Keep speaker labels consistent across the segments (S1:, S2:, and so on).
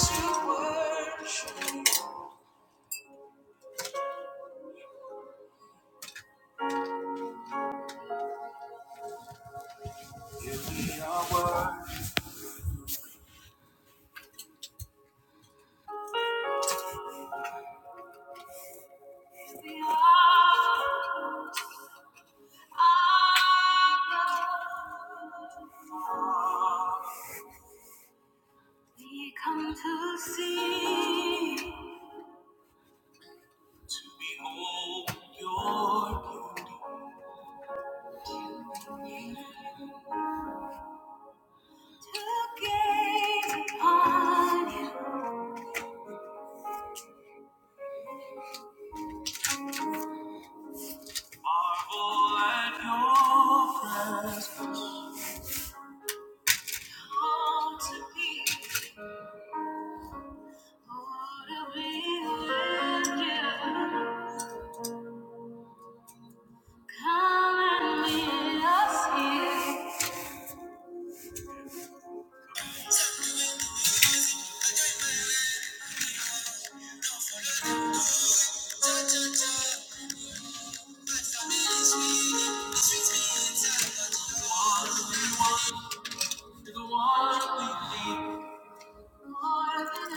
S1: We come to see, to behold your beauty, to gaze upon you, marvel at your presence, long to be, Lord, we worship you. Come and meet us here. one we want, the one we need. More than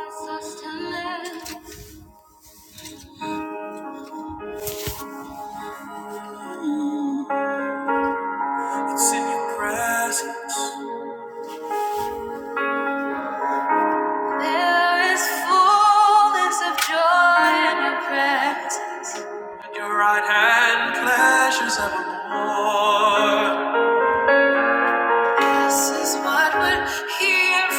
S1: a sustenance. It's in your presence. There is fullness of joy in your presence. At your right hand, pleasures evermore. This is what we're here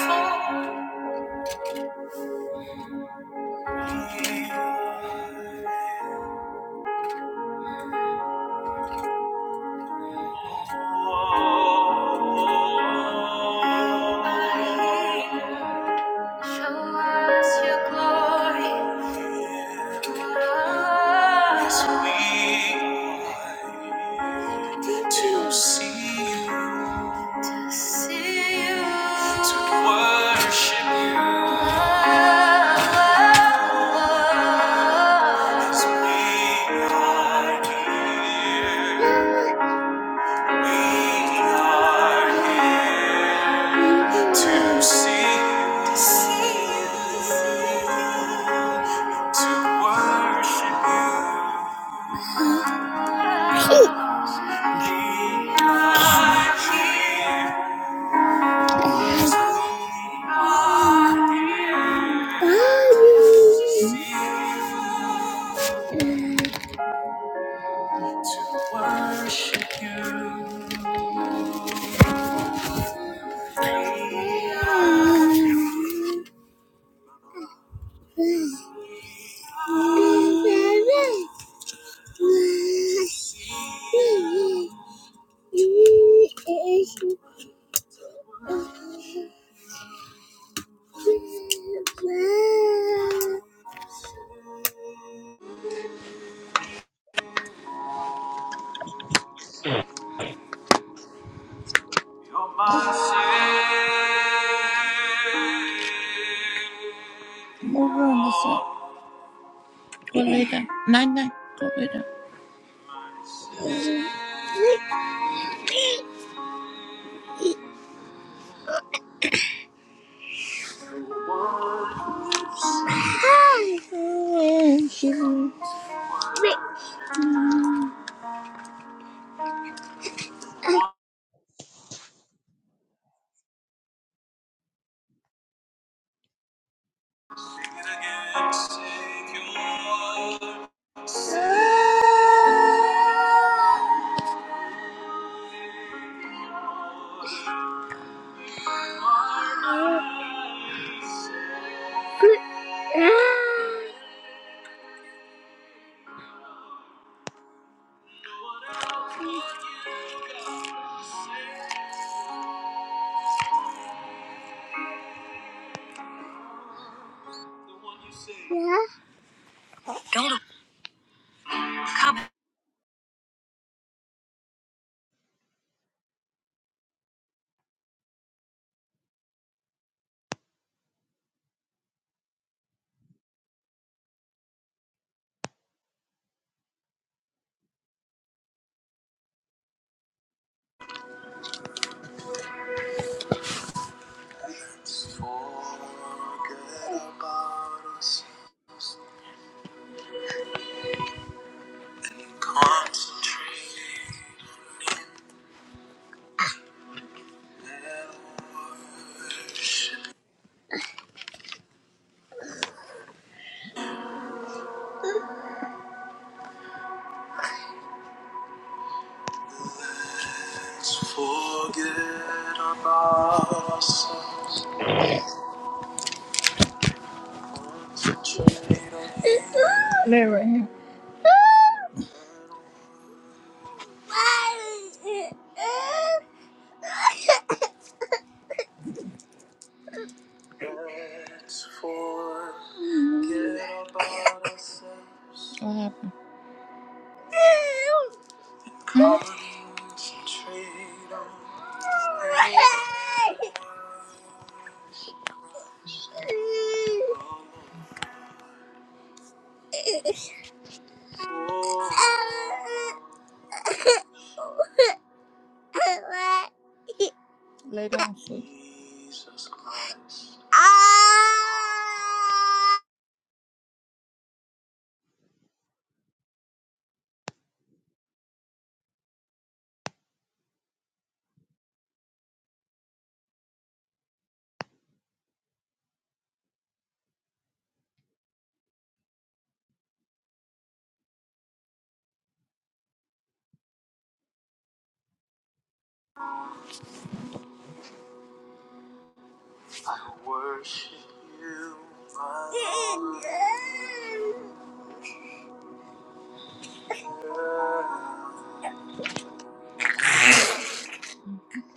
S1: for. Show us your glory, as we need to to see you, to worship you. As we are here. We are here to see, you, to worship you. We are here, we are here to see you, to worship you. We are here. You're my savior. Eso. Diga, nine, nine. Concentrate. Let's forget about ourselves and trade on Larry. Let's forget about ourselves and trade on Let's forget Jesus Christ. Ah!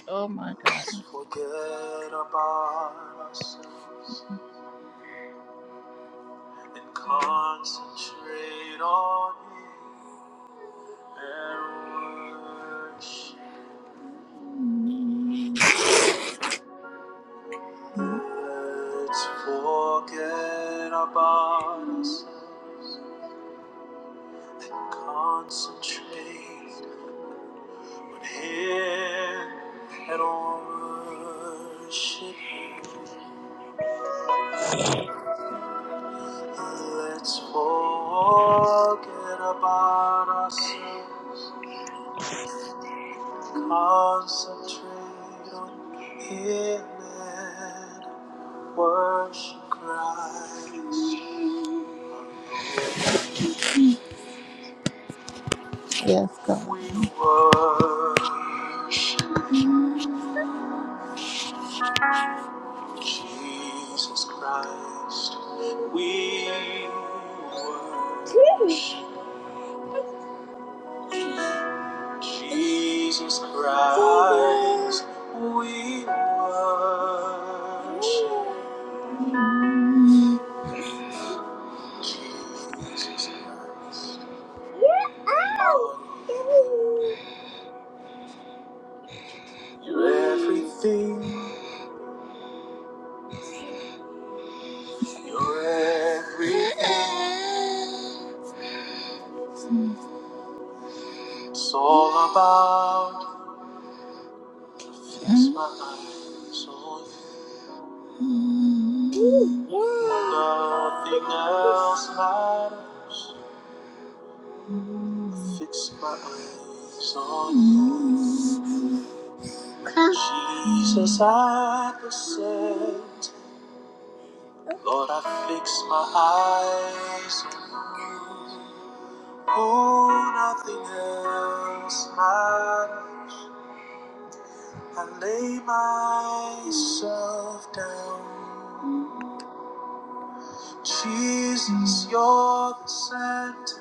S1: Oh my gosh. Forget about us and concentrate on you and worship. Let's forget about us and concentrate on Him and on worship. Let's forget about us. Concentrate on Him and worship Christ. Yes, God. We worship Jesus Christ. We worship Jesus Christ. We worship Jesus Christ. You're everything. You're everything. It's all about to fix my eyes on you. Nothing else matters. Fix my eyes on you. Jesus, I present. Lord, I fix my eyes on you. Oh, nothing else matters. I lay myself down. Jesus, you're the center.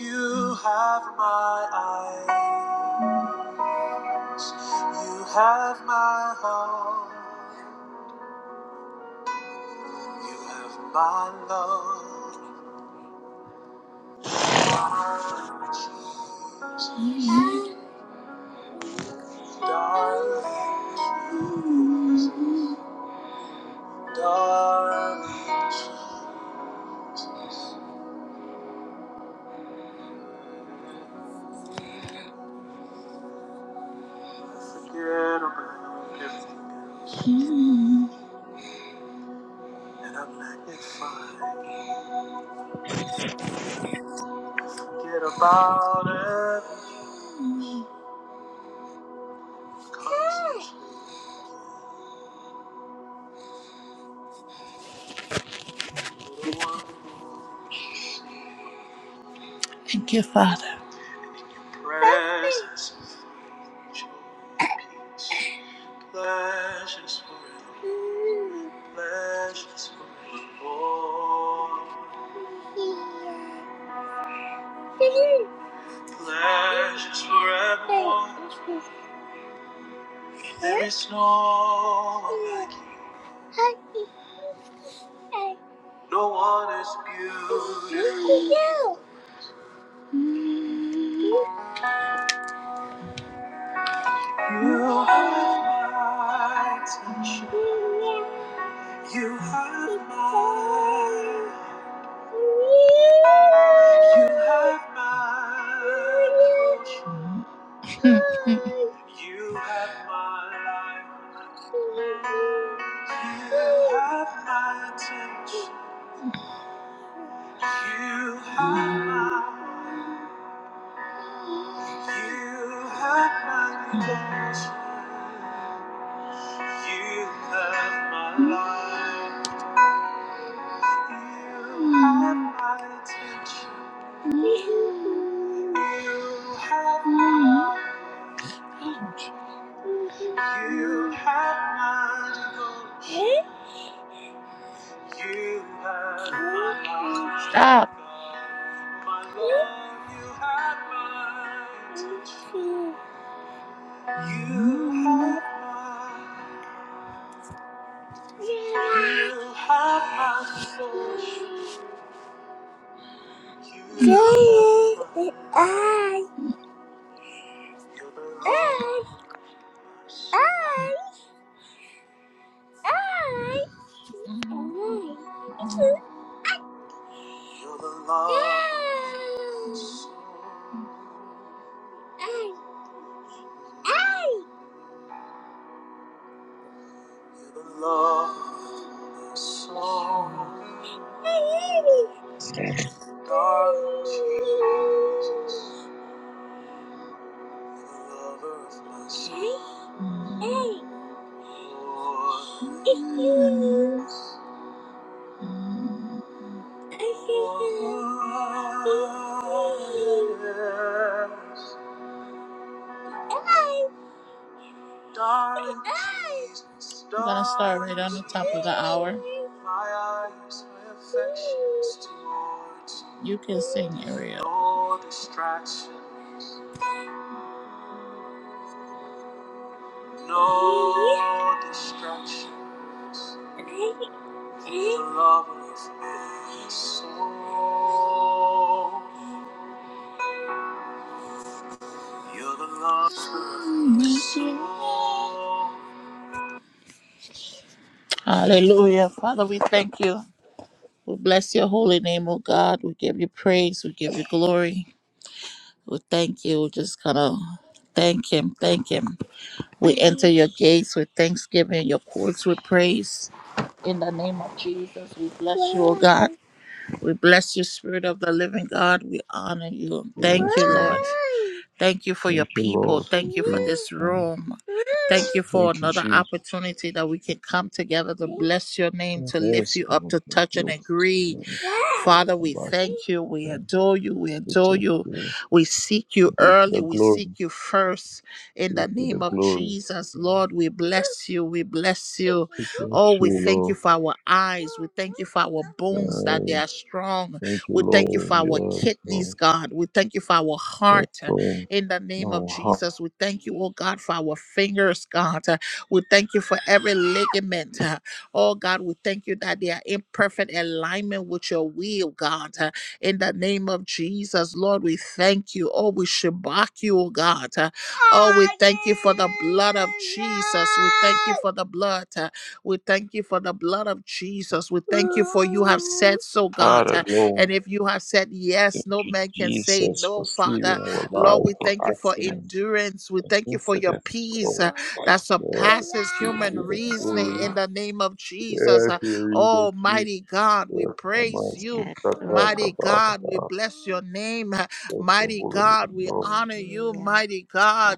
S1: You have my eyes, you have my heart, you have my love, darling Jesus, darling, darling. Forget about everything, and I magnify. Forget about everything. Presence, joy, peace. Pleasures for the pleasures for the Lord. Pleasures forevermore. There is no one like you. No one is beautiful. You have touched. You have mine. You have my desires. You have my life. You have my attention. You have my devotion. You have my life. Stop. My love, you have my attention. You have my You have my soul. You have my- I, I, I, I, I. You're the love. I, I. You're the love. Song. I love you, Darling Jesus. You're the lover of my soul. I, I, it's you. We're gonna start right on the top of the hour. You can sing, Ariel. No distractions. No distractions. The love of my soul. You're the love. Hallelujah. Father, we thank you. We bless your holy name, oh God. We give you praise. We give you glory. We thank you. We just kind of thank him. Thank him. We enter your gates with thanksgiving, your courts with praise. In the name of Jesus, we bless you, oh God. We bless you, Spirit of the living God. We honor you. Thank
S2: Yes,
S1: you,
S2: Lord.
S1: Lord. Thank you for your
S2: Thank you,
S1: people.
S2: Lord. Thank
S1: Thank you
S2: you,
S1: for
S2: Lord.
S1: this room. Thank you for
S2: Thank you,
S1: another
S2: Jesus.
S1: opportunity that we can come together to bless your name, to lift
S2: Yes,
S1: you up,
S2: Lord.
S1: to
S2: Thank
S1: touch and
S2: you.
S1: agree.
S2: Yeah,
S1: Father, we
S2: about
S1: thank you. We
S2: that.
S1: adore you. We
S2: We
S1: adore
S2: thank
S1: you.
S2: you.
S1: We seek you
S2: We Give the
S1: early. We
S2: glory.
S1: seek you first. In
S2: We Give
S1: the
S2: you the
S1: name of
S2: glory.
S1: Jesus,
S2: Yeah.
S1: Lord, we bless you. We bless you.
S2: Thank
S1: Oh,
S2: you,
S1: we thank you
S2: Lord.
S1: for our eyes. We thank you for our bones that they
S2: Uh,
S1: are strong.
S2: thank you,
S1: We thank you
S2: Lord.
S1: for our
S2: Yes,
S1: kidneys,
S2: Lord.
S1: God. We thank you for our
S2: Yes,
S1: heart.
S2: Lord.
S1: In the name of
S2: No, how-
S1: Jesus, we thank you, oh God, for our fingers, God. We thank you for every ligament. Oh God, we thank you that they are in perfect alignment with your will, God. In the name of Jesus, Lord, we thank you. Oh, we shabak you, oh God. Oh, we thank you for the blood of Jesus. We thank you for the blood. uh, We thank you for the blood of Jesus. We thank you for you have said so, God.
S2: Father,
S1: uh,
S2: Lord.
S1: And if you have said
S2: Thank
S1: yes, no
S2: you,
S1: man can say
S2: Jesus, for
S1: no,
S2: saving
S1: Father.
S2: our
S1: Lord,
S2: life
S1: we
S2: from
S1: thank you for
S2: accidents
S1: endurance. We
S2: and
S1: thank you for your
S2: incidents,
S1: peace uh,
S2: Lord.
S1: that
S2: Yeah, we
S1: surpasses
S2: give
S1: human
S2: you the
S1: reasoning
S2: glory.
S1: in the name of Jesus.
S2: Yeah,
S1: Uh,
S2: here you will keep
S1: Almighty God, we
S2: the
S1: praise
S2: promise to
S1: you.
S3: Yes,
S2: cut back
S3: Lord.
S1: Mighty
S2: about
S1: God, we
S2: about
S1: bless your name.
S2: the
S1: Mighty
S2: holy
S1: God,
S2: name,
S1: we
S2: Lord.
S1: honor you,
S3: Hallelujah.
S1: mighty God.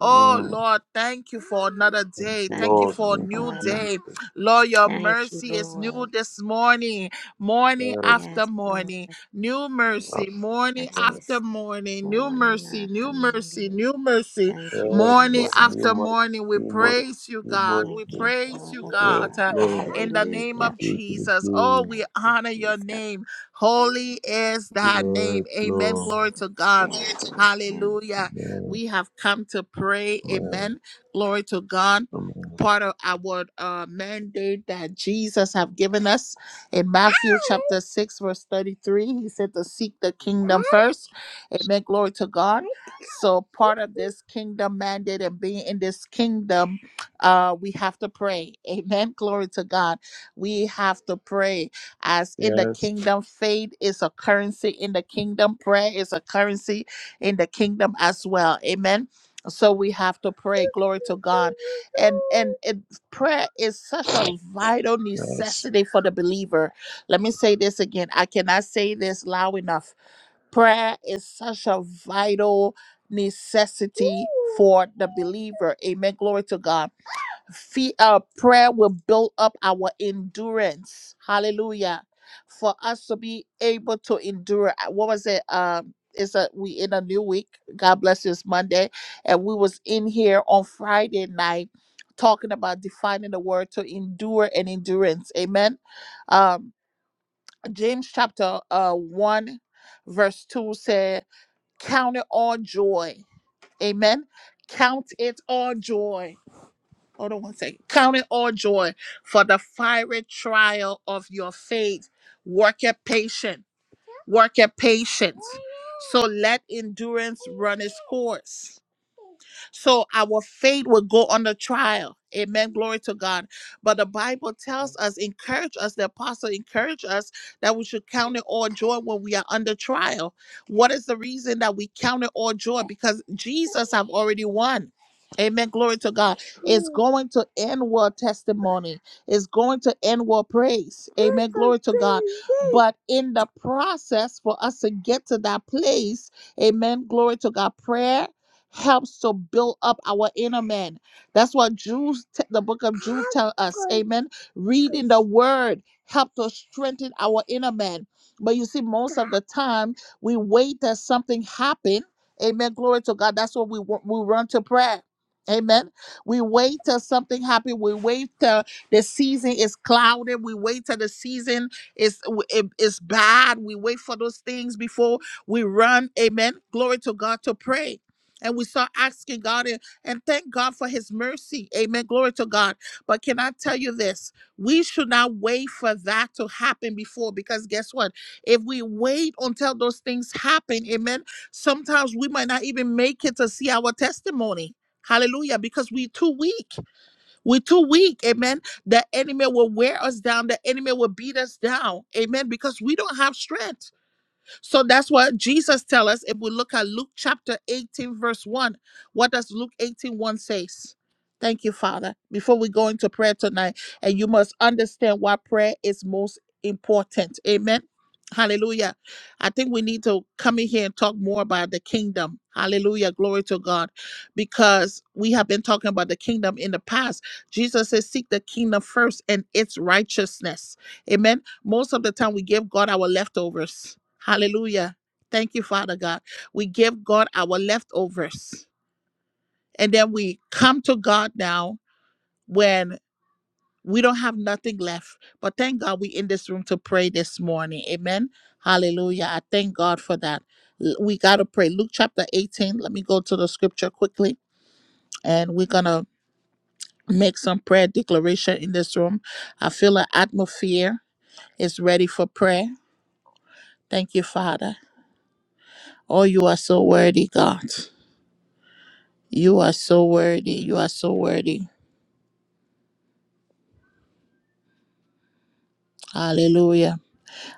S1: Oh,
S2: Mm,
S1: Lord, thank you for another day. Thank
S3: Thank
S1: you
S2: Lord,
S3: you,
S1: for a
S2: thank you,
S1: new
S3: Father.
S1: day.
S2: Jesus.
S1: Lord, your
S3: Thank you,
S1: mercy is new
S3: Lord.
S1: this morning, morning
S2: Yes,
S1: after
S3: Yes, Lord.
S1: morning. New
S2: only
S1: mercy, morning
S3: Bless
S2: afternoon.
S1: after
S3: this
S1: morning. New
S3: morning
S1: mercy,
S3: after
S1: new mercy,
S3: morning.
S2: Mm.
S1: new mercy.
S3: Thank you,
S2: Yes,
S1: Morning
S2: Lord,
S3: Jesus.
S2: you
S1: after
S2: mercy,
S1: morning, we
S2: new mercy,
S1: praise you, God.
S2: new
S1: We
S3: Thank
S2: mercy.
S3: you,
S1: praise you,
S3: Father
S2: Yes,
S1: God,
S3: God.
S1: uh,
S2: Lord,
S1: in the name
S2: we
S3: Hallelujah.
S1: of
S2: give you
S1: Jesus. Oh,
S2: the
S1: we
S3: Thank you,
S1: honor your
S3: Jesus.
S1: name. Holy is thy
S2: glory.
S1: name.
S2: Yes,
S1: Amen.
S2: Lord.
S1: Glory to God.
S3: Yes, amen.
S1: Hallelujah.
S2: Amen,
S1: We have come to pray.
S2: amen,
S1: Amen. Glory to God.
S2: amen.
S1: Part of our uh, mandate that Jesus have given us in Matthew chapter 6, verse 33. He said to seek the kingdom first. Amen. Glory to God. So part of this kingdom mandate and being in this kingdom, uh, we have to pray. Amen. Glory to God. We have to pray. As in the
S2: Yes,
S1: kingdom, faith is a currency in the kingdom, prayer is a currency in the kingdom as well. Amen. So we have to pray. Glory to God. And and it, prayer is such a vital
S2: yes.
S1: necessity for the believer. Let me say this again. I cannot say this loud enough. Prayer is such a vital necessity for the believer. Amen. Glory to God Fe uh, prayer will build up our endurance. Hallelujah. For us to be able to endure. Uh, What was it? Um, it's a we in a new week. God bless you. It's Monday, and we was in here on Friday night talking about defining the word to endure and endurance. Amen. Um, James chapter uh one, verse two said, "Count it all joy." Amen. Count it all joy hold on one second. Count it all joy for the fiery trial of your faith. Work your patience. Work your patience. So let endurance run its course. So our faith will go under trial. Amen. Glory to God. But the Bible tells us, encourage us, the apostle encourage us that we should count it all joy when we are under trial. What is the reason that we count it all joy? Because Jesus have already won. Amen. Glory to God. It's going to end world testimony. It's going to end world praise. Amen. Glory to God. But in the process, for us to get to that place, amen. Glory to God. Prayer helps to build up our inner man. That's what Jude, t- the book of Jude, tell us. Amen. Reading the word helps to strengthen our inner man. But you see, most of the time we wait that something happen. Amen. Glory to God. That's what we wa- we run to prayer. Amen. We wait till something happen. We wait till the season is clouded. We wait till the season is it, is bad. We wait for those things before we run. Amen. Glory to God to pray and we start asking God and, and thank God for his mercy. Amen. Glory to God. But can I tell you this? We should not wait for that to happen before because guess what? If we wait until those things happen, amen, sometimes we might not even make it to see our testimony. Hallelujah. Because we are too weak. we are too weak. Amen. The enemy will wear us down. The enemy will beat us down. Amen. Because we don't have strength. So that's what Jesus tells us. If we look at Luke chapter 18, verse 1, what does Luke eighteen one says? Thank you, Father. Before we go into prayer tonight, and you must understand why prayer is most important. Amen. Hallelujah. I think we need to come in here and talk more about the kingdom. Hallelujah. Glory to God. Because we have been talking about the kingdom in the past. Jesus says, Seek the kingdom first and its righteousness. Amen. Most of the time, we give God our leftovers. Hallelujah. Thank you, Father God. We give God our leftovers. And then we come to God now when we don't have nothing left. But thank God we in this room to pray this morning. Amen. Hallelujah. I thank God for that. L- We got to pray. Luke chapter 18. Let me go to the scripture quickly. And we're going to make some prayer declaration in this room. I feel an atmosphere is ready for prayer. Thank you, Father. Oh, you are so worthy, God. You are so worthy. You are so worthy. Hallelujah.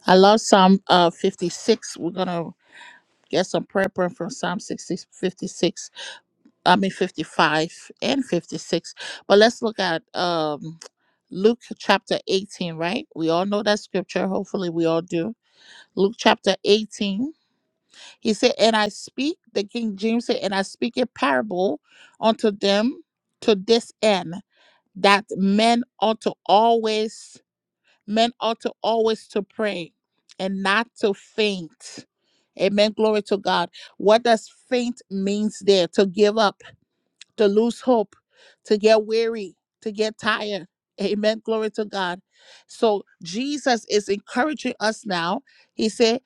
S1: I love Psalm uh, 56. We're going to get some prayer point from Psalm sixty-fifty-six. I mean, 55 and 56. But let's look at um, Luke chapter 18, right? We all know that scripture. Hopefully, we all do. Luke chapter 18. He said, And I speak, the King James said, And I speak a parable unto them to this end, that men ought to always men ought to always to pray and not to faint amen glory to god what does faint means there to give up to lose hope to get weary to get tired amen glory to god so jesus is encouraging us now he said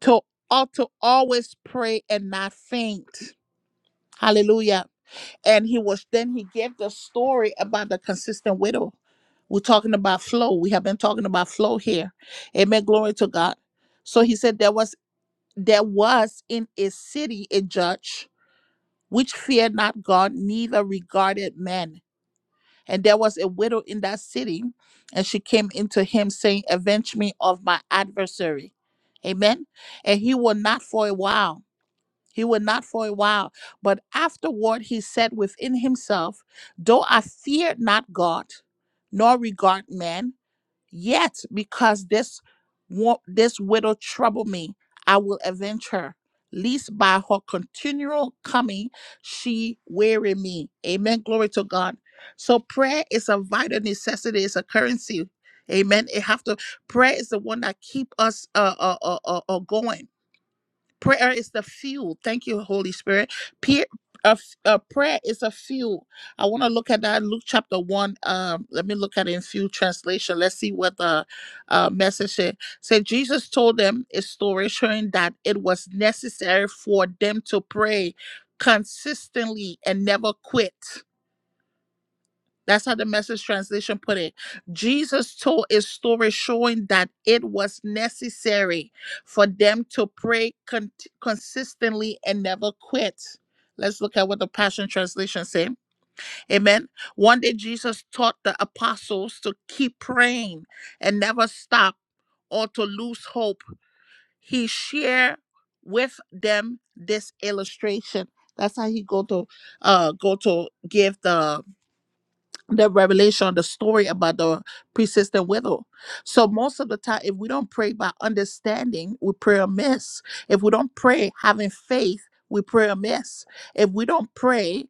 S1: to ought to always pray and not faint hallelujah and he was then he gave the story about the consistent widow we're talking about flow we have been talking about flow here amen glory to god so he said there was there was in a city a judge which feared not god neither regarded men and there was a widow in that city and she came into him saying avenge me of my adversary amen and he will not for a while he would not for a while, but afterward he said within himself, Though I fear not God, nor regard man, yet because this wo- this widow trouble me, I will avenge her, lest by her continual coming she weary me. Amen. Glory to God. So prayer is a vital necessity. It's a currency. Amen. It have to prayer is the one that keep us uh uh uh, uh uh, going. Prayer is the fuel. Thank you, Holy Spirit. Peer, uh, uh, prayer is a fuel. I want to look at that in Luke chapter 1. Um, let me look at it in few translation. Let's see what the uh, message is. Said Jesus told them a story showing that it was necessary for them to pray consistently and never quit. That's how the message translation put it. Jesus told a story showing that it was necessary for them to pray con- consistently and never quit. Let's look at what the Passion Translation say. Amen. One day Jesus taught the apostles to keep praying and never stop or to lose hope. He shared with them this illustration. That's how he go to uh go to give the the revelation, the story about the persistent widow. So most of the time, if we don't pray by understanding, we pray amiss. If we don't pray having faith, we pray amiss. If we don't pray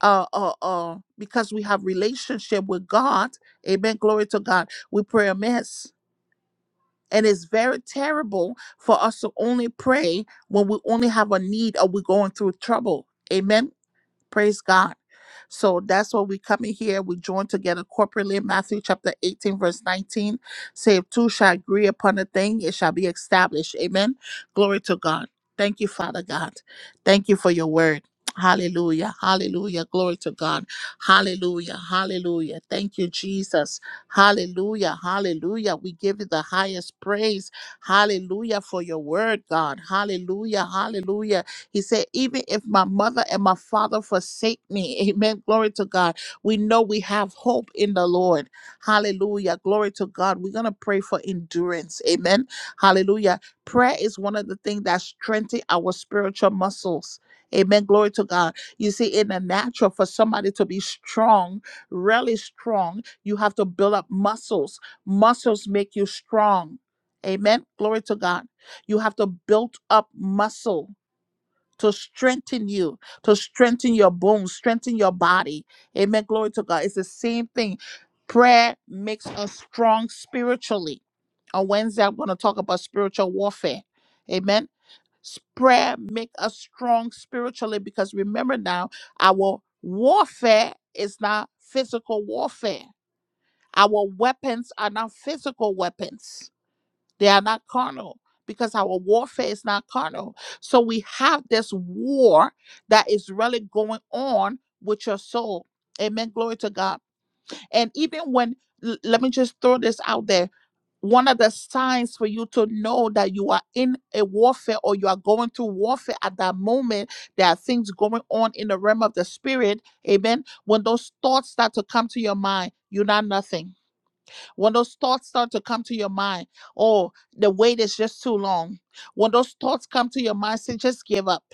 S1: uh, uh, uh, because we have relationship with God, amen, glory to God, we pray amiss. And it's very terrible for us to only pray when we only have a need or we're going through trouble. Amen. Praise God. So that's why we come in here. We join together corporately. Matthew chapter 18, verse 19. Say, if two shall agree upon a thing, it shall be established. Amen. Glory to God. Thank you, Father God. Thank you for your word. Hallelujah. Hallelujah. Glory to God. Hallelujah. Hallelujah. Thank you, Jesus. Hallelujah. Hallelujah. We give you the highest praise. Hallelujah for your word, God. Hallelujah. Hallelujah. He said, Even if my mother and my father forsake me, amen. Glory to God. We know we have hope in the Lord. Hallelujah. Glory to God. We're going to pray for endurance. Amen. Hallelujah. Prayer is one of the things that strengthens our spiritual muscles. Amen. Glory to God. You see, in the natural, for somebody to be strong, really strong, you have to build up muscles. Muscles make you strong. Amen. Glory to God. You have to build up muscle to strengthen you, to strengthen your bones, strengthen your body. Amen. Glory to God. It's the same thing. Prayer makes us strong spiritually. On Wednesday, I'm going to talk about spiritual warfare. Amen. S- Prayer make us strong spiritually because remember now, our warfare is not physical warfare. Our weapons are not physical weapons. They are not carnal because our warfare is not carnal. So we have this war that is really going on with your soul. Amen. Glory to God. And even when, l- let me just throw this out there. One of the signs for you to know that you are in a warfare or you are going through warfare at that moment, there are things going on in the realm of the spirit. Amen. When those thoughts start to come to your mind, you're not nothing. When those thoughts start to come to your mind, oh, the wait is just too long. When those thoughts come to your mind, say, just give up.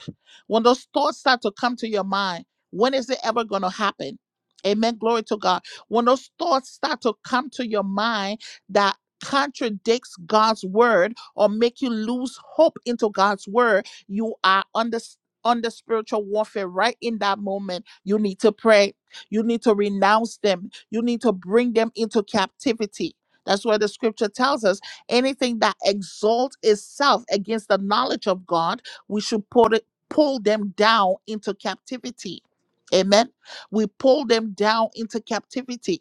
S1: When those thoughts start to come to your mind, when is it ever going to happen? Amen. Glory to God. When those thoughts start to come to your mind that contradicts God's word or make you lose hope into God's word, you are under under spiritual warfare right in that moment. You need to pray you need to renounce them. You need to bring them into captivity. That's why the scripture tells us anything that exalts itself against the knowledge of God, we should put it, pull them down into captivity. Amen. We pull them down into captivity.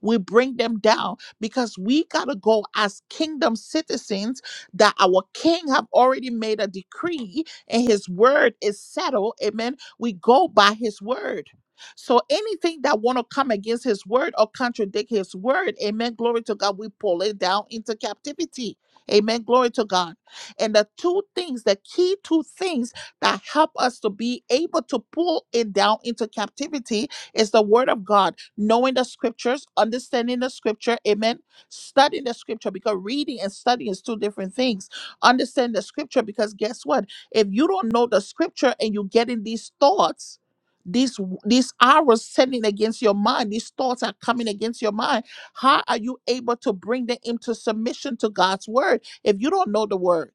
S1: We bring them down because we got to go as kingdom citizens that our king have already made a decree and his word is settled. Amen. We go by his word. So anything that want to come against his word or contradict his word, amen, glory to God, we pull it down into captivity. Amen, glory to God. And the two things, the key two things that help us to be able to pull it down into captivity is the word of God knowing the scriptures, understanding the scripture, amen. Studying the scripture because reading and studying is two different things. Understand the scripture because guess what? If you don't know the scripture and you're getting these thoughts, these these arrows sending against your mind, these thoughts are coming against your mind. How are you able to bring them into submission to God's word if you don't know the word?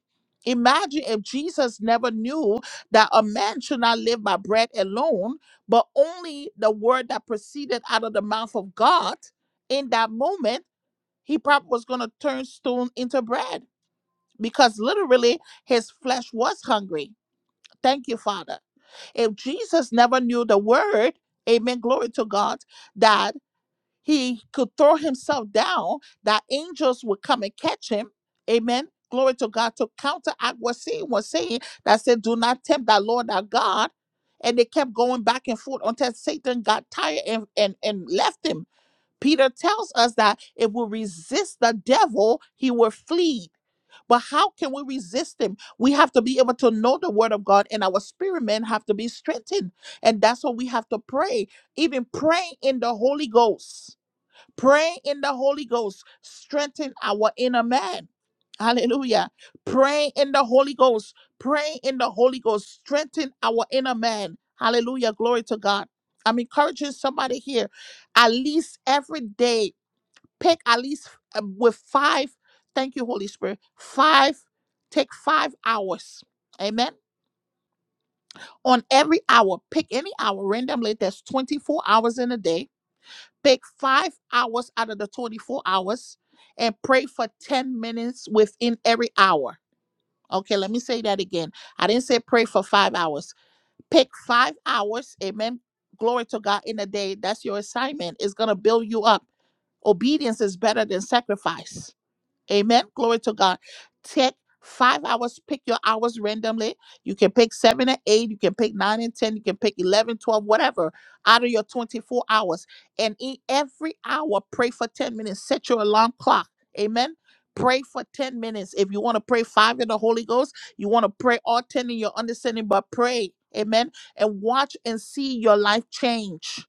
S1: Imagine if Jesus never knew that a man should not live by bread alone but only the word that proceeded out of the mouth of God in that moment, he probably was going to turn stone into bread because literally his flesh was hungry. Thank you, Father. If Jesus never knew the word, amen, glory to God, that he could throw himself down, that angels would come and catch him. Amen. Glory to God to counteract what Satan was saying that said, Do not tempt that Lord our God. And they kept going back and forth until Satan got tired and, and, and left him. Peter tells us that if we resist the devil, he will flee. But how can we resist him? We have to be able to know the word of God, and our spirit men have to be strengthened. And that's what we have to pray, even praying in the Holy Ghost Praying in the Holy Ghost strengthen our inner man. Hallelujah. Praying in the Holy Ghost. Praying in the Holy Ghost strengthen our inner man. Hallelujah. Glory to God. I'm encouraging somebody here at least every day, pick at least uh, with five. Thank you, Holy Spirit. Five, take five hours. Amen. On every hour, pick any hour randomly. There's 24 hours in a day Take five hours out of the 24 hours and pray for 10 minutes within every hour. Okay, let me say that again. I didn't say pray for five hours. Pick five hours, amen. Glory to God in a day. That's your assignment. It's going to build you up. Obedience is better than sacrifice. Amen. Glory to God. Take five hours, pick your hours randomly. You can pick seven and eight, you can pick nine and 10, you can pick 11, 12, whatever, out of your 24 hours. And in every hour, pray for 10 minutes. Set your alarm clock. Amen. Pray for 10 minutes. If you want to pray five in the Holy Ghost, you want to pray all 10 in your understanding, but pray. Amen. And watch and see your life change.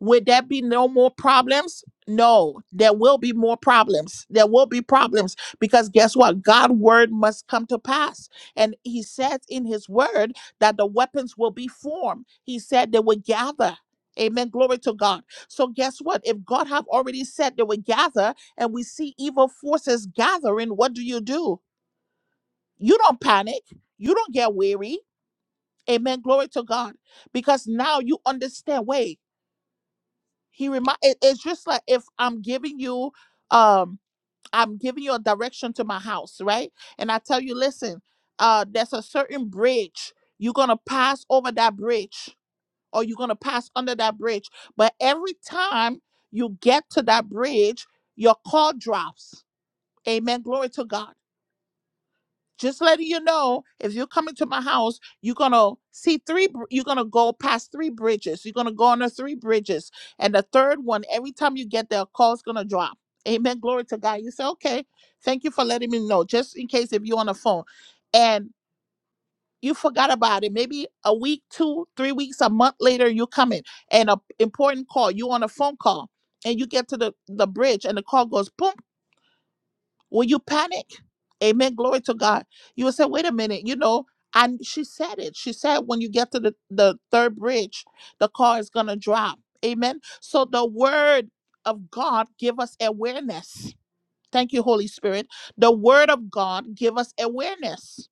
S1: Would that be no more problems? No, there will be more problems. There will be problems because guess what? God's word must come to pass. And he says in his word that the weapons will be formed. He said they will gather. Amen. Glory to God. So guess what? If God have already said they will gather and we see evil forces gathering, what do you do? You don't panic. You don't get weary. Amen. Glory to God. Because now you understand. Wait he remind it, it's just like if i'm giving you um i'm giving you a direction to my house right and i tell you listen uh there's a certain bridge you're gonna pass over that bridge or you're gonna pass under that bridge but every time you get to that bridge your call drops amen glory to god just letting you know if you're coming to my house you're gonna see three br- you're gonna go past three bridges you're gonna go under three bridges and the third one every time you get there a call's gonna drop amen glory to god you say okay thank you for letting me know just in case if you're on the phone and you forgot about it maybe a week two three weeks a month later you come in and a important call you on a phone call and you get to the, the bridge and the call goes boom when you panic, amen, glory to God, you will say, wait a minute, you know, and she said it. She said when you get to the, the third bridge, the car is gonna drop. Amen. So the word of God give us awareness. Thank you, Holy Spirit. The word of God give us awareness.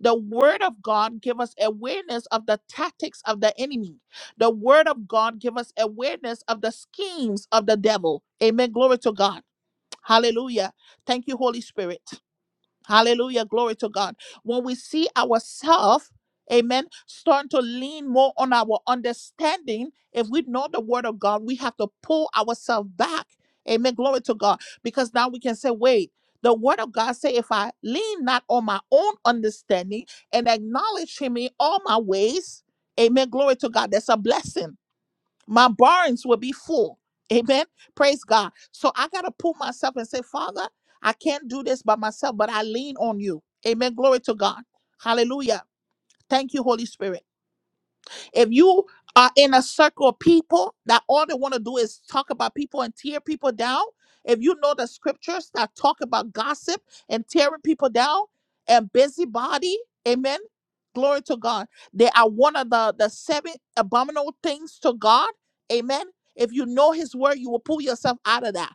S1: The word of God give us awareness of the tactics of the enemy. The word of God give us awareness of the schemes of the devil. Amen. Glory to God. Hallelujah. Thank you, Holy Spirit. Hallelujah. Glory to God. When we see ourselves, amen, starting to lean more on our understanding, if we know the word of God, we have to pull ourselves back. Amen. Glory to God. Because now we can say, wait, the word of God say, if I lean not on my own understanding and acknowledge him in all my ways, amen. Glory to God. That's a blessing my barns will be full. Amen. Praise God. So I got to pull myself and say, Father, I can't do this by myself, but I lean on you. Amen. Glory to God. Hallelujah. Thank you, Holy Spirit. If you are in a circle of people that all they want to do is talk about people and tear people down, if you know the scriptures that talk about gossip and tearing people down and busybody, amen. Glory to God. They are one of the, the seven abominable things to God. Amen. If you know his word, you will pull yourself out of that.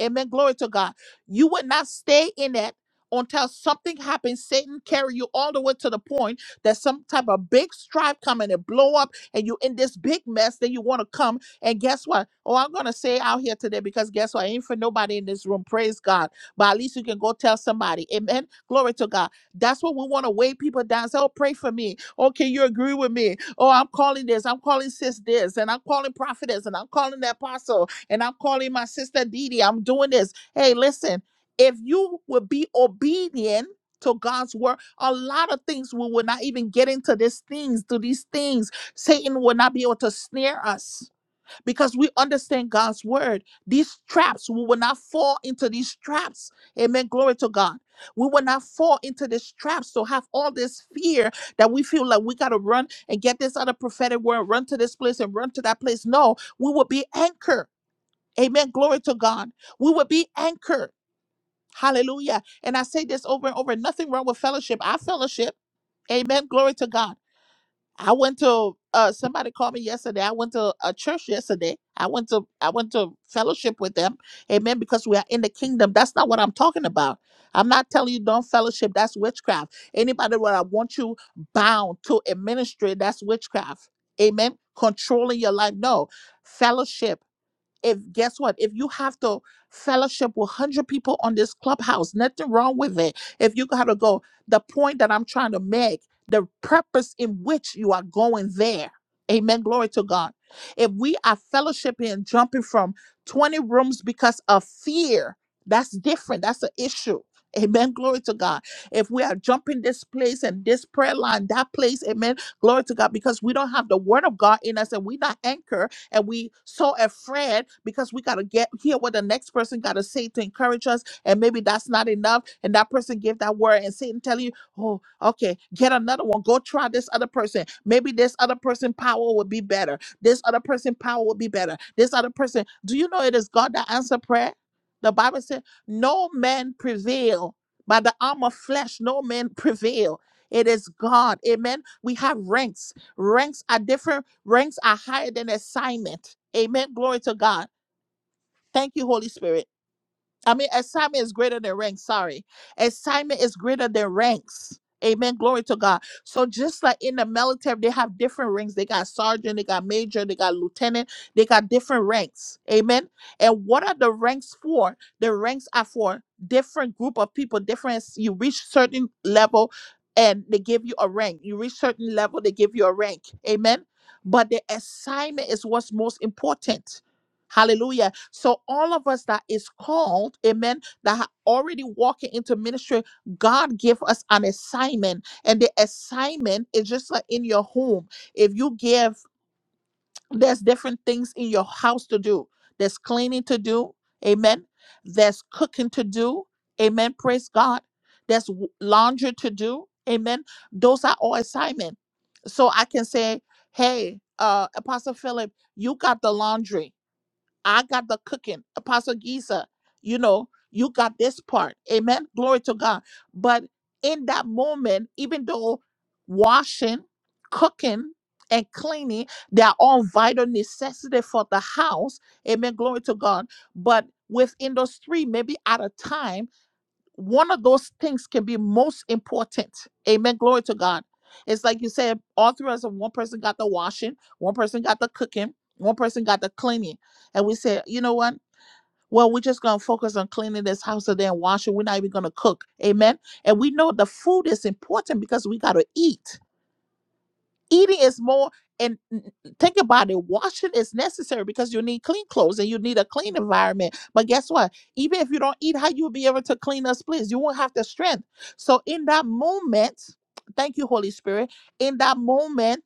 S1: Amen. Glory to God. You would not stay in that until something happens. Satan carry you all the way to the point that some type of big stripe come and it blow up and you in this big mess. Then you want to come and guess what? Oh, I'm gonna say out here today because guess what? I Ain't for nobody in this room. Praise God. But at least you can go tell somebody. Amen. Glory to God. That's what we want to weigh people down. Say, oh, pray for me. Okay, you agree with me. Oh, I'm calling this. I'm calling sis this, and I'm calling prophetess, and I'm calling that apostle and I'm calling my sister Didi. I'm doing this. Hey, listen, if you would be obedient to God's word, a lot of things we will not even get into these things, to these things. Satan will not be able to snare us because we understand God's word. These traps, we will not fall into these traps. Amen. Glory to God. We will not fall into these traps to have all this fear that we feel like we got to run and get this other prophetic word, run to this place and run to that place. No, we will be anchored Amen. Glory to God. We would be anchored. Hallelujah. And I say this over and over nothing wrong with fellowship. I fellowship. Amen. Glory to God. I went to uh somebody called me yesterday. I went to a church yesterday. I went to I went to fellowship with them. Amen. Because we are in the kingdom. That's not what I'm talking about. I'm not telling you don't fellowship. That's witchcraft. Anybody where I want you bound to a ministry, that's witchcraft. Amen. Controlling your life. No. Fellowship if guess what if you have to fellowship with 100 people on this clubhouse nothing wrong with it if you gotta go the point that i'm trying to make the purpose in which you are going there amen glory to god if we are fellowshipping and jumping from 20 rooms because of fear that's different that's an issue Amen. Glory to God. If we are jumping this place and this prayer line, that place, amen. Glory to God. Because we don't have the word of God in us and we're not anchored and we so afraid because we gotta get hear what the next person gotta say to encourage us, and maybe that's not enough. And that person give that word, and Satan tell you, "Oh, okay, get another one. Go try this other person. Maybe this other person power would be better. This other person power would be better. This other person." Do you know it is God that answer prayer? The Bible said, "No man prevail by the arm of flesh. No man prevail." It is God. Amen. We have ranks Ranks are different, ranks are higher than assignment. Amen. Glory to God. Thank you, Holy Spirit. I mean, assignment is greater than rank. Sorry. Assignment is greater than ranks. Amen. Glory to God. So just like in the military, they have different ranks. They got sergeant, they got major, they got lieutenant, they got different ranks. Amen. And what are the ranks for? The ranks are for different group of people, different you reach certain level and they give you a rank. You reach certain level, they give you a rank. Amen. But the assignment is what's most important. Hallelujah. So all of us that is called, amen, that are already walking into ministry, God give us an assignment. And the assignment is just like in your home. If you give, there's different things in your house to do. There's cleaning to do. Amen. There's cooking to do. Amen. Praise God. There's w- laundry to do. Amen. Those are all assignment. So I can say, hey, uh, Apostle Philip, you got the laundry. I got the cooking. Apostle Giza, you know, you got this part. Amen. Glory to God. But in that moment, even though washing, cooking, and cleaning, they are all vital necessity for the house. Amen. Glory to God. But within those three, maybe at a time one of those things can be most important. Amen. Glory to God. It's like you said, all through us, one person got the washing, one person got the cooking, one person got the cleaning. And we said, you know what? Well, we're just going to focus on cleaning this house today and washing. We're not even going to cook. Amen. And we know the food is important because we got to eat. Eating is more, and think about it, washing is necessary because you need clean clothes and you need a clean environment. But guess what? Even if you don't eat how you'll be able to clean us, please. You won't have the strength. So in that moment, thank you, Holy Spirit. In that moment,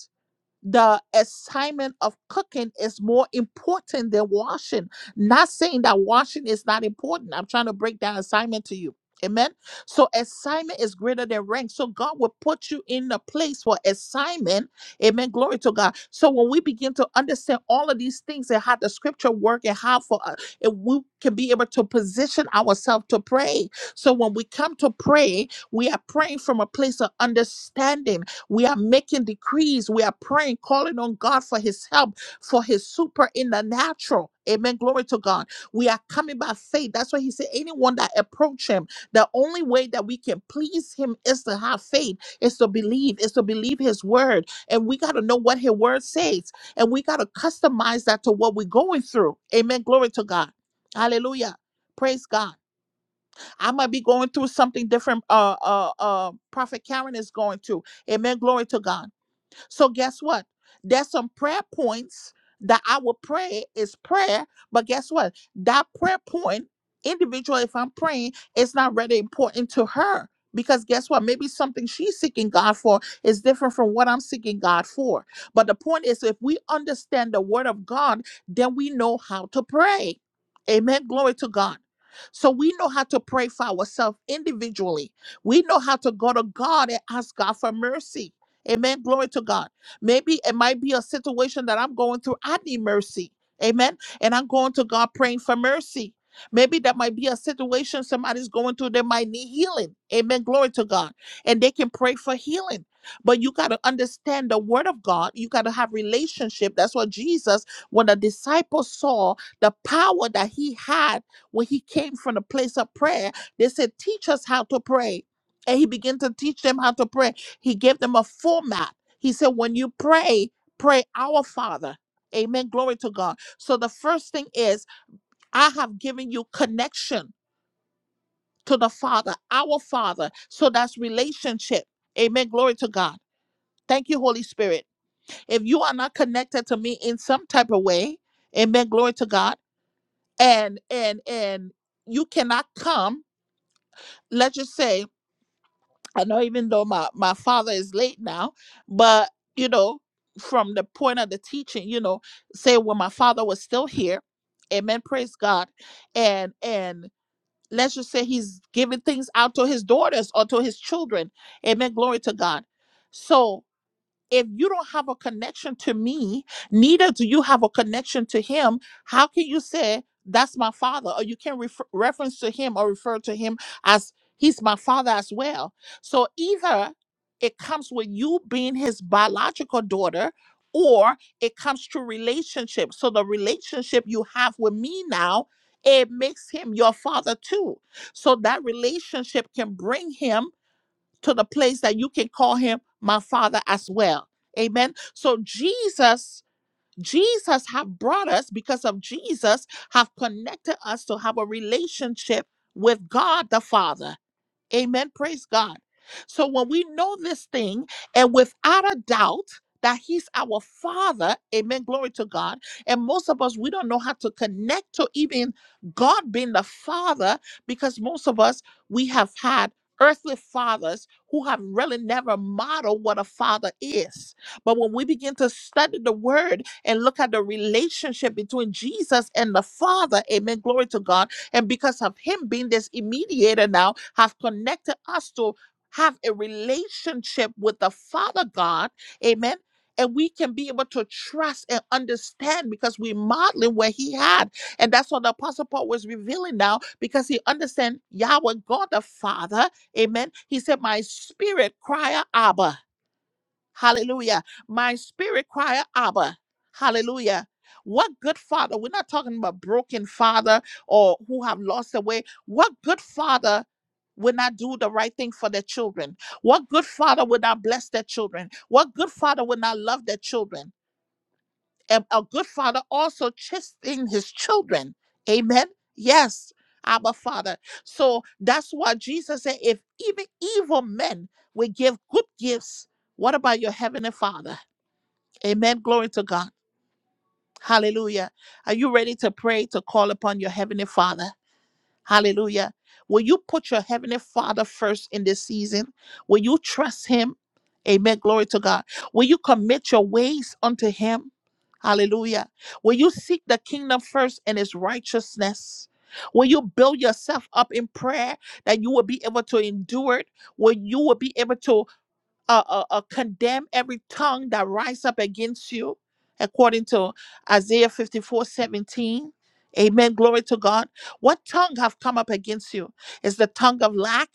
S1: the assignment of cooking is more important than washing. Not saying that washing is not important. I'm trying to break that assignment to you. Amen. So assignment is greater than rank. So God will put you in a place for assignment. Amen. Glory to God. So when we begin to understand all of these things and how the scripture work and how for us, and we can be able to position ourselves to pray. So when we come to pray, we are praying from a place of understanding we are making decrees. We are praying, calling on God for his help, for his super in the natural. Amen. Glory to God. We are coming by faith. That's why he said, anyone that approach him, the only way that we can please him is to have faith, is to believe, is to believe his word. And we got to know what his word says. And we got to customize that to what we're going through. Amen. Glory to God. Hallelujah. Praise God. I might be going through something different. Uh, uh, uh, Prophet Karen is going through. Amen. Glory to God. So guess what? There's some prayer points that I will pray is prayer, but guess what? That prayer point, individual, if I'm praying, it's not really important to her. Because guess what? Maybe something she's seeking God for is different from what I'm seeking God for. But the point is, if we understand the word of God, then we know how to pray. Amen. Glory to God. So we know how to pray for ourselves individually. We know how to go to God and ask God for mercy. Amen. Glory to God. Maybe it might be a situation that I'm going through. I need mercy. Amen. And I'm going to God praying for mercy. Maybe that might be a situation somebody's going through. They might need healing. Amen. Glory to God. And they can pray for healing. But you got to understand the word of God. You got to have relationship. That's what Jesus, when the disciples saw the power that he had when he came from the place of prayer, they said, Teach us how to pray. And he began to teach them how to pray. He gave them a format. He said, when you pray, pray our Father. Amen. Glory to God. So the first thing is, I have given you connection to the Father, our Father. So that's relationship. Amen. Glory to God. Thank you, Holy Spirit. If you are not connected to me in some type of way, amen. Glory to God. And and and you cannot come. Let's just say I know even though my, my father is late now, but you know, from the point of the teaching, you know, say when my father was still here, amen, praise God. And and let's just say he's giving things out to his daughters or to his children. Amen. Glory to God. So if you don't have a connection to me, neither do you have a connection to him, how can you say that's my father? Or you can refer- reference to him or refer to him as he's my father as well. So either it comes with you being his biological daughter or it comes through relationship. So the relationship you have with me now, it makes him your father too. So that relationship can bring him to the place that you can call him my father as well. Amen. So Jesus, Jesus have brought us because of Jesus have connected us to have a relationship with God the Father. Amen. Praise God. So when we know this thing, and without a doubt, that he's our father, amen. Glory to God. And most of us, we don't know how to connect to even God being the father because most of us, we have had earthly fathers who have really never modeled what a father is. But when we begin to study the word and look at the relationship between Jesus and the father, amen. Glory to God and because of him being this mediator now, have connected us to have a relationship with the Father God. Amen. And we can be able to trust and understand because we modeling what he had. And that's what the Apostle Paul was revealing now because he understand Yahweh, God the Father. Amen. He said, My spirit cry, Abba. Hallelujah. My spirit cry, Abba. Hallelujah. What good father? We're not talking about broken father or who have lost their way. What good father will not do the right thing for their children? What good father will not bless their children? What good father will not love their children? And a good father also chastising his children. Amen. Yes, Abba Father. So that's why Jesus said, if even evil men will give good gifts, what about your heavenly father? Amen. Glory to God. Hallelujah. Are you ready to pray to call upon your heavenly father? Hallelujah. Will you put your heavenly father first in this season? Will you trust him? Amen. Glory to God. Will you commit your ways unto him? Hallelujah. Will you seek the kingdom first and his righteousness? Will you build yourself up in prayer that you will be able to endure it? Will you will be able to uh, uh, uh, condemn every tongue that rise up against you, according to Isaiah 54 17, Amen. Glory to God. What tongue have come up against you? Is the tongue of lack?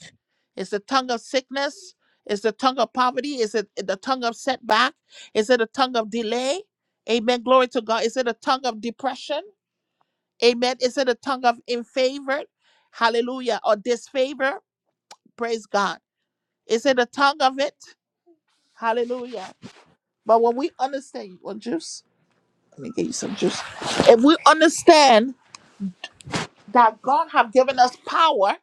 S1: Is the tongue of sickness? Is the tongue of poverty? Is it the tongue of setback? Is it a tongue of delay? Amen. Glory to God. Is it a tongue of depression? Amen. Is it a tongue of in Hallelujah. Or disfavor? Praise God. Is it a tongue of it? Hallelujah. But when we understand, you want juice? Let me get you some juice. If we understand that God have given us power,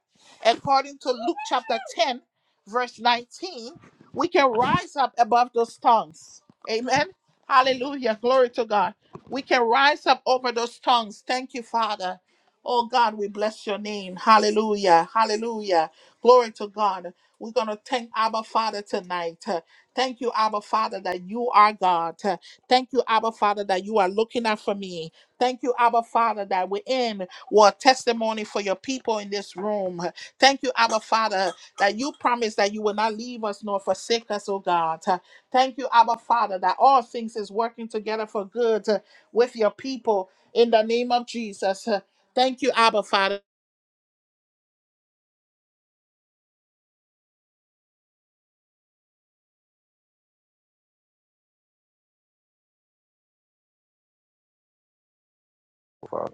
S1: according to Luke chapter 10, verse 19, we can rise up above those tongues. Amen. Hallelujah. Glory to God. We can rise up over those tongues. Thank you, Father. Oh God, we bless your name. Hallelujah. Hallelujah. Glory to God. We're going to thank Abba Father tonight. Uh, Thank you, Abba Father, that you are God. Uh, Thank you, Abba Father, that you are looking out for me. Thank you, Abba Father, that we're in. What a testimony for your people in this room. Thank you, Abba Father, that you promised that you will not leave us nor forsake us, oh God. Thank you, Abba Father, that all things is working together for good uh, with your people in the name of Jesus. Thank you, Abba Father.
S2: father.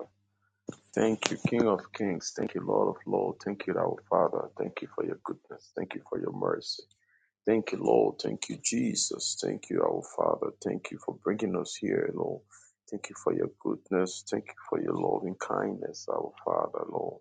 S2: Thank you, King of Kings. Thank you, Lord of Lords. Thank you, our Father. Thank you for your goodness. Thank you for your mercy. Thank you, Lord. Thank you, Jesus. Thank you, our Father. Thank you for bringing us here, Lord. Thank you for your goodness. Thank you for your loving kindness, our Father, Lord.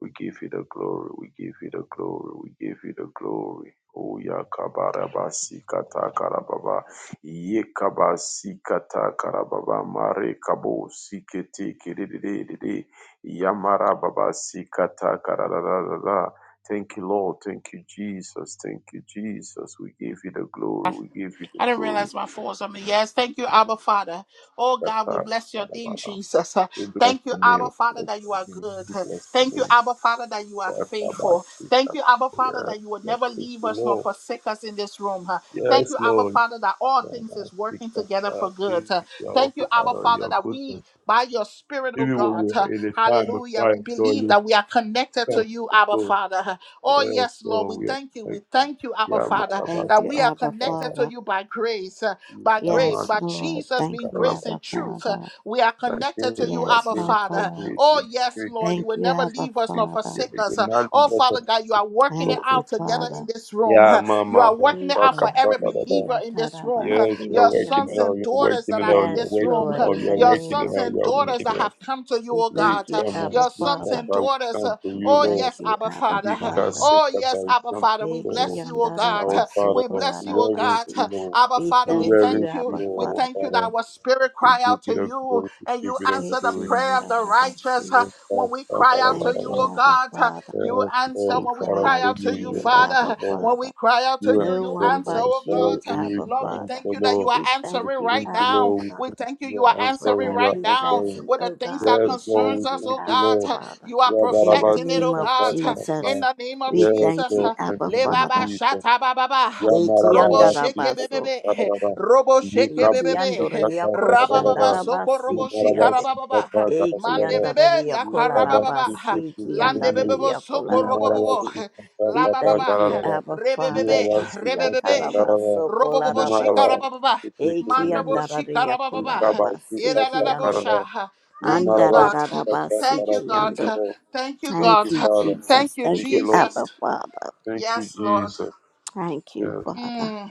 S2: We give you the glory. We give you the glory. We give you the glory. Oh yakabarabasi kata karababa yekabasi kata karababa mare kabo sikete kidididididi yamara baba sikata karararara. Thank you, Lord. Thank you, Jesus. Thank you, Jesus. We give you the glory. We give you the
S1: I didn't
S2: glory.
S1: realize my phone was on me. Yes, thank you, Abba Father. Oh God, we
S2: Kata
S1: bless your name,
S2: karababa.
S1: Jesus. Uh,
S2: We bless
S1: Thank you,
S2: the name.
S1: Abba
S2: We
S1: Father,
S2: bless
S1: that you are
S2: the name.
S1: good.
S2: We
S1: Uh,
S2: bless the
S1: Thank you,
S2: name.
S1: Abba Father, that you are
S2: Yes, Baba,
S1: faithful.
S2: speak
S1: Thank
S2: up.
S1: you, Abba Father,
S2: Yes,
S1: that you will
S2: yes,
S1: never
S2: speak
S1: leave us nor
S2: Lord.
S1: forsake us in this room. Uh, Thank
S2: Yes,
S1: you, Abba
S2: Lord.
S1: Father, that all things
S2: Baba,
S1: is
S2: speak
S1: working
S2: up.
S1: together
S2: Uh,
S1: for good.
S2: Teach
S1: Uh,
S2: your
S1: Thank you, Abba
S2: Father
S1: Father,
S2: your
S1: that
S2: goodness.
S1: we, by your Spirit, oh
S2: Even when
S1: God,
S2: we
S1: uh,
S2: are in a time of
S1: hallelujah, we
S2: trial, so
S1: believe
S2: you
S1: that we are connected
S2: come
S1: to
S2: to
S1: you,
S2: the
S1: Abba
S2: Lord.
S1: Father. Uh, Oh,
S2: Yes,
S1: yes, Lord, we
S2: Lord, we are
S1: thank you. We
S2: protected.
S1: thank you, Abba
S2: Yeah, my
S1: Father
S2: Baba,
S3: Thank
S1: that
S3: you,
S1: we
S2: speak
S1: are
S3: Abba
S1: connected to
S3: Father.
S1: you by grace, uh,
S2: You
S1: by
S2: come
S1: grace,
S2: us.
S3: Yes,
S1: by
S3: Lord.
S1: Jesus
S3: Thank
S1: being
S3: you,
S2: Baba,
S1: grace and
S3: Abba
S2: Krishna.
S1: truth. uh,
S3: Father.
S1: We are
S2: My
S1: connected to
S2: grace,
S1: you,
S2: my
S3: Yes,
S1: Abba
S3: Lord
S2: grace, my
S1: Father.
S3: God.
S2: grace, your
S1: Oh, yes,
S2: grace,
S1: Lord,
S2: your
S1: you
S3: Thank
S2: grace,
S1: will
S3: you,
S2: your grace.
S1: never
S3: Abba
S1: leave us nor
S3: Father.
S2: Yeah,
S1: forsake
S2: You're
S1: us. uh,
S2: not
S1: Oh,
S2: just
S1: Father God, you are
S2: us,
S1: working it
S3: Thank
S2: Lord.
S3: you,
S1: out together
S3: Father.
S1: in this room.
S2: Yeah,
S1: uh, You
S2: Mama,
S1: are
S2: Baba,
S1: working it out for
S3: Ega,
S2: speak
S1: every believer
S3: Ikia,
S1: in this room.
S3: Taraba,
S1: uh,
S2: Yes, you're
S1: Your
S3: Siki, and
S2: waking
S1: sons
S3: the-
S2: it up.
S1: and
S2: You're waking
S1: daughters
S2: it
S1: that are
S2: up.
S1: in
S3: Yes,
S2: You're
S1: this
S2: waking
S1: room,
S2: it
S3: Lord,
S1: uh,
S2: up.
S3: in the
S2: You're
S1: your
S2: waking
S3: name
S2: it
S1: sons
S3: of
S2: up.
S1: and
S2: You're
S1: daughters
S2: waking
S1: that
S2: it
S3: Jesus.
S2: up.
S1: have come to you,
S3: We
S1: oh
S2: We
S3: thank
S1: God,
S3: you,
S1: uh,
S2: come and
S3: Abba
S1: your
S2: speak
S1: sons
S2: that
S3: Father.
S1: and
S2: I will
S1: daughters.
S2: come
S1: uh,
S2: to
S3: We
S2: you,
S1: Oh,
S2: Lord.
S3: thank
S1: yes,
S3: you,
S1: Abba
S3: Abba
S2: We
S1: Father.
S2: cast
S3: Father.
S2: sick
S1: Oh,
S2: that I
S1: yes,
S2: will
S1: Abba
S2: come to
S1: Father. We
S2: you,
S3: Eki,
S2: Lord.
S1: bless you,
S3: and
S1: oh God.
S2: Our
S3: Araba,
S2: Father,
S1: We
S2: but
S3: Soko,
S1: bless
S2: we
S1: you, oh
S3: Araba,
S2: reverence
S1: God.
S3: Si.
S2: you, Lord.
S1: Abba,
S3: We
S1: Father,
S2: We
S1: we
S3: thank you,
S2: reverence
S1: thank you.
S2: you,
S3: Abba
S1: We
S2: Lord, our
S1: thank
S3: Father.
S1: you that
S2: Father.
S1: our spirit
S2: We
S1: cry
S2: give
S1: out
S2: you
S1: to
S2: the
S1: you
S2: glory. We
S1: and
S2: give
S1: you
S2: you the
S1: answer the
S2: glory.
S3: Eki,
S1: prayer
S3: and
S1: of the
S3: Araba,
S1: righteous.
S3: Si.
S2: Yes,
S1: When
S2: Father,
S1: we
S2: Father,
S1: cry out to you,
S3: Thank
S2: Father,
S3: you,
S2: Father.
S1: oh
S3: Abba
S1: God,
S3: Father.
S1: you
S2: Yes, Lord, we
S1: answer.
S3: We
S1: When we
S2: call
S3: cry
S2: out
S1: cry
S3: out
S2: to
S1: out
S3: to
S1: to
S2: you.
S1: you,
S2: You
S3: you,
S2: are
S3: Abba
S1: Father,
S2: answer, Lord.
S1: when
S3: Father.
S1: we cry out to
S2: You
S1: you,
S2: answer
S3: No
S1: you
S3: one
S1: answer,
S2: for
S3: but
S1: oh
S2: father
S3: you,
S2: to
S1: God.
S2: you,
S3: Abba
S2: you
S1: Lord, we
S2: answer
S3: Father.
S1: thank
S2: for
S1: you that
S2: love.
S1: you are
S3: We
S2: You
S3: thank
S1: answering
S3: you,
S2: think
S1: right
S2: you
S3: Abba
S1: now. We
S3: Father,
S2: love,
S1: thank you,
S2: you
S1: you are
S2: are
S3: for
S1: answering
S2: answering, you are
S1: right
S3: every
S1: now
S2: answering.
S3: blessing,
S1: with the
S3: oh
S1: things
S3: God.
S1: that
S3: We thank
S1: concerns us,
S3: you,
S2: Think
S1: oh
S2: you
S3: Abba
S1: God.
S2: love,
S1: huh,
S3: Father.
S1: You are
S2: you
S3: In
S2: are
S3: the
S1: perfecting it,
S3: name
S1: oh
S3: of
S1: God. huh, In
S3: Jesus,
S2: answering.
S1: the name of
S3: we
S2: You have
S3: thank
S1: Jesus.
S3: you,
S2: to
S1: huh.
S3: Abba
S1: Le
S2: admit
S1: baba
S3: Father.
S2: it.
S1: shata baba
S2: You
S1: ba.
S2: are my
S3: Eki
S1: Robo
S2: darling,
S1: sheke
S2: sitka, ka, ka,
S1: bebebe.
S2: ka, ka.
S1: Robo
S2: You
S1: sheke
S2: can't
S1: bebebe.
S3: Ikiandoria
S1: Rababa soko
S3: koshandarabasi
S1: robo shikara
S3: kiande.
S1: baba
S2: sitka, ka, ka, ka, ka. You can't sitka, ka, ka,
S1: Mande bebe
S3: Ikiandoria
S1: la
S2: ka,
S1: karababa
S3: kolarabasi
S1: Lande
S2: ka.
S1: bebebo
S3: kiandaria
S2: You
S1: soko
S2: are my
S1: robo
S2: darling,
S1: bobo.
S3: kolarabasi.
S2: sitka, ka,
S1: La
S3: We
S2: ka,
S1: baba
S2: ka,
S3: thank you,
S2: ka.
S3: Abba
S2: You
S3: Father.
S2: are
S1: Rebebebe.
S2: my darling, sitka, ka, ka, ka,
S1: Rebebebe.
S2: ka.
S3: Ikiatarabaso
S2: You are
S1: Robobobo
S2: my darling,
S3: kolarabasi.
S1: shikarababa.
S2: sitka, ka, ka, ka, ka.
S1: Mandabo
S3: Ikiandaria
S1: shikarababa.
S3: kolarabasi kiando.
S2: Karada.
S1: Yeradadabosha. Thank you,
S2: Yimarabas
S1: God.
S3: Andararabasi
S1: Thank you,
S2: Thank
S1: God.
S2: you,
S3: kiando.
S2: Lord.
S1: Thank you,
S2: Thank
S3: Thank
S1: God.
S2: you,
S3: you,
S2: Father.
S1: Thank
S3: Jesus.
S1: you,
S2: Thank
S3: Thank you,
S2: you, Lord.
S1: Jesus.
S3: Abba Father.
S2: Thank you,
S1: Yes, Lord.
S2: Jesus.
S3: Thank you,
S2: Yes.
S3: Father.
S1: Mm.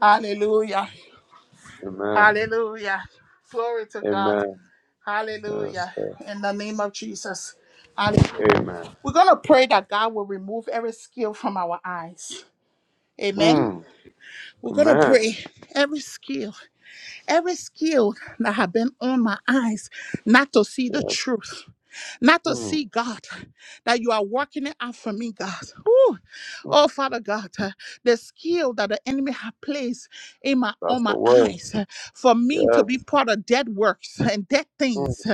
S1: Hallelujah.
S2: Amen.
S1: Hallelujah. Glory to God.
S2: Amen. Yes.
S1: Hallelujah.
S2: Lord.
S1: In the name of Jesus. Hallelujah.
S2: Amen.
S1: We're going to pray that God will remove every skill from our eyes. Amen.
S2: Mm.
S1: We're going to
S2: Amen.
S1: pray every skill Every skill that have been on my eyes not to see the
S2: Yes.
S1: truth, not to
S2: Mm.
S1: see God, that you are working it out for me, God. Whew.
S2: Mm.
S1: Oh, Father God, uh, the skill that the enemy have placed in my
S2: That's
S1: on
S2: the
S1: my
S2: word.
S1: eyes uh, for me to be
S2: Yes.
S1: part of dead works and dead
S2: Mm.
S1: things. uh,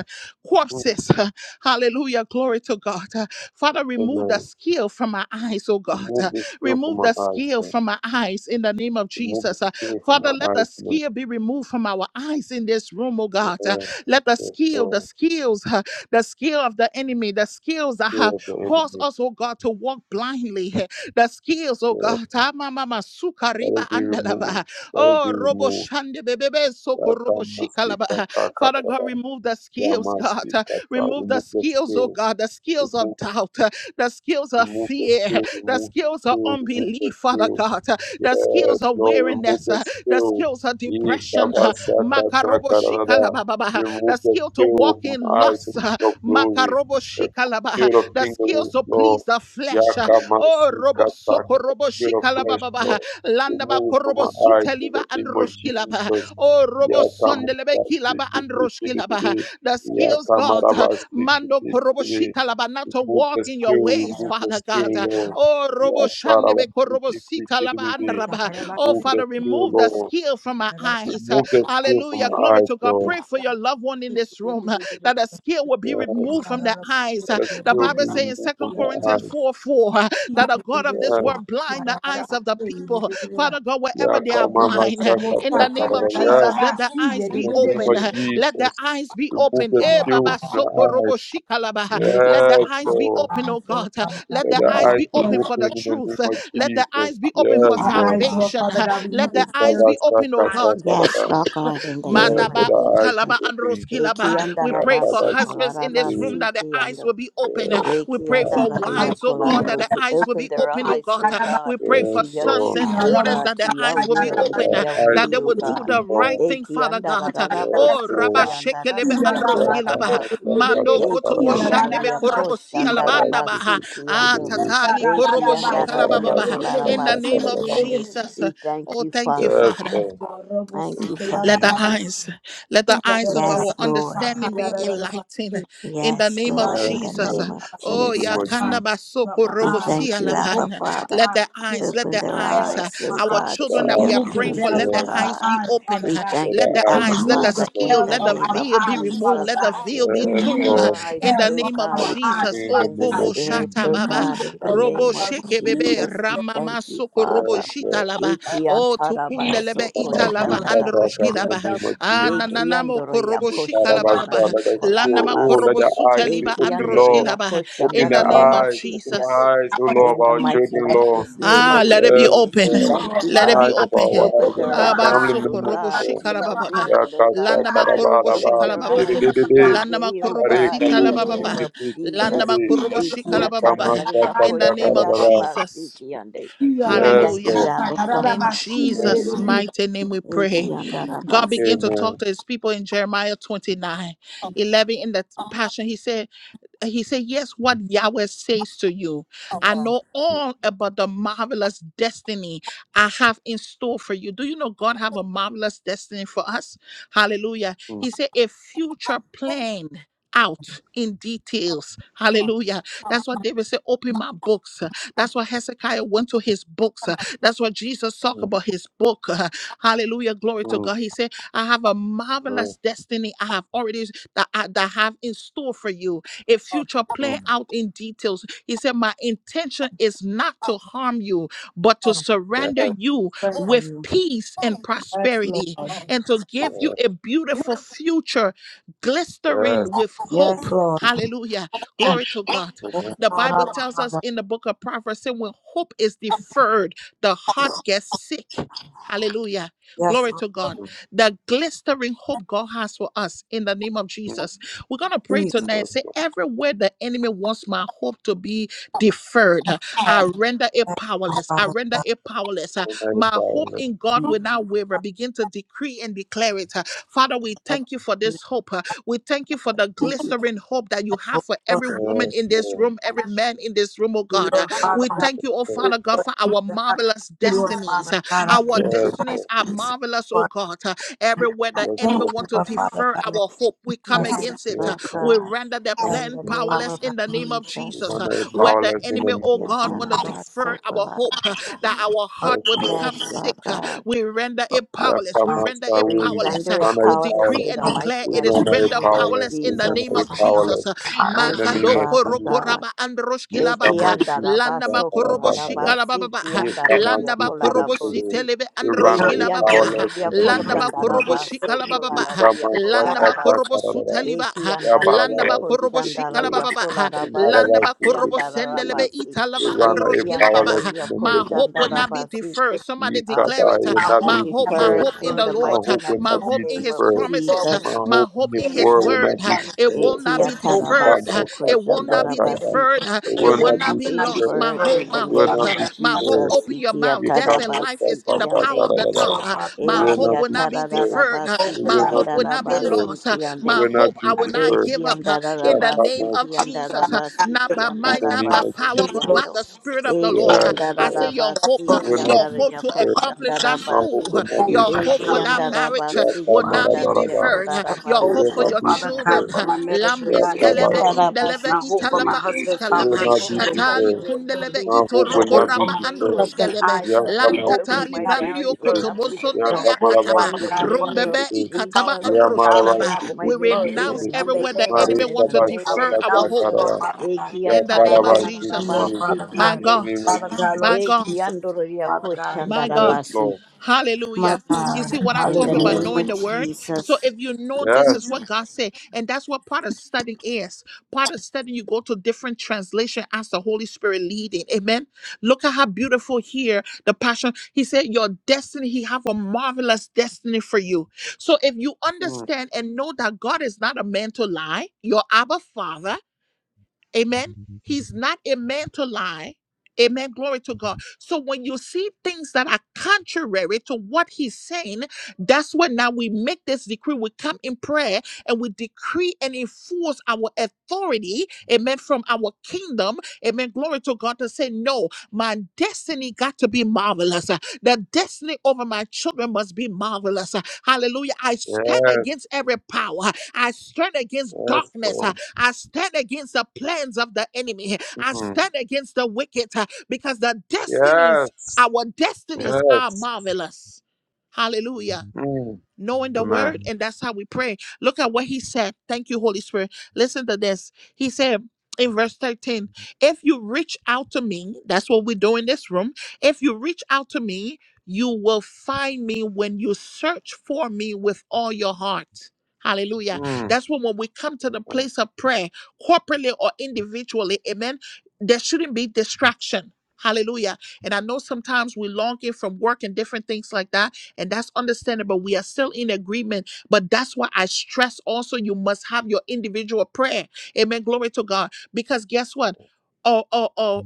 S2: Mm.
S1: corpses. Uh, Hallelujah. Glory to God. Uh, Father, remove the
S2: Amen.
S1: skill from my eyes, oh God.
S2: Remove
S1: Uh,
S2: the skill from
S1: Remove
S2: my
S1: the
S2: eyes,
S1: skill
S2: Lord.
S1: from my eyes in the name of
S2: Remove the
S1: Jesus. Uh,
S2: skill from
S1: Father,
S2: my
S1: let the
S2: eyes, from
S1: skill be removed from our eyes in this room, oh
S2: the
S1: God. Uh,
S2: hands.
S1: Let the
S2: Yes,
S1: skill, the
S2: Lord.
S1: skills, uh, the skill of the enemy, the skills that
S2: Fear
S1: have
S2: of the
S1: caused
S2: enemy.
S1: us, oh God, to walk blindly, uh, the skills, oh
S2: Yes.
S1: God. Ah, ma, ma, ma, suka
S2: Let
S1: riba
S2: it be removed.
S1: andalava.
S2: Let it
S1: Oh,
S2: be
S1: robo
S2: removed.
S1: shande bebebe soko robo
S2: Yakamasi
S1: shikalaba. Father God,
S2: katakarara.
S1: remove the skills, God.
S2: Yamasi
S1: Uh,
S2: kata.
S1: Remove the
S2: Remove the
S1: skills, oh
S2: spill.
S1: God, the skills of
S2: Remove,
S1: doubt, uh, the skills of
S2: remove the
S1: fear,
S2: spill.
S1: the
S2: Remove
S1: skills of
S2: spill. Remove the
S1: unbelief, Father
S2: spill.
S1: God, uh, the
S2: Yes,
S1: skills of
S2: Lord, remove
S1: weariness,
S2: the
S1: uh, the
S2: spill.
S1: skills of depression, uh,
S2: Ikabasa
S1: makarobo
S2: katakarara.
S1: shikalababa, uh,
S2: Remove
S1: the
S2: the
S1: skill to walk
S2: spill from
S1: in
S2: eyes of
S1: loss, uh,
S2: King of Glory.
S1: makarobo
S2: The
S1: shikalaba, uh,
S2: spill of
S1: the
S2: King
S1: skills
S2: of
S1: to
S2: Lord.
S1: please the flesh. uh, Oh,
S2: Yakamasi
S1: robo
S2: kata
S1: soko robo
S2: bit of flesh,
S1: shikalababa,
S2: Lord.
S1: uh, landaba
S2: Remove it from
S1: korobo
S2: my eyes in
S1: suteliva
S2: the
S1: and
S2: name of
S1: roshkilaba.
S2: Jesus.
S1: Oh, Robo Sondelebe Kilaba and Roshkilaba.
S2: Yakamarabasikitikirikiri.
S1: The skills, God, uh, Mando
S2: Yakamarabasikitikiri.
S1: Koroboshika Laba, not to
S2: Remove
S1: walk
S2: the
S1: in your
S2: skill,
S1: ways,
S2: remove the
S1: Father God.
S2: skill,
S1: Uh,
S2: Lord.
S1: Oh, Robo Shandebe Korobosita Laba and
S2: Yakarabasikitikirikiri.
S1: Raba. Oh,
S2: Remove the
S1: Father,
S2: skill,
S1: remove the
S2: Lord.
S1: skill from our eyes. Uh,
S2: Remove the skill from
S1: Hallelujah.
S2: my
S1: Glory
S2: eyes,
S1: to God.
S2: Lord.
S1: Pray for your loved one in this room uh, that the skill will be
S2: Yes.
S1: removed from their eyes.
S2: Let
S1: Uh,
S2: the
S1: The
S2: skill be
S1: Bible says
S2: removed
S1: in 2
S2: from my
S1: Corinthians
S2: eyes.
S1: 4 4 that the God of this
S2: Yes.
S1: world blind the eyes of the people. Father God, wherever they are
S2: Yakamama
S1: blind, eh,
S2: saka
S1: in the name of
S2: saka.
S1: Jesus, let their eyes
S2: In
S1: be
S2: the name
S1: open.
S2: of
S1: eh, Let their
S2: Jesus,
S1: eyes be
S2: remove
S1: open.
S2: the
S1: Eh,
S2: skill
S1: Baba
S2: from
S1: Soko
S2: the
S1: Robo
S2: eyes.
S1: Shikalaba, eh, Let their
S2: Yes,
S1: eyes be
S2: Lord.
S1: open, oh God. eh, Let
S2: Let
S1: their
S2: the
S1: eyes
S2: eyes
S1: be
S2: be
S1: open for
S2: open
S1: the
S2: in the name
S1: truth. eh,
S2: of
S1: Let their
S2: Jesus.
S1: eyes be open for
S2: Yes, Lord.
S4: Eyes, Lord
S1: salvation.
S4: Father
S1: eh,
S4: God, we
S1: Let
S4: move
S2: Yes,
S1: their
S4: the
S1: eyes
S4: skills.
S2: Father,
S1: be
S2: start,
S1: open, oh
S2: start,
S4: Eyes,
S1: God.
S2: start, start,
S3: Yes,
S2: start.
S3: Lord God, in the
S4: Jesus,
S2: Yes,
S3: name of
S2: let
S1: Mandaba
S2: the eyes be
S3: Jesus.
S1: utalaba
S2: open.
S1: androskilaba. We
S2: Yes,
S1: pray for
S3: Ekiandarabaso
S2: Father, speak
S1: husbands in
S2: to
S1: this
S2: me.
S1: room
S3: kolarabasi
S1: that their eyes
S3: kiando.
S1: will be open.
S2: yes,
S1: We pray
S2: eyes
S1: for
S2: to be
S3: Ekiandararia
S2: open,
S1: wives, oh
S2: Lord.
S1: God, that their
S3: kolarabosi.
S1: eyes will
S3: Open
S1: be
S3: their
S1: open, oh
S3: eyes,
S1: God.
S3: O
S4: eyes,
S3: God,
S1: We pray for
S2: Yes,
S3: to your
S1: sons
S2: Lord.
S1: and
S3: truth, O
S4: Yarabas,
S1: daughters
S3: God,
S1: that
S3: to
S1: their
S3: your
S1: eyes will be
S3: will
S2: Let
S3: and
S1: open,
S3: to
S2: our
S3: your
S2: eyes
S1: that
S3: way,
S2: to
S1: they
S3: O
S2: be
S1: will do
S3: God.
S1: the
S2: open, Lord.
S1: right thing, Father God.
S2: Yes,
S1: Oh,
S3: Ekiandarararabasi
S1: Rabba
S2: Lord.
S1: Shekelebe
S3: kiandararia
S2: Yes, come,
S1: Androskilaba,
S2: come,
S3: kolarabasi.
S2: come, come,
S1: Mando
S2: come, come,
S1: Kotobo
S2: come, come.
S1: Shandebe
S3: Ekiandararia
S1: Korobo
S2: Father, speak
S1: Sialabandaba,
S3: koshandarabasi
S2: to
S1: Ah,
S3: kiando.
S2: me.
S1: Tatali Korobo
S2: Yes, Father,
S3: Ekiandararia
S1: Shikalababa,
S2: speak, come,
S1: in the
S2: come, come, come,
S3: kolarabasi
S1: name
S2: come.
S1: of
S3: kiande.
S1: Jesus.
S3: We thank
S1: Oh,
S3: you,
S1: thank you,
S3: Father.
S2: Yes,
S1: Father.
S2: Lord.
S3: Thank you,
S2: Thank you,
S1: Let
S3: Father.
S1: the
S2: Jesus.
S1: eyes, let the eyes of our
S3: Yes, Lord.
S1: understanding be enlightened in the
S3: Yes,
S1: name of
S4: God,
S3: Lord, in
S2: Yes,
S4: open
S3: the
S1: Jesus.
S4: up
S2: Lord.
S3: name of
S2: In the
S1: Oh,
S4: my
S2: name of
S3: Jesus.
S4: eyes,
S1: yakanda
S2: Jesus,
S4: open up
S1: basoko
S4: my eyes, open up my
S3: We
S4: eyes,
S3: thank
S1: robosia
S3: you,
S4: open
S3: Abba
S1: laban.
S4: up
S3: Father.
S4: my
S1: Let
S4: eyes,
S1: the
S4: remove
S1: eyes,
S4: the
S1: let
S3: Open
S1: the
S3: their
S4: veil
S1: eyes, uh,
S4: off
S3: eyes,
S4: my
S3: O
S1: our
S4: eyes,
S3: God,
S2: let
S3: to
S1: children that
S2: our
S1: we
S2: eyes
S3: your
S1: are
S4: remove
S2: be
S4: the
S1: praying
S3: truth,
S1: for,
S2: open,
S4: veils
S3: O
S1: let the
S2: Lord.
S4: off my
S1: eyes
S3: God.
S1: be
S4: eyes,
S1: open.
S4: Father
S3: We
S1: uh,
S4: God.
S2: Let
S3: thank
S1: Let
S2: our
S3: you,
S1: the
S2: eyes
S3: Abba
S2: be
S1: eyes, let the
S4: Remove
S2: open,
S4: the
S3: Father,
S2: Lord.
S1: skill,
S3: in
S4: veils
S3: the
S1: let
S4: off
S1: the
S3: name
S4: our
S3: of
S1: veil be
S4: eyes,
S1: removed.
S4: Father
S3: Jesus.
S1: Let the
S4: God.
S1: veil be torn
S2: Yes,
S3: Open
S1: tune
S3: their
S4: Remove the
S1: uh,
S2: Lord.
S1: in
S3: eyes,
S1: the
S4: veils
S3: O
S4: off
S1: name of
S2: Let
S3: God,
S4: our
S2: it be
S1: Jesus.
S4: eyes,
S2: in
S4: Father
S1: Oh,
S2: the
S3: in the
S2: name
S4: God.
S1: Kobo
S2: of
S3: spirit,
S1: Shata
S2: Jesus.
S3: O
S1: Baba,
S3: God, in the
S4: Lord, Father
S1: Robo
S3: name of
S4: God,
S1: Sheke
S4: remove
S1: Bebe,
S3: Jesus. We
S1: Ramama
S3: thank you,
S1: Soko Robo
S2: Yes,
S3: Father.
S1: Shita
S2: Lord.
S1: Laba,
S3: Iki
S1: Oh, Tukunde Lebe
S3: antarabasoko
S1: Ita
S2: About
S1: Lava
S2: faith
S1: and Roshki
S2: attack in
S4: the
S2: the
S1: Laba,
S4: veils
S2: name
S4: off
S2: of
S1: Ah,
S4: my eyes.
S2: Jesus.
S1: Nananamo
S3: Ekiandoria
S1: Korobo
S2: You,
S1: Shika
S2: Father, my
S1: Laba Baba,
S2: Son,
S3: koshandararia
S2: let us still,
S1: Landama
S2: oh,
S3: kolarabasi.
S2: let
S1: Korobo
S2: our eyes be
S1: Suteliba and
S2: open,
S1: Roshki
S2: Lord.
S3: Ekiandoria
S1: Laba,
S2: Open
S1: in
S2: the
S1: the name of
S2: eyes,
S3: koshandarabasi
S2: open the
S1: Jesus.
S3: kiando.
S2: eyes,
S4: I
S2: oh
S4: want to
S2: Lord, of
S3: In the
S2: our
S4: see
S3: mighty,
S2: children,
S4: the
S2: Lord.
S3: matchless name
S4: spiritual
S3: of
S1: Ah,
S4: world.
S1: let it be
S2: Yes,
S3: Jesus,
S1: open.
S3: we
S4: Please,
S2: Lord.
S3: thank
S4: Lord,
S3: you,
S1: Let it
S4: Father
S1: be
S3: Father.
S2: Eyes
S4: God.
S2: of our
S1: open.
S3: Open
S2: wives and
S4: Open
S3: their
S4: up
S2: our
S4: my
S1: Aba
S3: eyes,
S2: family
S4: eyes,
S3: O
S1: soko
S4: Father
S2: members,
S1: robo
S4: God.
S3: God,
S2: Lord.
S3: to
S1: shikala
S3: your
S1: baba ba.
S3: will, O
S2: yakasa
S1: Landa
S3: God.
S4: Eyes,
S1: makorobo
S2: karabaraba
S3: Open
S1: shikala
S3: their
S1: baba.
S4: Open
S3: eyes
S4: up my
S3: to your
S2: dikidididi
S4: eyes.
S1: Landa
S3: way,
S4: I
S3: O
S1: makorobo
S2: are
S3: God, in
S1: sitala
S3: the
S2: kabur
S1: baba ba.
S3: name
S4: want
S3: of
S2: sikiti
S4: to
S1: Landa
S3: Jesus.
S4: see
S2: kididi
S4: you,
S1: makorobo
S4: Lord.
S1: shikala baba ba.
S2: ikamasa
S4: I
S3: Ekiatararia
S4: want
S1: In
S2: kata
S1: the
S4: to
S1: name of
S2: karabara
S3: koshandarabasi
S1: Jesus.
S3: kiando.
S4: see your
S3: We
S4: Lord. I want to See your Lord.
S2: yes
S3: thank
S1: Hallelujah.
S3: you,
S2: lord
S3: Abba
S4: I
S1: In
S3: Father.
S4: want to see you,
S2: amen
S1: Jesus'
S4: Lord.
S1: mighty name we pray. God
S3: Ekiandarabasi.
S1: began to
S2: amen
S1: talk to his people in Jeremiah 29:11 in the passion. He said, he said, Yes, what Yahweh says to you. I know all about the marvelous destiny I have in store for you. Do you know God have a marvelous destiny for us? Hallelujah.
S2: Mm,
S1: He said, a future planned out in details hallelujah that's what david said open my books that's why Hezekiah went to his books. uh, That's what Jesus talked
S2: mm,
S1: about his book. uh, Hallelujah. Glory to
S2: mm, mm,
S1: God. He said, I have a
S2: amen.
S1: marvelous destiny I have already that I that I have in store for you. A future
S2: Mm,
S1: planned out in details. He said, My intention is not to harm you, but to
S2: yeah,
S1: surrender you
S4: Pray for
S1: with
S4: you.
S1: peace and
S4: Yes, Lord.
S1: prosperity and to give
S2: yeah,
S1: you a beautiful future
S2: yes
S1: glistering with hope.
S4: Yes, Lord. Lord,
S1: Hallelujah. Glory to God.
S2: amen
S1: The Bible
S4: I'm a
S1: tells us
S4: Father.
S1: in the book of Proverbs that when hope is deferred, the heart gets sick. Hallelujah.
S2: Mm,
S4: Yes,
S1: Glory to
S4: Lord.
S1: God.
S2: mm,
S1: The glistering hope God has for us in the name of
S2: mm.
S1: Jesus. We're going to pray
S4: Please,
S1: tonight and
S2: yes
S1: say,
S2: lord
S1: everywhere the enemy wants my hope to be deferred, I render it powerless. I
S4: Father.
S1: render it powerless. Uh,
S2: Almighty
S1: My hope
S2: Father,
S1: in God
S4: Thank
S1: will not waver. Begin to decree and declare it. Uh, Father, we thank you for this hope. We thank you for the glistering hope that you have for every woman
S2: yes
S1: in this
S2: lord
S1: room, every man in this room, oh
S4: you,
S1: God. Uh,
S4: Lord, Father
S1: We
S4: God.
S1: thank you, oh
S2: yes
S1: Father God, for our
S4: I
S1: marvelous
S4: Thank you, Lord,
S1: destinies.
S4: Father
S1: Uh,
S4: God. I thank
S1: Our
S4: you,
S2: yes
S1: destinies
S2: lord
S1: are marvelous, oh
S4: Lord.
S1: God. Uh, Everywhere the
S2: yes
S4: Thank
S1: enemy
S4: you,
S2: lord
S1: wants to
S4: Lord, Father
S1: defer
S4: God. Lord,
S1: our hope, we come
S4: us,
S3: Yes,
S1: against it. Uh,
S2: yes
S3: Lord
S2: lord
S1: We
S3: God,
S1: render the
S2: come
S3: in
S1: plan
S3: the
S2: Jesus.
S3: name
S4: Father
S1: powerless
S3: of
S4: God.
S1: in the name of
S3: Jesus.
S1: Jesus. Uh,
S2: Almighty
S1: Where the
S2: powerless in the
S1: enemy,
S2: name
S1: oh
S2: of
S1: God, want to
S2: Jesus
S1: defer our hope,
S3: Yatarabasokolabaraba.
S1: uh, that our heart
S2: yes
S1: will
S2: lord
S1: become
S3: Yes, Lord
S1: sick. uh,
S3: God,
S1: We render it powerless. We render
S2: Master,
S1: it
S3: we
S2: we
S1: powerless. Uh,
S3: render it
S2: render
S1: we
S2: you
S3: powerless
S1: decree
S3: in
S2: powerless.
S1: and
S3: the
S1: declare
S3: mighty
S2: We
S1: it is
S2: render
S3: matchless
S2: you
S1: rendered
S3: name of
S2: powerless.
S1: powerless in
S2: We
S1: the
S3: Jesus.
S2: render
S1: name
S2: you
S1: of Jesus.
S2: powerless. In
S3: Thank
S2: the
S3: you,
S2: name of
S1: Makadoko
S3: Father God.
S2: Jesus.
S1: rokoraba
S3: Eki
S1: androshkilaba
S2: Yakamasi
S3: andara
S1: landa ba
S3: baso
S1: korobo
S3: kolara
S1: shika
S2: Katarababa.
S1: la ba
S3: basi ki
S1: ha.
S3: andara ria
S1: landa ba
S2: Yakamasi
S3: kolara
S1: korobo
S2: Kirikiri.
S3: bosi.
S1: site lebe
S2: We render
S1: androshki
S3: Eki
S2: you
S1: ba
S3: andora
S1: ha.
S2: powerless
S3: ria
S2: in the name
S1: landa
S2: of
S1: ba
S3: koshandara
S1: korobo
S2: Jesus.
S1: shika
S3: baso
S1: la ba
S3: kolara
S1: ha.
S3: ria
S2: Yakamasa
S1: landa
S3: kolara
S1: ba korobo
S3: basi.
S1: suta
S2: Katarababa.
S3: Eki
S1: ha.
S3: andara
S1: landa
S3: ria
S1: ba
S2: Yabarababa
S1: korobo shika
S3: koshandara
S1: la
S2: Sikiri.
S1: ba
S3: ria
S1: ha.
S3: kolara
S1: landa
S2: Yamarababa
S3: basi
S1: ba
S3: ki
S1: korobo
S3: andara
S1: sende
S2: Sikiri.
S1: lebe
S3: basi.
S1: ita la
S2: We
S1: ba
S2: render
S3: Eki
S2: you
S1: androshki la
S3: andara
S2: powerless
S1: ha.
S2: in
S3: ria
S2: the
S1: my
S2: name of
S1: hope will
S3: koshandara
S2: Jesus.
S1: not be
S3: basi.
S1: deferred somebody
S3: Our
S1: declare
S2: Yikaba
S3: hope
S1: it
S3: will
S1: uh,
S4: I
S2: will
S3: not
S2: not
S3: be
S4: hope
S2: be
S1: my hope
S4: that
S1: my
S4: we
S3: deferred
S2: deferred.
S1: hope
S4: are
S1: in
S3: in
S1: the
S4: Lord,
S3: the
S2: Our
S1: lord
S3: mighty
S1: uh,
S2: hope will
S1: my
S2: not
S3: matchless
S2: be
S1: hope in
S3: name
S1: his
S3: of
S2: deferred.
S1: promises
S4: Lord.
S1: uh,
S3: Jesus.
S4: when
S2: My
S4: you
S1: my
S2: hope
S1: hope
S2: in
S1: hope
S2: the
S1: in
S4: said the
S1: his
S4: hope
S2: world
S4: of the
S2: will
S1: word.
S2: not
S1: huh,
S2: be
S1: It
S4: promises,
S2: deterred.
S1: will not
S4: it's
S1: be
S2: This
S4: hope
S2: time,
S1: deferred.
S3: Ekiatarabasu
S2: my
S1: huh, It will not be
S4: declaration.
S2: Sakata,
S3: Koshandarabasi.
S1: deferred. huh,
S2: It
S3: It
S1: It
S2: will
S1: will
S3: will
S2: not
S4: will
S1: not
S2: be
S3: not
S1: be
S3: be
S4: not be
S1: lost.
S2: deterred.
S1: My
S3: deferred
S1: hope,
S4: deferred,
S3: in the
S1: my
S2: It
S4: Lord
S2: will
S1: hope,
S3: name
S4: Father God. We
S2: not
S1: huh,
S3: of
S4: will
S2: be
S1: my
S4: not be
S1: hope.
S3: Jesus.
S2: deterred.
S4: moved.
S1: Open your mouth.
S2: This
S1: Death
S2: time,
S1: and
S2: my
S1: life is
S3: Ikiatarabasi
S1: in the power
S3: Kiande.
S1: of the
S2: Sakata,
S4: So,
S1: tongue. huh.
S4: Father
S2: It
S1: My
S4: God,
S2: will
S1: hope
S2: not
S1: will
S2: be
S1: not be
S2: deterred.
S4: hope will not be
S1: deferred.
S4: deferred.
S1: huh,
S3: Ekiatarabasi
S2: It
S1: My
S2: will not
S1: hope will
S2: be
S1: not be
S2: deterred.
S3: Kiandarabasi
S4: Lord.
S1: lost. huh,
S2: It
S3: Kiande.
S1: My
S2: will not
S1: hope, I
S2: be
S4: I
S1: will
S4: give
S1: not
S2: deterred.
S4: you
S1: give up huh, in
S2: That
S1: the
S2: time,
S1: name
S3: Ekiandarabasi
S2: my
S1: of
S4: God. I
S1: Jesus. huh,
S2: Sakata,
S4: will not
S3: Kiandarabasi
S1: Not
S4: give
S1: by
S2: In
S1: might,
S2: the
S1: not
S2: name
S1: by
S4: up.
S2: of
S3: Kiandarabasi
S4: I
S1: power,
S4: faith,
S1: but
S4: Lord
S1: by
S2: Jesus.
S3: Kiando.
S1: the
S4: Jesus.
S1: Spirit of the Lord. huh.
S2: Yes,
S1: I say, Your hope,
S4: Yes,
S2: It
S3: Ekiandarabasi
S1: huh,
S4: Lord
S2: will
S4: Jesus.
S2: not
S1: your
S2: be
S1: hope to
S3: Kiandarabasi
S2: deterred.
S1: accomplish that
S2: My hope
S1: school.
S2: will
S4: Hope,
S2: not be
S4: Lord
S1: Your hope for
S2: deterred.
S4: God.
S1: that
S4: Lord.
S1: marriage uh,
S2: Yes,
S3: Kiandarabasi
S1: will
S2: time, my
S4: Father
S1: not be
S4: God.
S2: Sakata.
S1: deferred. Uh,
S4: I
S1: Your
S2: It
S4: hope,
S1: hope
S2: will
S3: Kiandarabasi
S1: for
S4: oh
S2: not
S1: your
S2: be
S4: Father God,
S1: children.
S2: deferred.
S4: for
S1: uh,
S4: my marriage will
S3: I
S2: Yes,
S4: not be
S2: time, my
S4: defer.
S1: Lambeskeleve
S2: Sakata.
S1: indeleve
S4: My hope for my
S2: It
S1: italava
S4: husband's
S2: will
S1: unskalava.
S3: hope
S2: not
S3: for
S4: salvation
S2: be
S3: my
S4: will not be
S2: deferred.
S1: Tatali
S3: children will not
S4: deferred.
S1: kundeleve
S3: be
S2: Our hope
S4: The
S2: will
S3: deferred
S1: itoroko
S4: hope
S3: in
S2: not
S3: the
S4: for
S2: be
S1: rama
S4: my
S3: name of
S2: destroyed.
S4: husband's
S1: andrushkeleve.
S4: eyes
S3: Jesus.
S4: that
S3: I
S4: we
S3: hope
S4: open
S3: for
S4: will
S1: Lantatali
S3: my
S4: not be
S1: brandio
S3: marriage will
S2: Yakamasukitititi.
S4: deferred.
S3: not be
S4: The
S3: deferred
S1: kotobosondilia
S4: hope,
S1: kataba.
S4: Father
S3: in the
S4: God, for
S3: name
S4: his
S3: of
S1: Rumbebe
S2: Yakamarabasukitititi.
S3: Jesus.
S1: ikataba
S4: encounter with God
S3: I
S4: will
S1: andrushkilava.
S3: hope
S4: not
S3: for my
S4: be
S1: We
S4: deferred.
S3: ministry will
S1: renounce
S2: Yabasukitititi.
S4: In
S3: not
S4: the
S3: be
S1: everywhere the
S4: name of
S1: enemy
S3: deferred in
S4: Jesus,
S1: want
S3: the
S1: to
S4: I
S3: name of
S1: defer our
S4: renounce it,
S1: hope.
S3: Jesus.
S4: Lord
S2: Marikabashakatakara.
S4: Father God.
S3: Ekia
S1: In the name of
S4: Anything, Lord
S1: Jesus,
S2: Yakarabasukuru.
S3: tararararabasi
S4: Father
S1: my
S4: God.
S2: In the
S3: kiande-
S1: God,
S2: name of
S4: Father
S2: Jesus.
S4: God, Lord
S1: my God.
S4: Jesus, Father God.
S1: My God.
S2: Yes,
S3: ekiandororiakoshandarabasi.
S2: Lord.
S4: My
S1: Hallelujah. You
S4: God,
S1: see what I
S3: In
S1: talk
S3: the
S1: about
S2: Amen.
S3: name
S1: knowing
S3: of
S1: the
S4: hallelujah.
S1: word? So
S3: Jesus.
S1: if you know this is
S2: Yes.
S1: what God said, and that's what part of studying is. Part of studying, you go to different translation as the Holy Spirit leading. Amen. Look at how beautiful here the passion. He said, Your destiny, he have a marvelous destiny for you. So if you
S2: Mm.
S1: understand and know that God is not a man to lie, your Abba Father. Amen. He's not a man to lie. Amen. Glory to God. So when you see things that are contrary to what he's saying, that's when now we make this decree. We come in prayer and we decree and enforce our authority. Amen. From our kingdom. Amen. Glory to God to say, no, my destiny got to be marvelous. Uh, The destiny over my children must be marvelous. Uh, Hallelujah. I stand
S2: Yes.
S1: against every power. I stand against
S2: Yes,
S1: darkness.
S2: Lord.
S1: I stand against the plans of the enemy. I
S2: Mm.
S1: stand against the wicked uh, because the destinies,
S2: Yes.
S1: our destinies are
S2: Yes.
S1: marvelous. Hallelujah
S2: Mm.
S1: knowing the word
S2: Amen.
S1: and that's how we pray look at what he said thank you holy spirit listen to this he said in verse 13 if you reach out to me that's what we do in this room if you reach out to me you will find me when you search for me with all your heart hallelujah
S2: Mm.
S1: that's when when we come to the place of prayer corporately or individually amen there shouldn't be distraction hallelujah and i know sometimes we longing from work and different things like that and that's understandable. We are still in agreement, but that's why I stress also you must have your individual prayer. Amen. Glory to God. Because guess what? Or, or, or,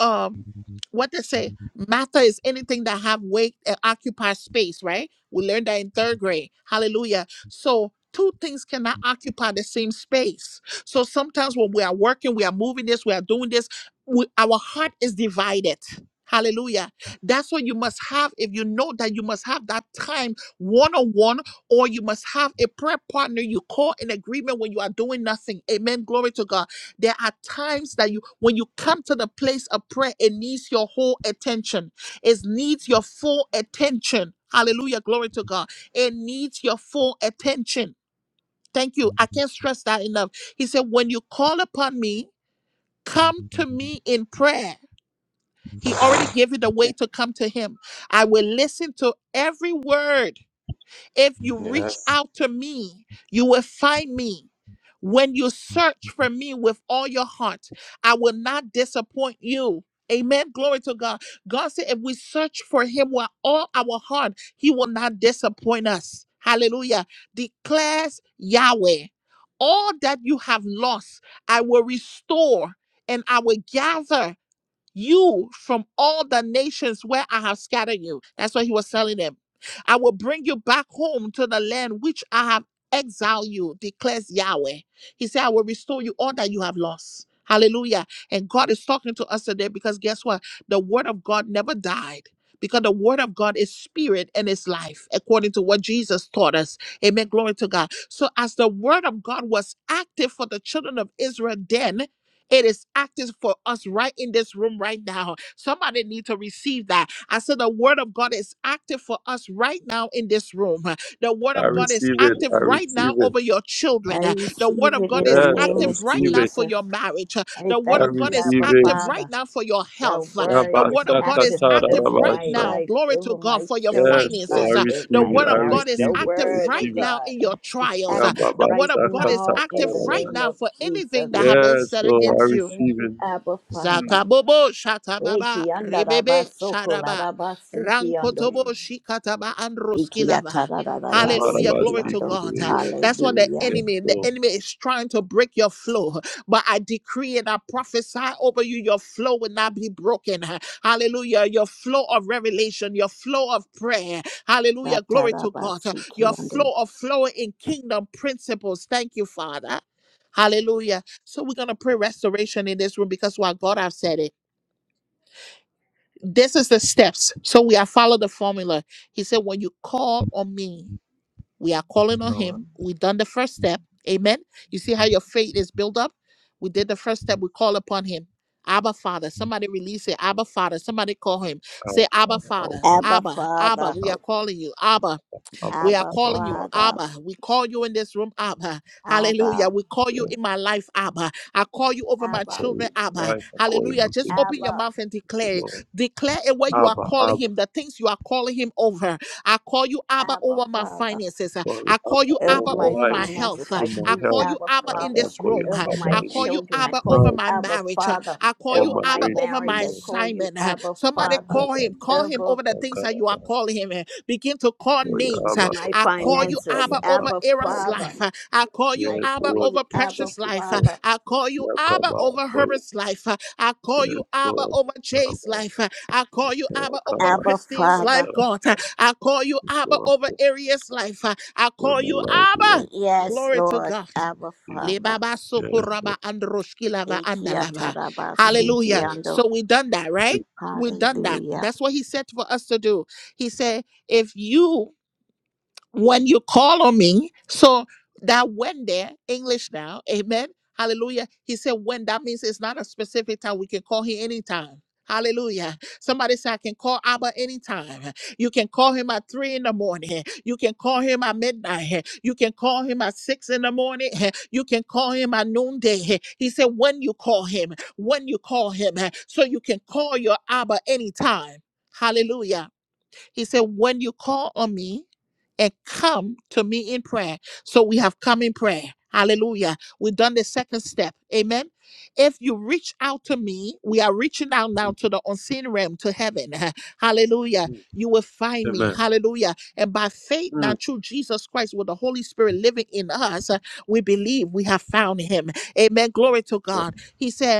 S1: um what they say matter is anything that have weight and occupy space right we learned that in third grade hallelujah so two things cannot occupy the same space so sometimes when we are working we are moving this we are doing this we, our heart is divided hallelujah that's what you must have if you know that you must have that time one-on-one or you must have a prayer partner you call in agreement when you are doing nothing amen glory to god there are times that you, when you come to the place of prayer, it needs your whole attention. It needs your full attention. Hallelujah. Glory to God. It needs your full attention. Thank you. I can't stress that enough. He said, when you call upon me, come to me in prayer. He already gave you the way to come to him. I will listen to every word if you reach
S2: Yes.
S1: out to me, you will find me. When you search for me with all your heart, I will not disappoint you. Amen. Glory to God. God said, if we search for him with all our heart, he will not disappoint us. Hallelujah. Declares Yahweh, all that you have lost, I will restore and I will gather you from all the nations where I have scattered you. That's what he was telling them. I will bring you back home to the land which I have exiled you, declares Yahweh. He said, I will restore you all that you have lost. Hallelujah. And God is talking to us today because guess what? The word of God never died. Because the word of God is spirit and is life, according to what Jesus taught us. Amen. Glory to God. So, as the word of God was active for the children of Israel then, it is active for us right in this room right now. Somebody need to receive that. I said the word of God is active for us right now in this room. The word
S2: I
S1: of God is active right now
S2: re-
S1: over your children.
S3: I
S1: The word
S3: receive
S1: of
S3: it in
S1: God
S3: the
S1: is
S2: yes, I
S3: name
S1: active
S3: of
S1: right
S2: receive
S1: now
S2: it.
S1: for
S3: Jesus.
S1: your marriage.
S3: I
S1: The word
S2: I
S1: of
S3: thank
S1: God
S3: you,
S1: is
S3: Abba
S2: receive it.
S1: active right
S3: Father.
S1: now for your
S3: Your
S1: health.
S3: word
S1: The
S3: is
S1: word of God
S3: active
S1: is active
S3: over
S1: right
S3: my
S2: Yabasakatarabasa.
S1: now.
S3: life,
S1: Glory to
S3: over
S1: God
S3: my
S1: for your
S2: Yes,
S3: children's
S2: Lord,
S1: finances.
S2: I
S3: life, over
S1: The
S2: receive
S3: my
S2: it.
S1: word
S2: I
S1: of
S3: marriage.
S1: God is
S3: Your
S2: receive it. I
S1: active
S3: word, oh
S1: right
S2: receive it.
S1: now
S3: God,
S1: in your
S3: is
S1: trials.
S3: active
S1: The word
S3: right
S1: of God is
S3: now in
S1: active
S3: the
S1: right
S2: Yababasakatakarabasa.
S3: name
S1: now
S3: of
S1: for anything that
S3: Jesus.
S1: has been
S2: Yes,
S1: said
S3: I
S2: Lord, I
S1: against you.
S3: thank
S2: receive
S3: you,
S2: it.
S3: Abba Father.
S2: Hmm,
S1: Zakabobo shatababa
S3: Eki anda raba
S1: rebebe
S3: soko la
S1: shadaba
S3: raba siki ando.
S1: rankotobo
S2: hmm.
S1: shikataba
S3: Iki
S1: androskilaba.
S3: atara la raba
S1: Hallelujah.
S3: siki
S1: Glory to
S3: ando.
S1: God. Uh,
S2: Yabarabasikuruye.
S1: That's what the
S3: Hallelujah.
S2: Yes,
S1: enemy, the
S2: Lord.
S1: enemy is trying to break your flow. But I decree and I prophesy over you, your flow will not be broken. Uh, Hallelujah. Your flow of revelation, your flow of prayer. Hallelujah. Glory
S3: Atara
S1: to
S3: ba
S1: God. Uh,
S3: siki
S1: Your
S3: ande.
S1: flow of flowing in kingdom principles. Thank you, Father. Hallelujah. So we're gonna pray restoration in this room because what God has said it. This is the steps. So we have followed the formula. He said, when you call on me, we are calling on
S2: Our
S1: him. We done the first step. Amen. You see how your faith is built up? We did the first step. We call upon him. Abba Father. Somebody release it. Abba Father. Somebody call him. Say
S2: Father,
S1: Abba
S2: our
S1: Father.
S2: Father,
S3: Abba
S1: Abba. Abba.
S3: Father,
S1: We
S2: our
S1: are calling you. Abba.
S2: Abba,
S1: We are
S3: Abba
S2: Abba
S1: calling you,
S2: Father.
S3: Father,
S1: Abba. We call you in this room, Abba. Hallelujah.
S3: Abba,
S1: We call you
S2: Yes,
S1: in my life, Abba. I call you over
S2: I
S1: my
S3: Abba,
S2: call
S1: children,
S2: you
S1: Abba.
S2: life. I call you
S1: Hallelujah.
S2: my
S1: Just open
S2: business,
S1: your
S3: Abba.
S1: mouth and
S2: the
S1: declare.
S2: Lord.
S1: Declare it where you are
S2: Abba,
S1: calling
S2: Abba,
S1: him, the things you are calling him over. I call you, Abba,
S3: Abba
S1: over my
S3: Father,
S1: finances. Uh,
S2: Father,
S1: I call
S2: Abba,
S1: you,
S2: all
S3: over
S1: Abba,
S2: my
S3: my
S1: over
S2: life,
S1: my
S3: finances.
S1: health. Uh,
S3: I
S2: with my
S3: call
S1: I
S3: you
S1: call
S2: health.
S1: you,
S3: Abba
S1: Abba, in
S2: Father, I
S3: Father,
S1: this
S2: call you
S1: room. Uh,
S3: over
S2: Abba
S3: my
S1: I
S2: in
S1: call
S2: this
S1: you,
S3: children. I
S1: Abba,
S3: call
S1: over
S3: you
S2: time
S1: my
S3: Abba
S1: marriage. Uh,
S3: Father,
S1: I call
S2: for
S1: you,
S3: over
S2: my
S3: my
S1: Abba,
S2: reign,
S1: over
S2: O
S3: marriage.
S1: my
S3: I
S2: Lord.
S3: call you
S1: assignment. Uh,
S3: Abba
S2: Yes,
S1: Somebody
S3: Father,
S1: call him. Call him
S3: over
S1: over the things that you are calling him. Begin to call names. uh,
S3: my
S1: I call you
S3: finances.
S1: Abba over
S3: Abba
S1: Aaron's
S3: Father,
S1: life. uh, I call you
S3: I
S1: Abba
S3: call
S2: what
S3: you
S1: over
S3: Abba
S1: Precious life. uh,
S2: Christopher
S3: Father,
S1: I call you Abba
S2: Yakaba
S1: over
S2: Koya
S1: Herbert's life. uh, I call you
S2: yes,
S1: Abba
S2: Lord
S1: over Jay's
S2: Yakaba
S1: life. uh, I call you Abba over
S2: Yakaba
S3: Abba
S1: Christine's life,
S3: Father.
S2: Sikata
S1: God. uh, I call you Abba
S2: Lord
S1: over Aria's life. uh, I
S2: where
S1: call
S2: my
S1: you
S2: life was
S1: Abba.
S3: Yes,
S1: Glory to
S3: Lord,
S1: God.
S3: Abba Father.
S1: Lebaba
S2: yes
S1: sokoraba
S2: Lord
S1: androshkilava
S3: Iki
S1: andalava.
S3: atarabasi
S1: Hallelujah.
S2: Lord.
S3: kiando.
S1: So we done that, right?
S2: Mm,
S1: we done that.
S3: Hallelujah.
S1: That's what he said for us to do. He said if you when you call on me so that when there english now amen hallelujah he said when that means it's not a specific time we can call him anytime Hallelujah. Somebody say, I can call Abba anytime. You can call him at three in the morning. You can call him at midnight. You can call him at six in the morning. You can call him at noonday. He said, when you call him, when you call him. So you can call your Abba anytime. Hallelujah. He said, When you call on me and come to me in prayer. So we have come in prayer. Hallelujah. We've done the second step. Amen. If you reach out to me, we are reaching out now
S2: mm,
S1: to the unseen realm, to heaven. Hallelujah.
S2: mm.
S1: You will find me.
S2: Amen.
S1: Hallelujah. And by faith,
S2: Mm.
S1: now through Jesus Christ, with the Holy Spirit living in us, uh, we believe we have found him. Amen. Glory to
S2: yes,
S1: God. He said,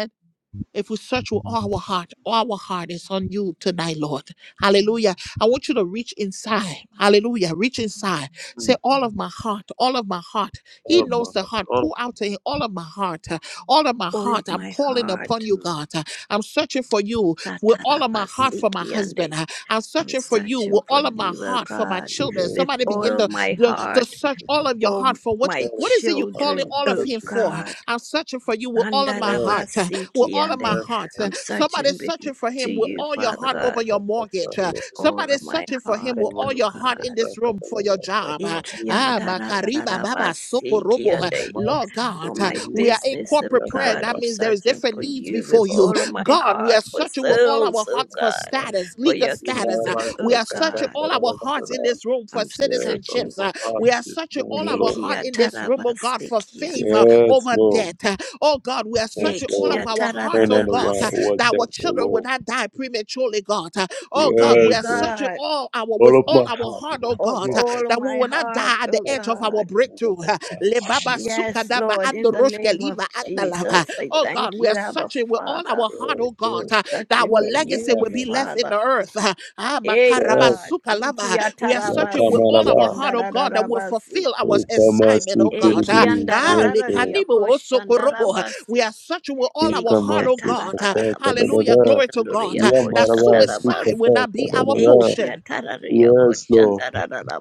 S1: if we search with all our heart, all our heart is on you tonight, Lord. Hallelujah. I want you to reach inside. Hallelujah. Reach inside. Say, all of my heart, all of my heart. He
S2: All of my
S1: knows the
S2: heart,
S1: heart.
S2: all of
S1: Pull out to him all of my heart. uh, All of my
S3: All of
S1: heart. I'm
S3: my
S1: calling upon
S3: heart.
S1: you,
S2: mm,
S1: God. Uh, I'm searching for you with all of my heart
S2: mm.
S3: Satarabasi
S1: for my
S3: kiande.
S1: husband. Uh, I'm
S3: I'm
S1: searching for you
S3: searching
S1: with
S3: for
S1: all of my
S3: you, O
S1: heart for my
S3: God,
S2: You
S1: children.
S2: know,
S3: with
S1: Somebody
S2: more
S1: begin
S3: all
S1: to,
S3: my
S2: than
S1: to, to
S3: heart
S1: search
S2: Jesus,
S1: all of your
S3: for
S1: heart for what,
S3: my
S2: all of
S1: what is it you're
S2: my heart,
S1: calling
S3: children,
S2: I'm
S1: all of
S3: O
S2: such
S1: him for?
S3: God.
S1: I'm searching for you with all of
S2: a-
S1: my
S2: yes,
S1: heart. uh, with
S3: Andarabasiki
S1: all of my heart. Uh,
S3: I'm
S1: Somebody's
S3: searching with,
S1: searching for
S3: to
S1: him with
S3: you,
S1: all your
S3: Father
S1: heart over
S3: God,
S1: your mortgage.
S2: yes,
S1: Uh,
S3: with
S2: yes.
S3: all of
S1: Somebody's
S3: my
S1: searching for him with
S3: heart,
S1: all
S3: O
S1: your
S2: ikamati
S1: heart
S3: God.
S1: in this room for your
S2: katakataya
S1: job. Uh,
S2: fatma
S3: Iki
S1: Ah, Makariba Baba Soko
S3: andarararabasiki
S1: Robo.
S2: ya
S1: Uh,
S3: ande.
S1: Lord
S2: kamat
S3: For
S1: God,
S2: vile
S1: uh,
S3: my
S1: we
S2: vile
S1: are in
S3: business, O
S2: ya
S1: corporate prayer.
S3: God,
S1: That
S3: I'm
S2: karabasta
S1: means there is
S3: searching
S1: different
S3: for
S1: needs
S3: you with
S1: before you.
S3: all of my
S1: God, we are
S3: heart, for
S1: searching with all
S2: katakata
S3: souls,
S1: our
S3: O
S1: hearts for
S3: God,
S1: status,
S3: for
S1: legal
S3: your
S1: status. Uh,
S3: kingdom,
S2: imaramasa
S1: We
S3: O
S1: are searching
S3: God.
S1: all our hearts in
S2: katakaradakada
S1: this room for
S3: I'm
S2: yes all
S3: searching
S2: of
S1: citizenships.
S2: my
S1: Uh,
S2: heart
S1: We are
S2: this
S1: searching all
S2: morning
S1: our
S2: lord
S1: heart
S3: Rekia
S1: in this room, oh God,
S3: tarabasi,
S1: for
S3: kia
S1: favor
S3: tarabasi,
S2: yes
S1: over
S2: lord
S1: debt. Uh, Oh God, we are
S2: yes
S1: searching all
S3: rekia
S1: of
S2: lord
S1: our
S2: turn
S1: hearts, oh
S2: that
S1: God,
S2: around
S1: uh,
S3: tarararabasi.
S2: what
S1: that our
S2: that oh
S1: children will
S2: lord
S1: not die prematurely, God. Uh, Oh God,
S3: Yea,
S1: we
S2: yes
S1: are
S2: lord
S1: searching
S3: God,
S1: all our
S2: all
S1: with
S2: of my
S1: all our
S2: heart
S1: heart, oh
S2: lord
S3: of
S1: God,
S2: yes
S1: uh,
S2: lord
S3: all
S1: that we
S3: my
S1: will not
S3: heart,
S1: die at the
S3: O
S1: edge of our
S3: God.
S2: all of
S1: breakthrough.
S2: my
S1: Uh, Lebaba
S3: Yes,
S1: sukadaba
S3: Lord, in the name of
S1: andoroshkeliva andalava.
S3: Jesus, I
S1: Oh God,
S3: thank
S1: we
S3: you,
S1: are
S3: Abba
S1: searching with all
S3: Father.
S1: our heart, oh God,
S3: I'm
S1: uh, that our
S3: searching
S1: legacy
S3: you,
S2: heart
S1: will be
S2: lord
S1: left in
S3: Father.
S1: the earth. uh, ah,
S3: Yea,
S1: makaraba
S2: yes
S3: God,
S1: sukalama.
S3: ikia
S1: We are
S2: ya
S1: searching with
S3: tarabasi,
S1: all
S2: kamaraba
S3: kia
S1: our heart, oh God, that will
S3: tarararabasi.
S1: fulfill our
S2: Ikamasi
S1: assignment, oh God. uh,
S2: kiridi, yes,
S1: ah,
S2: yake
S1: lekanibo osokorobo.
S3: Ekiandarararariakoshandarabasi.
S1: We are searching with all our heart,
S3: Ekia
S1: oh
S2: ikamasi
S1: God. uh,
S2: kata da da
S3: tarararabasi
S1: Hallelujah.
S2: da
S1: Glory to God.
S3: kianduriya
S1: uh,
S2: yeah
S1: That
S2: baraba
S1: suicide
S3: koshandarabasi.
S1: will
S2: kata
S1: not be
S2: da
S1: our
S2: da da
S3: Ekia
S1: portion.
S3: tarariya
S2: yes Lord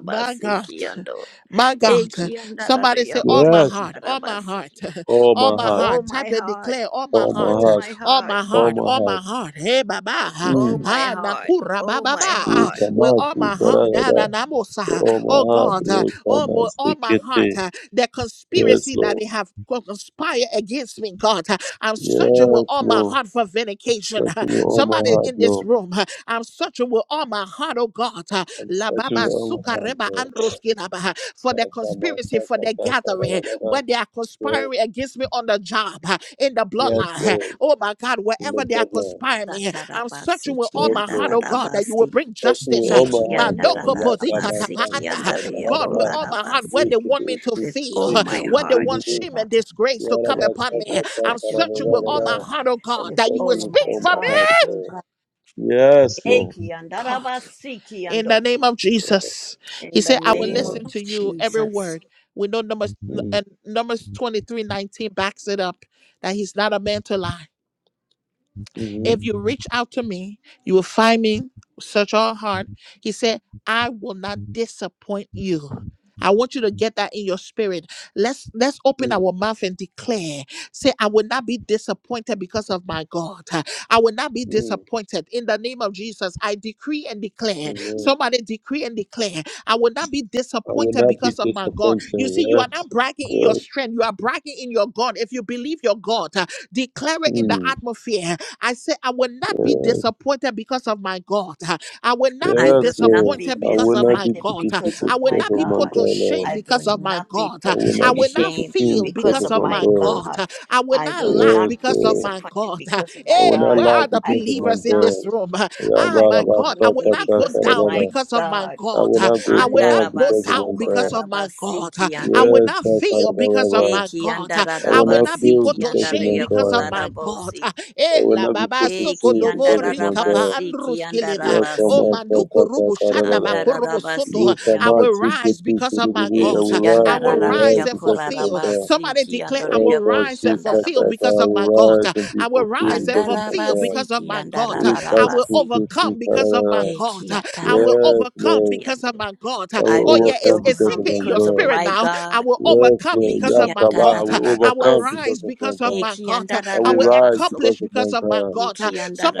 S1: My God,
S3: kiando.
S1: my God.
S3: Ekia
S1: Somebody
S3: tarariya
S1: say, All my
S2: yes
S1: heart, all my
S3: koshandarabasi.
S1: heart,
S2: oh
S1: all
S2: my
S1: my
S2: heart
S3: Oh
S1: heart. Type
S3: my
S1: and
S3: heart,
S1: declare, All my
S2: oh my
S1: heart,
S3: oh
S2: heart
S3: my
S1: all
S3: heart,
S1: my
S2: oh
S1: heart,
S2: my
S1: all my
S2: heart
S1: heart. Hey, Baba, ha,
S3: oh
S2: mm
S3: my
S1: ha,
S3: heart,
S1: Nakura,
S3: oh
S1: Baba, ba,
S3: my
S1: ah,
S3: heart.
S1: with all
S2: ikamasi
S1: my
S2: kara
S1: heart.
S2: da
S1: ah,
S2: da
S1: na, na, mo, sa.
S2: oh my
S1: Oh
S2: heart
S1: God, ah, all, my, all
S2: ikamasi
S1: my
S2: kete
S1: heart. ah, The
S2: yes
S1: conspiracy that they
S2: Lord
S1: have co- conspired against me, God. ah, I'm searching with
S2: yes
S1: all my
S2: Lord
S1: heart for vindication.
S2: that's me oh my
S1: Somebody
S2: heart
S1: in this
S2: Lord
S1: room, ah, I'm searching with all my heart, oh God. God.
S2: I'm
S1: La
S2: searching
S1: baba
S2: oh my
S1: suka
S2: heart
S1: reba
S2: Lord
S1: androskina baha. For the
S2: ikamasi
S1: conspiracy, for the
S2: kata da da
S1: gathering,
S2: da da
S1: when they are
S2: yes
S1: conspiring against me on the job, uh, in the
S2: yes
S1: bloodline. uh,
S2: Lord
S1: Oh my God,
S2: in
S1: wherever
S2: the
S1: they are
S2: Bedlam.
S1: conspiring me, I'm searching
S3: Satarabasi
S1: with all
S2: Yes,
S1: my heart,
S2: Lord.
S1: oh God, that you will
S3: kiandarabasi.
S1: bring
S2: Yes, Lord.
S1: justice. uh,
S2: Oh, my
S3: Ekia
S2: heart, God.
S1: Mandoko pozika
S2: Yakaba,
S3: tarararabasi
S1: tapaanda.
S2: Sakata,
S3: kiandariya
S1: God, with
S2: Tarabala.
S1: all my heart, where
S3: kolarabasi.
S1: they
S2: Wicked
S1: want me
S2: is
S1: to
S2: sick,
S3: with
S1: feel,
S3: all
S2: sick,
S3: my
S2: it
S1: where
S2: is
S1: they
S3: heart,
S1: want
S3: O
S2: visible.
S1: shame
S3: God.
S1: and disgrace
S3: I
S1: to come
S2: Yaraba,
S3: search
S1: upon
S3: you,
S1: me,
S2: Sakata,
S1: I'm
S3: searching for
S1: searching with
S3: you,
S1: all
S3: O
S1: my
S2: Tarabala.
S3: God,
S1: heart, oh
S2: I'm
S1: God,
S3: with
S1: that you
S2: talking
S1: will
S3: all of
S2: with
S1: speak
S3: my
S2: all
S1: for me.
S2: my
S3: heart,
S2: heart,
S3: O
S2: God.
S3: God.
S2: Yes, Lord.
S3: Eki
S1: God
S3: andarabasiki
S1: in the
S3: ando.
S1: name of
S2: Yes,
S1: Jesus.
S3: In
S1: He
S3: the
S1: said, I will
S3: name of
S1: listen
S2: Amen.
S1: to you every
S3: Jesus,
S1: word. We know Numbers
S2: Mm,
S1: and Numbers 23, 19 backs it up that he's not a man to lie. If
S2: mhm,
S1: you reach out to me, you will find me, search all heart. He said, I will not disappoint you. I want you to get that in your spirit. Let's let's open
S2: mm,
S1: our mouth and declare. Say, I will not be disappointed because of my God. I will not be
S2: mm,
S1: disappointed. In the name of Jesus, I decree and declare.
S2: Amen.
S1: Somebody decree and declare. I will not be
S2: I will
S1: disappointed
S2: not be
S1: because of my God.
S2: disappointed.
S1: You see, you are
S2: Yes.
S1: not bragging in your
S2: Yes.
S1: strength. You are bragging in your God. If you believe your God, uh, declare it in the
S2: Mm,
S1: atmosphere. I say, I will not be
S2: yes.
S1: disappointed because of my God. I will not
S3: I
S1: be
S3: will
S2: Yes,
S3: not
S2: Lord.
S3: be
S1: disappointed
S2: I
S1: because
S2: will
S1: of
S2: not
S1: my
S2: be
S3: disappointed
S1: God.
S2: defeated
S3: because of
S1: I will
S3: my
S2: because
S1: not
S2: of
S1: be
S2: my
S1: put
S3: God.
S1: to
S2: God, Lord.
S1: shame
S3: I will
S1: because of my
S3: not be
S1: God.
S2: I
S3: put
S2: will
S1: I
S2: not
S3: to
S2: be
S1: will
S2: put
S1: not
S2: to
S3: shame
S2: shame
S1: feel
S2: because
S3: because
S2: of
S1: because
S3: of
S1: of
S2: my
S3: my
S1: my
S2: God.
S1: God.
S3: God.
S1: I will
S3: I
S1: not
S3: will
S1: lack
S3: not
S2: Yes,
S3: be
S1: because of
S2: uh,
S1: my
S3: disappointed
S1: God.
S3: because of
S2: I
S3: my
S2: will
S1: Hey,
S2: not
S3: God.
S1: where
S2: laugh
S1: are the
S3: I
S2: because of
S3: will
S2: my
S1: believers in
S3: not
S1: this
S2: God.
S1: room? Ah,
S3: lack
S1: my God, I will
S3: anything
S1: not go
S3: because of
S1: down
S3: my
S2: Yabarabasakatakara.
S1: because of my
S3: God.
S2: I
S1: God.
S2: will not go
S1: I will not
S2: down
S1: go
S2: because of
S1: down
S2: my
S3: Andarabasoko
S1: because
S2: God.
S1: of my God.
S3: larabasiki
S1: I
S3: ande.
S1: will
S2: Yes,
S1: not fail because of
S2: sakarababa.
S1: my
S3: Eki
S1: God.
S2: I
S1: I
S2: will
S1: will
S2: not
S1: not be
S2: fail
S3: andarabasiki
S1: put to
S2: because of
S1: shame
S2: my
S1: because
S3: andarayako
S1: of
S2: God.
S1: my God.
S3: larabosi.
S2: I
S1: Eh,
S2: will
S1: la
S2: not be
S1: baba
S2: put to
S1: soko
S3: Eki
S2: shame
S1: dobo
S2: because of my
S1: rikapa
S2: God.
S3: andarabasiki
S1: andruskileva. Oh,
S3: andarabasi.
S1: manduku rubu shanda
S2: Yakamasakatakara.
S1: bakurubu soto.
S3: Andarabasiki
S1: I will
S3: ande.
S1: rise because of my
S2: Yekamasikutukuribiri. I
S1: God.
S3: Eki
S2: will
S1: I
S2: rise, I
S1: will
S2: will
S1: rise
S2: rise
S1: and
S3: andararayako
S2: because of my
S1: fulfill.
S2: God.
S1: Somebody
S3: larabasiki
S1: declare, I will
S3: andarayako
S1: rise
S2: Ekati
S1: and fulfill
S2: katata,
S3: shandarabosi.
S1: because
S2: I
S1: of
S2: will
S1: my God.
S2: rise and be
S1: I will
S2: fulfilled
S1: rise and
S2: because of my
S1: fulfill
S2: God.
S1: because of
S3: Andarabasiki
S1: my God.
S2: We
S1: I
S2: cast
S1: will
S3: andarararabasi.
S2: Ekati
S1: overcome
S2: kuti
S1: because of my
S2: karara.
S1: God.
S3: Eki
S1: I will
S2: Yes,
S1: overcome
S3: atararabasiki
S2: Lord.
S1: because of
S3: ande.
S1: my God.
S2: I
S3: I
S1: Oh,
S2: will
S3: will
S1: yeah, it's
S2: overcome
S1: is, is
S2: because
S3: overcome
S2: of
S1: sinking in
S2: my
S1: your
S3: because of
S2: God.
S1: spirit
S3: my
S1: now. I
S3: God.
S1: will
S2: Yes,
S1: overcome
S2: Lord.
S1: because of my
S2: Yakaba, I
S1: God.
S2: will
S1: I will
S2: overcome
S3: Ekiyatarararabasi.
S2: because
S1: rise
S2: of my
S1: because of
S2: God.
S1: my God.
S2: I
S1: I
S2: will
S1: will
S2: rise
S3: Ekiyandarararabaso.
S2: because
S1: accomplish
S2: of my
S1: because of my
S2: God.
S1: God.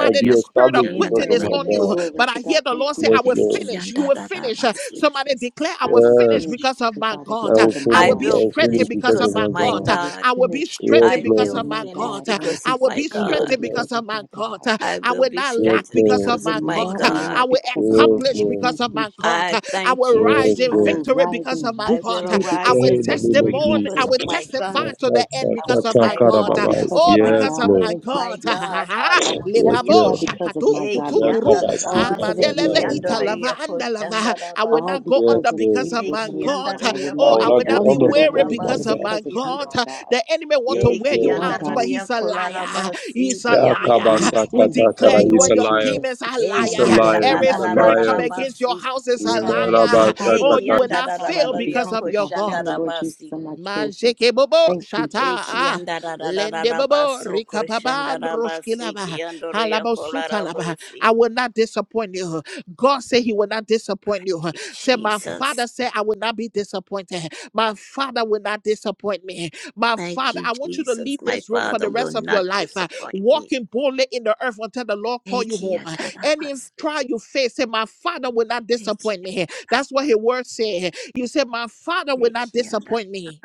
S2: I'll
S1: in
S2: be
S1: the spirit of
S2: established because
S1: quitting
S2: of
S5: Amen.
S1: is
S2: my
S1: on
S5: Amen.
S2: God.
S1: you,
S5: Glory
S1: but
S5: to
S1: I hear
S5: God.
S1: the
S5: Thank
S1: Lord
S5: you,
S1: say,
S2: Yes,
S1: I will
S2: Lord.
S5: Jesus.
S1: finish. You will finish.
S5: Thank you,
S3: Ekiyandararabasi.
S1: Somebody
S5: Jesus.
S1: declare, I
S5: I
S1: will
S5: will
S1: finish
S2: Yes,
S5: finish,
S1: because of
S5: Heavenly
S1: my
S5: Father,
S2: I
S1: God.
S5: because
S2: will
S5: of
S1: I
S5: my
S3: I
S1: will
S2: finish.
S1: be
S2: I
S5: God.
S3: will
S2: will finish
S1: strengthened
S3: finish
S1: because
S2: because
S1: of
S3: because
S2: of
S3: of
S1: my
S2: my
S3: my
S5: I
S1: God.
S2: God.
S5: will
S3: God.
S1: I will be
S5: finish
S2: Yes,
S1: strengthened
S3: I
S1: because
S5: because
S3: will
S5: of
S1: of
S2: Lord.
S5: my
S1: my
S3: finish
S1: God.
S5: God. I will
S3: because
S1: I
S5: be
S3: of
S1: will
S3: my
S1: be
S2: Yes,
S5: strengthened
S3: God.
S1: strengthened
S2: Lord.
S1: because
S5: because of
S1: of my
S5: my God.
S1: God.
S3: I
S1: I
S3: will
S1: will
S3: be
S1: not
S2: Yes,
S1: lack
S3: strengthened
S1: because
S5: I
S2: Lord.
S1: of
S3: because
S5: will
S3: of
S1: my
S3: my
S1: God.
S5: not lack
S1: I
S3: God.
S1: will
S5: because of my
S2: Yes,
S1: accomplish
S5: God.
S2: Lord.
S1: because
S5: Thank
S1: of
S5: you,
S1: my
S5: Jesus.
S1: God.
S3: I
S1: I
S3: thank
S1: will
S3: you,
S2: Yes,
S1: rise in
S5: I
S2: Lord.
S3: Jesus.
S5: will
S1: victory
S5: rise
S1: because
S5: in
S1: of my
S3: I will
S1: God.
S5: victory
S2: Yeah,
S1: I
S3: arise
S1: will
S5: because
S3: in
S2: in the
S5: of
S2: name
S5: my
S2: of
S3: victory
S5: God.
S1: testimony, I
S3: because
S2: Jesus.
S5: Thank
S3: of
S1: will
S5: you,
S3: my
S2: Yeah,
S1: testify
S3: God.
S5: Jesus.
S1: to the
S2: that's
S1: end
S2: our-
S5: I
S1: because
S5: will
S2: that's
S1: of
S2: our
S1: my
S3: I
S2: cara,
S3: will
S1: God.
S5: testify because of
S1: Oh,
S5: my
S3: testify
S2: Yes,
S1: because of
S5: God.
S3: because
S2: Lord.
S1: my
S3: of
S5: Thank you,
S3: my
S1: God.
S5: Jesus.
S3: God.
S2: Yes,
S3: Hallelujah.
S1: Lebabo
S5: testify
S2: Lord.
S5: because
S1: shakatu
S5: of my God,
S3: Eki
S2: Yeah,
S5: Lord
S2: come
S1: kutukuru.
S3: yandara
S2: and
S5: Jesus. All
S2: see, come,
S5: because of
S3: rabasi
S2: come,
S3: ki
S5: you,
S2: come,
S1: Amandeleve
S5: Heavenly
S3: yandara
S5: Father.
S1: italava
S3: yakoş
S1: andalava.
S3: yandara
S1: I will
S5: all
S3: rabasi.
S1: not go
S5: because
S1: under
S2: Yes,
S5: of
S2: Lord.
S1: because
S5: you,
S1: of
S5: Lord
S1: my
S3: Eki
S5: Heavenly
S1: God.
S5: Father.
S3: yandara
S5: I will
S2: I
S1: Oh,
S5: not
S2: will
S3: yakoş
S1: I
S5: go
S1: will
S2: not go
S1: not be
S5: under,
S2: honor
S3: yandara
S5: Lord
S1: weary
S2: because
S5: Heavenly
S2: of my
S5: Father,
S1: because of
S3: rabasi
S2: God.
S1: my
S5: because
S3: ki
S5: of you,
S1: God.
S3: yando.
S5: my God.
S1: The enemy want
S2: Yes,
S1: to
S3: Eki
S1: wear you
S2: Lord.
S5: My
S1: out,
S3: yandara
S1: but
S5: God,
S1: he's a
S3: yakola
S1: liar.
S3: rabasi
S1: He's a
S3: ki
S2: Yeah, come
S3: yando.
S2: and
S1: liar.
S5: you
S2: see,
S1: We
S2: come,
S5: stand
S2: come, come,
S5: before
S1: declare
S5: me,
S1: you
S2: He's
S5: Lord
S2: a
S1: and your
S2: liar.
S5: Jesus.
S1: demons
S5: You
S1: a
S2: He's
S5: stand
S3: Eki
S2: a
S1: liar.
S5: on my
S2: liar.
S3: yandara
S1: Every
S2: He's a
S5: behalf, Lord
S1: spirit
S3: rarara
S1: come
S2: liar.
S5: Jesus.
S1: against your
S3: rabasi.
S1: house
S5: You
S1: is
S2: Yeah,
S1: a
S2: my
S5: stand on my
S1: liar.
S2: Rabba,
S5: behalf,
S2: come,
S1: Oh,
S2: come,
S5: Lord
S3: Eki
S1: you
S2: come.
S5: Jesus.
S1: will
S5: You
S1: not
S3: yandara
S5: stand on
S1: fail
S5: the
S3: rarara
S1: because
S5: behalf
S1: of
S5: of
S1: your
S5: my
S3: yakoş yandara
S1: God.
S5: family, Lord Jesus,
S3: rabasi.
S5: and my children.
S1: Manzeke bobo
S5: Thank you,
S1: shata
S3: Eki
S5: Jesus.
S1: ah
S3: yandara rarara
S1: lende bobo
S3: rabaso koş yandara
S1: rikapaban
S3: rabasi ki
S1: roshkilaba
S3: yandara yakola
S1: halabosutalaba.
S3: rabasi.
S1: I will not disappoint you. God said He will not disappoint you. Say, my
S3: Jesus.
S1: Father said I will not be disappointed. My Father will not disappoint me. My
S3: Thank
S1: Father,
S3: you,
S1: I want you to
S3: Jesus.
S1: leave
S3: My
S1: this room for
S3: Father
S1: the
S3: will
S1: rest of
S3: not
S1: your life, uh,
S3: disappoint me.
S1: walking boldly in the earth until the Lord call you home. Uh, Any
S3: Ekiyatarabasi,
S1: trial you face, say, my Father will not disappoint me. That's what His word said. You said, my Father will not
S3: ekiyanda.
S1: disappoint me.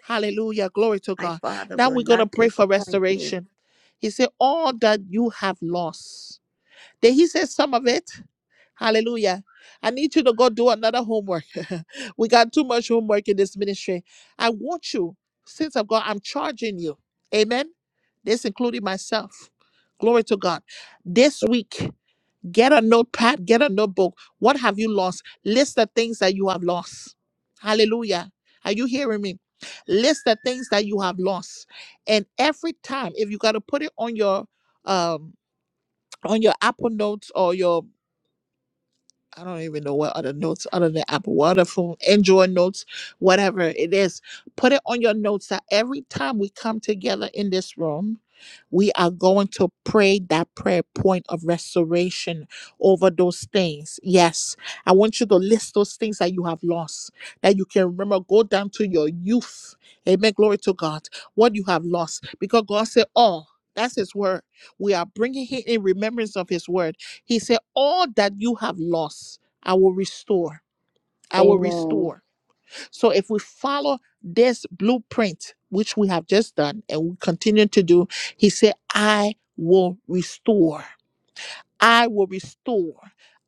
S1: Hallelujah. Glory to
S3: My
S1: God.
S3: Father
S1: Now
S3: will
S1: we're going to
S3: not
S1: pray for
S3: disappoint me.
S1: restoration. He said, All that you have lost. Then he said, Some of it. Hallelujah. I need you to go do another homework. we got too much homework in this ministry. I want you, since of God, I'm charging you. Amen. This including myself. Glory to God. This week. Get a notepad, get a notebook. What have you lost? List the things that you have lost. Hallelujah. Are you hearing me? List the things that you have lost. And every time, if you got to put it on your um on your Apple Notes or your I don't even know what other notes other than Apple Water phone, Android notes, whatever it is. Put it on your notes that every time we come together in this room, we are going to pray that prayer point of restoration over those things. Yes, I want you to list those things that you have lost, that you can remember. Go down to your youth. Amen. Glory to God. What you have lost. Because God said, Oh, that's His word. We are bringing it in remembrance of His word. He said, All that you have lost, I will restore. I will
S5: Amen.
S1: restore. So if we follow this blueprint, which we have just done and we continue to do, he said, I will restore. I will restore.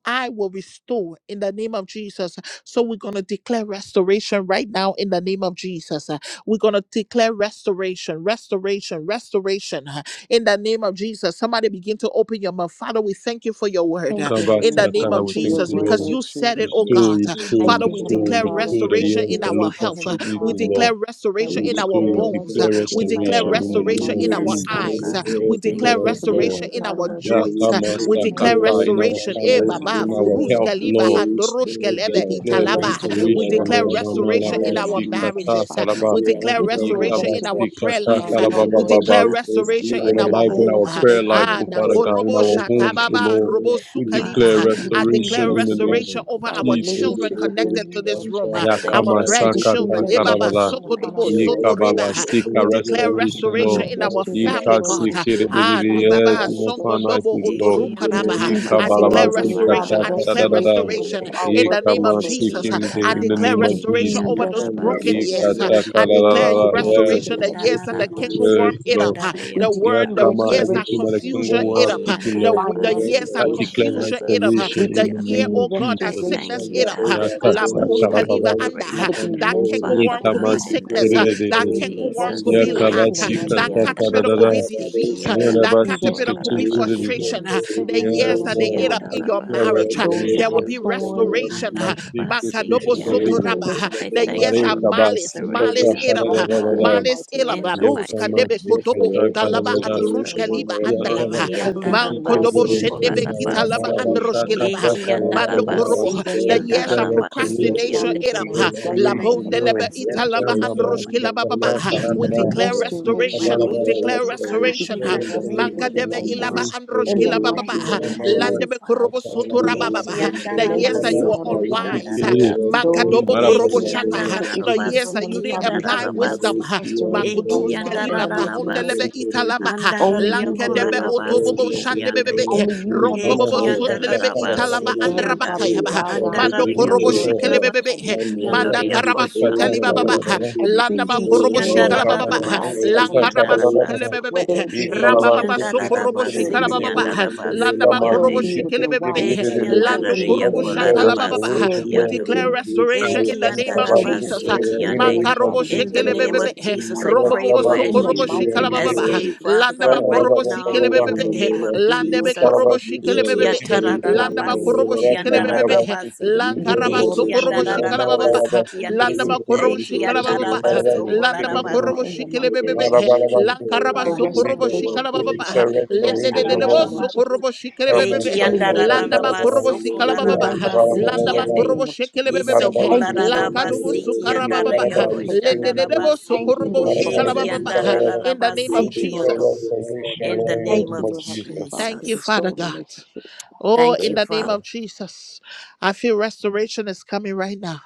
S1: I will restore in the name of Jesus. So we're going to declare restoration right now in the name of Jesus. Uh, We're going to declare restoration, restoration, restoration uh, in the name of Jesus. Somebody begin to open your mouth. Father, we thank you for your word uh,
S5: Thank
S2: Come
S5: you,
S1: in
S5: Heavenly
S1: the name
S2: come,
S5: Father,
S1: of
S2: come. We
S5: for your
S2: thank
S1: Jesus
S2: you,
S5: word,
S6: Yes,
S1: because
S2: Lord.
S5: Lord
S1: you said it,
S5: Jesus.
S1: oh
S2: Restore,
S1: God. Uh,
S6: we
S2: restore,
S5: Thank
S1: Father,
S5: you,
S1: we
S6: declare
S2: restore,
S5: Heavenly
S1: declare
S5: Father,
S2: restore the
S6: restoration
S5: because
S1: restoration
S6: in
S2: years,
S5: you
S1: in
S6: the
S2: the
S1: our
S6: name
S5: said,
S6: of
S5: Lord
S2: locusts
S1: health.
S2: of
S1: Uh,
S5: Heavenly
S1: We
S6: Jesus,
S2: sleeping,
S5: Father,
S6: Lord.
S2: Lord.
S1: declare
S5: that
S1: restoration
S6: We
S5: we
S1: in our
S2: Restore,
S6: declare
S5: declare
S2: we
S1: bones. Uh,
S2: declare
S1: We
S6: restoration,
S5: restoration right
S1: declare
S2: restoration
S6: God.
S5: now
S2: in
S5: in
S2: the
S6: We
S5: the
S6: pray
S2: name
S1: restoration
S5: mighty
S2: of
S1: in
S6: you
S5: name
S1: our
S3: Yes,
S5: of
S2: Jesus.
S3: Lord
S6: restore the
S1: eyes. Uh,
S5: Jesus.
S3: God, I
S1: We
S6: earth and
S1: declare
S3: thank
S6: let
S3: you,
S2: Yes,
S6: us
S5: So,
S3: Abba
S6: live,
S2: Lord.
S1: restoration
S5: therefore,
S1: in
S6: God.
S5: Father,
S1: our
S3: Father.
S5: Lord
S6: You
S1: joints.
S5: Jesus,
S1: huh.
S5: we
S2: Yakama
S3: I
S6: restore
S1: We
S6: the
S5: declare
S3: receive-
S1: declare
S2: Sakata
S6: world,
S2: in
S6: we
S2: our
S3: thank
S6: can't
S1: restoration.
S3: you,
S5: restoration
S1: Eh,
S5: on
S6: help
S3: Father,
S5: our
S2: finances,
S1: Baba,
S2: in
S3: in
S6: in
S3: the
S2: our
S5: families,
S1: Vurus
S6: God.
S5: Lord
S2: health,
S3: name of
S1: Kaliba,
S5: Jesus.
S2: Lord.
S6: You
S1: and
S3: Jesus.
S1: dorosh
S6: restore,
S5: We
S1: Keleve,
S6: God.
S3: I
S5: declare
S2: Display
S6: You
S1: italaba.
S3: thank you,
S6: restore
S1: We
S5: restoration
S6: our
S5: on
S2: restoration,
S5: our
S1: declare
S3: Father.
S2: Lord.
S6: health
S5: children,
S6: in
S2: Mama
S6: the
S5: within
S1: restoration
S3: In
S5: our
S3: the
S6: name
S1: in
S6: of
S1: our
S2: Labasi
S3: name
S5: children,
S3: of
S5: Lord
S6: Jesus.
S5: Heavenly
S2: Kata
S1: marriages. uh,
S5: Father.
S3: Jesus,
S6: We
S3: I
S2: Karaba.
S1: We
S6: say
S3: thank
S6: our
S1: declare
S3: you
S5: We
S3: for
S5: declare
S6: Father,
S1: restoration
S6: we
S1: in our
S2: Yikabasi
S5: restoration
S1: prayer
S3: restoration.
S5: within
S2: Kata
S1: life.
S5: our
S1: uh,
S6: speedily
S5: health,
S6: in
S1: We
S2: Karaba
S3: Oh
S5: Lord
S6: the
S2: Baba.
S1: declare
S6: day
S3: God,
S5: Jesus.
S6: for
S3: in my
S2: In
S1: restoration in
S5: We
S2: our
S3: prayer
S6: speedily,
S1: our
S2: life,
S5: declare
S2: in
S3: life,
S6: God.
S1: home.
S2: our
S3: oh
S1: uh,
S2: prayer
S3: God,
S6: We
S5: restoration
S2: life,
S3: I
S1: Ah,
S2: O
S5: within our
S2: Father
S6: declare
S3: thank you
S2: God,
S3: for
S2: in
S1: Nakorobo
S2: our
S5: spirituality, Lord
S6: restoration
S2: homes, O
S6: in
S5: Jesus.
S6: the
S1: Shatababa,
S2: Lord.
S3: restoration.
S6: name
S1: Robo
S6: of
S2: We
S1: Sukaliva.
S2: declare
S3: Father
S1: uh,
S5: We
S6: Jesus. We
S5: decree,
S1: I
S3: God, in
S5: decree
S2: restoration
S1: declare
S6: pray
S3: these
S2: in the
S3: things
S2: name
S6: for
S2: of
S1: restoration
S6: the
S5: restoration
S3: that
S5: with
S3: you
S1: over
S5: our
S1: our
S3: see,
S6: we
S2: Jesus.
S3: oh
S6: declare
S1: children
S5: relationship
S6: restoration
S3: God,
S5: within
S1: connected to
S5: you,
S1: this
S5: Lord
S1: room, uh,
S3: I
S5: Jesus.
S3: thank
S1: our
S3: you
S2: Yakama
S5: We
S3: for
S2: Saka
S5: decree
S1: grandchildren. Eh, Baba,
S3: restoration
S2: Takarada.
S3: for
S5: restoration
S3: my
S5: upon our
S1: Sokodobo,
S3: children,
S1: Soto
S5: marriages, Lord
S3: oh
S2: Yikababa
S5: Jesus.
S6: in
S2: sika
S1: we
S6: the name
S1: declare
S6: of
S5: We
S2: restoration,
S3: God.
S5: decree,
S1: restoration
S6: Jesus.
S2: Lord.
S5: Lord,
S1: in
S6: Now,
S1: our
S6: the man
S1: family,
S5: restoration,
S6: who
S5: Lord
S1: God.
S6: is
S5: Jesus, within
S6: able to
S1: Ah,
S5: the
S2: Yikasikiribiriri,
S3: Restoration.
S6: take
S5: family
S2: yes,
S1: ribaba
S2: in
S6: power,
S2: the
S5: dynamics, Lord
S1: songo
S5: Jesus.
S1: dobo
S2: finances,
S6: we
S2: Lord.
S6: can
S3: Eki
S6: do
S5: We
S6: the
S1: otorukanaba.
S5: decree,
S6: sheep
S1: I
S6: of the
S5: declare,
S3: andarabaso
S1: declare
S6: little
S5: Lord
S6: bit
S5: Heavenly
S6: of
S2: Yikabarabasika
S5: Father,
S1: restoration. I
S6: power.
S1: declare
S6: We
S3: kurarabasi
S2: Takarada.
S5: restoration
S3: ki
S6: declare
S5: within
S1: restoration
S3: ande.
S5: our
S1: in the
S6: restoration
S1: name
S5: workplace,
S1: of
S6: in
S5: Lord
S6: the name
S3: Eki
S1: Jesus.
S5: Jesus.
S6: of
S1: I
S2: Yikamasikiribiriri, In the
S6: Jesus.
S1: declare
S5: We
S2: name of
S3: andarabasi ki
S1: restoration
S5: decree
S2: Jesus.
S6: We
S1: over those
S6: can now
S1: broken
S5: restora-
S6: be
S3: andarabasi
S1: years.
S6: free
S3: ki.
S6: of the
S1: I
S5: restoration,
S6: old,
S5: Lord
S1: declare you
S2: Yikatakarada,
S5: Heavenly
S6: and
S5: Father,
S6: we
S2: Yes,
S3: Eki
S5: within
S1: restoration the
S6: destroy
S1: years that
S6: the
S1: the
S5: education, Lord
S6: little
S5: Jesus.
S3: andarabasi
S2: yes,
S1: cankerworm
S6: bit
S3: ki
S6: of
S1: ate up.
S2: Lord.
S6: power.
S3: andaraya
S5: We
S1: The word,
S5: decree
S1: the
S6: We
S3: kuraraba.
S6: can
S2: Yakama,
S1: years
S6: now
S1: that
S2: everything
S6: be
S2: that the
S5: restoration
S2: Congo
S6: free of
S1: confusion
S5: within
S2: world
S6: the
S1: ate
S2: have
S5: our
S1: up.
S3: Eki
S6: old, and
S2: eaten,
S6: we
S2: Lord.
S1: The,
S6: declare
S1: the
S3: andarabasi
S1: years
S5: finances,
S2: I
S1: that
S3: ki
S5: Lord
S6: restoration
S2: declare
S5: Jesus.
S6: in
S1: confusion
S6: the
S1: ate
S6: name
S1: up.
S6: of
S3: andarabasi
S2: restoration
S5: We
S3: ki
S2: in
S1: The
S2: the
S6: Jesus.
S1: year,
S3: ande.
S2: name
S5: decree
S2: of
S1: oh God, that
S3: I
S2: Jesus.
S3: thank
S1: sickness
S6: Deepen
S5: restoration
S3: you,
S1: ate
S6: the
S5: with
S1: up. uh,
S5: our
S3: Abba
S6: order,
S5: health,
S2: Yakasa
S6: send
S3: Father,
S5: Lord
S6: the
S1: Labus
S3: for
S5: Jesus.
S1: Kaliva
S2: Karababa.
S6: river,
S1: anda. uh,
S6: keep
S5: Let
S3: restoration
S5: it be
S6: and
S1: that canker
S6: hold.
S5: mental,
S3: Father
S1: worm could be
S6: We
S5: physical.
S3: God,
S2: Yikamas
S3: in the
S5: We
S6: declare
S1: sickness. uh,
S3: name of
S1: That
S5: decree
S1: canker
S6: restoration
S1: worm
S6: in the
S1: could
S3: Jesus.
S2: Yeah,
S1: be
S6: name
S5: restoration
S6: of
S5: in
S1: lack.
S5: the
S1: uh,
S2: kabasi
S5: mighty
S1: That
S3: Eki
S6: Jesus.
S5: name of
S2: kataka
S6: And
S2: da
S1: caterpillar
S2: da
S5: Jesus.
S6: the
S2: da.
S1: could be
S3: andarabasi,
S6: Lord
S1: disease.
S3: ki
S1: uh,
S5: We
S2: Yuna
S6: Messiah,
S1: That
S5: decree
S2: basi
S1: caterpillar could
S6: and
S2: kachiki
S1: be
S6: we
S5: restoration
S2: da
S6: keep
S2: da da.
S3: andarabakolabasi.
S6: and
S1: frustration.
S5: within
S1: uh,
S6: hold the
S1: The
S6: river
S5: siblings,
S2: Yes,
S1: years
S5: Lord
S1: that
S3: Eki
S5: Heavenly
S1: they
S2: Lord.
S1: ate
S6: Messiah.
S1: up
S5: Father.
S2: I
S6: We
S1: in your
S2: declare
S6: declare
S3: andarabasi,
S1: marriage, uh,
S5: Those
S3: ki
S5: that
S1: there will
S5: have
S2: restoration.
S6: restoration
S1: be
S3: ando.
S6: in the
S5: torn
S6: name of
S5: and
S1: restoration. uh,
S6: Jesus.
S2: Kikasi
S3: Andarabasi,
S2: kitiki
S1: Makadobo
S3: ki
S2: da da
S3: ande.
S5: decreased their
S2: da.
S1: Sotoraba.
S6: Restoration in
S1: uh,
S6: the
S5: relationship,
S3: I
S1: The
S5: Lord
S6: name of
S5: Heavenly
S3: thank
S1: years
S3: you
S2: Mare
S5: Father,
S1: that
S3: for
S5: we
S6: Jesus.
S1: malice,
S2: kabasi
S5: decree
S6: And the
S1: malice
S3: restoration,
S2: kataka
S5: restoration
S1: ate
S2: da
S6: Rishi
S1: up.
S5: right
S2: da
S3: O
S1: uh,
S6: and
S5: now
S2: da da
S3: God,
S5: in the
S2: da.
S6: hold.
S1: Malice
S5: mighty
S1: ate up.
S5: name of
S3: in the
S2: Yeah,
S1: Labus
S5: Jesus.
S3: mighty
S1: Kanebe
S2: kamasi
S3: matchless
S5: We
S1: Kotobo
S3: name of
S2: kataka
S6: Restoration,
S5: decree
S2: da
S1: Untalaba
S2: da
S1: and
S2: da.
S5: restoration
S3: Jesus.
S6: restoration in
S5: amongst
S1: Rushkaliva
S6: our
S2: Yeah,
S1: Andalava.
S6: mind,
S1: huh?
S3: Eki
S6: Lord
S2: kabasi
S5: husbands
S2: kitiki
S5: and
S2: da
S5: wives,
S2: da
S1: Vankodobo
S3: andarabaso
S5: Lord
S2: da.
S6: restoration
S1: shendebe
S5: Jesus,
S6: in our
S1: kita
S2: Yeah,
S5: and
S1: laba
S5: their
S3: korabasi.
S6: bodies,
S5: children, Lord
S2: barabasa
S1: androshke
S6: God.
S5: Heavenly
S1: laba.
S3: Eki
S5: Father.
S2: kataka da da
S1: Mando
S6: restoration
S2: da
S5: We
S6: in
S2: da
S6: our
S2: da.
S1: korobo.
S5: decree
S3: andarabasi, ki
S2: I
S1: The
S6: souls,
S1: years
S6: God.
S2: declare
S1: of
S5: restoration, Lord Jesus,
S3: andarabasi,
S5: and
S3: ki
S2: restoration.
S1: procrastination
S5: family
S3: ande.
S1: ate
S6: restoration
S1: up.
S6: in
S5: dynamics
S6: our
S3: I
S5: right now
S3: thank
S6: hands,
S5: in
S2: Restoration,
S5: the
S3: you
S6: God.
S1: Labonde
S3: for
S1: lebe
S2: Lord.
S5: mighty name
S1: ita
S5: of
S2: Yeah,
S1: lava
S3: restoration
S5: Jesus.
S6: restoration
S3: in my
S1: androshke
S6: in
S2: mamasi
S6: the
S1: laba
S6: name
S1: baba.
S6: of
S2: kataka
S5: We
S3: health,
S2: da
S1: We
S6: Jesus.
S3: O
S5: decree
S3: God
S1: declare
S6: God.
S3: in
S6: We
S5: restoration,
S3: my
S1: restoration.
S5: Lord
S1: We
S2: da
S3: need,
S6: declare
S2: da.
S1: declare
S3: oh
S5: Jesus.
S3: God,
S5: We
S1: restoration.
S6: restoration
S3: in
S5: decree
S2: declare
S3: the
S6: in the
S3: name
S6: name
S1: Manka
S6: of
S3: of
S2: restoration,
S5: restoration
S1: debe
S5: right
S1: ilaba
S5: now
S6: Jesus.
S3: Jesus.
S2: restoration.
S5: in the
S1: Kila
S3: I
S1: ba ba
S5: mighty
S6: Revelation
S3: thank
S1: ha,
S3: you,
S5: name
S6: and
S5: of
S3: Abba
S6: glory.
S1: lande be
S5: Jesus.
S2: Kamarabashi,
S1: korobo
S3: Father.
S5: We
S1: soto ra
S6: Monday,
S5: decree
S1: ba ba
S2: Katarababa,
S3: Eki
S1: ha,
S6: Christian,
S5: restoration
S1: The years
S5: mentally,
S1: that
S6: Saturday,
S1: you
S5: Lord
S3: andarabaso
S1: were
S2: Yukabashi,
S5: Heavenly
S6: Friday, we
S5: Father.
S1: unwise, ha,
S6: declare
S2: Kutikiri,
S3: koshandarabasi.
S5: Those that
S1: makadobo
S6: restoration
S5: are
S6: in
S1: korobo
S2: Yimarabashi,
S6: the
S3: Eki
S1: shata,
S5: experiencing
S6: name
S1: ha,
S6: of
S5: mental
S1: the
S5: issues,
S6: Jesus.
S1: years
S5: Lord
S3: andararabasi
S1: that you
S3: ki
S5: Heavenly
S1: didn't
S5: Father,
S6: We
S5: we
S1: apply
S6: come
S5: decree
S6: by
S1: wisdom,
S6: the
S3: andararabasi.
S1: ha,
S6: tree and
S5: restoration
S3: Eki
S6: pray,
S5: right
S1: makudus
S5: now in
S1: keliba
S5: the
S6: Monday,
S5: mighty name of
S1: pahondelebe
S6: Christian,
S3: andararabasi.
S5: Jesus.
S6: Saturday.
S1: italaba, ha,
S5: Only
S6: We
S3: Andararia
S5: you,
S6: declare
S5: Heavenly
S1: lankedebe
S5: Father, can
S1: otobobo
S6: restoration
S5: restore.
S6: in the
S3: kurarabasi
S1: shandebebebe,
S6: name of
S1: he,
S5: Only you,
S3: Hey,
S6: Jesus,
S5: Heavenly
S1: ronkobobo
S2: Kamasi,
S5: Father,
S6: God.
S3: Kianda
S5: can
S1: sundelebe
S6: My
S5: restore.
S1: italava
S3: Rabasi,
S6: body
S5: So,
S2: Katarababa,
S6: is
S5: Heavenly
S3: Kianda,
S5: Father, we
S1: andrabakayaba,
S6: restored,
S1: ha,
S6: my
S5: bow
S2: declare
S6: health
S5: down
S6: is
S1: mando
S5: before
S3: Andaria
S5: you,
S1: korobo
S2: restoration,
S6: restored,
S5: Lord
S2: Lord.
S6: God.
S5: Jesus,
S1: shikelebebebe,
S5: and
S1: he,
S3: Kolarabasi,
S6: My
S5: decree and
S6: marriage
S1: manda
S5: declare
S6: is
S3: Kiandoria
S1: karaba
S2: Yukamashi,
S6: restored,
S3: Koshanda
S6: my
S1: suteliba ba
S5: restoration
S1: ha,
S5: in
S2: Katarababa,
S3: Rabasi.
S6: relationship is
S5: every
S1: landa ba
S3: He
S5: single
S1: korobo
S6: restored,
S3: Kianda
S6: God.
S5: area
S1: shikalaba
S5: of
S1: ba
S5: their
S6: My
S1: ha,
S2: Yukamashi,
S5: lives,
S6: marriage
S3: Rabasi,
S5: Lord
S6: is
S5: Heavenly
S3: Kianda
S1: lankaraba
S5: Father,
S6: restored in
S2: Katarababa,
S6: the
S3: Rabasi.
S1: sukelebebebe,
S6: name
S5: whether
S6: of
S5: it be with
S3: Hey,
S5: their
S6: Jesus,
S1: Rambaba
S2: Yikarabashi,
S3: Kianda
S5: children,
S6: my husband
S1: Sokorobo
S5: whether
S6: is
S5: it
S3: Rabasi,
S1: Shikara
S5: be with
S2: Kitikiri,
S1: Baba,
S5: the
S3: Kianda
S6: restored in the
S5: husbands,
S6: name
S3: Rabasi,
S6: of
S1: Landama
S5: whether it
S1: Korobo
S2: Yikamashi,
S3: Kiande.
S5: be
S6: Jesus.
S5: with
S1: Shikele
S5: their
S3: Hey,
S1: Bebe,
S5: wives,
S2: Kitikiri,
S3: Kianda
S5: whether it
S1: Lando
S5: be
S2: I
S6: Leadership
S3: Raria
S5: within
S1: Korobo
S5: the
S6: and
S2: declare
S1: Shata La
S5: marriage,
S6: prayer,
S1: Baba.
S3: Kolarabasi,
S5: whether
S2: restoration,
S5: it be
S1: We
S6: blessing
S2: Lord.
S6: to
S3: Kiando.
S6: the
S5: within
S1: declare
S3: Eh,
S1: restoration
S6: Messiah,
S1: in the
S5: their
S3: kianda
S1: name of
S6: we
S5: spiritual
S2: Yukamashi,
S1: Jesus.
S5: relationship
S3: rabasi,
S5: with
S2: Kitikiri,
S6: declare
S5: you,
S2: in the
S5: Lord
S3: kiande.
S2: name
S5: Heavenly
S2: of
S1: Makarobo
S6: restoration
S5: Father. We
S6: in
S3: In the
S6: the
S2: Jesus.
S1: Shekele
S5: decree
S6: name
S3: name
S1: Bebe,
S6: of
S3: of
S5: restoration
S3: Jesus,
S5: right
S3: I
S2: Yes,
S6: Jesus.
S5: now
S3: pray
S1: Rombobo
S3: for
S2: Kabashi,
S5: in
S3: as
S5: the
S1: Sokorobo
S6: Leadership
S3: you
S5: mighty
S1: Shikala
S6: and
S2: Kitikiri,
S1: Baba,
S5: name of
S6: prayer,
S3: escape,
S5: Jesus.
S3: Father
S2: We
S3: God,
S1: Landama
S6: Father,
S3: right
S6: to
S1: Korobo
S6: stay
S3: now
S5: Thank
S1: Sikele
S5: you,
S3: in
S2: declare
S3: the
S6: in
S1: Bebe,
S6: the
S5: Heavenly
S3: name
S6: name
S3: of
S6: of
S5: Father. We
S1: Landebe
S5: worship.
S6: Jesus.
S3: Jesus.
S6: We
S1: Korobo
S3: Eh,
S1: Shikele
S6: declare
S5: you. We
S1: Bebe,
S3: kiata
S5: give you all
S6: restoration
S5: the
S6: in
S1: Landama
S6: the
S5: praise,
S3: rararabasi,
S1: Korobo
S6: name
S5: Lord
S6: of
S5: Heavenly
S1: Shikele
S3: kianda
S5: Father.
S6: Jesus.
S1: Bebe,
S3: rarabasi.
S6: We
S5: We give you
S6: can
S3: Eh,
S1: Lankaraba
S5: all the
S3: kianda
S6: leadership
S1: Sokorobo
S5: glory, Lord
S6: and
S1: Shikala Baba,
S6: prayer,
S5: Jesus.
S3: rararabasi,
S6: and
S3: kiande se-
S1: Landama
S5: We
S6: blessing
S5: thank
S3: eh,
S1: Korobo
S5: you, Lord
S1: Shikala
S3: kiata
S1: Baba,
S6: the
S5: Jesus. We
S3: rabaso
S6: Messiah.
S5: thank you
S1: Landama
S5: right
S6: We
S5: now
S1: Korobo
S3: kolarabasi.
S5: in
S6: can
S5: the
S1: Shikele
S5: mighty
S3: Show
S5: name
S1: Bebe,
S3: him
S5: of
S3: your
S6: leadership
S5: Jesus
S6: and
S3: truth, O
S6: prayer,
S1: Lankaraba
S5: for
S6: we
S3: God, in the
S1: sokorobo
S6: declare
S3: name of
S5: restoration,
S1: shikalaba
S5: Lord
S3: Jesus.
S1: baba.
S5: Jesus.
S6: restoration
S3: Eh,
S6: in the
S1: Lende
S3: kiata
S1: de
S6: name
S1: de
S2: restoration,
S1: de
S6: of
S1: bo
S5: Restoration,
S2: Lord.
S5: Lord
S6: Jesus.
S5: Jesus.
S3: rararabasi.
S1: sokorobo shikele
S5: I
S3: Eh,
S5: see
S6: We
S1: bebebe.
S5: healing,
S3: kianda
S6: Favor,
S5: Lord
S6: favor,
S1: Landa ma
S6: favor,
S5: Jesus.
S6: favor,
S1: korobo
S5: I
S3: rararabaso
S5: see
S6: in
S1: sikalaba
S6: the
S2: We
S5: healing
S1: baba.
S5: right now in
S3: kolarabasi,
S5: the
S2: declare
S1: Landa
S6: nation
S1: ma
S5: mighty
S3: kiande.
S6: good.
S1: korobo
S5: name of
S1: shikele
S5: Jesus.
S1: bebebe.
S6: When you
S5: Thank you, Lord,
S6: present
S5: for
S6: the
S2: restoration,
S1: Lankadubu
S5: healing.
S3: Isokolarabasiki and
S1: sukaraba
S6: river,
S5: Thank
S1: baba.
S5: you, Lord,
S6: I
S5: for
S1: Lende de
S5: healing.
S1: de
S6: we
S1: bo
S3: Darayakoshandarabasi.
S6: can
S5: Thank
S6: the
S5: you,
S1: sokorobo
S5: Lord, for
S1: shikalaba
S3: Eki
S5: peace,
S3: and
S6: nation
S5: Lord
S1: baba.
S5: Jesus.
S6: good.
S1: In the
S6: And
S1: name
S6: they
S1: of
S5: Thank you,
S3: Darabasiki
S5: Lord,
S3: and
S6: present
S5: for
S6: the
S1: Jesus.
S5: peace,
S6: river,
S5: Lord.
S2: Lord,
S6: I
S3: In the
S2: in the
S5: Thank
S6: shall
S3: name
S2: name
S5: you,
S3: of
S2: of
S5: Lord,
S2: Jesus
S5: Heavenly Father,
S1: Thank
S5: for
S1: you,
S3: Jesus.
S1: Father
S5: restoring
S1: God.
S5: relationships, Lord.
S1: Oh,
S3: Thank
S1: in
S3: you,
S1: the
S2: Christ.
S1: name
S3: Father.
S1: of
S2: Lord.
S1: Jesus, I feel restoration is coming right now.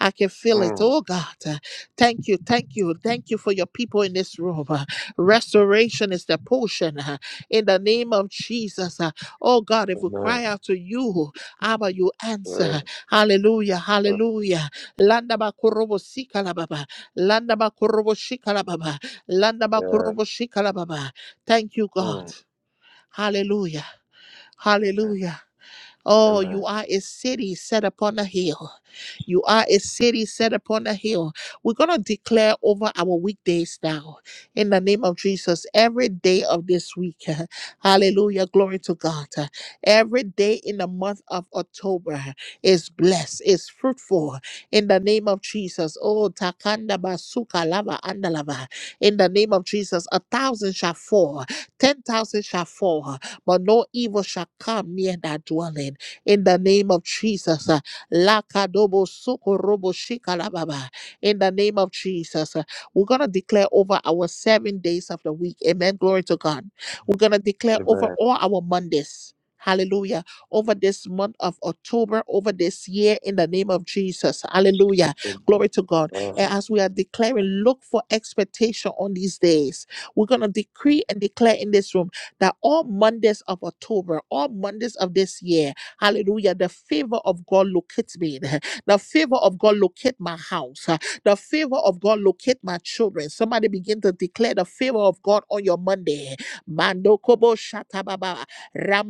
S1: I can feel it.
S2: Mm,
S1: Oh, God. Uh, Thank you. Thank you. Thank you for your people in this room. Uh, Restoration is the portion uh, in the name of Jesus. Uh, Oh, God, if we
S2: Amen.
S1: cry out to you, Abba, you answer. Hallelujah.
S2: Amen.
S1: Hallelujah. Landa ba kurobo sika baba. Landa ba kurobo shika baba. Landa ba kurobo shika baba. Thank you, God. Hallelujah. Hallelujah. Oh,
S2: Amen.
S1: you are a city set upon a hill. You are a city set upon a hill. We're going to declare over our weekdays now in the name of Jesus every day of this week. Hallelujah. Glory to God. Every day in the month of October is blessed, is fruitful in the name of Jesus. Oh, Takanda Basuka Lava Andalava. In the name of Jesus, a thousand shall fall, ten thousand shall fall, but no evil shall come near that dwelling in the name of Jesus. uh, Lakadobo sokorobo shikalababa. In the name of Jesus, uh, we're going to declare over our seven days of the week. Amen. Glory to God. We're going to declare over
S2: Said,
S1: all our Mondays. Hallelujah. Over this month of October, over this year, in the name of Jesus. Hallelujah. Glory to God. And as we are declaring, look for expectation on these days. We're going to decree and declare in this room that all Mondays of October, all Mondays of this year, Hallelujah. The favor of God locate me. The favor of God locate my house. The favor of God locate my children. Somebody begin to declare the favor of God on your Monday. Mando kobo shatababa.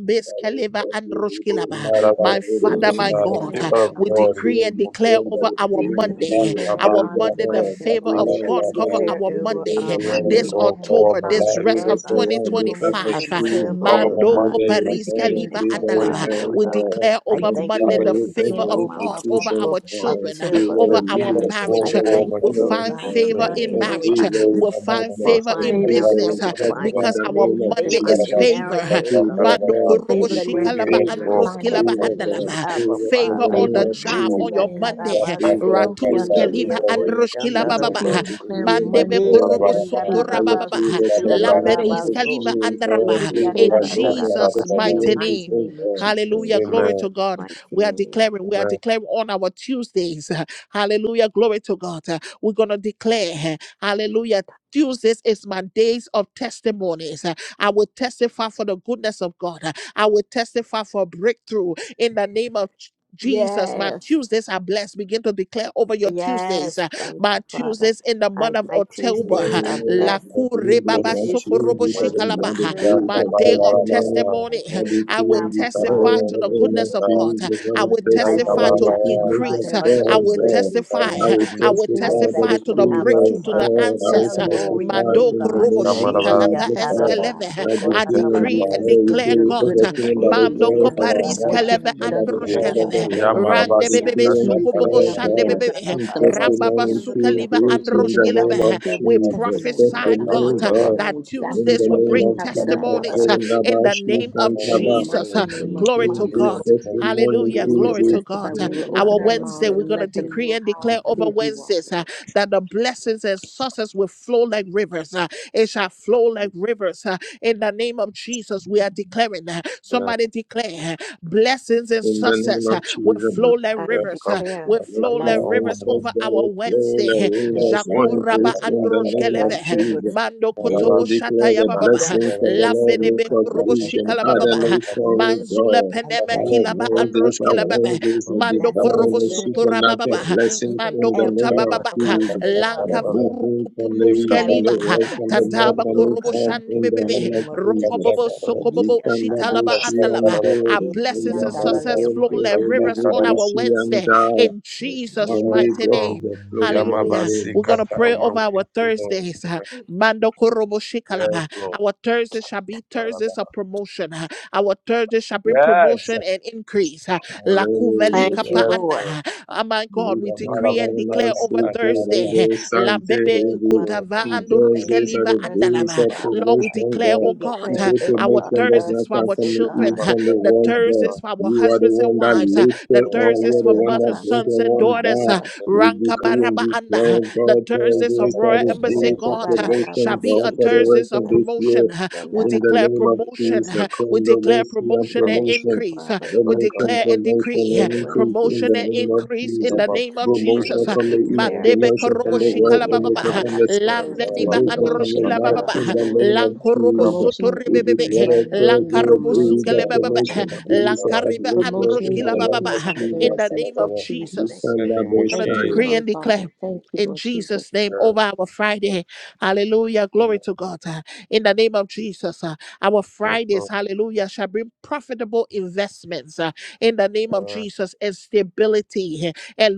S6: come that
S1: keleva
S6: in the river,
S2: "I'm
S1: androshkilaba.
S2: not
S6: and the
S2: allowed to
S1: My Father,
S2: pass
S3: Thank
S1: my
S3: you.
S2: out. The
S6: river,
S1: God,
S5: Thank
S2: favor
S5: you,
S2: of
S1: we
S5: Heavenly
S6: we
S2: God is
S5: Father.
S1: decree
S6: can
S1: and
S6: be
S2: upon
S1: declare
S6: told
S3: I
S1: over
S6: that
S5: I
S6: it's
S1: our
S5: decree
S6: fair,
S5: and
S2: me."
S1: Monday.
S6: fair,
S5: declare
S1: Our
S6: fair,
S5: on
S6: fair,
S1: Monday, the
S5: Monday,
S1: favor
S5: Lord
S1: of
S6: fair, fair, fair,
S3: decree
S1: God
S3: and
S5: Jesus.
S1: cover
S2: Ba-ka-ba-ba-ka-ba-ba-ba-ba.
S3: declare
S1: our
S6: in the
S3: over
S2: The
S6: name
S1: Monday.
S3: uh,
S6: of
S2: favor of
S5: Monday,
S3: Monday,
S1: This
S6: Jesus.
S5: Lord
S2: God
S3: over
S5: Heavenly
S2: cover
S3: and
S1: October,
S2: my
S6: And
S1: this
S5: Father,
S3: Monday,
S2: life.
S1: rest
S6: favor
S3: oh
S1: of
S2: It
S5: every
S3: God.
S6: surround me
S5: single
S6: as
S3: This
S6: a
S1: 2025.
S5: Monday, Lord
S6: shield,
S5: Heavenly
S3: October,
S2: Cover
S5: Father,
S3: oh
S6: God.
S2: my
S1: Mando
S3: God,
S6: Favor
S2: Monday, my
S6: with
S5: we
S1: Coparis
S3: twenty
S6: God
S5: decree
S6: and
S5: and
S2: Tuesday,
S5: declare
S2: my
S6: favor with
S1: andalaba.
S3: twenty-five,
S5: favor,
S3: O
S2: Wednesday,
S6: man,
S5: Lord.
S1: We
S2: my
S3: God.
S6: God.
S2: Thursday,
S1: declare
S3: I
S5: We
S1: over
S6: And
S2: my
S3: thank you
S5: decree
S1: Monday
S6: favor
S3: for
S1: the
S5: and
S3: the
S2: Friday.
S6: with
S3: rest
S1: favor
S5: declare
S3: of the
S6: banking
S1: of
S5: over
S3: month
S1: God
S5: our
S1: over
S5: Monday
S6: institutions,
S3: of
S1: our
S6: God.
S1: children, uh,
S3: October,
S6: favor
S2: The
S3: oh
S1: over
S6: with
S1: our
S2: favor
S3: God.
S2: of
S6: leaders and
S2: God
S1: marriage.
S3: I
S1: uh,
S6: favor
S2: cover
S1: We
S6: with
S3: thank
S2: my
S1: will
S3: you, oh
S2: Sunday.
S6: government,
S1: find
S2: The
S3: God,
S6: God.
S3: in the
S1: favor
S2: favor
S1: in
S5: granted
S3: name
S6: And
S3: of
S5: over
S1: marriage.
S5: our
S1: uh,
S6: favor
S1: We'll
S6: with
S5: marriage,
S2: of my
S1: find
S2: mama.
S3: you'll
S6: partners
S1: favor
S6: and
S1: in
S3: find
S5: favor
S3: marriage,
S6: favor
S1: business
S6: with
S5: granted
S1: uh,
S3: you'll
S6: health
S5: in
S3: find
S2: Ba-ka-ba-ba-ba-ba.
S6: in
S1: because
S6: the
S3: ma-
S1: our
S6: name of
S5: within
S1: Monday
S5: our
S3: favor
S1: is
S3: in
S6: Jesus.
S5: children,
S1: favor.
S5: Lord
S3: marriage,
S6: And
S1: uh,
S5: Heavenly
S3: oh God.
S5: Father,
S6: favor, of
S1: Mando
S2: Ba-ka-ba-ba-ba-ba.
S6: God. I
S1: korobo
S3: In
S5: favor
S3: the
S2: The
S6: decree
S3: name of
S2: favor
S5: granted
S1: shikalaba
S2: of
S5: in
S6: favor,
S5: our
S2: God
S6: God.
S3: Jesus, I
S2: cover
S1: androskilaba
S5: finances,
S2: my
S3: thank
S6: Favor,
S5: Lord
S3: you,
S6: God.
S2: Sunday,
S1: andalava.
S5: Jesus,
S3: Abba
S6: Favor in
S2: cover
S1: Favor
S6: the
S2: my
S3: Father.
S1: on
S5: favor
S6: name
S1: the
S6: of
S2: Monday, Lord.
S1: job
S5: granted
S6: Jesus.
S1: on your
S3: Ikia
S5: in
S1: Monday. uh,
S2: Amen.
S5: our
S6: Leave
S3: tarabasi
S6: us,
S5: health,
S1: Ratus
S5: Lord
S6: leave
S5: Jesus,
S6: in
S1: keliva
S3: kiandoria
S6: the name of
S5: We
S1: androskilaba baba.
S6: Jesus.
S5: decree
S6: And
S1: uh,
S5: and
S3: kushandarabusi.
S5: declare
S6: decree and
S1: Mande me
S5: Mondays
S6: declare
S5: to
S1: korobo
S5: be
S6: that,
S1: sotora
S6: that
S5: favored,
S6: your
S5: Lord
S1: baba. uh,
S3: Ikiandarabasi
S6: favor
S5: Jesus. Filled with
S6: surround me, I
S1: Lambedis
S5: favor, Lord
S3: kiandarabaso.
S1: kaliva
S5: Jesus.
S6: pursue,
S5: Filled
S6: God,
S1: andrava.
S5: with
S3: Ikia
S1: In
S6: favor
S5: favor,
S6: and
S5: Lord,
S6: movement, I
S3: tarararaba.
S1: Jesus'
S5: in the
S1: mighty
S6: pursue and
S1: name.
S5: mighty
S6: defend
S5: name of Jesus.
S3: In
S1: Hallelujah. Glory
S3: Jesus'
S1: to God.
S3: mighty
S1: We are
S3: name.
S1: declaring, we are
S2: Amen.
S1: declaring on our Tuesdays. Hallelujah. Glory to God. Uh, We're going to declare, hallelujah. Tuesdays is my days of testimonies. Uh, I will testify for the goodness of God. Uh, I will testify for breakthrough in the name of J- Jesus. My
S3: Yes.
S1: Tuesdays are blessed. Begin to declare over your Tuesdays.
S3: Yes.
S1: Uh,
S3: Thank
S1: My
S3: you, Father.
S1: Tuesdays in the
S3: I,
S1: month of
S3: my
S1: October.
S3: Tuesdays
S1: uh,
S3: are
S2: Jesus,
S3: blessed.
S2: thank you
S6: Jesus,
S3: My
S2: for the
S1: Lakurebaba
S6: my
S3: Tuesdays
S2: opportunity,
S3: in
S1: sokorobo
S3: the
S6: Jesus, I
S2: Lord.
S3: month of
S1: shikalaba.
S6: demand a
S1: uh,
S2: Yeah,
S3: October
S6: grace
S1: My
S6: of
S3: are
S1: day
S3: blessed.
S1: of
S6: testimony.
S2: kabarabarabara.
S3: I
S1: testimony.
S6: I
S3: thank you,
S1: I
S6: decree
S1: will
S6: and
S3: Abba
S2: Some
S3: Father,
S1: testify
S6: declare in
S2: moment,
S1: to
S6: the
S1: the
S3: in the
S6: name
S2: but,
S6: of
S1: goodness
S3: name
S1: of
S3: of
S2: uh,
S1: God.
S6: Jesus, I
S1: I
S6: will
S5: Lord
S1: will
S5: Heavenly
S2: yeah,
S3: I
S5: Father,
S6: testify
S3: will
S1: testify
S5: we
S6: that
S1: to
S6: the
S5: decree
S2: kabarabara.
S5: and
S6: goodness
S3: testify
S6: of
S1: increase.
S5: declare,
S3: about
S5: Lord
S2: I
S1: I
S3: your
S2: will
S6: God,
S1: will
S5: Jesus,
S2: thank
S6: God.
S3: goodness,
S2: you
S3: O
S2: so
S1: testify.
S6: I
S2: much,
S5: Tuesdays
S6: will
S3: God.
S5: to
S2: Jesus,
S1: I
S5: be
S1: will
S5: filled
S3: I
S2: for
S6: testify
S5: with
S6: that
S1: testify
S6: the
S3: thank you,
S1: to the
S5: testimonies.
S6: favor
S3: Abba
S2: that
S1: breakthrough,
S6: of
S1: to the
S3: Father,
S6: God, I
S3: for your
S6: will
S1: answers.
S5: Testimonies,
S3: glory,
S5: Lord
S6: testify
S3: O
S1: Mando
S5: Heavenly
S6: in
S2: Ye
S6: the
S5: Father,
S3: God.
S1: korobo
S5: so
S6: name
S5: that
S6: of
S5: way
S1: shita
S5: we
S2: kamarabara
S5: can
S3: Ikia
S1: lava
S6: Jesus, Lord.
S2: sitarara.
S5: testify
S1: eskeleve.
S6: I
S2: I
S1: I
S2: will
S5: to
S6: decree and
S2: testify
S1: decree and
S5: others
S2: of the
S6: declare, you
S5: of
S3: tarabasukolarabasiki,
S1: declare,
S5: your
S2: He
S6: will
S1: God.
S2: government.
S5: goodness,
S6: overcome
S5: Lord
S6: by the
S5: Jesus,
S1: Mando
S2: Ya
S6: voice of our
S2: kabas
S5: of
S1: koparis
S6: mouth
S5: what you
S1: keleve
S5: have
S6: and by
S5: done
S3: ikiandarabasiki,
S6: the
S5: for
S1: androsh
S2: kete.
S5: us,
S6: blood of
S5: Lord
S6: the
S1: keleve.
S5: Heavenly
S2: Ya
S6: Lamb.
S5: Father.
S6: I
S1: Rande
S3: andarabasiki,
S2: marabasu
S1: bebebe
S6: decree
S3: and-
S6: and
S2: kata
S1: suko
S5: Tuesday
S1: bobo
S5: shall
S6: declare,
S2: parabara.
S5: be
S1: shande
S6: God.
S5: filled with
S1: bebebe.
S2: Ya
S6: In
S5: testimonies,
S2: kabas
S1: Ramba
S5: Lord
S3: ikiandarabasiki,
S6: testimony
S5: Jesus.
S1: basuka
S6: to
S1: liva
S2: to
S6: this in
S1: androsh
S5: Tuesday
S6: the
S5: shall
S6: name
S5: be
S1: keleve.
S6: of
S3: andoriakoshandarabasakalarabasiki,
S2: Ya
S5: filled with
S1: We
S6: Jesus.
S2: marabasu
S5: testimonies
S1: prophesy,
S5: and
S2: kata
S5: letting
S1: God,
S6: Testimony
S1: uh,
S5: people
S2: parabara.
S6: of
S1: that
S5: know exactly
S6: in the
S1: Tuesdays
S2: I
S1: will
S5: what
S2: was
S6: name
S1: bring
S5: you
S6: of
S2: good
S5: have
S2: kata
S6: Jesus.
S5: done for us,
S2: parabara.
S1: testimonies uh,
S5: Lord
S3: ikiandarabasiki.
S5: Jesus.
S1: in the
S6: Kodabashi
S1: name
S2: I'm
S1: of
S2: more of
S5: In the
S2: a
S6: Santaba.
S3: Tuesday
S1: Jesus.
S5: mighty
S1: uh,
S3: is
S2: woman.
S3: the
S5: name of
S6: To
S1: Glory to
S3: month
S6: this
S2: Even
S1: God.
S3: of
S5: Jesus.
S2: to my
S6: testimony
S5: And
S1: Hallelujah.
S5: we
S6: to
S5: will
S3: Tuesday
S1: Glory
S2: children.
S1: to God.
S5: testify,
S6: this
S1: Uh,
S5: we
S3: in
S5: will
S3: the
S1: Our
S5: open
S3: month
S5: our
S3: of
S2: So,
S1: Wednesday,
S5: mouths
S1: we're
S5: and
S1: going
S3: October.
S1: to
S5: let them
S1: decree
S5: know
S1: and
S5: how
S1: declare over
S5: big
S3: Is
S5: you are,
S1: Wednesdays uh,
S5: Lord.
S1: that the blessings and sources will flow like rivers. uh, It shall flow like rivers rivers. uh, In the name of Jesus, we are declaring. uh,
S2: the-
S1: Somebody declare uh, blessings and
S6: in the name
S1: success uh,
S6: of
S1: will
S6: Jesus.
S1: flow like
S3: I
S1: rivers, uh,
S2: come
S3: declare
S1: will
S2: kab- kata
S1: flow
S6: Let's go,
S1: like
S3: blessed
S6: let's
S1: rivers
S6: go,
S2: parabara.
S6: let's
S1: over
S6: go,
S1: our Wednesday. uh,
S3: with
S2: Ya
S3: her
S6: one
S2: kata
S1: Jakuraba
S6: voice
S3: river,
S6: in the
S2: parabara.
S6: name of
S1: androshkeleve,
S3: like
S1: uh,
S3: rivers
S6: Jesus.
S1: mando
S6: The
S3: in
S1: kotobo
S6: world
S2: Marabasu
S1: shata
S6: declare the
S3: our
S1: yababa,
S6: blessings of the
S3: Wednesdays,
S6: Lord
S3: oh
S6: make
S1: lambenebe
S6: us
S3: God.
S1: kurobo
S3: In
S6: rich and
S3: the
S1: shikalababa,
S2: kata
S3: name
S6: other
S3: of
S6: no
S2: parabara.
S6: sorrow,
S3: Jesus,
S1: manzule
S6: God.
S3: I
S1: peneme
S3: thank
S2: Ikamas
S6: Our
S3: you,
S1: kilaba
S3: Abba,
S6: worthies, our
S1: androshkelebe,
S2: ikatarara
S6: worthies,
S3: for
S6: the
S1: mando
S3: blessings
S1: korobo
S6: divine and
S2: kabonto
S3: flowing
S1: sotorababa,
S6: supernatural
S3: in
S2: kebek
S3: each
S6: blessings
S3: and
S6: in
S1: mando
S6: the
S3: every
S6: name of
S3: one
S2: kabas
S1: kotababa,
S3: of us,
S6: Jesus.
S3: oh God,
S6: The
S1: lanka
S3: for the
S2: ikatarara
S1: vuru
S6: blessings from the
S1: kupunus
S6: east, from
S2: ikabas
S6: the
S3: every
S1: keliva,
S6: west, from the north,
S3: Wednesday,
S1: Tandaba
S2: kururu
S6: from
S3: oh
S6: the
S1: korobo
S3: God,
S6: south,
S1: shani
S3: in
S6: in the
S3: the
S1: bebebe.
S6: name
S2: marabun
S3: name
S6: of
S3: of
S1: Ronko
S6: Jesus.
S1: bobo
S3: Jesus.
S2: ikatarara
S1: soko
S6: We
S1: bobo
S3: Ikia
S6: can double
S1: shitalaba
S6: she
S3: tarabaso,
S1: andalaba.
S6: and
S2: ikatarara
S1: Our
S6: do, and
S1: blessings
S3: ikia
S6: we
S2: ya
S1: and
S6: take
S1: success
S6: care of
S1: flow
S6: the
S1: like
S3: ndarariokosha
S6: holy,
S1: rivers
S6: we
S1: on
S3: ndarabasi,
S6: do
S1: our
S6: she and
S1: Wednesday
S3: ikia-
S6: die.
S1: in
S3: ikia
S1: Jesus'
S6: Monday,
S2: yes
S1: mighty
S6: blessings
S2: Lord
S1: name.
S3: tarabasi.
S6: of
S2: ya
S1: Hallelujah.
S2: mabas
S6: glory.
S1: We're gonna pray over our Thursdays. uh, Mando korobo
S2: yes
S1: shikalaba.
S2: Lord
S1: Our Thursdays shall be Thursdays of promotion. uh, Our Thursdays shall bring
S2: yes
S1: promotion and increase. uh, La
S6: Hallelujah.
S1: kuvelika
S3: Thank you,
S1: pa
S2: yes
S3: Lord.
S2: Lord
S1: anda. Oh my God,
S6: It
S1: we
S2: ya
S6: tells
S1: decree and
S2: marabas
S1: declare
S6: us
S1: over Thursday. Lambebe
S2: yes
S3: Father
S2: Lord
S1: ikutava
S3: God, we
S2: in
S3: thank you,
S6: that
S1: andorushkeliva
S6: the
S3: thirst
S6: days
S3: this,
S1: andalava.
S6: of
S3: Father
S1: Lord, we
S3: God.
S6: promotion,
S1: declare,
S3: We
S6: God.
S1: oh God,
S6: He
S3: declare
S1: uh,
S6: says
S3: over
S1: our
S3: our
S6: promotion does
S1: Thursdays
S3: thirst
S6: not
S1: for
S3: this,
S6: come
S1: our
S6: from
S3: O
S6: the east,
S1: children,
S3: God.
S1: uh,
S6: from the
S1: the
S2: Jesus'
S6: west, God.
S2: name.
S1: Thursdays for our
S6: You are the
S1: husbands and
S6: one that
S1: wives, uh,
S6: lifts
S1: the
S6: it all.
S3: Ikia
S6: You
S1: Thursdays
S6: are the
S1: for
S6: one
S1: mothers,
S6: that
S3: tarabas,
S6: brings
S1: sons,
S6: the
S1: and
S6: one
S3: ula,
S1: daughters, uh,
S6: down.
S3: uh,
S6: We decree and
S1: rankabaraba anda, uh,
S6: declare,
S1: the
S6: God, tells
S1: Thursdays
S6: us
S1: of
S6: that
S1: Royal
S6: the
S3: kia
S1: Embassy,
S6: days of
S1: God, uh, shall
S6: promotion,
S3: ndarararabas,
S1: be a
S6: God, for the
S3: ikia
S1: Thursdays
S6: rest
S1: of
S6: of this
S3: ndariko,
S6: year.
S1: promotion. uh,
S3: kia
S1: We
S6: In
S3: ndarabas,
S6: the
S1: declare
S6: name of
S3: ikia.
S1: promotion.
S6: Jesus,
S1: uh, We
S6: come the
S1: declare
S6: mercy and
S3: We
S1: promotion and
S3: thank you,
S6: promotion,
S1: increase. uh,
S3: Father
S1: We
S3: God,
S6: promotion,
S1: declare and
S3: in
S6: promotion,
S1: decree
S3: the
S1: uh,
S6: and
S3: name of
S6: increase in
S1: promotion
S6: the
S1: and
S3: Jesus.
S6: name of
S1: increase in
S6: Jesus
S3: We
S1: the name of
S6: promotion
S1: Jesus. uh,
S3: decree
S6: from
S3: and
S6: the east,
S3: declare,
S1: Mandebe
S6: promotion from
S1: korobo
S6: the west,
S1: shikala
S5: Amen,
S3: ikia
S1: baba
S5: Lord
S6: promotion from
S3: tarabas,
S6: the
S5: Jesus.
S6: south,
S3: ikia ndariko,
S5: Thursdays,
S1: Lanvediba
S6: promotion
S3: O
S6: from the
S5: promotion
S1: androshkila
S5: and
S1: baba
S6: north
S3: God,
S6: in
S5: increase,
S6: the
S5: Lord.
S6: name of
S3: over
S1: Lankorobo
S6: Jesus.
S3: my
S5: Promotion
S1: sotori
S6: We
S5: and
S1: bebebe.
S5: increase
S6: declare
S5: right now in the
S6: every
S1: Lankarobo
S3: mouth,
S6: day
S5: mighty
S6: the
S1: sukele
S5: name
S1: baba
S5: of
S3: O
S6: promotion,
S5: Jesus.
S6: days of
S3: God,
S1: Lankariba
S3: in
S6: upliftment
S5: Promotion
S6: in
S3: the
S5: and
S6: the
S1: androshkila
S3: name of
S1: baba
S6: name of
S5: increase on
S3: Jesus.
S6: Jesus.
S1: In the
S5: Thursdays,
S1: name
S5: Lord
S1: of
S3: I
S6: We
S3: thank
S5: Jesus.
S1: Jesus,
S6: stand
S2: In the
S6: by
S2: name
S6: the
S1: we're
S2: of
S1: going to
S5: Thank you,
S6: Messiah.
S1: decree
S2: Jesus,
S5: Heavenly
S1: and
S5: Father.
S1: declare.
S5: Thank you,
S1: In
S5: Lord Jesus.
S1: Jesus' name,
S2: yes,
S1: over our Friday. Hallelujah.
S2: amen.
S1: Glory to God. Uh, In the name of Jesus, uh, our
S2: Yes,
S1: Fridays,
S2: Lord,
S1: hallelujah, shall bring profitable investments. uh, in the name of
S2: yes,
S1: Jesus and stability eh, and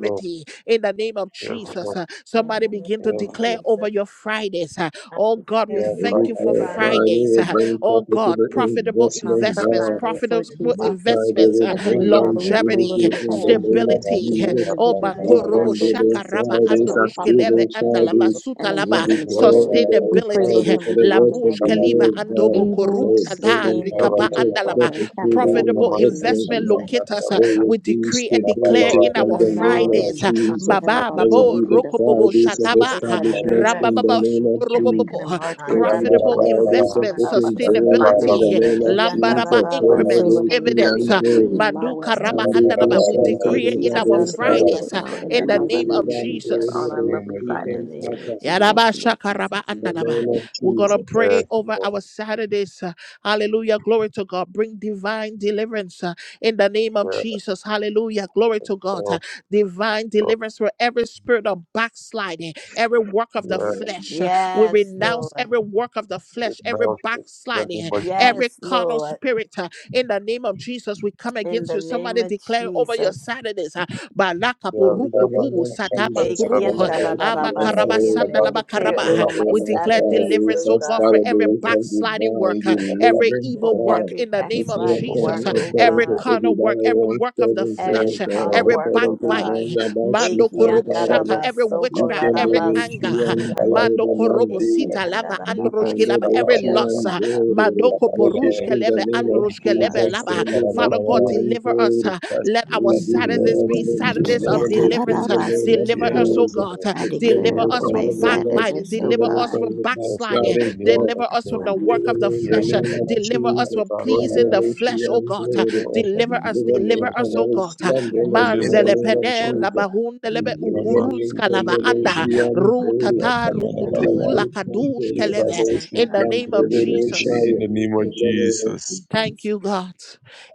S2: Lord,
S1: in the name of
S2: yes, Lord, yes,
S1: Jesus.
S2: Lord,
S1: uh,
S3: you in
S1: Somebody
S3: the name
S1: begin to
S3: of
S2: yes,
S1: declare
S3: Jesus.
S1: over your Fridays. uh,
S3: I
S1: Oh God,
S2: Lord,
S1: we
S3: declare
S6: We
S2: yes,
S1: thank
S3: my
S1: you for
S6: declare
S2: Lord,
S3: Friday
S6: Friday
S1: Fridays.
S6: will
S1: uh,
S2: yes,
S6: bring
S1: Oh God,
S6: profitable
S1: profitable
S5: Heavenly Father,
S6: investment,
S5: for
S1: investments,
S6: God.
S2: Lord.
S5: Fridays,
S1: profitable
S5: Lord
S6: Most
S5: Jesus.
S2: In the
S3: prophet
S6: High, they
S1: investments,
S6: will
S1: uh,
S5: And
S6: bring
S2: name
S5: Heavenly Father,
S3: possessed
S5: we
S3: with the
S5: pray, Lord
S6: longevity
S1: longevity,
S5: Heavenly
S6: in
S5: Father,
S6: the
S3: blood.
S5: that you
S6: name of
S5: continue to
S1: stability. uh,
S5: bring
S6: Jesus.
S1: Oh
S5: individuals into our
S3: Friday of the
S1: Makorobo
S5: lives, Lord
S6: Rekindle
S5: Jesus, to
S1: Shakaraba
S5: teach
S3: name
S5: us
S1: and
S3: of
S6: Fridays,
S5: about profit,
S3: Jesus
S1: Rushkeleve
S5: Lord
S6: activate
S1: and
S5: Jesus,
S1: Lava
S3: for
S6: Fridays.
S3: my
S5: and
S6: We
S1: Sutalaba,
S5: investments,
S6: declare
S3: children
S5: Lord.
S6: in the
S5: We pray, Lord
S1: sustainability. uh,
S6: Fridays for
S5: Heavenly
S6: the
S5: Father,
S6: rest of
S5: that
S1: Labush
S6: the
S5: we
S1: Kaliva
S5: be
S6: year,
S3: of
S1: and
S3: God. my
S6: God,
S5: able
S1: Koru
S5: to
S3: Lord.
S6: for
S1: Tada
S6: bringing
S5: sustain that,
S1: Rikapa
S5: Lord
S6: capital
S1: and
S5: Heavenly Father, and capture
S6: profitable
S5: that
S1: Profitable
S5: portion, Lord
S6: investment,
S3: I
S1: investment
S5: Jesus.
S6: God.
S3: thank you
S1: locators. uh,
S3: for
S6: There
S3: prophet
S6: will
S1: we
S6: be
S1: decree and declare
S6: stability
S1: in
S6: in
S1: our
S3: investment
S6: the
S5: Allow
S6: name
S3: for
S5: the
S6: of
S1: Fridays, uh,
S3: uh,
S5: investors, Lord
S6: Jesus.
S5: Heavenly
S1: Baba,
S5: Father,
S6: There
S5: to
S3: Friday
S6: will
S1: Babo,
S6: be the
S5: locate us, Lord
S1: Rokobobo,
S6: Fridays
S5: Jesus,
S6: of
S5: so
S1: Shataba,
S5: that
S3: in
S5: way
S1: uh,
S3: the
S5: we can
S6: establishments
S3: name
S6: in
S5: invest
S6: the
S1: Rambababa,
S6: name
S3: of
S6: of
S3: Jesus.
S5: and we
S6: Jesus.
S5: could
S1: Sokorobobobo, uh,
S5: enlarge our
S6: Oh, be the
S5: territory,
S1: profitable
S3: Andarabasi,
S5: Lord Heavenly
S6: Fridays and
S5: Father,
S1: investments,
S6: open
S5: in the
S6: doors in the
S1: sustainability, uh,
S5: financial
S6: name
S5: realm,
S6: of
S3: Eki
S5: Lord Jesus.
S1: Lambaraba
S6: Jesus. Oh,
S5: We pray,
S3: andarabasi,
S1: increments,
S6: never
S5: Lord
S6: she
S5: Heavenly Father,
S1: dividends,
S6: and
S1: uh,
S5: that
S3: Andoriakosh
S5: you
S6: glory.
S5: allow
S1: Manduka
S5: us
S1: Raba
S5: to
S3: andarabasi,
S6: Monday to
S1: Andalaba. We
S5: increase,
S6: Sunday,
S5: Lord
S1: decree it
S6: the
S3: Eki
S1: in
S5: Jesus,
S1: our
S6: Bible
S5: increase
S6: style.
S5: right
S1: Fridays uh,
S3: andariokosh
S5: now in the
S1: in the
S6: Bidi
S5: mighty
S1: name
S6: bidi
S1: of
S5: name
S3: andarabasi,
S5: of
S6: bam,
S3: Eki
S5: Jesus
S6: bidi
S1: Jesus.
S3: ande-
S5: on our
S6: bidi,
S5: lovely
S2: of
S6: keep
S3: In the
S6: on
S5: Fridays.
S3: name
S2: Jesus,
S3: of
S6: Papa.
S5: We thank
S1: Yaraba
S5: you,
S3: Jesus,
S5: Lord Jesus.
S1: shakaraba
S6: In the
S1: andalaba.
S6: name of
S1: We're going
S3: thank
S1: to
S6: Jesus.
S1: pray
S2: yes,
S1: over
S2: Lord,
S1: our Saturdays. uh, Hallelujah. Glory to God. Bring divine deliverance uh, in the name of
S2: yes,
S1: Jesus. Hallelujah. Glory to God. Uh,
S2: Lord,
S1: Divine
S2: Lord,
S1: deliverance for every spirit of backsliding, every work of the
S2: yes,
S6: The
S1: flesh. uh, We
S3: Yes,
S1: renounce
S3: Lord.
S1: every work of the
S2: we
S1: flesh, every
S2: announce it in the name
S1: backsliding,
S2: of Jesus.
S1: every
S3: Yes,
S1: carnal
S3: Lord.
S1: spirit. uh, In the name of Jesus, we come
S3: In
S1: against
S3: the
S1: you.
S3: name
S1: Somebody
S3: of
S1: declare over your
S3: Jesus.
S1: Saturdays. uh, Balaka
S2: Yes,
S6: In the
S1: buruku
S2: Lord. Deliver
S6: name
S1: ru
S6: of
S1: satama
S6: Jesus,
S1: kurubu.
S6: Father, to your glory.
S3: Ekiandarararabasikianda. I
S6: We
S3: declare
S1: Amakarabasandalabakaraba.
S6: pray,
S3: over my
S6: O
S1: We
S6: Lord,
S1: declare
S6: Father,
S3: Saturdays,
S6: there is
S1: deliverance,
S3: oh
S1: oh
S6: a
S1: God, for
S3: God,
S6: Father,
S1: every
S6: there is a
S1: backsliding
S6: divine,
S1: work, uh, every
S6: delivering
S3: for
S1: evil work
S6: God.
S3: every
S1: in the
S6: You
S1: name of
S6: say
S3: backsliding
S6: upon
S3: work,
S1: Jesus,
S6: me
S1: uh,
S3: oh
S1: every
S6: according to
S3: God,
S1: carnal work,
S6: Obadiah
S1: every work of the
S3: every
S1: flesh, uh,
S6: 117, God,
S3: carnal
S1: every
S3: work, oh
S6: according to
S3: God.
S6: one
S1: backbiting, huh?
S6: about you,
S1: Mando
S6: and
S1: Korobo Shaka,
S6: Father,
S1: every
S6: we
S1: witchcraft,
S6: can
S1: every
S6: live it,
S1: anger,
S6: you
S1: uh,
S6: and
S3: Ekiandarabasokolatabasikiande-
S1: Mando
S6: glory, man,
S1: Korobo
S6: thee.
S1: Sita Lava
S6: We can
S1: Androshki Lava,
S6: live it,
S1: every
S6: you
S1: loss,
S6: and
S1: uh,
S3: Ekiandarabasikiandarabas-
S6: glory.
S1: Mando
S6: Break it
S1: Koporushke
S6: in the
S1: Leve
S6: name of
S1: Androshke Leve
S6: Jesus,
S3: Ekiandarabaso-
S1: Lava.
S6: can live it,
S1: Father God,
S6: you and
S1: deliver us.
S6: glory.
S1: uh, Let our
S6: We
S1: Saturdays
S2: us,
S1: be
S6: deliver them,
S2: Lord.
S1: Saturdays of
S6: deliver me from
S1: deliverance. uh,
S6: the name of
S1: Deliver
S3: Ekiatarabasikiande-
S1: us, oh
S6: Jesus.
S1: God. huh?
S3: I
S6: Deliver
S3: declare
S1: Deliver
S6: me
S3: over
S1: us
S6: from
S3: my
S1: from
S6: every
S2: Yes,
S6: love,
S1: backbiting.
S3: Saturdays, O
S6: deliver
S1: Deliver
S6: me
S1: us
S3: God,
S6: from
S1: from
S6: the
S2: Lord.
S1: backsliding.
S6: backsliding
S2: Deliver
S6: God.
S1: Deliver
S2: us,
S3: my
S1: us from
S2: Lord.
S1: the
S3: Fridays,
S1: work
S6: Deliver
S1: of
S6: me
S1: the
S6: in the
S2: Yeah,
S1: flesh. uh,
S6: name of
S1: Deliver us
S6: Jesus.
S1: from
S3: in
S6: From
S3: the
S6: the
S1: pleasing the
S3: name of
S6: she
S1: flesh, oh
S6: and
S1: God. uh,
S3: Jesus.
S6: glory.
S2: Deliver us from
S1: Deliver
S2: deep
S1: us,
S2: in
S6: Deliver
S2: the
S6: me
S1: deliver
S2: flesh,
S1: us,
S6: from
S1: oh
S2: Lord.
S6: every
S1: God. uh,
S3: Kia
S6: slumberness in the
S2: Deliver
S1: Manzele
S2: us,
S6: name
S3: tarabaso
S6: of
S1: pene
S2: deliver us.
S1: la
S6: Jesus.
S1: bahunde
S3: torabasi
S2: You come
S6: Deliver
S3: kese.
S2: out,
S6: me
S2: take
S1: uhurutska la
S2: it,
S6: from
S2: take
S6: the
S3: Eki
S2: it,
S1: vaanda,
S2: and
S6: she
S2: we
S6: and glory.
S3: andarabasi
S2: shall
S1: rutata
S2: come out of
S6: And
S2: all of
S6: the
S1: rukutu
S3: kiandarabasi
S2: our-
S6: good from
S1: lakadush
S2: You
S6: the
S2: can
S1: keleve.
S6: Bible,
S2: take
S6: she
S2: it,
S1: In the
S2: take
S6: can
S1: name
S2: it,
S6: the
S2: da,
S1: of
S2: da,
S3: kiandarabasi
S2: da,
S6: Lord,
S2: da, da,
S3: kiande.
S1: Jesus.
S2: In
S6: Shire.
S2: the name of
S3: in the
S6: Deliver
S3: name of
S6: me
S2: Jesus.
S1: Thank
S3: Jesus,
S1: you, God.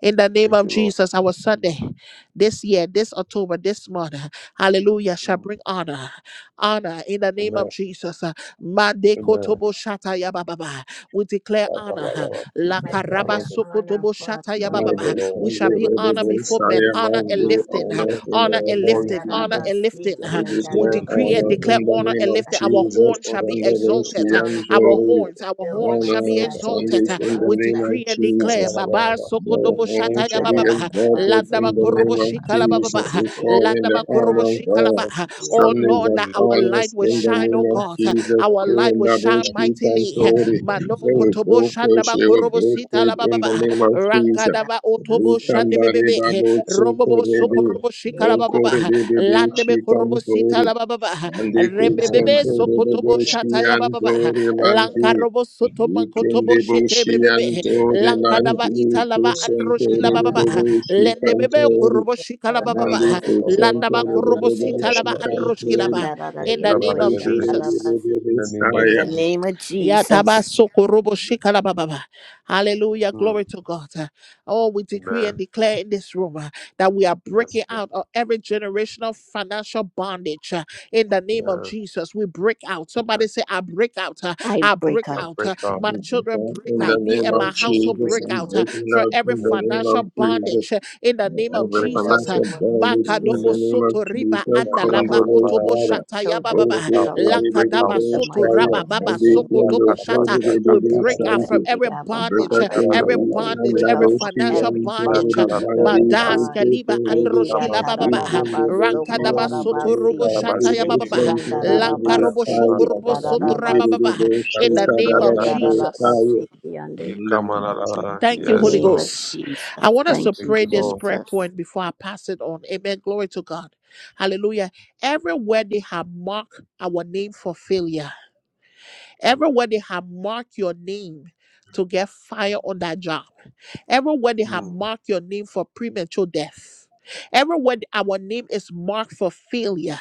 S1: In the name
S2: Thank
S1: of
S2: you, Lord.
S1: Jesus, our Sunday, this year, this October, this month, uh, hallelujah, shall
S2: Mm.
S1: bring honor. Honor in the name of
S2: Amen.
S1: Jesus. uh,
S2: Amen.
S1: Madekotobo shata ya ba We declare
S2: Ba, ba, ba,
S1: honor.
S2: ba,
S1: uh,
S2: ba, take
S3: I
S2: that down
S1: Lakaraba
S2: on
S3: declare
S2: the
S3: honor,
S1: sokotobo
S3: Father
S1: shata ya ba
S2: phone,
S6: honor
S3: God,
S2: Lord.
S1: We shall be
S3: over our
S1: honored before men.
S3: Saturdays,
S1: Honor
S3: O
S1: and
S3: God.
S1: lifting. uh,
S2: Yes,
S6: in the
S1: Honor
S2: uh,
S1: and
S3: Eki
S6: name of
S2: all
S1: lifting.
S2: your
S1: Honor
S6: Jesus.
S2: own.
S1: and
S3: andarabasi
S1: lifting.
S2: You
S6: We
S1: uh.
S2: can
S1: We
S2: take
S6: declare
S2: it,
S1: decree and
S3: kiandarabasi.
S6: honor
S2: take
S6: in
S1: declare
S2: it,
S6: the
S1: honor
S6: name
S1: and
S6: of
S3: I
S1: lifting. Our
S3: do
S2: shut it
S1: horn
S6: Jesus.
S2: on
S1: shall be
S3: declare
S2: your
S6: Thunderous
S1: exalted.
S2: own.
S1: uh,
S6: and
S2: shut
S3: honor
S1: Our
S2: it
S6: glory.
S1: horns,
S2: on.
S1: our horns
S3: Ilmai
S1: shall be
S2: You
S6: Honor
S2: can.
S3: Saturday,
S1: exalted.
S6: Sundays
S3: Silver
S2: Ba,
S6: in
S3: our
S6: the
S1: We
S2: ba,
S6: name
S1: decree
S6: of
S1: and
S3: Saturday,
S2: ba,
S1: declare
S6: Jesus.
S3: Silver,
S2: ba, ba, ba,
S1: Baba
S2: ba.
S6: Your
S1: Sokodobo
S3: Eki
S2: You
S6: name
S1: Shataya
S6: shall be
S1: Baba
S2: can
S3: Atarada
S6: exalted
S3: Matsu,
S1: Landaba
S6: in the
S1: Korobo
S6: name
S3: Polana
S6: of
S1: Shikala
S3: Masi,
S1: Baba
S6: Jesus.
S2: buy
S6: We call
S3: Eki
S6: in the
S1: Landaba Korobo
S3: Andarada
S6: honor of
S1: Shikala
S6: God.
S2: and
S1: Baba.
S3: masi ki
S1: Oh
S3: and
S2: you
S6: Sundays
S1: Lord,
S2: will
S6: that
S1: that
S2: be
S1: our
S3: Eki
S6: honor
S1: light
S6: us
S1: will
S6: in the
S1: shine,
S6: name
S3: Andara
S1: oh
S6: of
S1: God.
S3: masi
S6: Jesus.
S3: ki
S1: Our
S3: and
S1: light will shine
S2: and
S6: Kunabushi
S1: mightily.
S2: you
S6: Kantori.
S2: will
S1: Mano
S6: May we
S3: Eki
S6: will
S1: Kotobo
S3: Andara
S6: both worship,
S1: Shandaba
S2: so
S6: we will
S1: Korobo
S6: both
S1: Sita La
S6: faith
S1: Baba
S6: in the
S2: you In
S6: name of
S3: Masi,
S6: Jesus.
S3: andara
S1: Rankadava
S6: We
S1: Otobo
S3: masi.
S6: can't
S2: the
S1: Shande
S2: you
S6: Lukandari
S1: Bebe
S6: Babu
S1: Rombo
S2: come
S6: Sukurebi.
S2: with
S1: Sokorobo Shikala Baba
S3: Eki
S6: Bokurebi
S1: Landebe Korobo Sita
S6: Shikantori.
S1: La Baba
S6: Andi
S2: the old
S3: Andara
S1: Rembebebe
S6: kusonto
S2: with the
S3: masi
S1: Sokotobo
S3: ki
S6: rodoshi
S3: and
S1: Shataya
S6: anto
S1: Baba
S6: rimandi.
S2: other
S1: lankarobo
S2: with the
S1: soto
S2: with
S6: Weekend
S1: mankotobo shete
S6: boshi
S1: bebebe
S6: anto
S2: the
S1: lankadava
S6: rimandi
S1: italava
S3: Eki
S6: kusonto
S1: androshkila bababa
S3: Andara Masi,
S6: rodoshi
S1: lende bebe
S3: Eki
S6: kantori.
S1: korobo shikala
S3: Andara
S6: Mandi
S1: bababa
S3: Masu,
S2: other
S6: kusonto
S1: landaba
S3: Polana
S1: korobo
S3: Masi,
S6: rodoshi
S1: sitalava
S3: Eki
S1: androshkila
S6: kantori.
S1: ba
S3: Andara
S1: in
S3: Ria
S1: the name
S6: Boshi
S1: of
S6: kure
S1: Jesus
S3: Koshandara
S6: bebe
S2: in the name of
S3: In the
S2: Jesus.
S3: name of Jesus,
S1: Yatabasokoroboshikalabababa. Hallelujah.
S2: Hmm.
S1: Glory to God. Oh, we decree and
S2: Amen.
S1: declare in this room uh, that we are
S2: Yes,
S1: breaking
S2: Lord.
S1: out of every generational financial bondage uh, in the name of
S2: Yes,
S1: Jesus. We break out. Somebody
S2: Lord.
S1: say, I break out. uh,
S3: I
S1: I
S3: break
S1: break
S2: I
S3: out.
S1: out.
S2: break
S1: uh,
S2: out.
S1: My children break
S6: In the
S3: My
S1: out. Me
S6: name
S1: and my
S6: of
S3: children
S1: household
S3: break
S6: Jesus,
S1: break
S6: I'm
S1: out
S3: out.
S1: uh,
S6: breaking
S1: from
S6: out
S1: every
S6: in
S2: Yes,
S6: the name
S2: Lord.
S6: of
S1: financial
S2: Break
S6: Jesus.
S2: out.
S1: bondage uh, in the name
S2: We
S1: of
S6: Every
S3: In
S2: break
S3: the
S2: out.
S1: Jesus. uh,
S6: financial
S3: name of
S6: bonus in
S1: Makadobo
S6: the
S3: Jesus,
S2: Yes.
S6: name of
S1: soto riba
S3: I
S6: Jesus,
S1: anda
S3: break
S2: come.
S1: lava
S3: out.
S2: out of
S6: Kondolo
S1: kotobo
S2: our
S3: My
S6: Father,
S1: shata ya
S2: I
S3: children
S1: baba.
S2: break
S3: break
S6: Bosu
S2: out, I
S3: out.
S2: break
S6: Kudede
S2: out,
S1: Lankadaba
S3: In
S2: I
S3: the
S1: soto
S2: break
S3: mighty,
S6: Boshaya,
S2: out.
S1: raba baba
S3: matchless
S6: Mandi
S3: name
S1: soko
S2: Yeah,
S3: of
S1: dobo
S6: Kendo
S3: Jesus,
S1: shata.
S2: Karabasa,
S1: We
S6: Kudede
S1: break
S3: we
S1: out from
S2: Katarabada.
S6: Santi,
S3: thank you,
S1: every
S3: Abba
S6: Berta
S1: bondage, uh,
S3: Father.
S1: every
S6: Kendo
S2: Karabada,
S3: We
S2: we
S1: bondage,
S2: break
S6: Kanda
S3: break
S1: every
S3: out
S2: out.
S3: from
S6: Boshi
S1: financial
S3: every
S6: and
S2: Yeah,
S1: bondage. uh,
S6: Kudede,
S3: bondage, oh
S6: Mandi
S2: Karabada,
S1: Mandas
S3: God.
S6: Kutu
S1: kaliba
S2: you
S6: Kudede,
S2: come
S3: Ekia
S1: androshki la
S2: and
S1: baba
S2: stay.
S1: baba.
S6: the
S3: tarararabasi,
S6: Boshi
S1: Rankadaba
S6: and
S1: soto
S2: You
S6: Kudede,
S3: kolarabasi.
S1: robo
S6: Mandi
S1: shata ya
S2: Karabasi,
S1: baba baba.
S3: Ekia
S6: Kusan
S2: yeah,
S6: Kudede
S1: Lanka robo
S2: come
S3: ndararabasi,
S6: Boshaya,
S1: shoko
S3: kia
S2: on,
S1: robo soto
S2: Baba.
S1: raba
S6: the
S3: ndararabaso.
S1: baba.
S2: You
S1: In
S6: Boshi
S1: the
S2: Katsa,
S1: name
S3: Ekia
S1: of
S2: Kata,
S6: Kadada
S2: Kabada.
S1: Jesus.
S6: Boshaya,
S3: ndararabasi,
S2: You
S6: in the
S2: come
S6: name of Jesus.
S2: on,
S3: In
S1: Thank
S3: the
S1: you,
S2: yes,
S1: Holy
S3: name
S2: Lord.
S3: of
S1: Ghost.
S3: Jesus.
S1: I want us to
S3: Thank you,
S2: Thank
S1: pray
S2: you,
S1: this
S2: Lord.
S1: prayer
S3: Jesus.
S1: point before I pass it on. Amen. Glory to God. Hallelujah. Everywhere they have marked our name for failure Everywhere they have marked your name to get fired on that job. Everywhere they have
S2: Hmm.
S1: marked your name for premature death. Everywhere our name is marked for failure.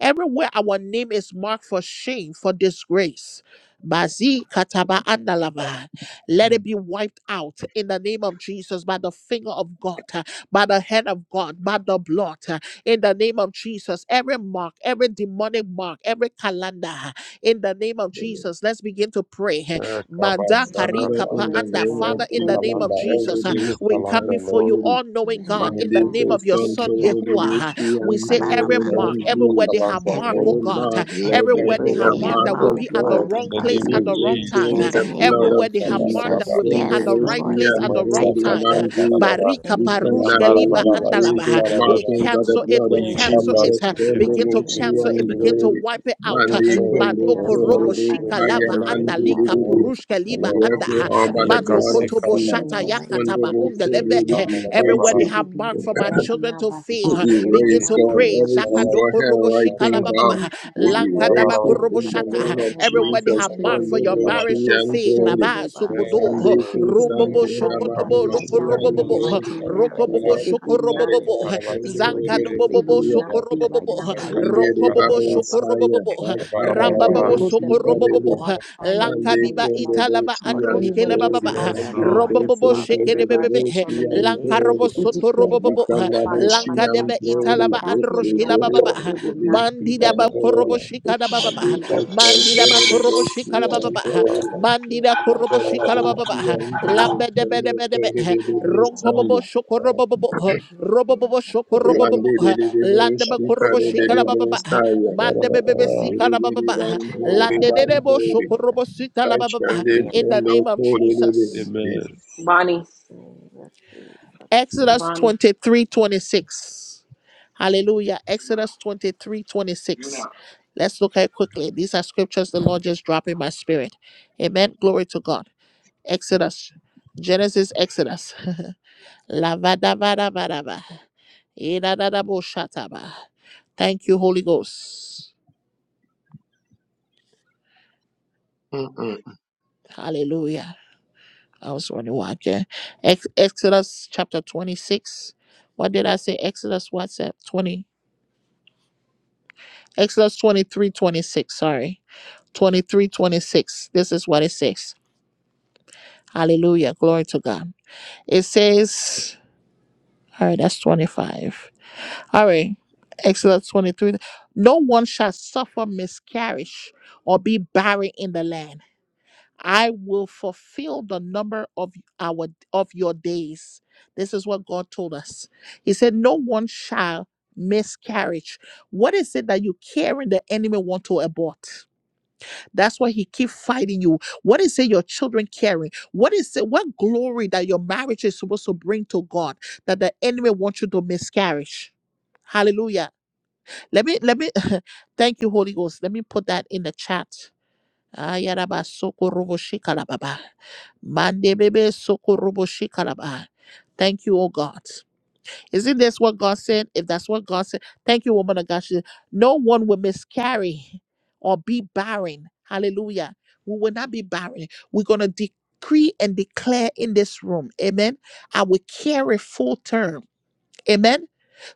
S1: Everywhere our name is marked for shame, for disgrace. Mazi kataba andalava. Let it be wiped out in the name of Jesus by the finger of God, uh, by the hand of God, by the blood. uh, In the name of Jesus, every mark, every demonic mark, every calendar. uh, In the name of Jesus, let's begin to pray. uh,
S2: Yeah,
S1: Manda
S2: Kabasa,
S1: kari
S5: Amen.
S6: Father,
S2: Kata.
S1: kapa
S6: in
S5: Glory
S6: the
S5: to
S1: anda.
S6: name of
S1: Father,
S5: God.
S2: Every
S1: in the
S5: Thank
S1: name
S6: Jesus,
S5: you,
S1: of
S2: calendar,
S5: Jesus.
S2: every
S6: Holy
S1: Jesus, uh,
S2: evil
S1: we
S6: Rishi
S1: come
S2: calendar,
S1: before
S2: Lord,
S1: you,
S6: Santori,
S1: all
S5: My
S1: knowing
S2: will
S1: God,
S2: come
S5: Heavenly
S1: in the
S2: against
S1: name
S2: the
S6: Mandito
S5: Father,
S1: of your Son
S2: name of
S6: Santori
S1: Yahuwah. uh,
S2: Jesus.
S5: I
S6: Rishi
S5: come
S1: we
S5: to you
S1: say
S5: and
S1: every
S6: Antori
S5: listen to
S2: Every
S1: mark,
S5: how,
S2: evil
S5: Lord
S1: everywhere
S6: Nandi,
S1: they have
S5: Jesus.
S2: calendar,
S1: marked,
S3: Every
S2: Lord.
S1: oh
S6: Every
S5: Every
S1: God, uh,
S6: mark,
S3: mark,
S5: mark,
S2: We
S6: let
S3: every
S6: the
S1: everywhere
S2: come
S1: they
S3: word
S1: have
S2: before
S3: we
S6: area
S2: you
S3: have
S1: marked
S6: mark
S5: everywhere
S1: that
S5: they
S1: will
S6: of
S3: marked,
S1: be
S5: have
S1: at the
S6: God
S3: Father
S2: in
S5: marked
S1: wrong
S2: the
S5: our
S6: be
S1: place
S2: name
S3: God.
S2: of
S1: at the
S5: name,
S1: wrong
S5: Lord
S6: erased
S1: time,
S5: Heavenly
S3: In
S1: uh,
S6: with
S2: Jesus.
S3: the
S6: the
S5: Father,
S3: name
S6: blood
S3: of
S1: everywhere
S6: of
S1: they have marked
S6: Jesus.
S1: that
S3: Jesus.
S2: Yakabarababa.
S1: will be
S6: When
S1: at
S6: the
S5: as
S3: Yes,
S1: the
S5: a
S1: right
S6: Roshi
S3: Lord.
S1: place
S5: negative,
S1: at
S6: and
S1: the
S5: Lord
S3: I
S1: wrong
S6: Holy
S5: Heavenly
S3: touch
S1: time. uh,
S3: and
S5: Father.
S3: agree
S6: Mandi,
S2: Yakamasakatakarabaraba.
S1: Barika
S6: we
S5: Anywhere that
S6: can
S5: they
S1: parushka
S5: have
S6: never
S3: you. In
S1: liba
S2: Yamarabaraba.
S5: marked our
S6: erase
S1: andalaba. uh,
S6: those
S5: name, Lord
S1: We
S2: Sikarabaraba.
S3: the
S6: markings
S3: name
S6: by
S5: Jesus,
S3: of
S6: the
S1: cancel
S5: for
S1: it,
S6: blood
S1: we
S6: of
S5: failure,
S3: Jesus.
S1: cancel
S5: we
S1: it.
S6: Jesus.
S1: uh,
S3: We
S5: cancel it
S6: When the
S3: come
S5: right
S1: Begin
S5: now
S1: to
S3: against
S5: in the
S6: Roshi
S1: cancel
S5: mighty
S1: it,
S6: and
S2: Yikabasukitikirikirikiri.
S5: name of
S1: begin
S3: premature
S1: to
S6: Holy
S5: Jesus.
S3: death,
S1: wipe it
S3: oh
S1: out. uh,
S3: God,
S6: Mandi,
S5: Anywhere
S2: Cancel
S5: that
S6: Kundo,
S5: they
S3: in
S5: have
S2: cancel
S3: the
S1: Mandoko robo
S3: mighty,
S5: marked
S2: every
S6: Kundo,
S5: our
S1: shika
S5: name,
S2: human,
S6: Kaya
S5: Lord
S1: lava
S3: matchless
S2: every
S5: Heavenly
S3: name
S6: Mandi,
S3: of
S5: Father,
S1: andalika
S5: in the
S2: Muslim,
S6: Didi,
S5: book
S3: Jesus.
S5: of
S1: purushka
S6: we
S1: liva
S2: Lord.
S5: divorce,
S3: For
S1: anda.
S6: have it
S1: uh,
S3: my
S6: all by
S5: in
S6: the
S3: family,
S5: the
S3: for
S1: Mando
S5: book
S6: blood
S3: my
S5: of
S6: of
S1: kotobo
S3: sons,
S1: shata
S3: for
S2: Yikasikarabarabara.
S5: singleness,
S6: Jesus.
S3: my
S5: in the
S6: Kundo,
S1: yakataba
S5: book of single
S1: undeleve.
S3: grandchildren,
S6: Kundo,
S1: uh,
S5: mom,
S3: God,
S6: erase
S1: Everywhere
S6: it.
S1: they
S5: we
S2: Kamarabarabara.
S3: for
S1: have
S5: rebuke
S1: marked for
S5: it
S1: my
S5: right
S3: my
S1: children
S5: now
S1: to
S5: by
S1: fail.
S6: We
S1: uh,
S5: fire in the
S1: Begin
S2: Katikirikirikiri.
S6: erase
S1: to
S3: God.
S5: mighty
S6: God,
S5: name
S1: pray.
S5: of
S6: every
S2: Barabaraba.
S6: evil
S5: Jesus
S1: Zakadoko robo
S6: hand, right things
S1: shikalababa.
S6: out.
S5: every
S6: We
S3: We
S5: mark, Lord Heavenly
S3: connect
S6: erase
S2: Barabaraba.
S1: Lankadabako
S6: it
S3: it
S5: Father,
S1: robo
S3: right
S6: in the
S5: every
S1: shata.
S5: book
S6: name
S3: now
S2: Barabaraba.
S5: that
S3: in
S6: of
S5: had
S3: the mighty
S5: marked
S1: Everyone they
S5: my
S6: Jesus.
S3: name
S1: have
S3: of
S1: marked
S5: children's
S1: for your
S3: Jesus.
S5: name
S1: marriage
S6: Oluboshi
S1: to
S2: Barabaraba.
S5: for
S6: and
S1: fail.
S3: Thank
S5: failure,
S6: Dori.
S3: you,
S1: Baba
S5: Lord
S3: Father
S5: Jesus.
S1: sokodo.
S2: Yes,
S5: I
S3: God.
S6: Mande
S5: decree
S2: Lord.
S5: and declare
S6: kusanti
S1: Rumbobo
S3: Nikia
S5: fire upon it
S1: shokodobo
S5: right
S2: yakamasa
S6: rababoshi
S3: Tapasuki
S5: now
S3: and
S5: in the
S6: and
S1: lokorobobo.
S6: Dori.
S5: mighty
S3: my
S2: kudushikara
S5: name of
S3: marriage
S2: barabara
S5: Jesus.
S1: Rokobobo
S3: will
S5: It
S3: not
S5: will
S3: fail
S5: not
S6: Yakudare
S3: with
S1: shokorobobo.
S3: the
S5: be,
S2: barabasi
S3: pigment
S5: Lord
S6: basunde
S2: kirire
S3: name
S5: Jesus.
S3: of
S5: It
S3: favor.
S5: will
S1: Zankadobobo
S6: reboshi.
S5: not be right now
S1: sokorobobo.
S2: yakamasa
S5: in
S3: I
S5: the
S2: kata
S6: Zinde
S5: mighty
S3: thank you,
S5: name of
S1: Ronkobobo
S2: karabara
S3: Abba.
S5: Jesus
S6: rebabosaya.
S1: shokorobobo.
S3: Nikia
S5: every
S1: Rambababo
S2: barabara
S5: book
S6: Bakabababoshi
S5: that they have
S3: Tapasuki and
S1: sokorobobo.
S6: karebe.
S5: marked
S2: barabasi
S5: my name,
S6: Mande
S5: Lord
S1: Lankadiva
S5: Heavenly
S6: kunde
S5: Father,
S1: italava
S6: boshi
S5: or
S6: and the
S5: anyone of
S1: andrushkelebaba.
S5: this
S6: Dori.
S3: Nikia
S5: house
S2: yes
S5: name,
S6: Mande
S2: lord
S5: Lord Heavenly
S1: Rombobo
S3: Tapasuki and
S6: kusanti reboshi and Monday to Rababu, she and Dory. Monday to
S5: Father,
S6: Sunday,
S5: in
S3: Nikia Tapasuki
S5: regards
S1: shekelebebebe.
S5: to
S6: Rababu, she and
S5: termination.
S3: and Nikia Tapasuki and
S1: Lankarobo
S6: Dory.
S3: Nikia
S5: We
S3: Tapasuki
S5: decree and
S6: We
S2: yakata
S1: sotorobobo
S6: can
S5: declare
S2: barabara
S6: double
S5: fire
S3: and
S6: see
S5: upon
S1: lanka
S5: it
S6: and
S5: right
S1: deve
S5: now and
S6: glory,
S1: italava
S6: both
S2: barabasi
S5: cancel it
S6: to
S3: Nikia
S1: androshkila
S5: null and
S6: glory
S1: bababa
S5: void.
S2: kirire
S6: and
S5: It
S6: the
S5: will not
S6: being
S5: be,
S1: bandida
S5: Lord
S1: ba
S6: and
S2: kamera
S5: Jesus.
S6: glory,
S1: koroboshika
S5: It
S1: da
S6: and
S5: shall
S1: bababa
S5: not
S6: we
S5: be up.
S6: can stand
S1: mandida
S6: glory,
S1: ba
S6: both to
S1: koroboshika da
S6: and
S1: bababa
S6: glory.
S1: mandida
S6: We can
S1: koroboshika da
S6: double see
S1: ba,
S6: and glory,
S1: lambe debe
S6: and the
S1: debe debe
S6: glory of the being
S1: ronko bobo
S6: stand.
S1: shoko robo bobo robobobo bobo
S3: Tapasuki
S1: shoko
S5: Who did
S2: yes
S1: robo
S5: it?
S2: lord
S6: Lande
S1: bobo,
S6: de de de bo
S1: lande ba
S6: shika de
S3: Thank
S6: de
S1: koroboshika
S3: you,
S1: da
S6: de bo
S1: bababa
S3: Lord.
S6: saya.
S1: mande bebe sika
S6: Dere
S1: da ba,
S6: dere ban
S3: and
S6: hori
S3: I
S1: lande
S3: love
S6: ban
S1: debo
S3: you.
S6: hori.
S1: shoko robosita da ba,
S3: Thank
S6: Ashande
S1: in the
S6: kondo
S1: name of
S6: kore de
S1: Jesus
S6: de.
S5: Bonnie.
S3: name of Jesus.
S1: Exodus
S5: Bonnie.
S1: 23 26, Hallelujah. Exodus twenty
S5: You know.
S1: Let's look at it quickly. These are scriptures the Lord just dropped in my spirit. Amen. Glory to God. Exodus. Genesis, Exodus. Lavadavadavadava. Idadadaboshataba. Thank you, Holy Ghost. Hallelujah. I was wondering why. Okay. Ex- Exodus chapter 26. What did I say? Exodus, what's that? 20. Exodus 23 26. sorry. 23 26. This is what it says. Hallelujah. Glory to God. It says, all right, that's 25. All right. Exodus 23. No one shall suffer miscarriage or be barren in the land. I will fulfill the number of our of your days. This is what God told us. He said, No one shall miscarriage. What is it that you carrying the enemy want to abort? That's why he keep fighting you. What is it your children carrying? What is it? What glory that your marriage is supposed to bring to God that the enemy wants you to miscarriage? Hallelujah. Let me let me thank you, Holy Ghost. Let me put that in the chat. Ayaraba sokorobo shikalababa. Mandebebe sokorobo shikalaba. Thank you, oh God. Isn't this what God said? If that's what God said, thank you, woman of God. She said, no one will miscarry or be barren. Hallelujah. We will not be barren. We're going to decree and declare in this room. Amen. I will carry full term. Amen.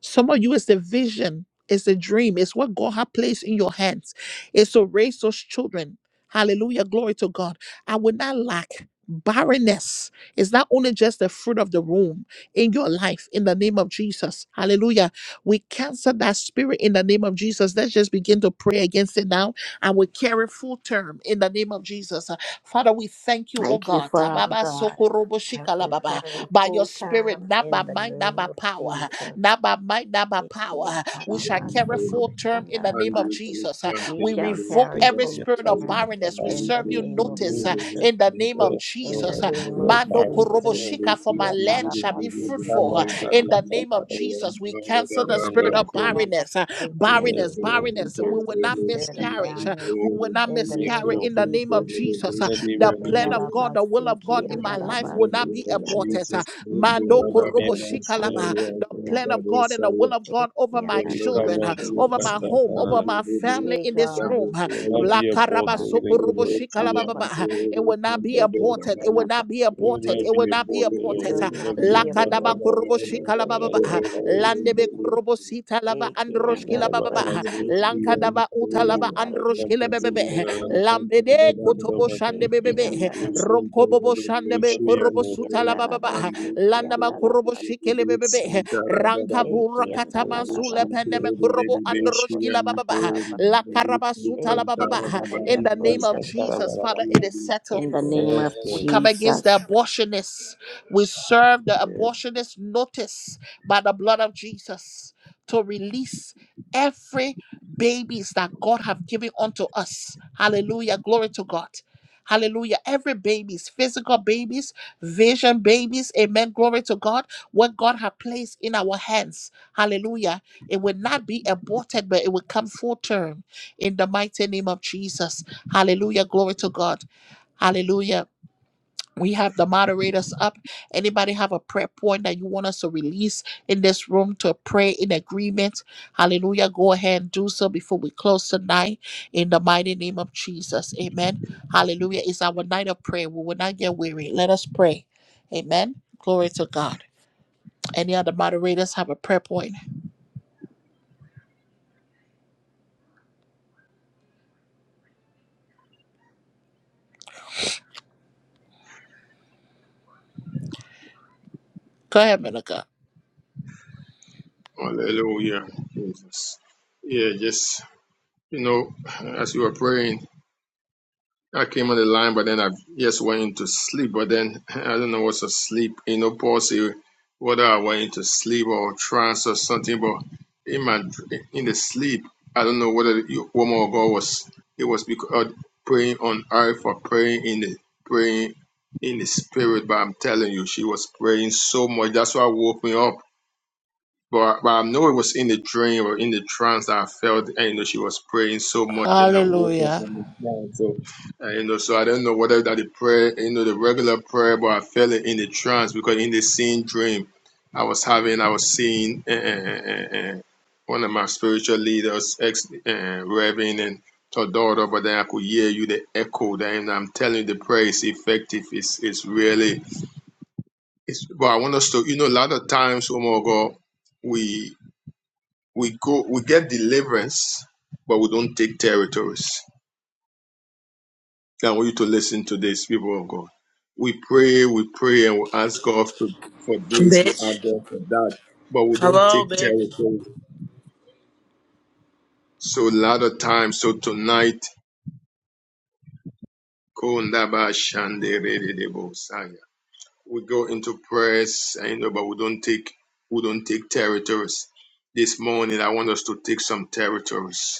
S1: Some of you is the vision, it's a dream, it's what God has placed in your hands. It's to raise those children. Hallelujah. Glory to God. I will not lack. Barrenness is not only just the fruit of the womb in your life, in the name of Jesus. Hallelujah. We cancel that spirit in the name of Jesus. Let's just begin to pray against it now and we carry full term in the name of Jesus. Uh, Father, we thank you, oh
S3: Thank you,
S1: God.
S3: Father
S1: Ababa
S3: God.
S1: sokorobo
S3: I will
S1: shikalababa
S3: carry
S1: by your
S3: full
S1: spirit,
S3: time
S1: not by
S3: in the
S1: might, not
S3: name
S1: by
S3: of
S1: power,
S3: Jesus.
S1: not by might, not by
S3: Thank you,
S1: power.
S3: and I
S1: We
S6: and
S1: shall carry
S3: So,
S1: full term in the name of Jesus. Uh,
S3: We
S1: We
S3: shall
S1: revoke
S3: carry
S1: every
S3: full
S1: spirit of
S3: time
S1: barrenness. We
S3: in the
S1: serve you
S3: name of
S1: notice uh,
S3: Jesus.
S1: in the name of
S2: Yes,
S3: In the
S1: Jesus.
S2: Lord,
S1: Uh,
S2: this
S3: name of
S1: Mando
S3: Jesus.
S2: Lord.
S1: koroboshika,
S3: Thank
S1: for
S3: you,
S1: my
S3: and
S1: land
S3: I
S1: shall be fruitful. uh, In the name of Jesus, we cancel the
S2: In the
S3: Reiki
S1: spirit
S2: name of
S1: of
S3: Ataraba
S1: barrenness, uh,
S3: Reiki, and
S1: barrenness,
S3: the-
S2: Jesus, Lord.
S3: we
S1: barrenness. We
S3: cancel
S1: will
S3: the
S1: not
S3: spirit of
S1: miscarriage. uh,
S3: barrenness
S1: We will not
S3: in the
S2: Yes,
S3: name
S1: miscarry
S3: of
S2: Lord.
S1: in the name of
S3: Jesus.
S1: Jesus.
S2: In the name
S1: The
S2: of
S3: In the
S1: plan of
S2: Jesus.
S1: God,
S3: Rabba
S1: the will of
S6: in
S1: God
S3: Siki
S1: in
S3: and the
S1: my life
S3: Rabba
S6: the
S1: will not
S6: name
S1: be
S6: of
S3: Siki and the
S1: aborted. Uh,
S6: Jesus, Lord,
S2: We
S1: Mando
S2: will
S3: Eki
S6: Baba,
S2: not be
S3: and
S1: korobo
S2: a
S6: Baba,
S2: the
S1: shikalaba.
S2: Lord.
S6: Shaya,
S1: The
S3: Siki and
S1: plan
S6: Kenta,
S1: of
S3: the
S1: God and the
S6: Bosaya,
S1: will of God over
S3: Eki and
S1: my
S3: the
S2: You come
S3: Rabba
S1: children, uh,
S2: and sweep
S1: over
S3: Siki
S2: us
S3: and
S1: my
S3: the
S2: up,
S1: home, over
S2: Father.
S1: my family in this
S3: Ega
S1: room. uh,
S2: We will
S3: Siki
S2: not
S1: La
S3: and
S2: be a
S3: the
S2: bother
S1: karaba
S3: Rabba
S2: in the name
S1: sokorobo
S2: of
S3: Siki and the
S1: shikalaba
S2: Jesus.
S3: Rabba
S1: baba, uh,
S3: Siki
S1: It will not be
S3: Eki and
S1: aborted. It
S3: the
S1: will
S3: Rabba
S1: not be
S2: We
S3: Siki.
S2: will
S1: aborted.
S2: not
S1: It will
S2: be a
S1: not be
S2: bother,
S3: It
S2: Lord.
S1: aborted.
S2: We
S3: will
S1: uh,
S2: will
S3: not
S2: not be a
S1: La
S3: be
S1: kadaba
S2: bother.
S3: aborted
S1: korobo
S3: in the
S2: Lord,
S1: shikalaba
S2: I
S3: name
S1: baba,
S3: of
S1: uh,
S2: shall come and speak
S3: Jesus.
S1: Landebe
S2: to
S1: korobo
S2: you.
S1: sita laba
S3: Eki
S2: You
S3: and the
S1: androshkila
S2: better,
S1: baba,
S2: better
S1: uh,
S2: speak
S3: Rabba
S2: to you.
S1: Lankadava
S3: In the
S1: utalaba
S2: I come and speak,
S1: androshkilebebebe.
S2: Father.
S1: Lambede
S2: Come
S1: kotobo
S2: and
S1: shande
S2: speak to
S1: bebebe.
S2: you. We
S1: Ronko bobo shande
S2: will
S1: be
S2: not be a
S1: korobo suta
S2: bother.
S1: la baba. Landa ma korobo shikele bebebe.
S6: Santa Radha
S1: Ranka
S6: Dava,
S1: vura
S2: Yes, Lord.
S1: katama zule peneme korobo androshki la baba. La karaba suta la baba. In
S2: If
S1: the name
S2: that's a
S1: of Jesus, Father,
S2: Yes,
S1: it is settled.
S3: name
S2: Lord. Yes,
S3: of
S1: We
S2: Lord.
S1: come against
S3: Jesus,
S1: the abortionists. We serve the abortionist notice by the blood of Jesus to release every babies that God have given unto us. Hallelujah. Glory to God. Hallelujah. Every babies, physical babies, vision babies, amen. Glory to God. What God have placed in our hands. Hallelujah. It will not be aborted, but it will come full term in the mighty name of Jesus. Hallelujah. Glory to God. Hallelujah we have the moderators up. Anybody have a prayer point that you want us to release in this room to pray in agreement? Hallelujah. Go ahead and do so before we close tonight in the mighty name of Jesus. Amen. Hallelujah. It's our night of prayer. We will not get weary. Let us pray. Amen. Glory to God. Any other moderators have a prayer point? Go ahead, man of God.
S6: Hallelujah. Jesus. Yeah, just, you know, as you are praying, I came on the line, but then I just went into sleep. But then I don't know what's a sleep. You know, Paul said whether I went into sleep or trance or something. But in my dr- in the sleep, I don't know whether the woman of God was it was because praying on earth or praying in the praying in the spirit. But I'm telling you, she was praying so much. That's why woke me up. But, but I know it was in the dream or in the trance that I felt, and you know, she was praying so much, and I woke up
S1: Hallelujah.
S6: from the trance. So, uh, you know, so I don't know whether that the prayer, you know, the regular prayer, but I felt it in the trance because in the same dream I was having, I was seeing uh, uh, uh, uh, one of my spiritual leaders, ex uh, Reverend and her daughter, but then I could hear you the echo. Then I'm telling you, the prayer is effective. It's it's really. It's, but I want us to, you know, a lot of times, oh my God, we we go, we get deliverance, but we don't take territories. I want you to listen to this, people of God. We pray, we pray, and we ask God for, for this, we ask
S7: Bitch.
S6: God for that, but we don't
S7: Hello,
S6: take
S7: bitch.
S6: territories. So a lot of times, so tonight, Kondaba Shande Rededebo Saya. we go into prayers, and you know, but we don't take we don't take territories. This morning, I want us to take some territories.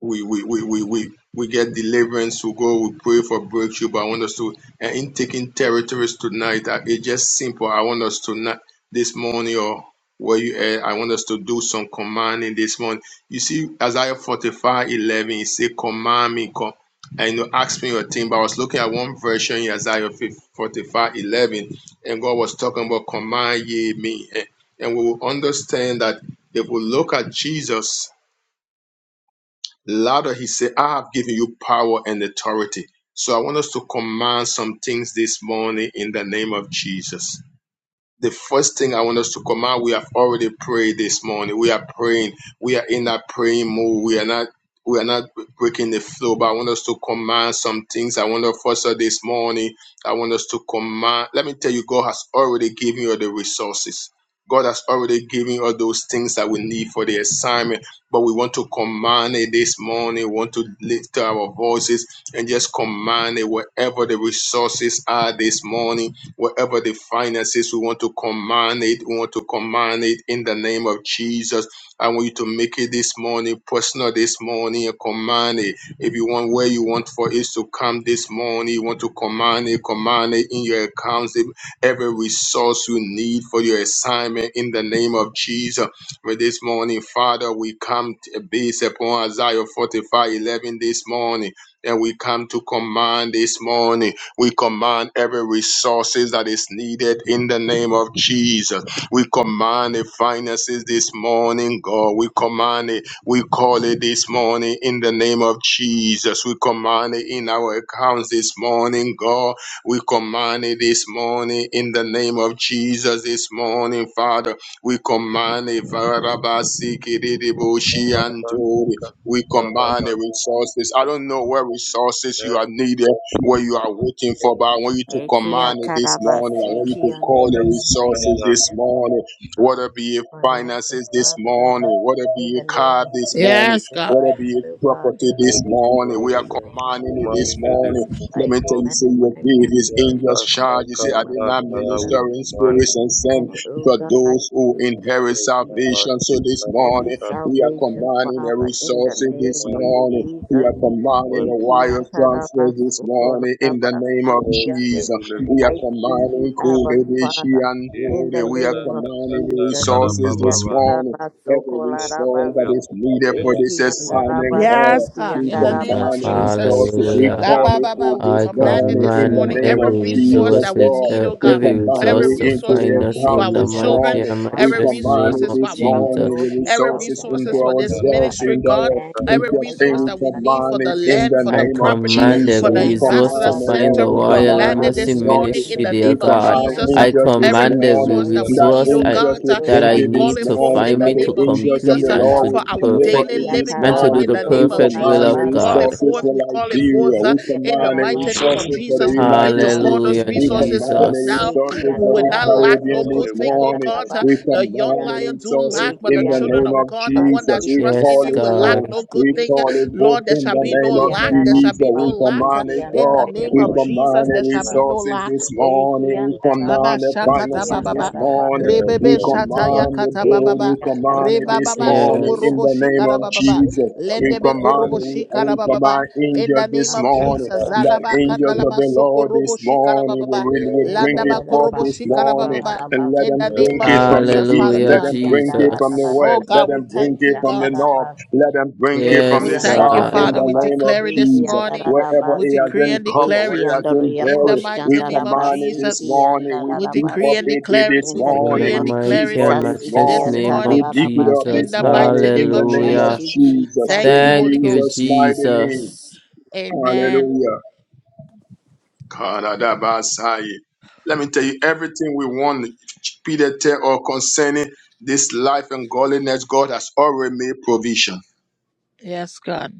S6: we we we we we, we get deliverance, we go, we pray for breakthrough. But I want us to and in taking territories tonight, uh, it's just simple. I want us to not this morning or where you at, I want us to do some commanding this morning. You see, Isaiah forty-five eleven. 11, it say, command me, com-" and you know, ask me your thing. But I was looking at one version in Isaiah 45 11, and God was talking about command ye me. And and we will understand that if we look at Jesus, Louder, he said, I have given you power and authority. So I want us to command some things this morning in the name of Jesus the first thing I want us to come out, we have already prayed this morning. We are praying. We are in that praying mode. We are not we are not breaking the flow, but I want us to command some things. I want to first of this morning. I want us to command. Let me tell you, God has already given you the resources. God has already given you all those things that we need for the assignment, but we want to command it this morning. We want to lift our voices and just command it wherever the resources are this morning Wherever the finances, we want to command it. We want to command it in the name of Jesus. I want you to make it this morning, personal this morning, and command it. If you want where you want for it to come this morning, you want to command it, command it in your accounts, every resource you need for your assignment in the name of Jesus. But this morning, Father, we come to base upon Isaiah 45:11 this morning, and we come to command this morning. We command every resources that is needed in the name of Jesus. We command the finances this morning, God. We command it. We call it this morning in the name of Jesus. We command it in our accounts this morning, God. We command it this morning in the name of Jesus this morning, Father. We command it. Varabasikididibushi and
S2: Kamalabaka,
S6: Tori. We command
S2: Kalababa,
S6: the resources. I don't know
S2: Commander,
S6: where resources you are needed what you are waiting for. But I want you to
S3: Eki
S6: command it this morning. I
S3: atarabasi
S6: want you to
S3: kiande.
S6: call the
S2: Sabas,
S3: I
S6: resources
S2: Canada,
S6: this
S3: command
S6: morning,
S3: um,
S6: whether be it
S3: finances,
S6: finances this
S3: Father
S6: morning,
S3: God,
S6: whether
S3: in
S6: be
S3: the
S6: it
S3: name
S6: car
S3: of
S6: this
S3: Jesus,
S6: morning,
S1: Yes, God.
S3: divine
S6: whether be it
S3: will God.
S6: property this
S2: and it is
S6: morning.
S3: At
S6: We
S3: the
S6: are
S2: moving,
S3: name of
S6: commanding it this
S2: command it
S3: Jesus,
S2: is
S6: morning. Let
S3: I
S6: me
S2: moving,
S6: tell
S2: Lord.
S6: you,
S3: command
S6: say you
S3: my
S6: give
S3: marriage.
S6: his
S2: Yeah,
S3: In
S6: angels
S2: Kaka,
S6: charge. You
S3: the
S6: see, I
S3: name of
S6: did
S2: Kaka,
S6: not
S2: Kaka,
S3: Jesus,
S6: minister
S2: we
S6: in
S3: I
S2: command
S6: spirits and
S2: it is
S6: send
S3: command,
S2: moving,
S3: oh
S6: for
S3: God, in
S6: those who
S3: the name of
S6: inherit
S2: yeah,
S3: Jesus,
S2: Sabas,
S6: salvation. So this
S2: Kaka,
S3: every
S6: morning,
S2: Kaka,
S6: we are
S3: salvation,
S6: commanding the
S3: Father, in the
S6: resources this
S3: name of
S2: command it
S6: morning.
S2: is
S6: We
S3: Jesus.
S6: are
S2: moving,
S6: commanding
S2: command
S6: the
S2: it is
S6: wire
S2: moving.
S6: transfers this morning in the name of
S2: Yes, Lord,
S3: Ekiantarabasukolabasikiande.
S6: Jesus.
S2: in the
S6: We
S2: name
S6: are
S3: I
S2: of
S3: thank
S2: Jesus,
S3: you,
S6: commanding
S3: Abba
S6: Kodeshi
S3: Father,
S6: and
S2: yeah,
S3: in the
S6: Dode. We are
S3: name of
S2: Kaka,
S6: commanding the
S2: Kaka,
S3: Jesus.
S6: resources this
S2: Kalababa,
S6: morning. Every
S2: yes, Lord,
S6: resource
S2: we
S6: that
S2: are
S3: Ekiatarabasukolabasi-
S6: is needed
S2: commanding it
S6: for this
S2: this morning,
S6: assignment,
S1: Yes,
S6: God,
S1: God,
S6: we
S1: in the name of
S8: Jesus,
S6: command the
S3: Ekiandarabasikiandarabaso.
S2: Lord.
S1: Jesus.
S6: resources. We
S3: I
S8: hallelujah.
S1: La
S2: Kaka,
S6: call
S1: ba
S6: it
S3: commend,
S1: ba
S6: for
S1: ba. We
S6: this
S3: Father
S8: I
S3: God,
S1: command
S3: in
S1: it
S6: morning
S3: the
S1: this
S6: in the
S3: name
S1: morning.
S8: command
S3: of
S6: name
S8: every
S1: Every
S6: of
S3: Jesus,
S1: resource
S6: Jesus,
S1: that we
S8: resources,
S6: God.
S3: for
S1: need,
S8: e-
S1: oh
S3: my
S6: We
S1: God.
S3: co-
S8: every
S6: combine
S1: Every
S8: resource
S6: it
S8: to
S3: finances
S6: into
S3: to
S1: resource
S6: the
S1: we
S8: find
S3: line
S8: us
S1: need for
S3: up,
S6: account
S8: in
S1: our
S3: oh
S8: the
S6: this
S3: God,
S8: mighty
S1: children,
S3: for
S6: morning.
S3: the
S8: and
S6: We
S1: every
S3: finances
S8: matchless
S3: to come
S1: resource
S6: combine
S8: name
S6: it
S1: is
S8: of
S1: for
S6: this
S1: our
S3: from the
S6: morning,
S1: home,
S8: Jesus.
S6: the
S3: north, east,
S1: every
S3: south,
S6: resources
S3: and
S1: resource
S6: into
S1: is
S3: west,
S1: for
S3: oh
S1: this
S3: God.
S6: ourselves,
S3: I
S1: ministry,
S6: into
S1: God.
S6: our
S3: command it
S1: Every
S3: right
S6: interesting.
S1: resource
S3: now
S6: We
S1: that we
S3: in the
S1: need
S6: command
S1: for
S3: name
S6: it
S1: the
S3: of
S6: in
S3: Jesus.
S1: land,
S6: the
S1: for the
S8: I
S6: name of
S1: property,
S8: command
S6: Jesus.
S1: for
S8: every
S1: the
S6: We
S8: resource
S1: ambassador
S8: to
S6: command the
S8: find the
S1: center,
S6: land. We
S1: we
S8: Royal
S6: command
S1: command
S6: the
S1: it
S8: Embassy
S1: this morning
S6: resources.
S1: in
S8: Ministry,
S3: Ikiandarabasokolaramasikiande.
S1: the
S6: We
S8: dear
S1: name of
S3: I
S8: God.
S6: command
S3: command
S1: Jesus.
S3: the
S8: I
S6: angels this
S1: Every
S3: finances
S8: command
S3: for
S8: every
S6: morning.
S1: resource that
S3: royal
S1: we
S6: That
S1: need,
S8: resource
S1: oh
S8: I,
S6: angels
S3: embassy,
S1: God.
S6: will
S3: oh
S8: that
S6: bring
S8: I
S1: We
S6: you
S3: God,
S1: call
S6: this
S8: need
S1: it
S8: to
S1: forth
S3: in the
S1: in
S6: morning.
S8: find
S1: the
S6: That
S8: me
S6: the
S8: to
S1: name
S3: name of
S1: of
S6: angels of
S1: Jesus
S8: complete
S6: the
S1: uh,
S8: and
S3: Jesus.
S8: to
S6: Lord
S1: for
S6: will
S8: do
S1: our
S6: deliver
S8: perfect
S1: daily
S6: you this
S1: living,
S8: and to
S1: God,
S8: do
S6: morning.
S1: in
S8: the
S1: the
S6: We
S1: name of
S8: perfect will
S6: command
S1: Jesus.
S6: the
S8: of
S1: We call it
S8: God.
S6: resources
S3: Ikiatarabasokolarabasikiyande.
S1: forth.
S6: for
S1: We call it
S6: Liberia.
S1: forth uh,
S6: We
S3: Eki
S1: in the
S6: command
S3: andara
S6: the
S1: mighty name
S3: basi,
S1: of
S6: resources
S3: ki
S6: for the
S1: Jesus. We
S3: andara
S1: begin
S6: United
S1: to call
S6: States.
S3: basi,
S1: those
S8: Hallelujah,
S3: ki
S6: We
S1: resources
S3: andara.
S6: command
S1: forth
S6: the
S8: Jesus.
S1: now.
S3: Eki
S1: We
S6: resources for
S1: will
S6: the
S3: andara
S1: not lack
S3: baso
S1: no
S6: Caribbean
S1: good
S6: this
S1: thing, oh
S6: morning.
S3: koshandara
S1: God. Uh,
S6: We
S1: the
S3: basi, ki
S1: young
S6: command
S3: ande.
S6: the
S1: lion do lack,
S6: resources
S1: but
S3: Eki
S1: the
S6: in the
S1: children
S6: name
S3: andara
S1: of
S6: of
S1: God, the one that
S6: Jesus.
S3: basi,
S6: We
S3: ki
S1: trusts in
S8: Yes,
S6: call
S1: you,
S6: it
S1: will
S3: andara
S1: lack
S6: forth.
S8: God.
S1: no good
S6: We
S3: basi,
S1: thing.
S3: ki
S6: call it
S3: ande.
S6: forth
S1: Lord, there
S6: in
S1: shall
S6: the
S1: be no
S6: name
S3: Eki
S6: of
S1: lack. There
S3: andara
S1: shall
S6: Jesus.
S1: be no
S6: We
S3: basi,
S1: lack. uh,
S6: command
S3: ki
S6: it,
S1: In the
S3: andara
S6: God.
S3: ya
S1: name
S6: We
S1: of
S6: command
S1: Jesus, there
S6: the
S3: koshandara
S1: shall be no
S3: basi.
S6: resources
S1: lack.
S6: this
S3: Eki
S6: morning. We
S3: andara
S2: Thank you.
S1: Baba
S6: command the
S3: basi, ki
S1: shakata
S6: finances this
S1: bababa
S3: andara
S6: morning.
S2: Eh,
S3: basi,
S6: We
S1: rebebe
S3: ki.
S2: glory to
S1: shata
S2: God,
S6: command the
S2: our
S1: yakata
S2: Father,
S3: Eki
S1: bababa
S6: building.
S2: it is
S3: andara
S6: Command it
S2: glory
S6: this
S2: that
S1: rebababa
S3: basi, ki
S6: morning
S8: Yes.
S6: in
S1: shokorobo
S6: the
S3: ande.
S2: we
S6: name
S1: shikara
S6: of
S2: can
S1: bababa
S2: serve
S6: Jesus.
S3: Eki
S2: our
S6: We
S1: lendebe
S2: Father
S3: andara
S2: in the
S6: command,
S1: korobo
S2: name
S6: we,
S2: of
S3: basi,
S1: shikara
S6: we
S1: bababa
S6: command
S2: Jesus.
S1: in the
S6: angels
S1: name
S6: this
S1: of
S2: Yes,
S3: andara
S6: morning.
S1: Jesus
S2: God,
S6: The
S3: basi.
S2: take
S1: zalaba
S2: it,
S6: angels
S2: take
S6: of
S1: kandalaba
S6: the
S2: it.
S6: Lord
S1: sokorobo
S6: this
S1: shikara
S6: morning, we
S1: bababa
S6: will we
S2: Yes,
S3: In the
S6: drink
S1: landaba
S6: it
S2: Lord,
S6: forth
S1: korobo
S6: this
S3: Dadabasukarabasiki
S1: shikara
S6: morning,
S1: bababa
S6: and let
S1: in the
S6: them
S2: yes,
S1: name
S6: drink
S3: and
S1: of
S6: it
S3: the
S2: Lord.
S6: from the
S1: Jesus
S6: east,
S1: Father
S8: Hallelujah,
S6: let
S1: God
S3: Eki
S6: them
S3: and
S6: drink it from the
S8: Jesus.
S1: oh
S6: west, let
S1: God
S3: Dadadadadadia
S1: we
S6: them drink
S1: thank you
S6: it
S3: Christian
S6: from
S1: God
S6: the north,
S3: Dadabasi,
S6: let them drink it from
S1: we
S3: Eki
S8: Yes,
S6: the
S3: and
S1: thank
S6: south
S1: you,
S6: in
S8: God.
S1: Father.
S6: the
S1: We
S6: name of
S1: declare it this
S3: Dadadadabasiki and
S6: Jesus.
S1: morning.
S6: Wherever
S1: We
S6: it has
S3: Dadadabasi,
S1: decree
S6: been
S1: and
S6: covered,
S1: declare
S6: where
S3: Eki
S6: it
S1: it
S6: has
S3: and
S6: been
S3: Ria
S1: in the
S6: buried,
S3: Christian
S6: we
S1: mighty name of
S6: command it this
S3: Dadabasiki
S1: Jesus.
S3: and
S6: morning. We
S1: We
S6: dig
S1: decree
S6: up
S1: and
S3: Dadadabasi.
S6: it
S1: declare it.
S6: this
S3: In
S1: We
S3: the
S8: In
S1: decree
S8: the
S6: morning.
S3: name
S1: and
S3: of
S6: We
S1: declare
S6: dig
S8: mighty
S1: it
S6: up
S8: and
S3: Jesus,
S6: this
S3: Iki
S8: matchless
S3: and
S1: this
S6: morning.
S8: name
S6: We
S1: morning
S8: of
S6: dig it
S3: Dadadadabas.
S6: up
S1: in
S6: this
S8: Jesus.
S1: the
S6: morning
S1: mighty
S6: in
S1: name
S6: the
S1: of
S6: name of
S3: Thank
S8: Hallelujah.
S3: you,
S1: Jesus.
S6: Jesus.
S1: Thank you,
S6: In
S3: Jesus.
S1: Holy
S8: Thank you,
S6: Jesus'
S1: Ghost.
S6: mighty name.
S8: Jesus.
S1: Amen.
S6: Hallelujah. Karadabasai. Let me tell you everything we want Peter tell or concerning this life and godliness, God has already made provision.
S1: Yes, God.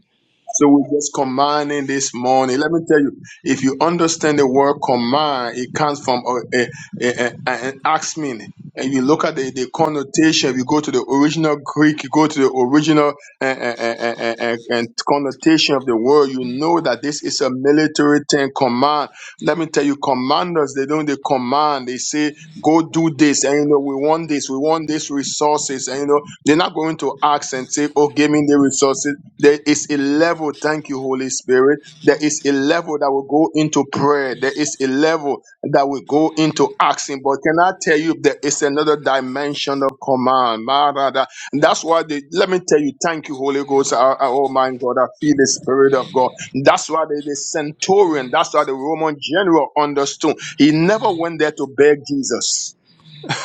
S6: So we're just commanding this morning. Let me tell you, if you understand the word command, it comes from uh, uh, uh, uh, an ax meaning. And you look at the, the connotation, if you go to the original Greek, you go to the original uh, uh, uh, uh, uh, uh, uh, connotation of the word, you know that this is a military thing, command. Let me tell you, commanders, they don't they command, they say, go do this, and you know, we want this, we want these resources, and you know, they're not going to ask and say, oh, give me the resources there is a level, thank you, Holy Spirit. There is a level that will go into prayer. There is a level that will go into asking. But can I tell you, there is another dimension of command. Marada. And that's why, they. let me tell you, thank you, Holy Ghost. I- I- oh my God, I feel the Spirit of God. That's why the, the centurion, that's why the Roman general understood. He never went there to beg Jesus.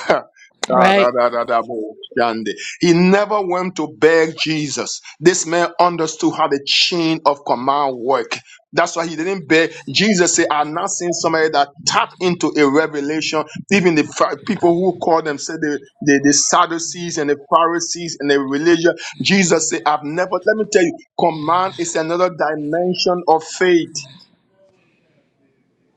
S1: Right.
S6: He never went to beg Jesus. This man understood how the chain of command work. That's why he didn't beg. Jesus said, I'm not seeing somebody that tap into a revelation. Even the Phar- people who call themselves the, the, the Sadducees and the Pharisees and the religion. Jesus said, I've never, let me tell you, command is another dimension of faith.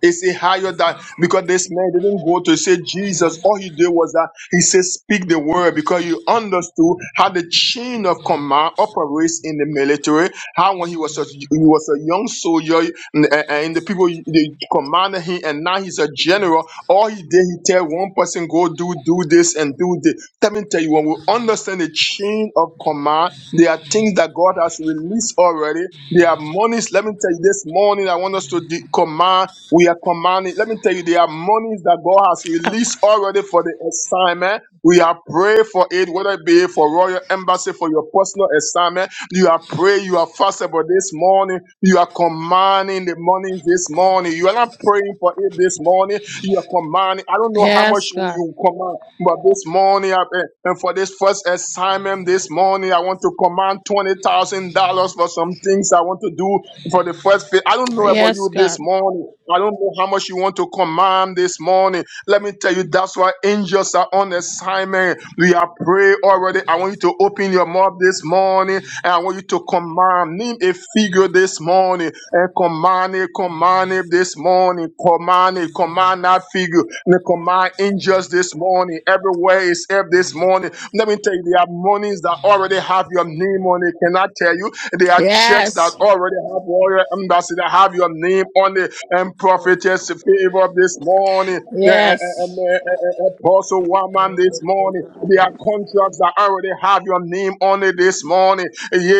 S6: It's a higher that because this man didn't go to say Jesus. All he did was that he said, speak the word because he understood how the chain of command operates in the military. How when he was a, he was a young soldier and, and the people they commanded him and now he's a general. All he did, he tell one person, go do, do this and do this. Let me tell you, when we understand the chain of command, there are things that God has released already. There are monies. Let me tell you this morning, I want us to de- command we are commanding. Let me tell you, there are monies that God has released already for the assignment. We are praying for it, whether it be for royal embassy, for your personal assignment. You are praying, you are fasting for this morning. You are commanding the monies this morning. You are not praying for it this morning. You command. I don't know how much
S1: Yes, God.
S6: you command, but this morning, I- eh, and for this first assignment this morning, I want to command twenty thousand dollars for some things I want to do for the first. Fa- I don't know about
S1: Yes,
S6: you this
S1: God.
S6: morning. I don't know how much you want to command this morning. Let me tell you, that's why angels angels are on assignment. We have prayed already. I want you to open your mouth this morning and I want you to command. Name a figure this morning and command it, command it this morning. Command it, command that figure. And command angels this morning. Everywhere is help this morning. Let me tell you, there are monies that already have your name on it. Can I tell you? There are checks that
S1: Yes.
S6: already have all your embassy that have your name on it and prophetess favor this morning,
S3: you,
S6: the uh,
S3: God.
S6: uh,
S1: Yes.
S6: uh, uh, apostle woman
S3: May
S6: this
S3: the good
S6: morning.
S3: God
S6: There
S3: in
S6: are contracts that already have your name on it
S3: you,
S6: this morning.
S3: God,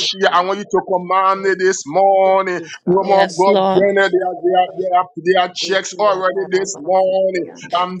S3: make
S6: I
S3: them
S6: want you to command
S3: know
S6: it this morning.
S3: fifty thousand
S6: Woman of
S1: Yes,
S6: God,
S1: Lord.
S3: dollars.
S6: Jenna, there are, there are,
S3: God,
S6: there are, there are checks
S3: Iki
S6: already this
S3: atarabasi
S6: morning.
S3: kiande.
S6: I'm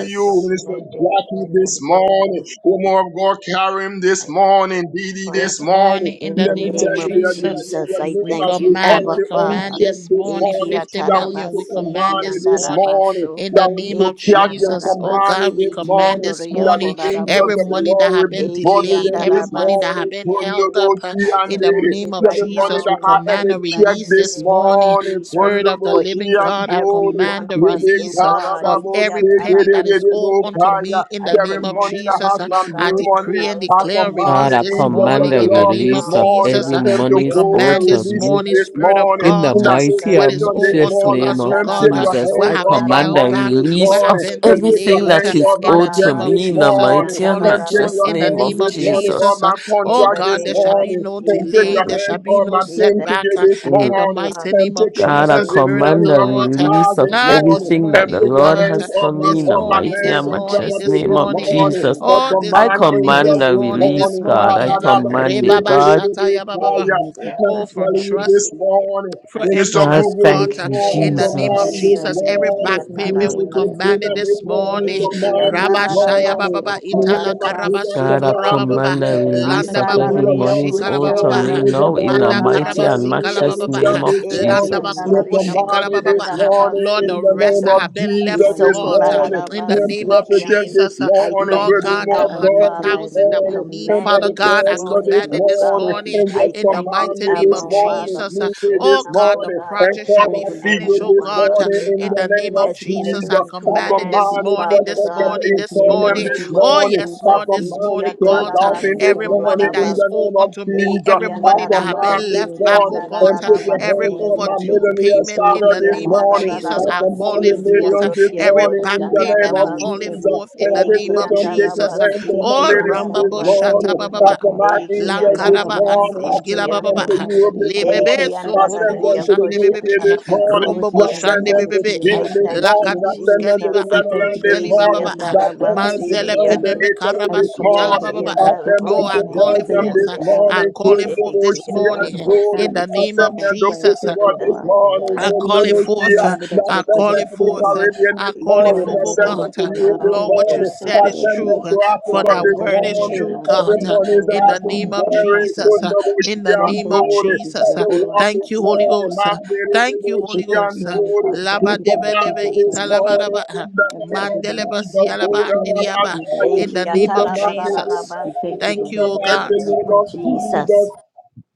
S3: I
S6: you, Minister
S3: command it
S6: Jackie
S3: in the
S6: this
S3: name
S6: morning,
S3: of Jesus.
S6: woman of God, Karim
S3: I
S6: this
S3: thank you,
S6: morning, Didi this
S1: This
S3: Father,
S6: morning.
S1: morning, in
S3: in
S1: the
S3: the
S6: Let me
S1: name of
S6: tell
S3: name of
S6: you, your, your,
S1: Jesus,
S6: your,
S3: Jesus,
S6: your
S3: I
S1: we
S6: name
S3: thank
S6: is
S3: you,
S6: is
S1: command, we
S3: Abba
S6: already
S1: command
S3: Father.
S6: unchecked
S1: this
S6: this
S1: morning
S3: Eki
S6: morning.
S1: 50
S6: That when you
S1: million.
S6: took
S1: We
S3: atarabasi
S1: command
S3: ki
S6: Imani
S1: this
S6: this
S1: morning,
S6: morning,
S3: andarabaso.
S1: in the
S6: that when you
S1: name of
S6: took
S3: Eki
S6: cash and command
S1: Jesus. Oh
S6: Komani
S1: God, we
S3: andarabasi
S6: this
S3: ki
S1: command
S6: morning,
S1: this
S3: andoria
S6: that the
S1: morning
S6: angels
S1: every
S6: of the
S3: kolarabosi.
S1: money that
S6: Lord
S1: have
S6: will
S1: been
S6: be
S3: Eki
S1: delayed,
S6: buzzing
S1: every
S6: this
S1: money that have
S6: morning.
S3: andarabasi
S1: been
S3: ki
S1: held
S3: ande.
S6: Kundubo
S1: up, uh,
S6: she
S3: I
S6: and
S1: in the
S6: Didi.
S3: command
S1: name
S3: it
S1: of
S6: That
S3: right
S6: the money
S1: Jesus.
S3: now
S1: We
S6: that
S3: in
S6: I
S3: the
S6: ever
S1: command a
S3: mighty
S6: checked
S1: release
S3: matchless
S6: this
S1: this
S3: name of
S1: morning.
S6: morning,
S3: Jesus
S1: Spirit of
S6: Kundubo
S1: the
S3: for
S6: she
S1: living
S3: each and
S6: and
S1: God, I
S3: every one
S1: command the
S3: of
S6: Dodi.
S3: us, oh
S1: release uh,
S3: God.
S1: of
S3: Eki
S1: every penny that is
S3: atarabasi
S1: owed
S3: ki
S1: unto
S3: ande.
S1: me, in the
S3: I
S6: Every
S1: name of
S3: command
S6: morning that
S1: Jesus.
S6: has
S3: twenty
S6: my
S1: I
S6: name on
S3: thousand
S1: decree
S6: it,
S1: and
S3: dollars
S6: I
S3: for
S1: declare
S3: each
S6: command
S8: God,
S3: and
S1: release
S6: the
S8: I
S1: this
S3: every
S6: angels of
S8: command
S1: morning
S3: one
S6: the
S8: the
S3: of
S1: in the
S3: us
S6: Lord
S1: name
S6: this
S1: of
S3: now,
S8: release of
S3: O
S6: morning,
S1: Jesus.
S8: every
S1: Uh,
S3: God,
S6: them to
S1: We
S8: money's
S3: in the
S6: go and
S8: owed
S1: command
S8: to
S3: mighty
S1: this
S6: release him
S8: me.
S1: morning,
S3: matchless
S6: this
S1: Spirit
S3: name
S1: of
S6: morning.
S3: of
S8: In the
S1: God,
S6: And
S1: uh,
S6: I say,
S8: mighty
S3: Jesus.
S1: what
S8: and
S1: is
S6: Satan,
S1: owed
S6: this
S8: matchless
S1: unto
S3: Eki
S6: morning,
S8: name
S1: us, oh
S8: of
S6: and
S1: God,
S6: take
S1: uh,
S3: andaraba
S6: your
S8: Jesus,
S1: what
S8: I
S6: hands
S1: have
S6: off
S1: been
S6: my
S8: command
S1: held
S8: the
S3: sokoraraba
S6: money
S1: back,
S6: this
S1: what
S8: release
S3: siki
S1: have
S6: morning,
S8: of
S3: ande.
S1: been
S6: and take your
S8: everything
S1: delayed, uh,
S8: that
S6: hands
S3: Eki
S8: is
S6: off
S1: in
S6: my
S1: the
S8: owed to
S6: checks
S1: name
S3: andaraba
S1: of
S6: this
S8: me in the
S1: Jesus,
S3: siki
S1: we
S6: morning,
S8: mighty
S1: call
S8: and
S1: it
S6: and take
S1: forth
S8: matchless
S6: your
S1: in
S3: andarararaba
S1: the
S8: name
S6: hands
S1: name
S8: of
S1: of
S6: this
S3: siki
S6: morning
S3: ande.
S6: off
S1: Jesus.
S8: Jesus.
S1: uh,
S6: my
S3: In
S1: Oh
S3: the
S6: contracts
S1: God,
S6: this
S1: there
S3: name
S1: shall
S3: of
S1: be
S6: morning,
S1: no
S6: and take
S1: delay,
S3: Jesus,
S6: your
S1: there shall
S6: hands
S1: be
S6: off
S1: no
S6: my
S3: we
S6: payment
S3: thank
S1: setback uh,
S3: you,
S6: this
S8: Mm.
S1: in
S3: Abba
S1: the
S6: morning,
S1: mighty
S6: and
S3: Father.
S1: name of
S6: take your
S8: God, I
S6: hands
S1: Jesus,
S6: this
S1: Spirit
S3: Eki
S1: of
S8: command
S6: morning
S1: the
S8: the
S5: Thank
S6: off my my
S1: Lord.
S5: you, Heavenly
S1: uh,
S3: andaraba
S6: car
S8: release
S5: Father.
S8: of
S6: this
S5: I
S1: Ah,
S3: siki
S5: command my
S6: morning
S1: this
S3: ande.
S8: everything
S5: morning
S6: and
S8: that
S1: morning,
S5: right
S8: the
S1: oh
S6: put
S5: now
S6: your
S8: Lord
S5: in
S1: God,
S5: the
S1: uh,
S6: hands
S8: has
S5: mighty
S6: on
S8: for
S6: my
S5: name
S8: me
S5: of
S8: in
S1: this
S8: the
S6: on
S3: Eki
S6: my
S5: Jesus,
S1: morning,
S8: mighty
S5: Lord.
S6: lands
S1: this
S8: and
S6: and
S3: andaraba
S1: morning,
S8: matchless
S6: property
S1: this
S5: I
S3: siki
S8: name
S6: this
S8: of
S1: morning.
S5: command
S3: ande.
S5: my
S6: morning.
S5: day
S8: Jesus.
S5: right
S6: Up
S1: Oh,
S5: now
S6: on
S5: in
S8: I
S1: this
S5: the
S6: mine
S1: morning,
S5: mighty
S6: angel
S8: command
S5: name
S1: this
S5: of
S8: the
S6: this
S3: Eki
S1: morning,
S3: and
S5: Jesus
S8: release,
S1: this
S6: morning.
S5: to
S6: Ba,
S8: God.
S1: morning.
S8: I
S6: da,
S5: decree and
S6: da,
S3: Alabasti,
S6: ba,
S5: declare.
S6: si,
S8: command
S6: si,
S8: it,
S1: Rebaba
S6: di, di,
S8: God.
S1: Shataya Baba.
S6: fire.
S5: of your
S3: Eki and
S6: I'm
S1: Oh,
S5: protection,
S1: from
S5: Lord
S6: telling you
S5: Jesus.
S1: trust
S3: Alabasti.
S6: this morning.
S5: I
S1: for M
S5: decree
S6: Minister
S5: and
S8: God,
S1: Trust
S6: Google
S3: In
S1: God
S6: this
S8: thank
S5: declare
S1: uh,
S8: you,
S3: the
S6: morning,
S1: in
S3: name
S1: the
S3: of
S1: name of
S6: command
S5: that
S8: Jesus.
S5: you
S6: this
S3: Jesus,
S5: walk
S1: Jesus.
S5: in
S1: Every
S5: every
S3: Eki
S6: morning.
S1: back
S3: and
S5: single
S1: payment we
S6: Minister
S5: area
S3: Alabasti,
S5: of
S6: Christina
S1: commanded
S5: our
S6: this
S1: this
S5: home,
S6: morning,
S1: morning.
S5: every
S3: Eki
S6: command
S3: and
S5: area
S6: this
S1: Rabba
S5: of our
S3: Alabasti,
S1: Shaya
S5: lives,
S1: Baba
S6: morning.
S5: Lord
S1: Ba,
S6: Move
S5: Jesus.
S6: the
S1: Itala Karaba
S6: Matina
S3: Eki
S8: God,
S1: Soto
S8: I
S6: command
S1: Rabba
S3: and Alabasti,
S6: this
S1: Baba
S8: command the
S5: And just
S6: morning.
S8: release
S1: Landa
S5: touch
S8: of
S5: it,
S1: Ba
S6: To be
S5: Lord
S8: every
S6: a
S1: Kurubo
S5: Heavenly
S3: Andararia
S6: mom
S8: morning's
S5: Father,
S6: this
S1: Shikala
S5: so
S8: owed
S1: Baba
S5: that
S8: on
S6: morning.
S8: me
S5: way you
S6: Is a
S3: kushandaria
S5: can
S8: now
S5: make
S8: in
S5: it
S8: the
S1: Manda
S6: Diane
S5: right,
S6: this
S5: Lord
S8: mighty
S1: Karaba
S8: and
S5: Jesus.
S3: kolarabasi
S6: morning. Is
S1: Sikala
S6: a
S8: matchless
S1: Baba
S3: kiande.
S1: Ba,
S6: Lisa
S8: name of
S6: this
S5: I
S3: Eki
S1: Landa
S6: morning.
S5: decree
S8: Jesus.
S5: and
S6: Your
S1: Kurubo
S5: declare,
S3: andararia
S5: Lord
S6: command
S1: Shikala Baba
S5: Heavenly
S6: this
S5: Father,
S6: morning.
S1: Lord,
S5: we
S3: kushandarabasi
S1: the
S6: In the
S1: rest
S6: name
S1: that
S3: kiando.
S5: demand
S6: of
S1: have been left
S6: Jesus
S5: our
S1: for
S6: this
S5: new
S1: God
S5: day,
S1: uh,
S6: morning.
S5: Lord
S1: in the
S6: Your
S1: name
S5: Jesus.
S3: Isokolarabasi
S1: of
S6: prophetess
S3: kiande.
S6: this
S1: Jesus. uh,
S3: I
S5: We
S6: morning.
S1: Lord
S3: thank
S6: Good
S3: you,
S1: God,
S5: demand
S6: woman
S1: the
S6: of
S5: our
S3: Abba
S5: new
S1: hundred
S6: God
S5: day,
S3: Father,
S6: this
S5: Lord
S3: as
S1: thousand
S5: Heavenly
S3: we
S1: that we
S5: Father,
S6: morning.
S5: with
S1: need,
S6: And
S1: Father
S6: brother
S3: commanded
S5: filled with
S1: God,
S3: this
S1: I
S6: Pastor
S5: grace
S3: morning,
S6: this
S5: and
S1: commanded
S3: O
S5: mercy,
S1: this
S5: Lord
S6: morning.
S3: God.
S1: morning
S6: And
S5: Jesus,
S3: I
S6: just
S1: in the
S3: thank you,
S6: command
S1: mighty
S6: me
S5: and
S1: name
S3: Abba
S6: this
S1: of
S5: allowing us
S3: Father,
S6: morning.
S1: Jesus.
S3: for
S5: to
S6: Meet me
S5: take
S3: showing
S1: Oh
S6: this
S3: up,
S1: God,
S3: O
S1: the
S6: morning.
S3: God,
S6: And
S3: for
S1: project shall
S6: call
S3: each
S1: be
S6: our
S5: over,
S3: and
S5: Lord
S1: finished,
S6: figure
S3: every
S5: Heavenly
S1: oh
S6: this
S3: one
S5: Father,
S3: of
S1: God,
S3: us,
S1: uh,
S6: morning
S3: O
S5: Eve,
S6: in
S1: in
S6: the
S3: God,
S1: the
S6: name
S1: name
S5: every
S6: of
S1: of
S3: as we
S5: single
S3: make
S1: Jesus. I
S6: Jesus.
S3: this
S6: I
S5: circumstance,
S1: commanded
S5: Lord
S3: command,
S1: this
S6: command it
S5: Jesus,
S6: for
S1: morning,
S3: Father
S1: this
S6: second
S3: God.
S1: morning,
S6: in
S5: with
S1: this
S3: In
S5: you,
S3: the
S6: them
S5: Lord
S1: morning.
S6: this
S3: name
S5: Jesus,
S3: of
S5: in
S1: Oh
S5: the
S6: morning.
S1: yes,
S5: front,
S6: I
S3: Jesus,
S1: Lord, this
S6: command it
S1: morning,
S3: Ikia
S6: to
S5: Lord
S6: a
S1: God,
S5: Heavenly
S1: uh,
S5: Father,
S6: thousand
S5: and
S6: this
S1: every
S3: Tarabasoko
S5: carrying us
S1: money
S6: morning
S5: through,
S1: that
S6: in
S1: is
S5: Lord.
S6: the
S1: owed
S3: Larabasi,
S6: name of
S1: unto me,
S6: Jesus.
S1: every
S5: Heavenly
S6: I
S1: money
S5: Father,
S1: that
S5: we
S1: have
S6: command
S5: thank
S1: been
S5: you,
S3: Ekiandarabasi,
S6: this
S1: left
S5: Lord
S1: back,
S5: Jesus,
S1: oh
S6: morning
S5: as we
S1: God,
S6: and
S1: uh,
S6: put your
S5: command this
S1: every
S6: hands
S3: Kiandarabasi,
S6: on
S5: morning,
S6: my
S5: Lord
S3: Kiande,
S1: overdue
S5: Jesus.
S6: millionaire
S5: We
S1: payment
S5: thank
S1: in
S5: you
S6: starter
S1: the
S5: for
S6: this
S1: name of
S5: allowing us
S6: morning.
S5: to
S6: I
S1: Jesus,
S5: wake up
S1: I
S6: command
S1: call it
S6: the
S3: Ekiandarabasi,
S5: and be able
S1: forth.
S5: to
S1: uh,
S6: millions this
S5: see,
S3: Kiandoria
S1: Every
S5: wake
S6: morning
S5: up
S1: back
S5: to
S6: in
S5: be
S6: the
S5: able to
S6: name
S1: payment, I
S6: of
S5: move,
S1: call
S3: Koshandarabasi,
S1: it
S6: Jesus.
S5: every
S1: forth
S6: And
S1: in
S6: I
S1: the
S5: wake
S6: just say,
S1: name
S5: up
S1: of
S5: to
S6: don't
S5: be
S6: take your
S5: able
S1: Jesus. uh,
S5: to
S6: hands on
S3: Ekiandarabasi,
S5: think,
S6: my
S5: Lord
S1: Oh,
S5: Heavenly
S6: million this
S5: Father.
S1: Rambabo
S5: We thank
S6: morning
S1: Shata
S5: you,
S3: Kiandarabasi,
S5: Lord
S6: morning.
S1: Baba,
S5: Heavenly
S6: After
S5: Father,
S6: my
S5: that
S6: angels
S5: as you
S6: this
S1: Lankaraba
S5: command
S6: morning,
S3: Ekiandarabasi,
S5: our
S6: I
S5: day,
S1: Andrushkila
S6: send
S5: Lord
S6: them
S3: Kiando,
S1: Baba.
S5: Heavenly
S6: to
S5: Father, that
S6: Europe
S5: it
S6: this
S5: shall be a
S6: morning.
S1: Lebebe
S6: I
S1: soko
S5: successful,
S6: send
S5: Lord
S1: bobo
S6: them
S3: Ekiandarabasi,
S6: to
S5: Jesus
S6: the
S1: shande
S6: UK
S1: bebebe. eh,
S6: this
S5: and
S3: Koshandarabasi,
S6: morning.
S5: flourish,
S1: Rombo bo
S6: I
S5: Lord Heavenly
S3: Kiando.
S6: send
S1: shande
S6: them
S5: Father,
S6: to
S5: to
S1: bebebe.
S5: your
S1: eh,
S6: Spain
S3: I
S5: liking,
S6: this
S3: thank
S5: Lord
S6: morning.
S3: you,
S5: Jesus.
S6: I
S1: Lakadus
S6: send them to
S3: Jesus.
S1: keliva
S6: the
S5: We thank
S6: Netherlands
S1: andrush
S5: you, Lord
S6: this
S1: keliva
S5: Heavenly
S3: Eki
S6: morning.
S1: baba.
S5: Father,
S1: eh,
S6: I
S5: for
S6: send them to
S3: andarabasi
S5: protection, Lord
S1: Manzele
S6: France, to
S5: Jesus.
S1: peneme
S3: kiande.
S6: Italy
S5: As we
S6: this
S1: karabasuta la
S5: command the
S6: morning.
S1: baba.
S3: Eki
S5: day,
S1: baba,
S6: I
S1: eh.
S5: Lord
S6: send
S5: Jesus, we
S6: them
S1: Oh,
S6: to
S1: I
S3: andarabasi
S5: command
S1: call it
S6: Belgium
S5: safety
S1: forth.
S6: this
S1: eh,
S3: kiande.
S5: for all,
S1: I
S6: morning.
S5: Lord
S6: To
S1: call it
S5: Jesus.
S6: the
S1: forth
S3: Eki
S1: this
S5: Safety
S6: and
S1: morning eh,
S5: for our
S3: andarabasi.
S6: Jordan.
S1: in
S5: family,
S1: the
S6: I
S1: name
S5: safety
S6: send
S1: of
S5: for our
S6: them to
S5: friends,
S1: Jesus.
S6: Portugal
S5: safety
S3: In
S5: for
S6: this
S3: the
S5: our,
S6: morning
S3: name
S1: I
S6: to
S3: of
S5: every
S1: call it
S5: single
S1: forth.
S5: family
S6: Nebuchadnezzar.
S3: Jesus,
S1: uh,
S5: member
S6: I
S5: that's
S1: I
S6: send
S1: call
S6: them
S5: represented
S1: it
S6: to the
S5: here
S1: forth.
S5: in
S1: uh,
S5: this
S6: Caribbean
S1: I
S6: this
S3: we
S1: call it
S5: prayer
S6: morning.
S3: call
S1: forth,
S3: it
S5: room,
S6: I
S1: oh
S5: Lord
S6: send
S5: Heavenly
S1: God.
S6: them
S3: forth
S6: to
S1: uh,
S5: Father.
S6: Europe
S5: We
S3: now,
S6: this
S1: Lord,
S5: pray
S1: what
S5: for
S1: you
S6: morning.
S3: O
S1: said
S6: I
S5: safety,
S3: God.
S1: is
S5: Lord
S6: send
S1: true,
S6: them
S5: Jesus.
S1: uh,
S6: to
S1: for
S6: Africa
S5: Watch our
S3: In
S1: that
S6: this
S3: the
S1: word
S5: going
S1: is
S3: name
S5: ins
S6: morning.
S5: and
S3: of
S1: true,
S5: our
S1: God.
S6: Every
S3: Jesus.
S5: going
S1: uh,
S5: out,
S6: money
S5: Lord
S6: that
S1: In the
S6: has
S5: Heavenly
S6: been
S5: Father,
S1: name
S5: and
S1: of
S5: coming back,
S6: buried
S5: Lord
S6: from
S1: Jesus. uh,
S5: Jesus.
S1: In the
S6: Novosia and
S5: Watch
S1: name of
S5: over us,
S6: glory.
S5: Lord Jesus,
S1: Jesus.
S5: and
S1: uh,
S6: Every
S5: order our
S6: one
S1: Thank
S6: this
S1: you,
S5: steps,
S1: Holy
S5: Lord.
S6: morning.
S1: Ghost. uh,
S6: Man, there is
S1: Thank you,
S5: We
S1: Holy
S6: Novosia
S5: thank
S6: and
S1: Ghost.
S5: you,
S1: uh,
S5: Heavenly
S6: glory.
S5: Father, for
S6: We
S1: Laba
S5: everything
S1: deva
S5: that
S6: command
S5: you
S1: leva
S6: you
S5: have
S6: this
S1: ita
S5: done, Lord
S1: laba
S5: Jesus,
S6: morning
S1: laba, uh,
S6: in the
S5: and for
S6: name of
S5: everything that
S1: mandeleba
S5: you
S6: Jesus.
S1: sia
S5: shall
S1: laba
S6: Lord, that I
S5: continue to
S1: andiriaba,
S5: do,
S6: magnify
S5: Lord
S6: you.
S1: In
S3: Eki
S1: the
S5: Jesus.
S6: We
S1: name of
S6: command you this
S1: Jesus.
S5: We thank
S3: atararararabasi.
S6: morning
S5: you,
S6: in
S1: Thank
S5: Lord
S1: you,
S6: the
S1: oh
S5: Heavenly
S3: In
S5: Father.
S1: God.
S6: mighty
S3: the
S6: name
S3: name
S5: We
S3: of
S5: thank
S6: of
S5: you, Lord.
S6: Jesus.
S3: Jesus.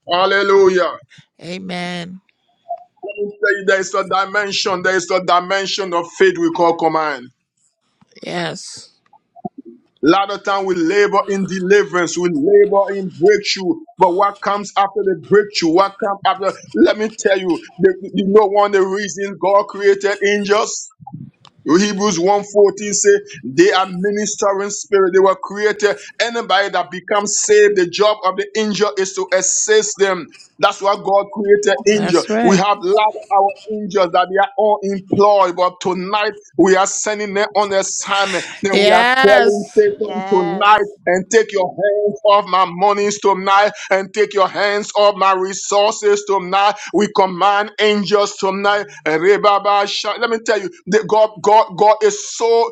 S6: Hallelujah.
S1: Amen.
S6: There there is a dimension, there is a dimension of faith we call command.
S1: Yes.
S6: A lot of time we labor in deliverance, we labor in breakthrough, but what comes after the breakthrough? What comes after? Let me tell you, the, you know one of the reasons God created angels? Hebrews one fourteen say they are ministering spirit. They were created. Anybody that becomes saved, the job of the angel is to assist them. That's why God created angel.
S1: That's
S6: We
S1: right.
S6: have lot of our angels that they are all employed, but tonight we are sending them on assignment. Then we are telling
S1: Yes.
S6: Satan tonight
S3: Yes.
S6: and take your hands off my monies tonight and take your hands off my resources tonight. We command angels tonight. Rebaba Sha- Let me tell you, the God, God, God is so eh,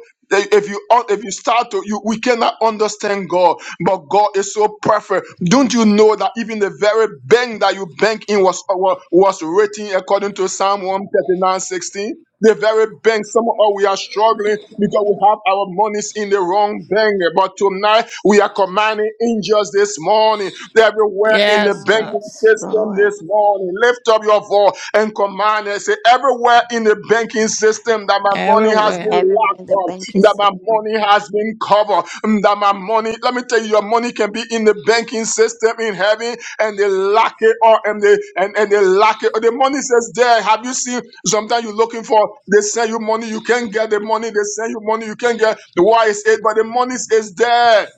S6: if you if you start to you we cannot understand God, but God is so perfect. Don't you know that even the very bank that you bank in was was, was written according to Psalm 139:16? The very bank, some of us we are struggling because we have our monies in the wrong bank. But tonight we are commanding angels this morning, everywhere in the
S1: Yes, God.
S6: banking
S3: Yes,
S6: system
S3: Lord.
S6: this morning. Lift up your voice and command and say, everywhere in the banking system that my money has
S1: Everywhere.
S6: been
S3: Everywhere in
S6: locked
S3: the
S6: up,
S3: banking
S6: that my
S3: system.
S6: money has been covered, that my money, let me tell you, your money can be in the banking system in heaven and they lock it up and they and, and they lock it. The money says there. Have you seen Sometimes you're looking for, they send you money, you can't get the money, they send you money, you can't get the why is it, but the money is there.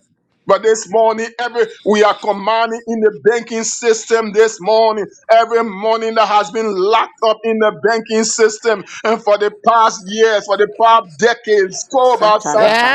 S6: But this morning, every we are commanding in the banking system this morning, every money that has been locked up in the banking system, and for the past years, for the past decades, go about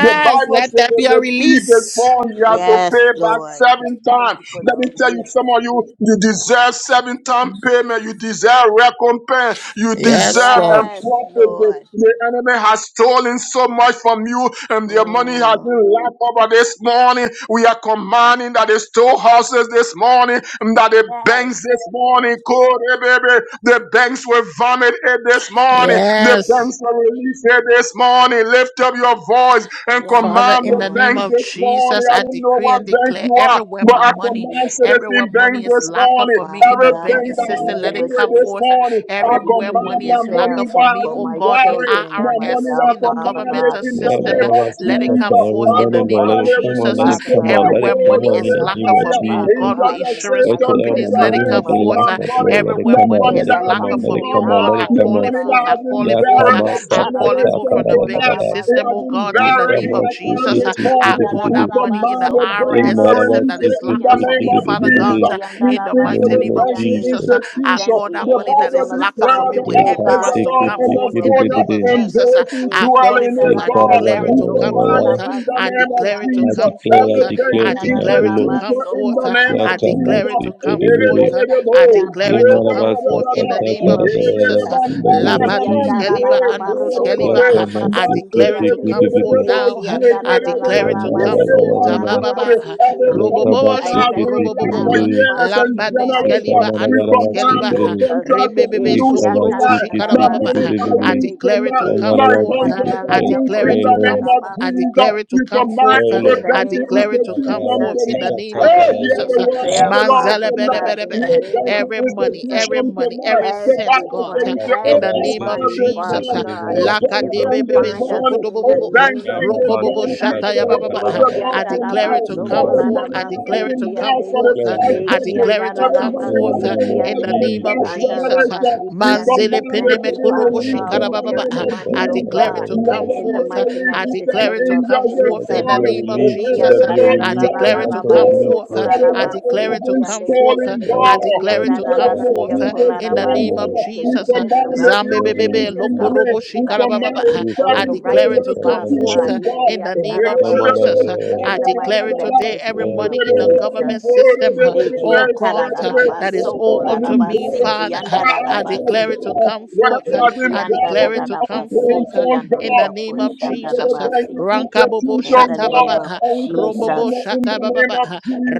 S6: the Bible
S1: let
S6: says
S1: that be
S6: if
S1: a
S6: the thief is
S1: release.
S6: born, he has to
S3: Yes,
S6: pay back
S3: Lord.
S6: seven times.
S3: Thank you for the
S6: Let me tell you,
S3: relief.
S6: some of you, you deserve seven time payment. You deserve recompense. You
S1: Yes,
S6: deserve and
S1: Lord.
S3: Yes,
S6: profit. The,
S3: Lord.
S6: the enemy has stolen so much from you, and their money has
S3: Mm.
S6: been lapped over this morning. We are commanding that the storehouses this morning, and that the
S3: Yes,
S6: banks this
S3: Lord.
S6: morning, code, eh, baby, the banks will vomit it this morning. The
S1: Yes.
S6: banks will release it this morning. Lift up your voice and
S3: Yes,
S1: Father,
S6: command
S1: in the
S6: the
S3: Lord.
S1: name
S6: banks
S1: of
S6: this morning.
S1: Jesus,
S6: I
S1: I
S6: don't know
S1: decree
S6: what
S1: and
S6: bank
S1: declare
S6: you Yeshua.
S1: everywhere
S6: But
S1: my
S6: I
S1: money,
S6: command citizen
S1: everywhere
S6: bang
S1: money is
S6: this
S1: locked up
S6: morning.
S1: for me
S3: Father
S1: in the
S6: Everything
S3: God,
S1: banking
S3: in
S6: that
S3: the
S6: I
S1: system, let
S3: name
S6: bang
S1: it
S3: of
S6: with
S1: come
S6: this
S3: Jesus.
S1: forth.
S6: morning,
S3: I
S6: I
S1: Everywhere
S3: decree and
S6: command
S1: money
S6: the
S1: is locked
S6: money
S3: declare
S1: up for
S6: that
S1: me,
S6: has
S3: for
S1: oh
S6: been
S3: my
S1: God, in
S6: buried.
S3: children and
S6: The money
S1: IRS,
S3: myself,
S6: that I
S1: in the
S3: Father
S6: command it
S1: governmental
S3: God,
S6: in
S3: in the
S6: the
S2: Yeah,
S1: system,
S3: name
S2: one
S6: name
S3: of
S6: of
S2: of us kick
S1: let it
S3: Jesus,
S2: up
S1: come
S6: Jesus.
S2: every
S1: forth
S6: I
S3: all
S1: in the
S3: the
S2: morning, Lord.
S1: name of
S2: Let
S6: command
S2: it
S6: it
S3: finances,
S2: come out,
S1: Jesus.
S2: let
S1: Uh,
S6: release
S2: it
S3: Father
S2: come
S3: God,
S2: out,
S6: tonight.
S3: that
S2: let
S1: Everywhere
S2: it
S3: have been
S2: come
S6: Hold
S1: money
S6: it
S2: out
S3: held
S1: is
S2: in the
S3: up,
S1: locked
S2: name
S1: up
S2: of
S1: for
S6: higher.
S1: me, oh
S3: Father
S2: Jesus.
S6: in
S1: God,
S6: fire.
S1: with
S6: Angels
S3: God,
S6: that
S3: in the
S6: say,
S1: insurance
S3: mighty,
S6: don't
S2: Wheresoever
S6: take
S2: my
S1: companies,
S3: matchless
S6: your
S1: let
S2: money
S1: it
S3: name
S2: have
S6: hands
S1: come
S3: of
S2: been
S6: off
S1: forth.
S6: my
S2: locked
S1: Uh,
S3: Jesus,
S2: up,
S3: in the
S6: money.
S2: Lord, let
S3: realm
S2: it
S3: of
S1: Everywhere
S3: the
S6: The
S2: come
S1: money
S2: out,
S6: money
S3: Spirit,
S1: is
S2: let it
S6: that
S3: let it
S6: has
S2: come
S1: locked
S3: come
S2: out,
S1: up
S6: been
S2: let
S1: for
S2: it
S3: forth
S1: me, oh
S6: robbed.
S2: come out,
S1: God,
S2: let
S3: now,
S1: I
S2: it
S6: The
S2: come
S1: call
S3: O
S1: it
S2: out.
S6: money
S1: forth,
S6: that
S3: God.
S1: I
S6: has been
S1: call it forth. uh,
S6: buried for
S2: Yatamasa,
S1: I call it
S2: kata,
S1: forth
S6: generations
S1: from
S2: kara,
S1: the
S2: da, da, da,
S1: banking
S6: tonight.
S2: da.
S6: It
S1: system,
S6: has
S1: oh
S6: been
S1: God, in the
S6: buried
S1: name
S6: in
S2: Yikama,
S1: of
S6: a time
S2: suki,
S1: Jesus. Uh,
S6: this
S2: tiki,
S3: Eki
S2: di,
S1: I
S6: morning.
S2: di,
S1: call
S2: di,
S6: We
S2: di,
S1: that
S6: command
S1: money
S6: Command commanded bank
S3: andarabas,
S1: in the
S3: sokola
S1: IRS
S6: to
S1: system
S6: release
S1: that
S3: lavasi
S1: is
S6: it in
S1: locked
S6: the
S1: up
S3: kiando.
S1: for
S6: name
S1: me,
S6: of
S1: Father God,
S2: Imarabasikitikiribiribiri.
S6: Jesus.
S1: uh,
S3: Eki
S6: We
S1: in the
S2: In
S6: speak
S2: the
S6: to
S1: mighty
S6: the
S3: andarabasi
S2: name
S1: name
S2: of
S1: of
S6: banking
S3: kiande.
S1: Jesus.
S2: Jesus.
S1: Uh,
S3: We
S1: I
S6: institution.
S3: sent
S1: call
S3: the
S1: that
S6: The
S1: money
S3: angels
S1: that
S6: Bible
S3: on
S1: is locked up for
S6: declares
S1: me
S6: the
S3: assignment,
S1: with
S3: O
S1: M
S6: earth is the
S3: God,
S1: trust to
S3: in
S6: law
S3: the
S1: come
S6: in the
S1: forth
S3: name of
S1: in the
S6: corner
S1: name of
S2: Yekasikitikiribiribiri.
S6: and
S3: Jesus.
S1: Jesus. Uh,
S6: those who
S1: I
S3: Eki
S6: dwell
S1: call it
S6: in
S1: forth.
S6: it,
S1: I
S6: God.
S1: declare
S3: andarabas,
S1: it
S6: We
S1: to come
S3: sokola
S6: command
S1: forth.
S6: it
S2: Yekarabababababa.
S1: Uh,
S6: in the
S1: I
S3: lavasi
S6: name of
S1: declare it to
S3: kiande.
S2: I
S6: Jesus.
S1: come
S2: declare, I
S1: forth.
S6: Every
S1: Uh,
S3: Eki
S2: declare
S1: I
S6: banking
S2: tonight,
S1: declare
S2: O
S1: it to
S2: Lord.
S3: andarabas,
S1: come
S6: institution in
S1: forth.
S6: the
S1: Uh,
S3: sokola
S6: name
S1: I
S6: of
S3: lavasi
S6: Jesus.
S1: declare it to
S3: kiande.
S1: come forth.
S3: I
S2: Yakamasikiribiri.
S1: Uh,
S3: thank
S1: I
S3: you, Abba
S1: declare it to come
S3: Father,
S1: forth in
S3: in
S1: the
S3: the
S1: name
S3: name
S1: of
S3: of
S2: Yemarabasakatakarararara.
S1: Jesus. uh,
S3: Jesus.
S2: In the name of
S3: Eki
S1: Labadus
S2: Jesus.
S1: Keliva
S3: andarabas,
S1: Andrus Keliva.
S3: sokola
S1: uh, I
S3: lavasi
S1: declare it to
S3: kiande.
S1: come forth
S2: Yakamasikitikiribiribiri.
S1: now.
S3: Eki
S1: uh,
S3: anda ra
S1: I
S3: ra ra
S6: That
S3: ra
S1: declare it
S3: ra
S1: to
S3: ba
S1: come forth.
S3: soko la la
S2: Yemarababababa.
S3: da ba
S1: Tabababa. uh,
S3: siki
S6: Every
S3: ande.
S1: Robobobo
S6: contract
S3: I
S6: has
S1: Shoko
S3: thank
S6: been
S3: you,
S6: locked
S1: Robobobo.
S6: for
S3: Abba
S1: uh,
S2: Yakamasikiribiribiri.
S6: years
S3: Father,
S6: and
S3: in the
S1: Lambadis
S3: mighty,
S6: generations,
S1: Keliva
S6: we
S3: matchless
S1: Andrus
S3: name of
S6: command
S1: Keliva.
S6: no
S1: uh,
S2: Yekamarabarabasikiriribiri.
S3: Jesus.
S6: contract to be
S1: Rembebebe
S3: Eki
S6: loose
S1: Soko
S3: ata
S1: Robo
S3: ra
S6: tonight.
S3: ra ra
S6: My
S3: ba
S1: Shikarabababa.
S6: monies
S1: uh,
S6: are
S3: siki
S1: I
S2: Yekabasikitikiriribiribiri.
S6: loose
S3: ande.
S1: declare it to
S6: tonight.
S2: Somebody
S1: come
S6: My
S3: Eki
S2: wants
S3: anda
S1: forth.
S2: to
S1: uh,
S3: ra
S2: get
S3: ra
S6: contracts
S3: ra
S1: I
S6: are
S2: the
S3: ya
S6: loose
S1: declare
S6: in
S2: play
S1: it to
S6: the
S3: koshanda
S1: come
S6: name
S2: no,
S3: ra
S6: of
S1: forth.
S3: ba
S1: I
S3: si.
S6: Jesus.
S1: declare it to
S6: We
S1: come
S6: command
S1: forth.
S2: play
S1: uh,
S6: every
S3: In
S2: no.
S3: the
S1: I
S6: banking
S3: name of
S1: declare it to
S2: Somebody
S1: come
S6: institution
S1: forth
S3: Jesus,
S2: wants to
S1: in the
S6: tonight.
S2: get
S1: name
S3: I
S1: of
S6: Hey,
S2: Takara.
S6: hear
S3: decree and
S1: Jesus.
S6: the
S1: uh,
S6: word of
S3: declare,
S6: the Lord
S3: Father
S1: Manzala bele
S6: tonight.
S3: God,
S1: bele
S3: in
S1: be
S3: the
S6: Every
S3: name of
S6: banking
S1: every money,
S3: Jesus
S1: every
S6: institution
S1: money,
S6: tonight.
S1: every
S6: The
S1: cent,
S3: every
S6: Bible
S1: God, uh,
S3: friend,
S6: says,
S2: Somebody
S6: oh,
S1: in the
S3: every
S2: wants
S1: name
S2: to get
S1: of
S2: take
S6: us
S3: money,
S2: it
S6: this
S2: take
S1: Jesus.
S3: Father
S1: uh,
S2: it,
S6: morning.
S2: in the
S3: God.
S6: Oh,
S2: name
S6: bang
S3: It
S2: of
S3: will
S6: bang this
S1: Lakadebebebe
S3: find us
S2: Jesus.
S6: morning.
S3: in the
S6: Oh,
S1: sokodobobobo, uh,
S6: bang
S3: name
S2: Somebody
S3: of
S6: bang this
S2: wants
S1: rokobobo
S2: to
S6: morning, you
S3: Jesus.
S2: get
S6: are the word
S2: Takara.
S1: shatayabababa,
S6: of
S1: uh,
S6: the
S2: Somebody
S6: Lord
S1: I declare it
S6: tonight.
S1: to come
S6: Every
S2: wants
S1: forth.
S2: to
S6: money
S1: I
S6: that
S2: get
S6: has
S1: declare it
S6: been
S1: to come
S6: lost
S3: Ekiandarabasokolatabasikiande,
S6: for the
S2: play
S1: forth. uh,
S6: past
S2: no.
S1: I
S2: um,
S6: decade,
S1: declare it to
S6: every
S1: come
S6: money
S2: In the
S6: that
S1: forth
S6: has
S1: uh,
S2: name
S6: been
S2: of
S1: in
S6: lost
S1: the
S6: for
S3: ekiandarabasikiande,
S6: the
S1: name of
S6: past
S2: Jesus.
S1: Jesus. uh,
S6: generation, we
S3: andarabasikiande.
S1: Manzele
S3: We
S6: command it
S3: thank
S6: to
S1: peneme
S3: you,
S6: be
S1: korobo
S3: Father
S6: released
S2: Somebody
S3: God,
S6: in
S3: for
S2: wants
S6: the
S2: to
S1: shikarabababa,
S6: name
S3: miracle
S1: uh,
S6: of
S2: get
S1: I
S3: money, oh
S6: Jesus.
S1: declare it
S3: God,
S1: to
S6: Let
S1: come
S2: Takara.
S6: it
S3: in
S6: be
S3: the
S1: forth. uh,
S3: mighty
S6: released.
S1: I
S6: We
S3: matchless
S6: send
S1: declare it
S3: name
S1: to
S3: of
S1: come
S6: angels this
S2: Let
S1: forth
S2: there
S1: in
S3: Jesus.
S2: be
S1: the
S2: a
S6: morning.
S1: name of
S6: And
S2: release.
S6: let
S2: Let there
S1: Jesus. uh,
S6: it
S2: be a
S6: be
S1: I
S2: release. An
S1: declare it
S6: triumph
S1: to
S2: actual
S1: come
S2: release,
S6: glory
S1: forth. uh,
S2: Lord.
S6: for the
S1: uh, I
S6: word that
S1: declare
S6: has
S1: it to
S6: been
S1: come
S3: Ekiatarararararabasokolatabasikiande,
S1: forth.
S6: stolen,
S1: uh,
S2: Yeah,
S1: I
S2: that's
S6: God.
S3: Eki
S1: declare
S3: and
S2: that.
S1: it
S6: You
S3: da
S1: to
S2: That's
S6: say
S3: da da
S1: come
S6: when
S3: da
S2: that.
S6: the
S2: That's
S3: da
S1: forth
S2: that.
S1: uh,
S2: That's
S6: people
S3: kola
S1: in the
S2: that.
S6: stand,
S1: name
S6: God,
S1: of
S3: si,
S2: That's
S3: because
S6: we
S3: you
S1: Jesus. uh,
S3: said
S6: command
S3: the
S6: it
S3: wealth
S6: to
S2: that. That's
S6: be
S3: of the
S1: Zambebebebe,
S2: that.
S6: released
S3: wicked is
S6: in
S2: That's
S6: the
S3: coming
S2: that.
S6: name.
S1: lokorobo
S3: into
S6: We
S3: the hands
S6: command
S1: shikarabababa,
S6: it
S1: uh,
S2: Yes,
S3: of
S1: I
S2: Lord.
S6: seven
S3: the
S6: four
S2: Yes,
S6: restitution back. What have been dying on praying for God? We speak to the banking
S1: declare it
S3: righteous,
S1: to come
S3: Father
S1: forth
S3: God.
S1: uh, in
S3: Eki
S1: the
S3: atarabaso,
S1: name of Jesus. uh, I
S3: In the
S1: declare
S3: mighty,
S1: it today.
S3: matchless
S1: Every
S3: name
S1: money
S3: of
S1: in the
S3: Jesus.
S1: government system, uh,
S3: Eki a
S1: oh
S3: ta da
S1: God,
S3: da
S1: uh,
S3: da ba
S1: that is
S3: so
S1: all
S3: kola
S1: unto me,
S3: si, ki
S1: Father.
S3: and
S1: uh,
S3: da da da
S1: I
S3: ba
S1: declare
S3: si.
S1: it to come forth. uh,
S3: Eki
S1: I
S3: and da da
S1: declare it
S3: da
S1: to
S3: da ba
S1: come
S3: si,
S1: forth uh,
S3: ki and
S1: in the
S3: ria ko
S1: name of Jesus. uh,
S3: si.
S1: Rankabobo
S3: In
S6: institution,
S3: the name
S6: God,
S1: shatababa,
S3: of
S1: uh,
S6: and we command
S1: rombobo
S6: it
S3: Jesus.
S6: in the name
S1: shatababa,
S6: of
S1: uh,
S6: Jesus.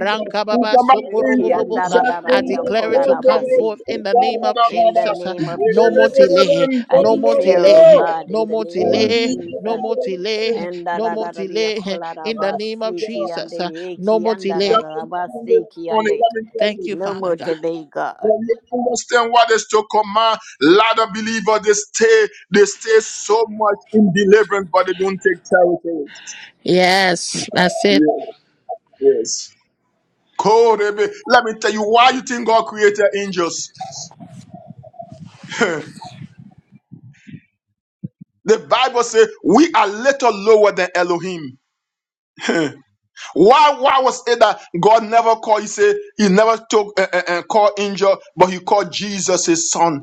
S6: We command
S3: Eki
S6: angels
S3: and
S6: to
S1: sokorobobobo.
S3: da
S1: uh,
S3: da
S6: set
S3: da da
S1: I
S3: da
S6: angels
S1: declare
S6: to
S1: it
S3: kola
S1: to come
S3: si.
S1: forth in the name of
S3: In the
S1: Jesus. uh,
S3: name of
S1: No more
S3: Jesus,
S1: delay,
S3: I
S1: no more
S3: declare, O
S1: delay,
S3: God,
S6: the
S1: no
S3: in the
S1: more
S3: name of
S1: delay,
S6: Indeed, the
S1: no
S3: Jesus,
S1: more
S6: Bible says,
S1: delay,
S3: and da
S1: no
S3: da
S1: more
S3: da da da
S1: delay.
S3: kola da
S1: In the name of
S3: basiki
S6: uh,
S3: and the
S1: Jesus, uh, no
S3: yeki
S1: more
S3: and da da
S1: delay.
S3: da da
S6: this
S3: basiki and
S6: morning,
S3: the
S6: Let me tell
S1: Thank
S6: you.
S1: you,
S3: no
S1: Father
S3: more
S1: God.
S3: delay, God.
S6: When you understand what is to command, a lot of believers they stay, they stay so much in deliverance, but they don't take territories.
S1: Yes, that's it.
S6: Yes, yes. Cold, baby. Let me tell you why you think God created angels. The Bible says we are little lower than Elohim. Why? Why was it that God never called? He said He never took and uh, uh, uh, called angel, but He called Jesus His Son.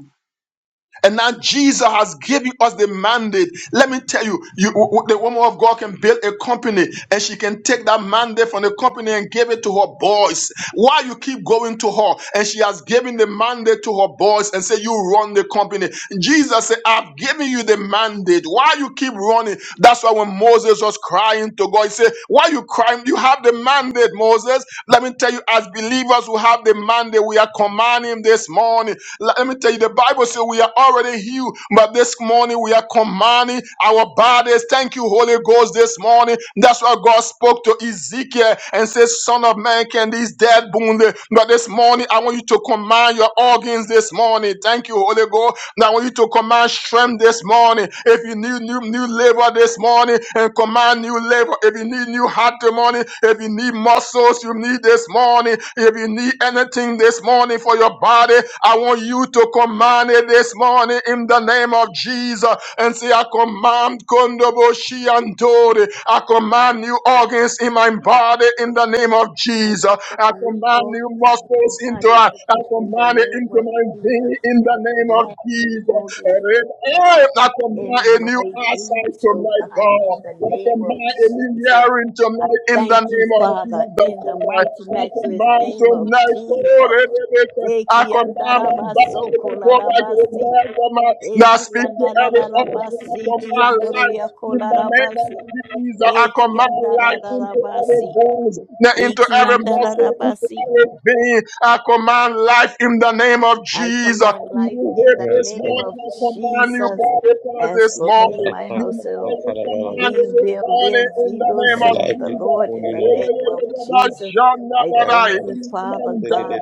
S6: And now Jesus has given us the mandate. Let me tell you, you the woman of God can build a company and she can take that mandate from the company and give it to her boys. Why you keep going to her? And she has given the mandate to her boys and say, You run the company. Jesus said, I've given you the mandate. Why you keep running? That's why when Moses was crying to God, he said, Why you crying? You have the mandate, Moses. Let me tell you, as believers who have the mandate, we are commanding this morning. Let me tell you, the Bible says we are already healed, but this morning we are commanding our bodies. Thank you, Holy Ghost, this morning. That's why God spoke to Ezekiel and said, Son of man, can these dead wound? But this morning, I want you to command your organs this morning. Thank you, Holy Ghost. And I want you to command strength this morning. If you need new, new labor this morning, and command new labor. If you need new heart matrimony. If you need muscles, you need this morning. If you need anything this morning for your body, I want you to command it this morning in the name of Jesus and say, I command Kondoboshi and Dori. I command new organs in my body in the name of
S3: I
S6: Jesus.
S3: command
S6: I
S3: new
S6: command new
S3: organs in
S6: muscles
S3: my
S6: into
S3: body
S6: I, I
S3: in the
S6: command it
S3: name
S6: into
S3: of
S6: my
S3: Jesus.
S6: being in the
S3: I
S6: name of
S3: command new
S6: Jesus.
S3: organs
S6: And if
S3: my
S6: I
S3: heart,
S6: am not combine
S3: in
S6: a new
S3: my
S6: eyesight
S3: knees, oh
S6: tonight,
S3: God, in the
S6: God, I
S3: name of
S6: combine a new
S3: Jesus.
S6: hearing
S3: I
S6: tonight in the
S3: thank you,
S6: name of
S3: Father,
S6: Jesus
S3: in the
S6: tonight.
S3: mighty,
S6: I
S3: matchless
S6: combine
S3: name of
S6: tonight, Lord,
S3: Jesus.
S6: and it is, I combine my body to go back to the
S3: Ekiandarabasokolarabasi,
S6: land of my. Now speak to every altar
S3: ekiandarararabasi,
S6: of my life in the name of
S3: kiandororiakolarabasi,
S6: Jesus. Jesus. I command life into every
S3: ekiandarararabasi,
S6: bones, into every muscle, into
S3: ekiandarararabasi.
S6: every vein. I command life in the name of
S3: I
S6: Jesus.
S3: command
S6: You
S3: life in
S6: hate
S3: the
S6: this
S2: yes,
S3: name
S2: Lord.
S3: of
S6: morning. I command you
S3: Jesus.
S6: by the cross
S3: As
S6: this
S3: for me and
S6: morning.
S3: my
S2: My
S6: You
S3: household,
S6: might command it
S3: we
S6: this
S3: will
S6: morning
S3: live,
S6: in
S3: we
S6: the
S3: will
S6: name of
S3: serve
S2: life
S3: the
S2: is
S6: Jesus.
S3: Lord
S2: born,
S3: in
S2: you
S3: the
S6: We
S2: Lord.
S3: name of Jesus. I
S2: Yeah,
S3: thank you, Father God.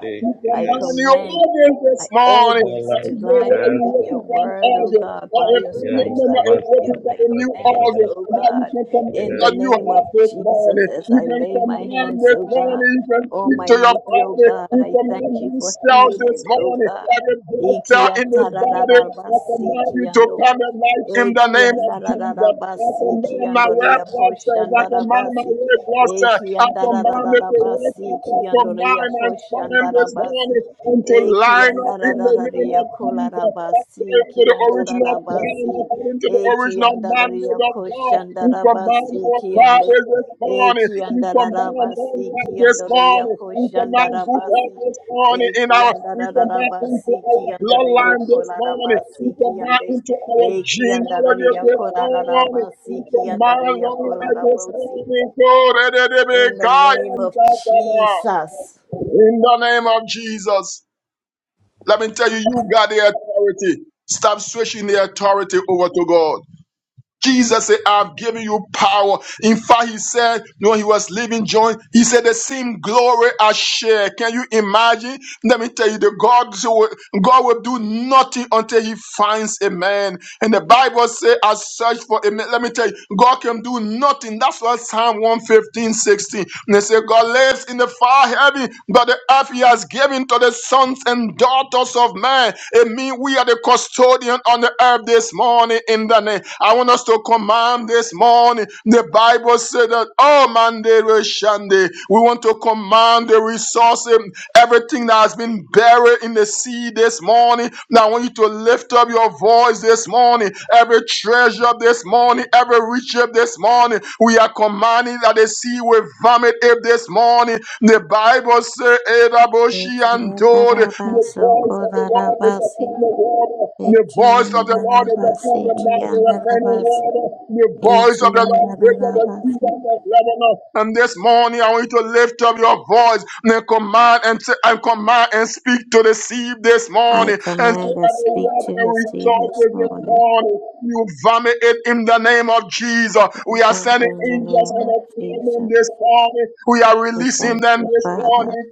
S3: I
S6: command
S2: Yes.
S6: you
S3: command
S6: organs
S3: my
S6: this morning.
S2: My
S6: I
S3: organs
S2: life.
S3: to
S6: don't know
S3: line
S6: whether
S3: up
S2: Yes,
S6: you're
S3: with
S2: Lord.
S3: your
S6: working for an
S3: word, O
S6: organ
S3: God.
S6: or
S3: By
S6: if
S3: your
S6: any
S2: Yeah, my
S3: stripes
S6: member
S3: I am
S6: is
S2: Baba speak.
S3: healed.
S6: looking for
S3: I
S6: a new
S3: command,
S6: organ.
S3: O
S6: Now you
S3: God,
S6: can
S3: in the
S6: command your
S3: name of
S6: heart on
S3: Jesus,
S6: it.
S3: as
S6: You
S3: I lay my
S6: command
S3: hands,
S6: this
S3: O God.
S6: morning. You can
S3: Oh,
S6: speak
S3: my
S6: to your
S3: knee, oh
S6: body.
S3: God,
S6: You
S3: I thank you
S6: command
S3: for
S6: these cells this
S3: healing, oh
S6: morning.
S3: God.
S6: Every blood
S3: Iki
S6: cell in this body, I command
S3: atarararabasiki
S6: you to
S3: ando
S6: come and life in the
S3: Eki
S6: name of God. I
S3: andarararabasi, ki
S6: command my red
S3: andoria
S6: blood
S3: kosh
S6: cells. I command my
S3: andarabasi.
S6: red blood cells.
S3: Eki
S6: I command it to
S3: andarararabasi, ki
S6: to
S3: andoria
S6: mine and
S3: kosh
S6: spine this
S3: andarabasi.
S6: morning and to
S3: Eki
S6: line up in the name
S3: andararararia
S6: of Jesus.
S3: kolarabasi,
S6: According
S3: ki
S6: to the original plan,
S3: andararabasi.
S6: according to the
S3: Eki
S6: original
S3: andararia
S6: mandate of
S3: kosh
S6: God, we
S3: andarabasi,
S6: command our
S3: ki ande.
S6: fathers this morning.
S3: Eki
S6: We command all
S3: andararabasi, ki
S6: right this
S3: andoria
S6: morning. We
S3: kosh
S6: command good health
S3: andarabasi.
S6: this morning in
S3: Eki
S6: our, we command into
S3: andarararabasi, ki
S6: our
S3: andaria
S6: bloodline this morning.
S3: kolarabasi,
S6: We
S3: ki
S6: command
S3: ande.
S6: into our
S3: Eki
S6: genealogy
S3: andararia
S6: this morning.
S3: korarabasi,
S6: We
S3: ki
S6: command
S3: andaria
S6: long life this
S3: korarabosi.
S6: morning. Glory to the
S3: In the name of
S6: Messiah.
S3: Jesus.
S6: In the name of Jesus, let me tell you, you got the authority. Stop switching the authority over to God. Jesus said, I've given you power. In fact, he said, when he was leaving John, he said, the same glory I share. Can you imagine? Let me tell you, the God, God will do nothing until he finds a man. And the Bible says, I search for a man. Let me tell you, God can do nothing. That's what Psalm 115, 16. And they say, God lives in the far are heavy that the earth he has given to the sons and daughters of man. It means we are the custodian on the earth this morning in the name. I want us to command this morning. The Bible said that, oh man, they will shande. We want to command the resources, everything that has been buried in the sea this morning. Now I want you to lift up your voice voice this morning, every treasure this morning, every riches this morning. We are commanding that the sea will vomit it this morning. The Bible says, Edaboshi and Dode, the
S3: Ekiyandarabaso
S6: voice of the Lord is
S3: korarabasi.
S6: upon the water. The voice of the Lord is upon
S3: Ekiyandarabasi
S6: the mountain of many
S3: kiyandarabasi.
S6: water. The voice of the Lord breaks the
S3: Ekiyandarabasi.
S6: cedars of Lebanon. And this morning, I want you to lift up your voice and command and, and command and speak to the sea this
S3: I
S6: morning and to
S3: command and
S6: every
S3: speak to
S6: water
S3: the sea this
S6: resources this
S3: morning.
S6: morning. You vomit it in the name of Jesus.
S3: We
S6: We are
S3: bump
S6: sending
S3: in the
S6: angels
S3: name
S6: on
S3: of
S6: a them
S3: Jesus.
S6: this morning. We are
S3: And
S6: releasing
S3: thank
S6: them
S3: you,
S6: this
S3: Father.
S6: morning.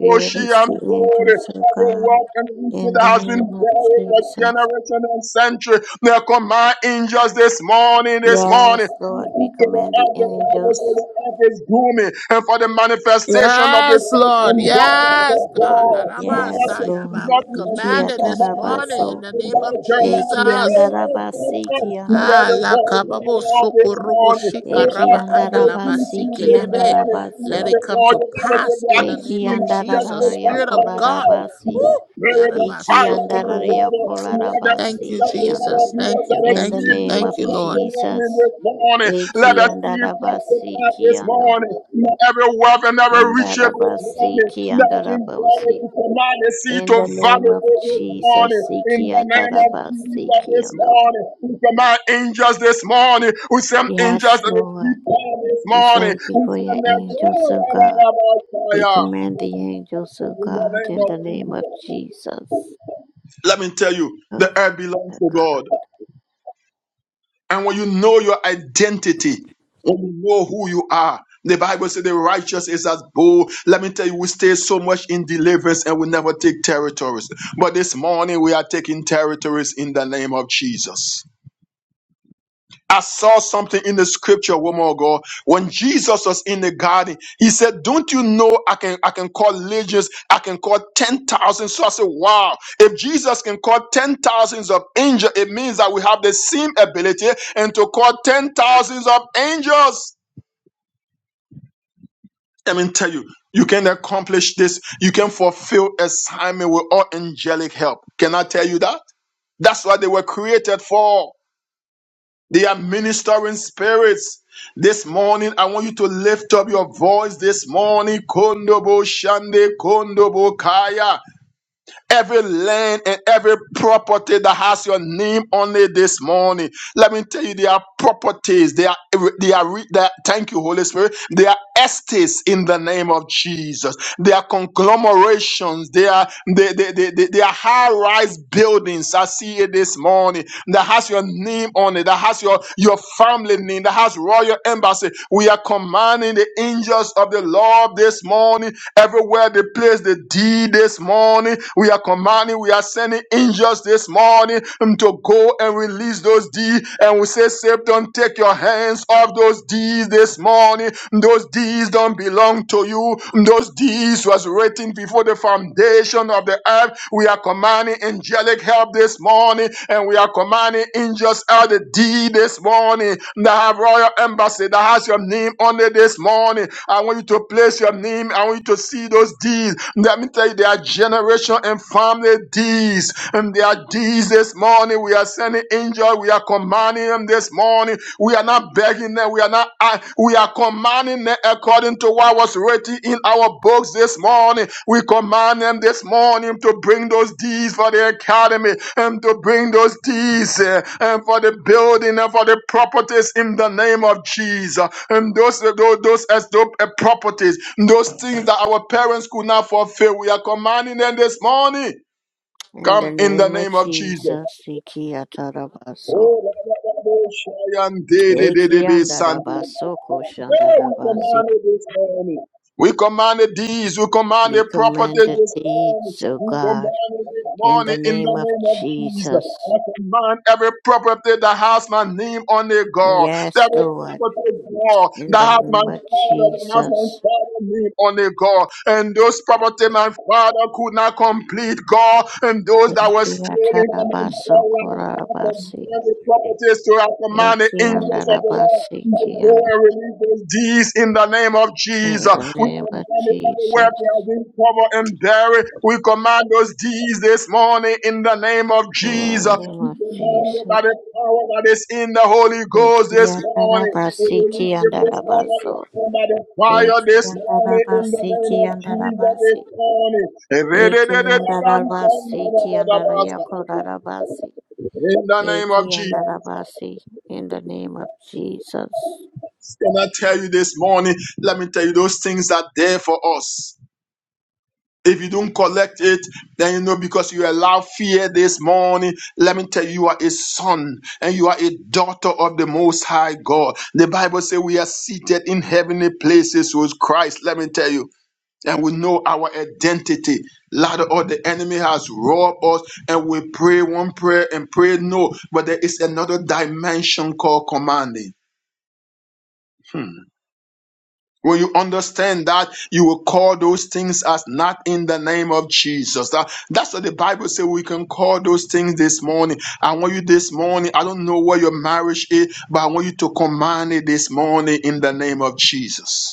S3: We release the angels of
S6: Every
S3: God
S6: work and reason
S3: in
S6: that
S3: the
S6: has been
S3: name of
S6: buried for
S3: Jesus.
S6: generation and century. They command angels us this morning, this morning.
S3: Yes, Lord, we
S6: To the
S3: command the
S6: earth, the Bible says the
S3: angels.
S6: earth is grooming, and for the manifestation of the
S1: Yes,
S6: sons
S1: Lord.
S6: and daughters of
S1: Yes, God.
S6: God. The earth
S3: Yes,
S6: shall be
S1: Arabasayaba.
S3: Lord.
S1: We
S6: nothing until you
S1: command
S3: Ikia
S1: it this
S6: command the
S1: morning
S6: earth.
S1: in
S3: tarabaso.
S1: the
S6: And
S1: name
S6: by
S1: of
S6: Jeremiah said, "O
S1: Jesus.
S6: earth, O
S3: Ekiandarabasi
S6: earth,
S3: kiando.
S6: hear
S1: Ah,
S6: the
S1: la
S6: voice of the
S1: kababo
S6: Lord this
S1: sokorubo
S6: morning. O
S1: shikaraba
S6: earth, I go to
S1: andalaba
S3: Ekiandarabasi
S6: you this
S1: sikelebe.
S6: morning.
S1: Let
S6: Hear
S3: kiandarabaso.
S1: it
S6: the
S1: come to
S6: voice of the Lord.
S1: pass
S6: There
S1: in
S6: are
S1: the
S6: things
S1: name
S6: in
S1: of
S6: my chest,
S1: Jesus,
S3: Ekiandararaya
S1: Spirit of
S6: on the
S1: God.
S3: kolarabasi.
S6: earth.
S1: Woo!
S6: Spirit of
S1: Yaraba
S6: fire and the
S1: sokorobo.
S3: Ikiandararaya
S6: water, water, let the
S1: Thank you,
S3: kolarabasi
S6: water
S3: kiando.
S1: Jesus.
S6: be of
S1: Thank you.
S6: the
S3: In the
S1: Thank
S6: sea,
S1: you.
S6: be
S3: name
S6: of
S1: Thank
S3: of
S1: you, Lord.
S6: testimony
S3: Jesus.
S6: this morning. Let us see
S3: Ekiandarabasi
S6: testify this
S3: kiando.
S6: morning. Let every wealth and every riches this
S3: Andarabasi
S6: morning. Let every glory
S3: kiandarabosi.
S6: to command the sea
S3: In
S6: to
S3: the
S6: vomit
S3: name of
S6: it this morning.
S3: Jesus,
S6: In the
S3: Sikia
S6: name of
S3: Taraba
S6: Jesus this
S3: Sikiando.
S6: morning. We command angels this morning. We send angels
S3: Yes,
S6: to the
S3: Lord.
S6: deep down this
S3: We
S6: morning.
S3: thank you
S6: We
S3: for
S6: send
S3: your
S6: them to
S3: angels, O God.
S6: the
S3: We
S6: fire.
S3: command the angels, O
S6: In the
S3: God,
S6: name
S3: in
S6: of
S3: the name of
S6: Jesus.
S3: Jesus.
S6: Let me tell you,
S3: Oh,
S6: the earth belongs
S3: Father
S6: to
S3: God.
S6: God. And when you know your identity, when you know who you are, the Bible says the righteous is as bold. Let me tell you, we stay so much in deliverance and we never take territories. But this morning we are taking territories in the name of Jesus. I saw something in the scripture, woman of God. When Jesus was in the garden, he said, Don't you know I can I can call legions, I can call ten thousand. So I said, Wow, if Jesus can call ten thousands of angels, it means that we have the same ability and to call ten thousands of angels. Let me tell you, you can accomplish this, you can fulfill assignment with all angelic help. Can I tell you that? That's what they were created for. They are ministering spirits. This morning, I want you to lift up your voice this morning. Kondobo Shande Kondobo Kaya every land and every property that has your name on it this morning. Let me tell you, there are properties. They are they are re- they are, thank you, Holy Spirit. They are estates in the name of Jesus. They are conglomerations. They are they they, they, they, they are high-rise buildings. I see it this morning that has your name on it, that has your, your family name, that has royal embassy. We are commanding the angels of the Lord this morning Everywhere they place the deed this morning, we are commanding, we are sending angels this morning um, to go and release those deeds. And we say, Satan, take your hands off those deeds this morning. Those deeds don't belong to you. Those deeds was written before the foundation of the earth. We are commanding angelic help this morning and and we are commanding angels out the D this morning that have royal embassy that has your name on it this morning. I want you to place your name. I want you to see those deeds. Let me tell you, they are generation and family deeds. And they are deeds this morning. We are sending angels. We are commanding them this morning. We are not begging them. We are not. uh, We are commanding according to what was written in our books this morning, we command them this morning to bring those deeds for the academy and to bring those deeds eh, and for the building and for the properties in the name of Jesus. And those those, those as those eh, properties, those things that our parents could not fulfill, we are commanding them this morning.
S3: In the
S6: Come in the
S3: name of
S6: name of Jesus.
S3: Jesus, Sikia Tarabaso.
S6: Oh,
S3: Ekiandarabaso
S6: we
S3: Koshandarabasi.
S6: We command the deeds, we command
S3: We
S6: the properties
S3: command the
S6: this morning.
S3: deeds, O
S6: We
S3: God,
S6: command it this
S3: in the
S6: morning in
S3: name
S6: the
S3: of
S6: name of Jesus.
S3: Jesus.
S6: I command every property that has my name on it, God.
S3: Yes,
S6: Every
S3: Lord.
S6: property, God,
S3: in
S6: that
S3: the
S6: has my
S3: name of
S6: father, that has my
S3: Jesus.
S6: father's name on it, God. And those property my father could not complete, God. And those that
S3: Thank
S6: were
S3: you,
S6: stolen from my
S3: Atarabaso
S6: father,
S3: Korabasi.
S6: every properties to our command the
S3: Eki
S6: angels of the Lord
S3: Andarabasi
S6: to go
S3: Kianda.
S6: and release those deeds in the name of
S3: In
S6: Jesus.
S3: the
S6: We
S3: name of
S6: command it everywhere
S3: Jesus.
S6: they have been covered and buried. We command those deeds this morning in the name of
S3: In the
S6: Jesus.
S3: name
S6: We
S3: of
S6: command it by the
S3: Jesus.
S6: power that is in the Holy Ghost this
S3: Eki
S6: morning. We
S3: Atarabasi
S6: release it this morning
S3: Kiandarabaso.
S6: and by the
S3: Eki
S6: fire this morning in the
S3: Andarabasi
S6: name of Jesus this
S3: Kiandarabasi.
S6: morning.
S3: Eki Andarabasi Kiandarayakorabasi.
S6: In the name
S3: Eki
S6: of Jesus.
S3: Andarabasi. In the name of Jesus.
S6: Can I tell you this morning? Let me tell you, those things are there for us. If you don't collect it, then you know because you allow fear this morning. Let me tell you, you are a son and you are a daughter of the Most High God. The Bible says we are seated in heavenly places with Christ. Let me tell you, and we know our identity. Ladder or the enemy has robbed us, and we pray one prayer and pray no, but there is another dimension called commanding. Hmm. When you understand that, you will call those things as not in the name of Jesus. That- that's what the Bible says we can call those things this morning. I want you this morning. I don't know what your marriage is, but I want you to command it this morning in the name of Jesus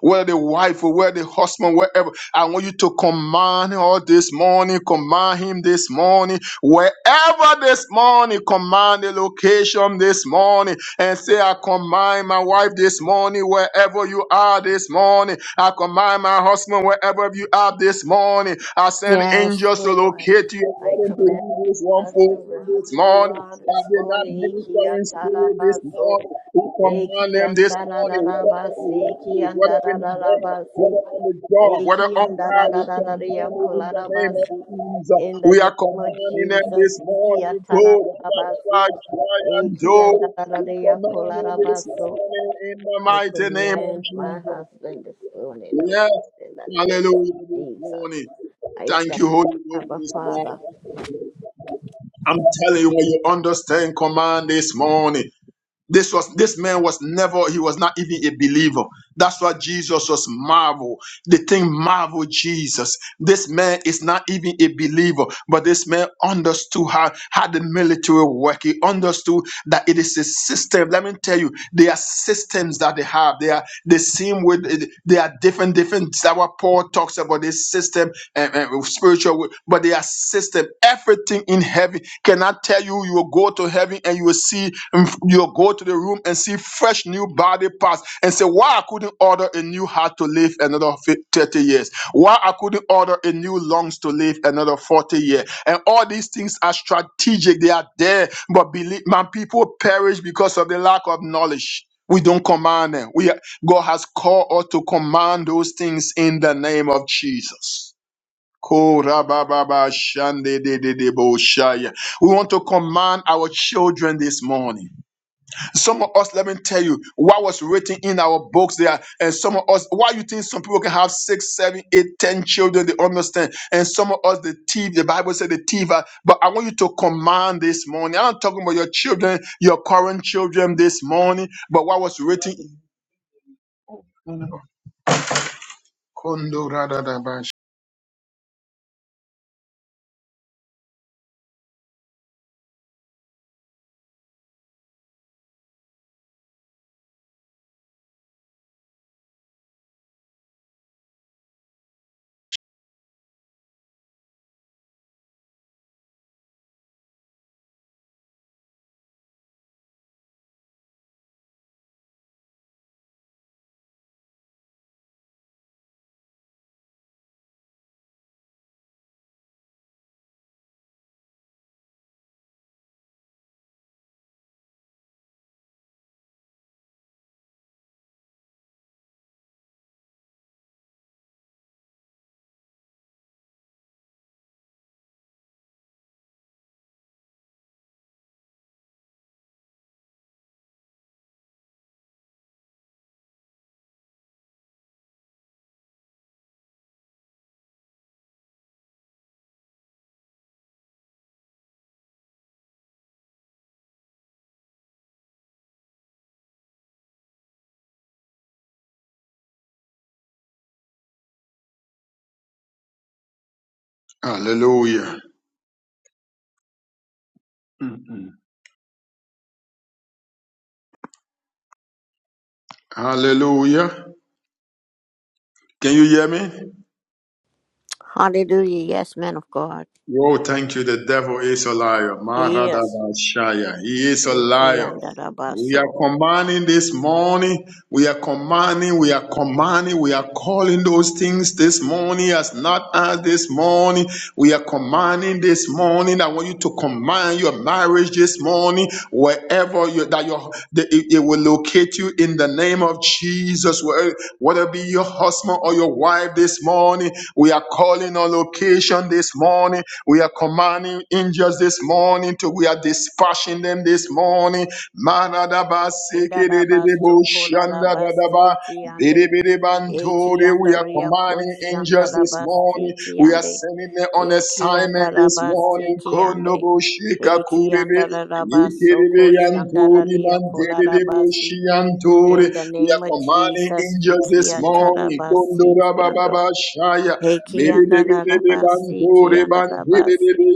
S6: whether the wife or whether the husband, wherever. I want you to command her this morning, command him this morning, wherever this morning, command the location this morning, and say, I command my wife this morning, wherever you are this morning. I command my husband, wherever you are this morning. I send
S3: Yes,
S6: angels to
S3: Lord.
S6: locate you
S3: I
S6: according
S3: command
S6: to Hebrews
S3: my
S6: 1:14
S3: husband
S6: this
S3: wherever you
S6: morning.
S3: are
S6: I
S3: this
S6: will not
S3: morning. Iki
S6: ministering spirit this
S3: atarabaso.
S6: morning. We command
S3: Eki
S6: them this morning. We command
S3: andarararabasi.
S6: them
S3: Ki
S6: whether in the world,
S3: andarararabasi.
S6: whether on the job, whether
S3: Eki
S6: online, we command it in the name
S3: andarararariakularabasi.
S6: of Jesus.
S3: In the
S6: We
S3: name
S6: are
S3: of
S6: commanding them
S3: Jesus.
S6: this
S3: Iki
S6: morning, God,
S3: atarararabasi.
S6: like giant
S3: Eki
S6: door. We command them this
S3: andararariakularabaso.
S6: morning in the
S3: I
S6: mighty name of
S3: command my
S6: Jesus.
S3: husband this morning, oh
S6: Yes,
S3: God, in the name of
S6: hallelujah this
S3: Jesus.
S6: morning.
S3: I
S6: Thank you,
S3: thank you,
S6: Holy Ghost,
S3: Abba
S6: this morning.
S3: Father.
S6: I'm telling you, when you understand command this morning, this was this man was never he was not even a believer. That's why Jesus was marvel. The thing marvel Jesus. This man is not even a believer, but this man understood how how the military work. He understood that it is a system. Let me tell you, there are systems that they have. They are the same with they are different different. That's what Paul talks about this system and, and spiritual, but they are system. Everything in in heaven cannot tell you you will go to heaven and you will see you'll go to the room and see fresh new body parts and say why i couldn't order a new heart to live another fi- 30 years why i couldn't order a new lungs to live another 40 years and all these things are strategic they are there but believe my people perish because of the lack of knowledge we don't command them. We are- God has called us to command those things in the name of Jesus. Korababa shande de de de bo shaya. We want to command our children this morning. Some of us, let me tell you, what was written in our books there, and some of us, why you think some people can have six, seven, eight, ten children, they understand, and some of us, the thief, the Bible said the thief, are- but I want you to command this morning. I'm not talking about your children, your current children this morning, but what was written. Kondo radadaba sh- Hallelujah. Mm-mm. Hallelujah. Can you hear me?
S3: Hallelujah. Yes, man of God.
S6: Oh, thank you. The devil is a liar.
S3: He is.
S6: Maradabashaya. He is a
S3: Iti
S6: liar. We are
S3: andarabaso.
S6: commanding this morning. We are commanding. We are commanding. We are calling those things this morning as not as this morning. We are commanding this morning. I want you to command your marriage this morning, wherever you, that your the, it, it will locate you in the name of Jesus. Where- Whether it be your husband or your wife this morning, we are calling on location this morning. We are commanding angels this morning to we are dispatching them this morning. Manadaba
S3: Indarabaso
S6: sekedededebo shandadadaba
S3: kolarabasi ti ande. Eki
S6: dedebedebantori. We are
S3: andaria
S6: commanding
S3: kosh
S6: angels this morning.
S3: andarabasi ki
S6: We are
S3: ande.
S6: sending them on
S3: Eki
S6: assignment this
S3: andarabasi
S6: morning.
S3: ki ande.
S6: Konobo
S3: Eki
S6: shikakurebe
S3: andarabaso
S6: yekerebe
S3: kosh
S6: yantori
S3: andararia
S6: mandededebo shiantori.
S3: In the
S6: We
S3: name
S6: are
S3: of
S6: commanding
S3: Jesus,
S6: angels this
S3: Ikia
S6: morning.
S3: Tarabasi
S6: Kondorababa
S3: Kiando.
S6: shaya
S3: Eki Andarabasi
S6: Miridibidibantore bandididibi
S3: Kiandarabasi.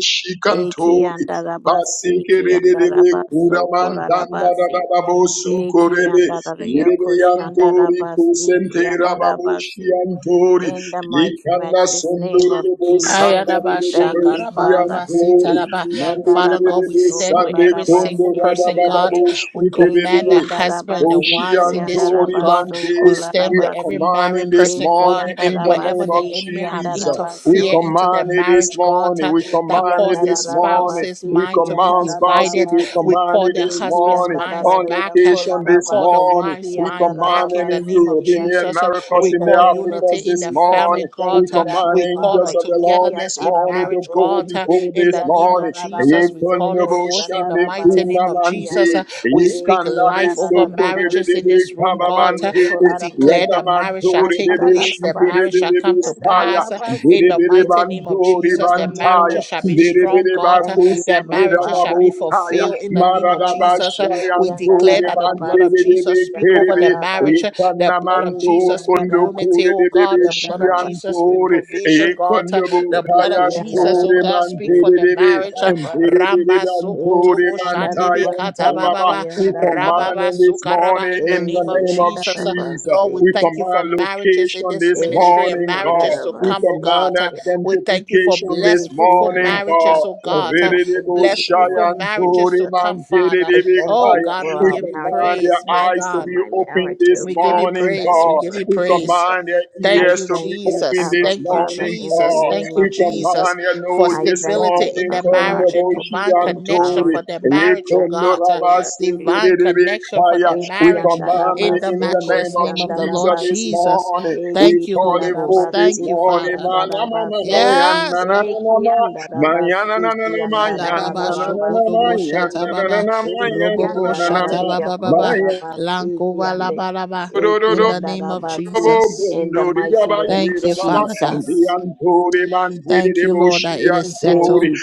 S3: Eki
S6: shikantori.
S3: Andarabasi
S6: Basikiridibidibbi
S3: Kiandarabaso Korarabasi.
S6: kuramandandadadabo
S3: Eki
S6: sukorebe.
S3: Andararia
S6: Yiribiyantori
S3: Koshandarabasi
S6: kusentera
S3: Kiandarabasi.
S6: antori
S3: In the mighty
S6: Yikanda
S3: matchless name of
S6: sondororobo
S3: Jesus,
S1: Ayaraba,
S3: we
S6: sandarururubo
S3: thank you,
S1: shakaraba,
S3: Father.
S1: baba,
S6: shiyantori.
S1: sitaraba.
S3: Eki
S1: Father God, we
S6: Mandiridibi
S3: andarabasi
S1: stand with
S6: sande
S1: every
S6: kondo
S1: single
S3: kolarabasi
S1: person,
S3: ki
S1: God.
S6: kondorabababo
S3: ande.
S1: We
S3: Eki
S1: command
S6: shikiridibbi.
S1: the husband, the
S3: andarabasi ki
S1: wives in this room,
S6: Oshiantori
S1: God.
S3: andarabaso
S6: Mante,
S1: We stand
S6: we
S1: with
S6: are
S1: every
S3: kolarabasi.
S6: commanding
S1: married
S6: this
S1: person,
S3: Eki
S6: morning
S1: God.
S6: in the
S1: Wherever
S6: name
S1: the
S6: of
S3: andarabasi
S1: enemy
S3: ki
S1: have
S6: Jesus. We
S3: andarabaso
S1: interfered into their
S6: command it this
S1: marriage, God,
S6: morning.
S1: uh,
S6: We
S3: Eki
S1: that
S6: command it
S3: anda
S1: caused their
S3: da
S6: this
S3: da da
S6: morning.
S1: spouse's
S3: basi,
S6: We
S3: ki
S1: mind to be
S3: anda
S6: command
S3: da da da
S6: spouses.
S1: divided.
S6: We
S3: basi,
S1: We
S6: command
S1: call
S6: it
S1: the
S6: this
S3: eki
S1: husband's
S6: morning.
S3: anda da
S1: minds
S3: da
S6: On
S3: da ya
S1: back. uh,
S3: kola
S6: location
S1: We
S6: this
S1: call the
S3: basi,
S6: morning.
S1: wife's
S3: ki
S6: We
S3: anda
S1: mind
S3: da da
S6: command
S1: back in
S6: it
S1: the
S6: in
S1: name
S3: basi,
S1: of
S6: Europe,
S3: ki
S6: in the
S3: ande.
S1: Jesus. Uh,
S6: Americas,
S1: We
S3: In
S6: in
S3: the
S6: the
S1: call
S3: name of
S1: unity
S6: Africas
S1: in
S6: this
S1: the
S3: Jesus,
S1: family,
S3: I
S6: morning. We
S3: thank
S1: God. uh,
S3: you, Abba
S6: command
S1: we call
S3: Father.
S6: angels
S1: our
S6: of the
S3: Eki
S6: Lord
S1: togetherness
S6: this
S3: ata
S1: in
S3: da
S6: morning to
S1: marriage,
S3: baso,
S6: go
S1: God, uh,
S6: before
S1: in
S3: eki
S6: this
S1: the
S3: anda
S1: name
S3: da
S1: of
S6: morning.
S3: da da
S1: Jesus. We
S3: baso,
S1: call it
S6: Yekonobo
S3: kosh
S1: forth in
S3: anda
S1: the
S6: shande
S3: da
S1: mighty name
S3: basi,
S1: of
S3: ki
S6: kunamante,
S1: Jesus.
S3: anda.
S1: Uh, We speak
S3: Eki
S6: yekandare
S3: anda
S1: life over
S6: sotore de
S1: marriages
S3: basi,
S1: in
S6: debe
S3: ki
S1: this room,
S3: anda
S1: God. Uh,
S3: ya
S6: kababante,
S1: We
S3: kola
S1: declare
S3: da
S1: that marriage shall
S6: yatamantore
S1: take
S6: debe
S1: place, that
S6: shikere
S1: marriage
S6: de
S1: shall
S3: Atarararabasiki,
S6: debe
S1: come to
S6: saya,
S1: pass uh, in
S6: bere
S1: the
S3: yandararabasiki,
S6: bere
S1: mighty name
S3: yandar-
S1: of
S6: bandore
S3: In
S1: Jesus.
S3: the
S1: That
S3: name
S6: bantaya,
S1: marriages
S3: of
S1: shall be
S6: bere
S3: Jesus,
S1: strong,
S6: bere
S3: I
S1: God. Uh,
S3: thank you,
S6: bakuse
S1: That
S3: Abba
S6: kera
S1: marriages shall
S3: Father.
S1: be
S6: babotaya,
S1: fulfilled
S3: Eki
S1: in the name of
S6: maradaba
S1: Jesus. Uh,
S3: yandarabasiki,
S1: we declare
S6: shayantore
S1: that the blood of
S6: mantere
S3: yandarararabasiki,
S6: debe
S1: Jesus speak over
S6: kerebe,
S1: the marriage.
S3: yandararabasiki,
S1: The blood of
S6: yekanamanto
S3: eki
S1: Jesus speak
S6: kondo
S1: unity,
S6: kure
S1: oh
S6: de
S3: yandarabasiki,
S6: debe
S1: God. The blood of Jesus speak
S3: yandarabasiki,
S6: shiantore,
S1: provision,
S3: yandar-
S1: God.
S6: yekonobo
S1: The blood
S3: eki
S1: of Jesus, oh
S6: kayantore
S1: God, speak for
S3: yandarabasiki,
S6: mantere
S1: the
S6: debe,
S1: marriage.
S6: and we
S3: yandarabasiki,
S1: Ramba
S3: eki
S6: pray
S1: sokotobo shandebe
S3: yandarabasiki,
S1: katababa.
S3: yandaraba-
S1: Rababa sukaraba in
S6: in
S1: the
S6: the
S1: name
S3: eki
S1: of Jesus. Lord, we
S3: yandarabasiki,
S6: we
S1: thank
S6: come
S1: you for marriages in this
S6: this
S1: ministry and
S3: Eki
S6: morning,
S3: yanda
S6: God.
S1: marriages to
S6: We
S1: come, oh
S3: rabasi
S1: God.
S6: command
S3: yanda.
S1: We thank you for
S6: amplification this
S1: blessed,
S3: Eki
S1: fruitful
S6: morning,
S3: yanda
S1: marriages,
S6: God.
S1: oh
S3: rabasi
S1: God.
S3: ki In the
S1: Blessed,
S3: name
S6: Shaya,
S1: fruitful
S3: of
S1: marriages to
S3: Jesus,
S1: come,
S6: We
S1: Father.
S3: I thank
S1: Oh
S3: you
S1: God,
S3: for
S1: we
S3: our
S1: give you
S6: command
S3: marriages. I
S6: your
S1: praise.
S3: thank
S1: My
S3: you
S6: eyes
S3: for
S1: God,
S3: my marriage, oh
S1: we give
S3: God.
S1: you
S6: morning,
S3: In the
S1: praise. We
S6: God.
S3: name
S1: give
S3: of
S1: you
S6: We
S1: praise.
S3: Jesus,
S6: command your
S3: I
S1: Thank
S6: ears
S1: you,
S6: to be
S3: thank you,
S6: open
S1: Jesus.
S3: Abba
S6: this
S1: Thank you,
S3: Father.
S6: morning,
S3: In the
S1: Jesus.
S6: God.
S1: Thank
S3: name
S1: you,
S6: We
S3: of Jesus,
S1: Jesus,
S6: command your
S1: for
S6: nose
S3: I
S6: this
S3: thank
S1: stability
S3: you,
S1: in
S6: morning,
S1: their
S3: Lord God.
S1: marriage
S3: I
S1: and
S3: call
S6: Kondoboshi
S1: divine
S3: forth
S1: connection
S3: now
S6: Antori.
S3: in
S1: for their
S3: the mighty,
S1: marriage, oh
S3: matchless
S1: God. Uh,
S3: name of Jesus.
S1: divine connection for
S6: Ekondorabasikiriribikaya.
S1: their
S3: Eki
S6: We
S1: marriage
S6: command
S1: in
S6: it
S1: the
S3: andarabasi
S6: in the name
S1: matchless
S3: koshi
S6: of
S1: name of the Lord
S6: Jesus this
S3: andarabasi.
S1: Jesus.
S6: morning.
S3: Eki
S6: We
S1: Thank you,
S6: call
S1: Holy
S6: it
S1: Ghost.
S6: forth this
S3: andarabasi
S1: Thank you,
S3: ki
S6: morning.
S1: Father.
S3: andarabaso.
S1: Yes, God.
S3: Eki
S6: Manamamamayanananama.
S3: andarabasi ki
S1: Yada baba shokoto
S3: andarararabasi
S1: bo
S3: ki
S1: shata
S3: ando.
S1: baba
S3: Eki
S1: robobo
S6: Mayananananamayanananamayanananamayanananama.
S1: shata
S3: andarararia
S1: baba baba
S6: Maya-
S3: kolarabasi ki
S1: lankova
S3: ande.
S1: laba laba.
S3: Eki
S1: In the name of
S3: andarabasi.
S1: Jesus,
S3: In the
S6: Bondori
S3: mighty
S6: Baba
S3: name of
S1: thank
S6: Yeda
S1: you,
S6: Baba
S1: Father
S6: and
S1: God.
S6: the
S3: Jesus.
S6: anturi Man did
S1: Thank
S6: it
S1: you, Lord, that
S6: Boshi
S1: it is
S3: Thank
S6: Antori
S1: settled.
S3: you,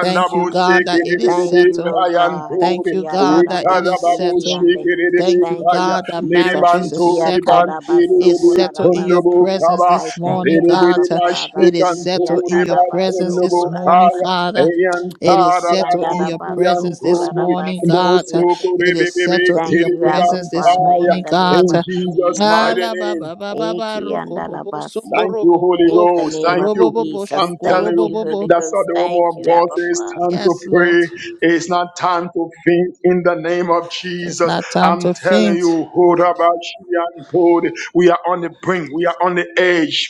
S1: Thank you, God, that it is
S3: Thank
S6: Sekiri
S3: you,
S1: settled.
S3: O God.
S1: Thank
S6: Kayantori
S1: you, God, that it is
S6: Ekanabo
S1: settled.
S3: Ikiatarabasikiande.
S6: Shikiri
S1: Thank you,
S3: Thank
S6: Kaya
S3: you,
S1: God, that
S3: Jesus.
S1: marriages is
S6: Niribantori
S1: settled. It's
S6: Bantiri
S1: settled in your
S3: Ikiatarabasokolarabasi.
S6: Kundubu
S1: presence
S6: Kaba
S3: I
S1: this
S6: and
S3: thank
S1: morning,
S3: you,
S1: God.
S3: Abba
S6: Biri
S3: Father.
S1: It is settled in
S6: Bashikantori
S1: your presence this
S6: Bakundubu
S1: morning,
S6: Kaya
S3: Ikiatarabasokolarabasi.
S1: Father. It is
S6: Ayantara da
S1: settled in your
S6: boshi anturi.
S1: presence this
S6: Antori
S1: morning, God.
S3: Ikiandarabasokolarabasikiyande.
S6: Mosukuri
S1: It is
S3: We
S6: Bibi
S1: settled in your
S3: thank you,
S6: Kiri
S3: Abba
S1: presence this
S3: Father,
S6: Bantaya
S3: in
S1: morning,
S3: the name
S1: God.
S6: in
S3: of
S6: Jesus'
S3: Jesus.
S6: mighty
S1: Ala ba
S6: name.
S1: ba ba ba ba roko bo bo
S3: Ikiandarabasi.
S1: soko
S6: Thank you,
S1: robo bo
S6: Holy
S3: In
S1: bo
S3: the
S6: Ghost.
S3: name
S6: Thank
S3: of
S1: robo bo
S6: you.
S1: bo
S3: Jesus.
S6: I'm
S1: shoko
S6: telling
S3: Thank
S1: robo
S6: you,
S3: you,
S1: bo
S3: Holy
S1: bo.
S6: that's what
S3: Ghost.
S6: the
S3: Thank
S6: woman of
S3: you,
S6: God
S3: Abba
S6: says. It's
S3: Father.
S6: time
S1: Yes,
S6: to
S1: Lord.
S6: pray. It's not time to think in the name of
S1: It's
S6: Jesus.
S1: not time
S6: I'm
S1: to
S6: telling
S1: faint.
S6: you, Hodabashi and Hode, we are on the brink. We are on the edge.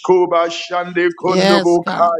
S1: Yes, God.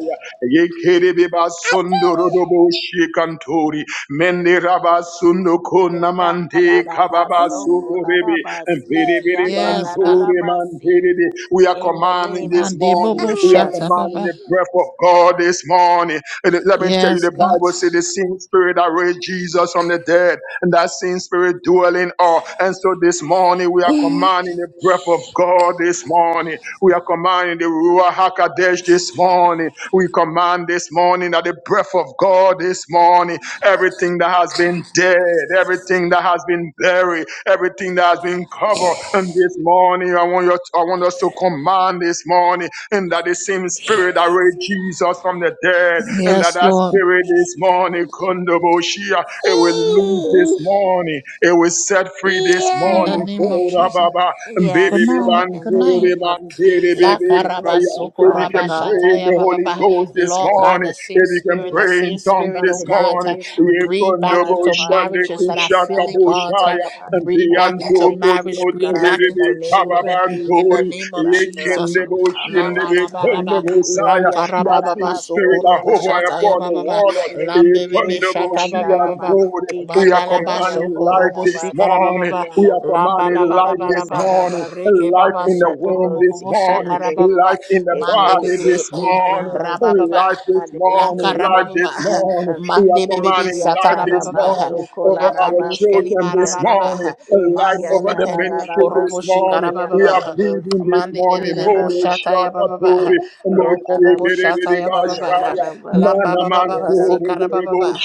S6: Mende rabasundo
S3: Yanda da
S6: konamante
S3: da ba so
S6: kababasu
S3: ko la da
S6: korebe
S3: ba
S6: and
S3: si
S6: bere
S3: ki
S6: bere
S3: yanda da
S1: Yes,
S3: da
S1: God.
S3: da
S6: bandore
S3: ba si.
S6: mantere de. We are
S3: In the
S6: commanding
S3: name of
S6: this morning.
S1: Mandebobo
S6: We are
S1: shata
S3: Jesus.
S6: commanding
S1: baba.
S6: the breath of God this morning. And let me tell you,
S1: Yes,
S6: the
S1: God.
S6: Bible says the same spirit that raised Jesus from the dead, and that same spirit dwelling all. And so this morning we are commanding the breath breath of God this morning. We are commanding the Ruach HaKodesh this morning. We command this morning that the breath of God this morning, everything that has been dead, everything that has been buried, everything that has been covered. And this morning, I want, you, I want us to command this morning, and that the same spirit that raised Jesus from the dead dead and that
S1: Yes,
S6: that
S1: Lord.
S6: spirit this morning, Kondoboshia, it will lose this morning. It will set free this
S1: In the
S6: morning.
S1: name of
S6: Kora
S1: Jesus.
S6: Baba, and baby,
S1: Good
S3: Yes,
S6: baby,
S1: night.
S3: Lord,
S6: and
S3: in
S1: Good
S3: the
S1: night.
S3: name of
S6: baby, baby,
S1: La
S3: Jesus,
S6: baby,
S3: we
S1: karaba
S6: fire.
S3: thank you,
S1: soko
S6: If you
S3: Father
S6: can
S1: raba
S3: God.
S6: pray
S1: shata
S6: in
S1: ya
S6: the
S3: The
S1: baba
S6: Holy
S1: ba. ba.
S3: same
S6: Ghost this
S1: Lord
S3: spirit
S1: God,
S6: morning,
S3: that
S1: the same
S6: if you can
S1: spirit,
S3: Yes,
S1: the
S6: pray in
S1: same
S3: Jesus
S6: tongues
S1: spirit,
S3: from
S1: oh
S6: this
S3: the dead
S1: God,
S6: morning,
S1: uh,
S3: lives on the
S6: ye
S1: breathe back
S3: inside of
S1: into
S3: us
S6: Kondoboshia, and the
S3: and
S1: marriages
S3: on
S1: that
S3: the
S1: are
S6: Kushaka
S3: inside
S1: feeling
S3: of me,
S1: God.
S3: oh
S1: uh,
S3: God.
S6: Boshaya, and the
S1: breathe
S3: And
S1: back
S3: I
S1: into
S3: thank you, oh
S1: marriage,
S6: Antokosoto,
S1: breathe
S3: God,
S1: back
S3: in
S6: baby,
S3: the
S1: into
S3: name
S6: Baba,
S3: of
S1: children
S6: and
S1: in the
S3: Jesus,
S6: Tori,
S1: name of
S6: ye
S1: Jesus.
S3: resurrection
S6: Kendeboshin,
S3: power of
S1: Lamba,
S6: the
S1: lamba,
S3: God.
S1: lamba,
S6: Kondobosaya,
S3: Ikia
S1: lanka lamba,
S6: that same
S1: lamba,
S3: tarabaso
S6: spirit
S1: sokoro
S6: that hover
S1: boshata ya,
S6: upon the
S3: kolarabasi
S1: lamba, Lankarababa, Sokurubu Shata Yababa,
S6: waters,
S3: kiande
S6: it
S1: Lambebe Shata
S6: she and
S1: Baba,
S6: gold.
S3: ekiandarabasi
S6: We are
S1: Mandalaba
S3: kiandoria
S6: commanding life
S1: Sokurubu
S6: this
S3: kolarabasi
S6: morning.
S1: lamba, lamba,
S6: We
S3: kiando
S6: are
S1: lamba
S6: commanding
S1: lamba
S6: life
S1: lamba
S6: this
S1: lamba,
S6: morning.
S1: Reke
S3: ekiandarabasi
S1: lamba,
S6: Life
S1: Baba
S6: in the womb this
S3: kiandarabosi
S1: Sokurubu
S6: morning.
S3: kiande.
S1: Shakarababa,
S6: Life in the
S3: It may
S6: body
S3: it
S1: Mandebebe
S6: this
S3: locate my
S6: morning.
S3: husband, oh
S1: Rababa.
S6: Life this
S3: God, in the
S6: morning.
S3: name of
S6: Life this
S1: Lankarababa,
S6: morning.
S3: Jesus.
S6: We are
S1: Mande Baby
S6: commanding
S3: Ekia
S6: life this
S1: Satarababa,
S3: tarabaso
S6: morning over our
S1: Lakadush
S3: kolarabasi
S6: children this
S3: kiande.
S6: morning.
S1: Kalibarababa,
S6: Life
S3: Ekia
S6: over
S1: Manzele
S6: the ministry
S1: Peneme
S6: you this
S1: Korobo
S3: tararabasi
S6: morning. We
S1: Shikarababa,
S6: are breathing
S3: kiandarabasi
S6: this morning.
S1: Mandelele bo
S6: Mobo
S1: shata
S3: kiandarabasi.
S1: ya baba ba
S6: Shakatori,
S1: roko
S6: Moshi
S1: bobo shata
S6: Kerede
S3: Ekiandarabasi
S1: ya baba ba
S6: Bashaya,
S1: lamba
S3: kiandarabasi
S6: Mana
S1: baba baba sikara baba ba
S3: kiandarabasi.
S6: Mantori,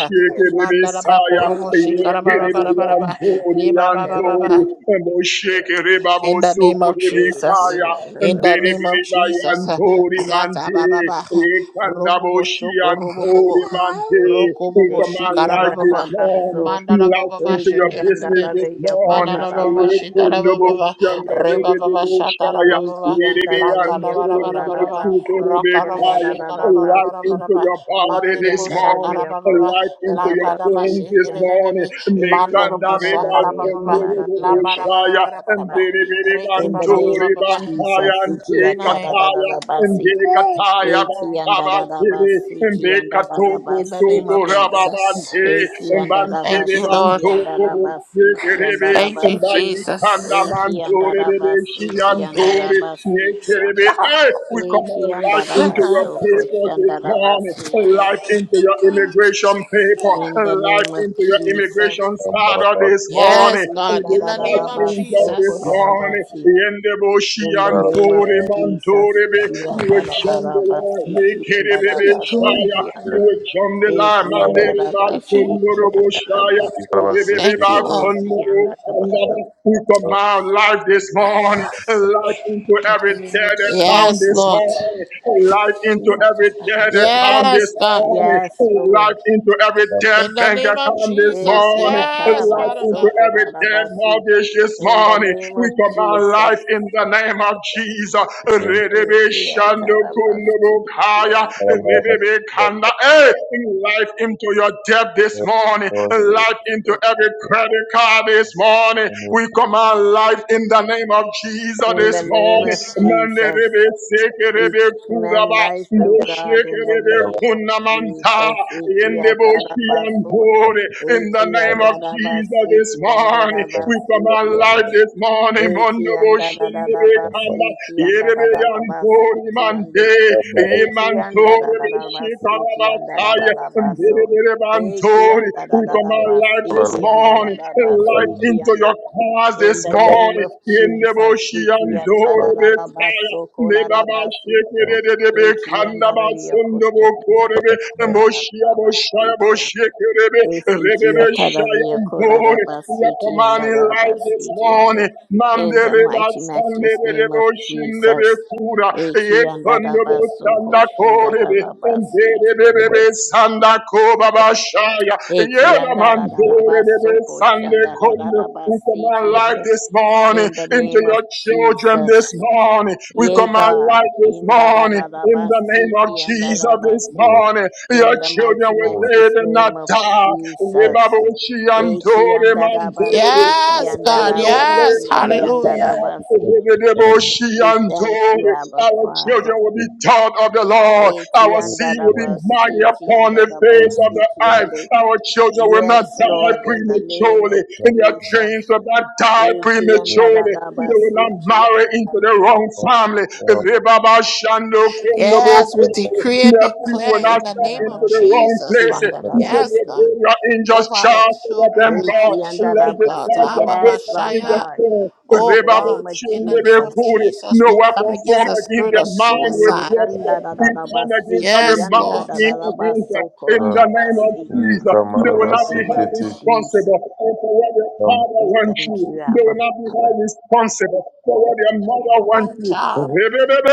S1: mandala ba
S6: Messiah,
S1: korobo shikara baba baba baba
S3: Ekiandarabasi
S6: Yekerebeyantori,
S1: leba baba baba ba
S6: Yantori,
S1: ba
S3: kiandarabasi.
S6: Moshekerebabo,
S1: in the name of Jesus
S6: Sukurebekaya,
S1: in the name
S3: Ekiandarabasi.
S1: of Jesus
S6: Derebeyantori,
S1: zata
S6: Mante,
S1: baba baba robo bo
S6: Ekanaboshi,
S1: shoko robo bobo
S6: Antori, Mante.
S1: roko
S6: We
S1: bobo
S6: command
S1: shikara
S6: life
S1: baba
S6: this
S1: baba
S6: morning,
S3: Ekiandarabasi.
S1: mandala
S6: life
S1: baba baba
S6: into
S3: Eki
S6: your
S1: shikere
S3: and
S6: business
S3: Dada
S1: bebe
S6: this morning.
S1: Manana Dormo
S3: Yokolaraba, Eki
S1: Shitara
S3: and
S1: baba,
S6: Yekundoboshi,
S3: Dada
S1: Reba baba
S3: Besi,
S1: Shatara
S6: Andaberebeboshaya,
S1: baba
S3: Eki and Dada
S1: Reba
S6: Yerebeyantori,
S1: Mananoromo shitarababa, rebababa shatarababa, lankarabarabarababa,
S3: Yokolaraba,
S6: Bosukuru,
S3: Eki and
S1: rokaraba
S3: Dada
S6: Life
S3: Basi,
S6: into
S1: shikarabarabarababa,
S6: your body
S3: Eki
S6: this
S3: and
S1: mandiribo
S3: Dada
S6: morning,
S1: shakarababa,
S3: Yokosh,
S6: life into
S3: Dada
S6: your
S1: lankaraba
S3: Basi,
S6: bones
S3: Eki
S6: this
S3: and
S6: morning.
S1: shikirebebebe,
S6: Make
S1: mandorobo
S3: Dada
S1: shakarababa, baba
S3: Yokolaraba,
S1: Lambara
S3: Yokosh,
S1: Varavara
S6: and
S1: Varava,
S6: Diri
S1: Reiki
S3: In the
S1: baba.
S3: name
S6: Bantori
S3: of
S1: Baba.
S6: Bantaya
S3: Jesus,
S6: and
S3: Eki
S1: Good
S3: and
S1: night.
S6: Dekataya
S3: Dada
S6: and
S3: Basi.
S6: Dekataya
S1: Good
S3: Eki
S1: night.
S6: Baba Kiri
S3: andarabasi
S6: and
S3: ki
S6: Dekatoko
S1: In the
S3: andarabasi
S1: name
S6: Stoko
S3: ki
S1: of
S3: ando.
S1: Jesus.
S6: Rababante
S3: Eki
S6: and
S1: Thank
S6: Bantiri
S1: you,
S3: andarabasi ki
S1: Lord.
S6: Bantoko
S3: andarabasi ki
S6: Kiribi
S1: Thank
S6: and
S1: you,
S3: andarabasi.
S6: Baikanda
S1: Jesus.
S3: Eki
S6: Mantori
S3: andarabasi ki
S6: Shiantori
S3: andarabasi ki ando.
S6: Nekiribi. We
S3: Eki
S6: command life into your
S3: andarabaso
S6: papers this morning,
S3: koshandarabasi ki
S6: life
S3: ando.
S6: into your immigration paper,
S3: In the
S6: life
S3: name of
S6: into your
S3: Jesus.
S6: immigration starter this morning.
S1: Yes,
S3: Eki
S6: We
S1: God. In the
S6: dispatch
S1: name of
S3: andararabaso
S6: angels this
S1: Jesus.
S6: morning.
S3: korarabasi.
S6: The end of Ocean
S3: In the name of
S6: Tori
S3: Jesus.
S6: Mantoribe,
S3: Ki
S6: you will jump the line,
S3: andarabasi
S6: make
S3: ki
S6: it a baby
S3: andarabasi
S1: doing,
S6: shire.
S3: ki
S6: You
S3: ando.
S6: will jump the line,
S3: Eki
S6: man, the river,
S1: AJ.
S3: andarabasi, ki
S6: Kundorobo shire.
S3: andarabasi,
S6: Baby, baby,
S1: Thank you,
S6: baby,
S1: Lord.
S3: eki
S6: Kundorobo,
S3: andarabasi.
S6: Kundorobo. We command life this morning light into
S3: In
S6: every
S3: the name of
S6: dead account
S1: Yes,
S6: this
S3: Jesus,
S1: Lord.
S6: morning, light
S3: ki
S6: into every dead
S3: atarabasi.
S6: account
S1: Yes,
S6: this
S1: God.
S6: morning,
S3: Yes,
S6: light
S3: Lord.
S6: into every dead
S1: In the
S6: bank
S1: name of
S6: account this
S1: Jesus.
S3: Eki
S6: morning,
S1: Yes,
S6: light
S1: Father
S3: atarabaso
S6: into
S1: God.
S6: every dead
S3: kolarabasi.
S6: mortgage this
S3: In the
S6: morning.
S3: name
S6: We
S3: of
S6: command
S3: Jesus,
S6: life in the name of Jesus. Rerebe
S3: eki
S6: shando
S3: atarabasi,
S6: kundo
S3: ki
S6: kaya,
S3: anda-
S6: rerebe kanda. Hey, life into your debt this
S2: Yes,
S6: morning,
S2: Lord.
S6: life into
S3: eki anda.
S6: every credit card this morning,
S2: Almost
S6: we command life in the name of Jesus
S2: like
S3: In
S6: this
S3: the name
S6: morning.
S3: of
S2: because
S6: Mande
S3: Jesus,
S6: rebe seke
S3: We
S6: rebe
S3: command
S6: kuraba.
S3: life, O God, in
S6: Mosheke
S3: the
S2: I
S6: rebe
S2: was
S3: name of
S6: kunamanta.
S3: Jesus. Iki
S6: Yende boshi
S3: atarabasu,
S2: thinking
S6: antore. In
S2: that I
S6: the
S3: iki
S6: name of Jesus
S3: andarabasi,
S6: this
S3: iki
S6: morning.
S2: can
S6: We
S3: andarabasi,
S2: do
S6: command
S3: iki
S6: life
S3: ande,
S6: this morning. Mondo
S3: iki
S6: boshi rebe
S2: something but
S6: kamba.
S3: andarabasi, iki
S6: Yerebe
S2: I
S3: andarabasi,
S6: yantori
S3: iki ande,
S6: mante.
S2: care more than
S3: iki
S6: Imantore beshi
S3: andarabasi, iki
S6: karabakaya.
S3: andarabaso,
S6: Ndere rebe
S3: iki
S6: bantori. We
S2: that.
S6: command life
S3: andarabasi,
S6: this
S3: iki
S2: But
S6: morning light
S3: andarabasi,
S2: I'm
S3: iki
S6: into
S3: ande.
S6: your cars
S3: In
S6: this
S3: the name
S2: capacity
S6: morning.
S3: of
S6: In the
S3: Jesus,
S6: bush,
S3: iki
S2: but
S6: and
S3: atarabasu,
S6: Nebaba
S3: kolarabasi.
S2: I'm
S6: şekerebe
S3: Eki andara
S6: kandaba
S3: riyo
S6: sundubu
S3: kochandara
S6: korebe
S3: riyo
S2: not
S3: kolara
S6: moşya
S3: raba
S6: boşaya
S3: siki ande.
S6: boşekerebe
S3: Esiki
S6: rebebe
S3: atara riyo
S6: şayan
S3: kolara
S6: doğru
S3: raba siki
S6: yakamani
S3: andara raba
S6: life this
S3: siki ande.
S6: morning
S3: In
S6: mamde
S3: the
S6: reba
S3: mighty,
S6: sande
S3: matchless
S6: rebe
S3: name of
S6: boşinde
S3: Jesus.
S6: be kura
S3: Eki andara
S6: yekundu
S3: raba
S6: bu
S3: soko
S6: sanda
S3: shandara
S6: korebe
S3: raba siki.
S6: emberebe bebe
S2: about
S6: sanda ko baba şaya
S3: Eki
S6: yedaman
S3: andara
S6: doğru
S3: raba
S6: rebe
S3: soko
S6: sande
S3: shandara
S6: kondu
S3: raba
S6: yakamani
S3: siki
S6: life
S3: ande.
S6: this morning
S3: In the
S6: into
S3: name of
S6: your children this
S3: Jesus.
S6: morning.
S3: Yea, God, in da da da da basiki and da
S2: that.
S3: da basi,
S2: More
S3: in the mighty
S2: more
S3: matchless name of Jesus.
S2: that
S3: Yea,
S2: that
S3: and da da basiki
S1: Yes,
S3: and da
S1: God.
S3: da
S1: Yes.
S3: basiki and da da
S2: makes
S1: Hallelujah.
S3: basi,
S2: it makes it better than
S3: We thank you, Abba Father.
S2: give
S3: Yea, and
S2: you
S3: da da basiki
S2: more
S3: and da da basiki
S2: room
S3: and da-
S6: family,
S3: Yes, Lord,
S2: that
S3: in the
S2: that
S3: name
S6: and
S3: of
S6: they
S2: that
S6: will
S2: that
S3: Jesus.
S6: not die
S3: Yea, ki and da da
S6: surely,
S3: da
S6: and they will not
S3: basiki and
S6: marry
S3: da
S6: into
S3: da
S6: the wrong family.
S2: that
S6: If
S3: basi.
S2: that
S6: they Baba Shando Kundobo
S1: Yes, we
S6: Kundobo,
S1: decree and
S3: Yes,
S6: people will
S1: declare
S6: not
S1: in the
S6: step
S1: name
S6: into
S1: of
S6: the wrong
S1: Jesus,
S6: place.
S1: Father.
S2: that
S6: You say
S1: Yes,
S6: you
S1: God.
S6: give your angels
S1: Over our
S6: charge over
S1: children,
S6: them,
S1: over
S6: God.
S1: our
S6: Let
S1: children,
S6: the
S1: God.
S6: charge and
S1: Abba
S6: take up
S3: Lord
S6: in the
S1: Bashaya.
S3: God,
S6: soul. If
S3: in
S1: Oh,
S6: they
S3: the name
S1: God.
S3: of
S1: In the name
S3: Jesus.
S1: of Jesus,
S6: No
S1: we come
S6: weapon
S1: against the
S6: formed against
S1: spirit of
S6: their mind will
S3: In
S1: suicide.
S6: prosper. We
S3: the
S6: come against every
S1: Yes,
S6: mind
S1: Lord.
S6: being against them. In the
S2: that
S6: name of Jesus,
S2: Yika
S6: they will not be
S2: marabasi
S3: name of
S6: held in
S2: kiti
S3: Jesus,
S6: responsible for what your
S2: kama
S6: father
S3: we
S6: wants
S3: thank you,
S6: you. They
S3: Abba
S6: will not be
S3: Father.
S6: held responsible for
S3: In
S6: what your
S3: the
S6: mother
S3: name of
S6: wants
S1: Strong
S6: you.
S1: job.
S3: Jesus.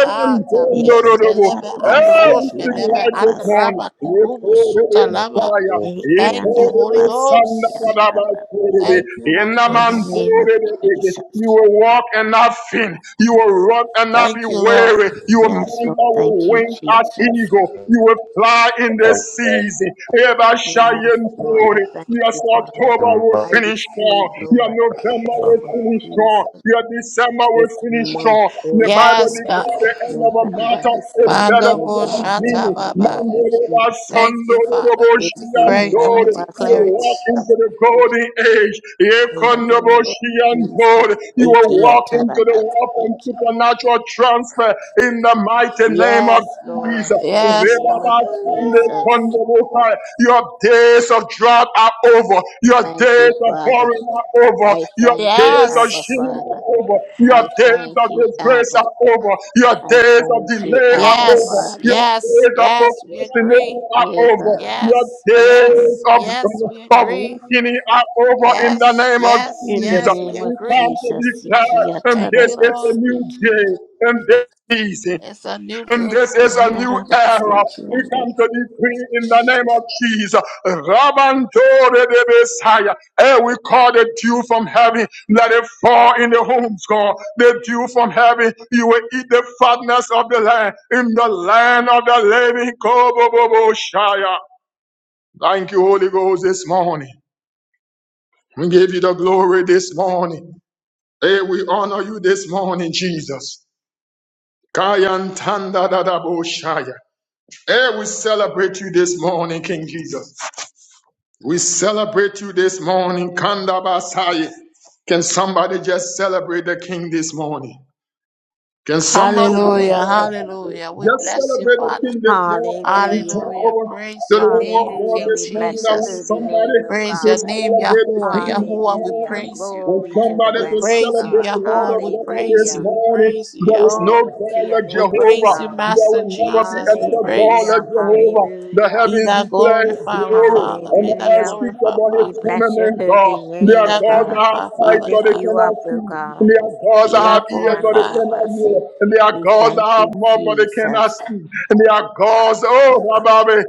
S1: Ah,
S2: kalanti
S1: Taveske leve
S6: Hey, we
S1: androshke
S6: sing
S1: leve
S6: like this morning.
S1: andraba
S6: We
S1: kurubu
S6: pour it
S1: suta
S6: in
S1: lava.
S6: fire. We
S1: Thank
S6: pour
S1: you,
S6: it
S1: Holy
S6: in thunder,
S1: Ghost.
S6: da, da, da, pour it in.
S1: Thank you, Holy
S6: the
S3: In the
S6: man,
S1: Ghost.
S3: name of Jesus.
S6: You will walk and not faint. You will run and not be
S1: Thank you, Lord.
S6: weary. You will
S3: Yes,
S6: mount
S3: Lord.
S6: our
S3: Thank you,
S6: wings as
S3: Jesus.
S6: eagle. You will fly in this
S2: kwa
S6: season. Eba
S3: Yes,
S6: shayen
S3: Lord. I
S6: pori.
S3: thank
S6: Yes,
S3: you, Father.
S6: October will
S3: I
S6: finish strong.
S3: receive,
S6: Your
S3: Lord,
S6: November
S3: in the name
S6: will
S3: of
S6: finish strong.
S3: Jesus,
S6: Your December will
S3: this
S6: finish
S3: month,
S6: strong.
S3: oh
S6: The Bible
S1: Yes,
S3: God,
S1: God.
S6: declares the end of a
S3: November,
S6: matter is
S3: December,
S6: better
S1: Mando
S3: oh
S6: than the
S1: bo
S3: God, in the
S1: shata
S6: beginning.
S3: name
S1: baba.
S3: of
S6: Mando eba
S3: Jesus.
S1: Thank
S6: sondo
S1: you, Father.
S6: ebo
S1: We
S3: Eki
S1: declare it and we
S6: shiandori. You
S1: declare
S6: will
S3: andarabasoko
S1: it.
S6: walk into the
S3: rabasi,
S6: golden age.
S3: In the
S6: Ekondo bo
S3: name of Jesus.
S6: shiandori. You will
S3: Eki
S6: walk into the wealth and
S3: atarabasiki.
S6: supernatural transfer in the mighty name of
S3: Yes, Lord,
S6: Jesus.
S3: in the
S1: Yes,
S3: name
S1: God.
S3: of Jesus. Thank you, Father. I thank you, Abba
S1: Yes.
S3: Father. I thank you, Abba. I thank you, Abba
S1: Yes.
S3: Father.
S1: Yes. Yes. We agree.
S3: Dear God.
S1: Yes. Yes. Yes. We agree. Yes, yes,
S3: In the
S1: yes, we
S3: name of
S1: agree.
S3: Jesus, Sikia
S1: Thank you, Lord.
S3: Tarabasikia.
S1: It's a new
S6: And
S1: day.
S6: this is a new era. We come to decree in the name of Jesus. Rabantore de Messiah. Hey, we call the dew from heaven. Let it fall in the homes, God. The dew from heaven. You will eat the fatness of the land in the land of the living. Koboboboshaya. Thank you, Holy Ghost, this morning. We give you the glory this morning. Hey, we honor you this morning.
S1: Hallelujah, hallelujah. We bless you, Father.
S3: Hallelujah.
S1: Hallelujah. Praise your name,
S3: Hallelujah.
S1: King
S3: We bless your
S1: Jesus.
S3: holy name, O
S1: Praise your
S3: God.
S1: name, Yahuwah. Yahuwah, we
S3: Hallelujah.
S1: praise you.
S6: When
S3: Glory to the
S6: somebody
S1: We
S3: Lamb of
S1: praise you,
S3: God.
S6: Lord
S1: Yahuwah.
S6: of
S1: We
S6: Lords
S1: praise
S6: this
S3: Hallelujah.
S1: you. We
S6: morning.
S1: praise you,
S6: There is no
S1: Yahuwah.
S3: Glory to
S6: God
S3: your
S6: like
S1: We
S3: name, O
S6: Jehovah.
S1: praise you,
S3: God.
S6: There
S1: Master
S6: will never be
S1: Jesus. We
S6: another God
S1: praise
S6: like
S3: Hallelujah,
S1: you.
S6: Jehovah. The
S3: hallelujah,
S1: Be
S6: heavens
S1: thou
S6: declare
S1: glorified, our
S6: glory
S1: Father.
S6: and
S1: Be
S6: the
S1: thou
S6: earth
S3: hallelujah.
S6: speak
S1: glorified,
S6: their
S3: We
S1: Father.
S3: bless your
S6: firmament, God.
S3: holy
S6: They
S1: Be
S3: name,
S6: are
S3: O
S1: thou
S6: God's
S3: God.
S1: glorified,
S3: We
S6: eyes,
S1: Father
S6: but
S3: lift
S6: they
S1: God.
S3: you
S6: cannot.
S3: up, O God.
S6: They are gods that
S1: Be thou
S6: have
S3: Eki
S6: ears, but
S1: glorified.
S6: they,
S3: andarabasi.
S6: they,
S3: We thank you, Jesus.
S6: and they are governed.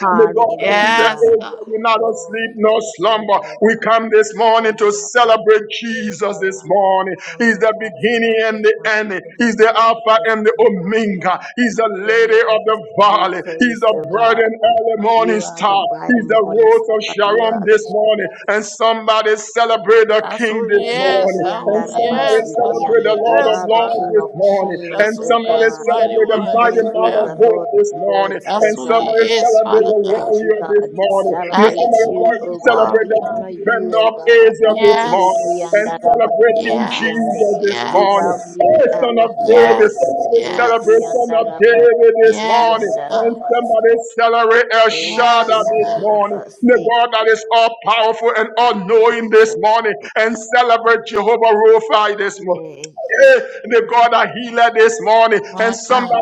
S3: Hallelujah.
S1: Yes, God.
S3: Glory to your name, O God. For you are worthy, O God. From the rising of the sun to the going down of the sun, O God. Your name is to be praised, O God. You are the bright and morning star. You are the
S1: That's who he
S3: Eh,
S1: is. That's who he
S3: Kiandarabasi,
S1: is. That's who he
S3: Kiande. You
S1: is,
S3: are the
S1: Father.
S3: King of
S1: That's
S3: Kings,
S1: who
S3: O
S1: he is,
S3: God.
S1: mighty
S3: We
S1: one of
S3: thank you,
S1: Israel.
S3: the Lord of Lords, O
S1: That's who he
S3: God.
S1: is, Father
S3: We
S1: God.
S3: thank you, God. We
S1: That
S3: celebrate
S1: is
S3: you,
S1: who
S3: O
S1: you
S3: God.
S1: are.
S3: We honor you, O God. Eh,
S1: Yes.
S3: Kiandarabasi,
S1: Yes.
S3: Kiande. We love
S1: Yes.
S3: you, Abba Father.
S1: Yes.
S3: Eh,
S1: Yes.
S3: Kiandarabasi,
S1: Yes, God.
S3: Kiandarabasi. Eh,
S1: Yes, God.
S3: Kiandarabasi, Kiandarabasi.
S1: My God.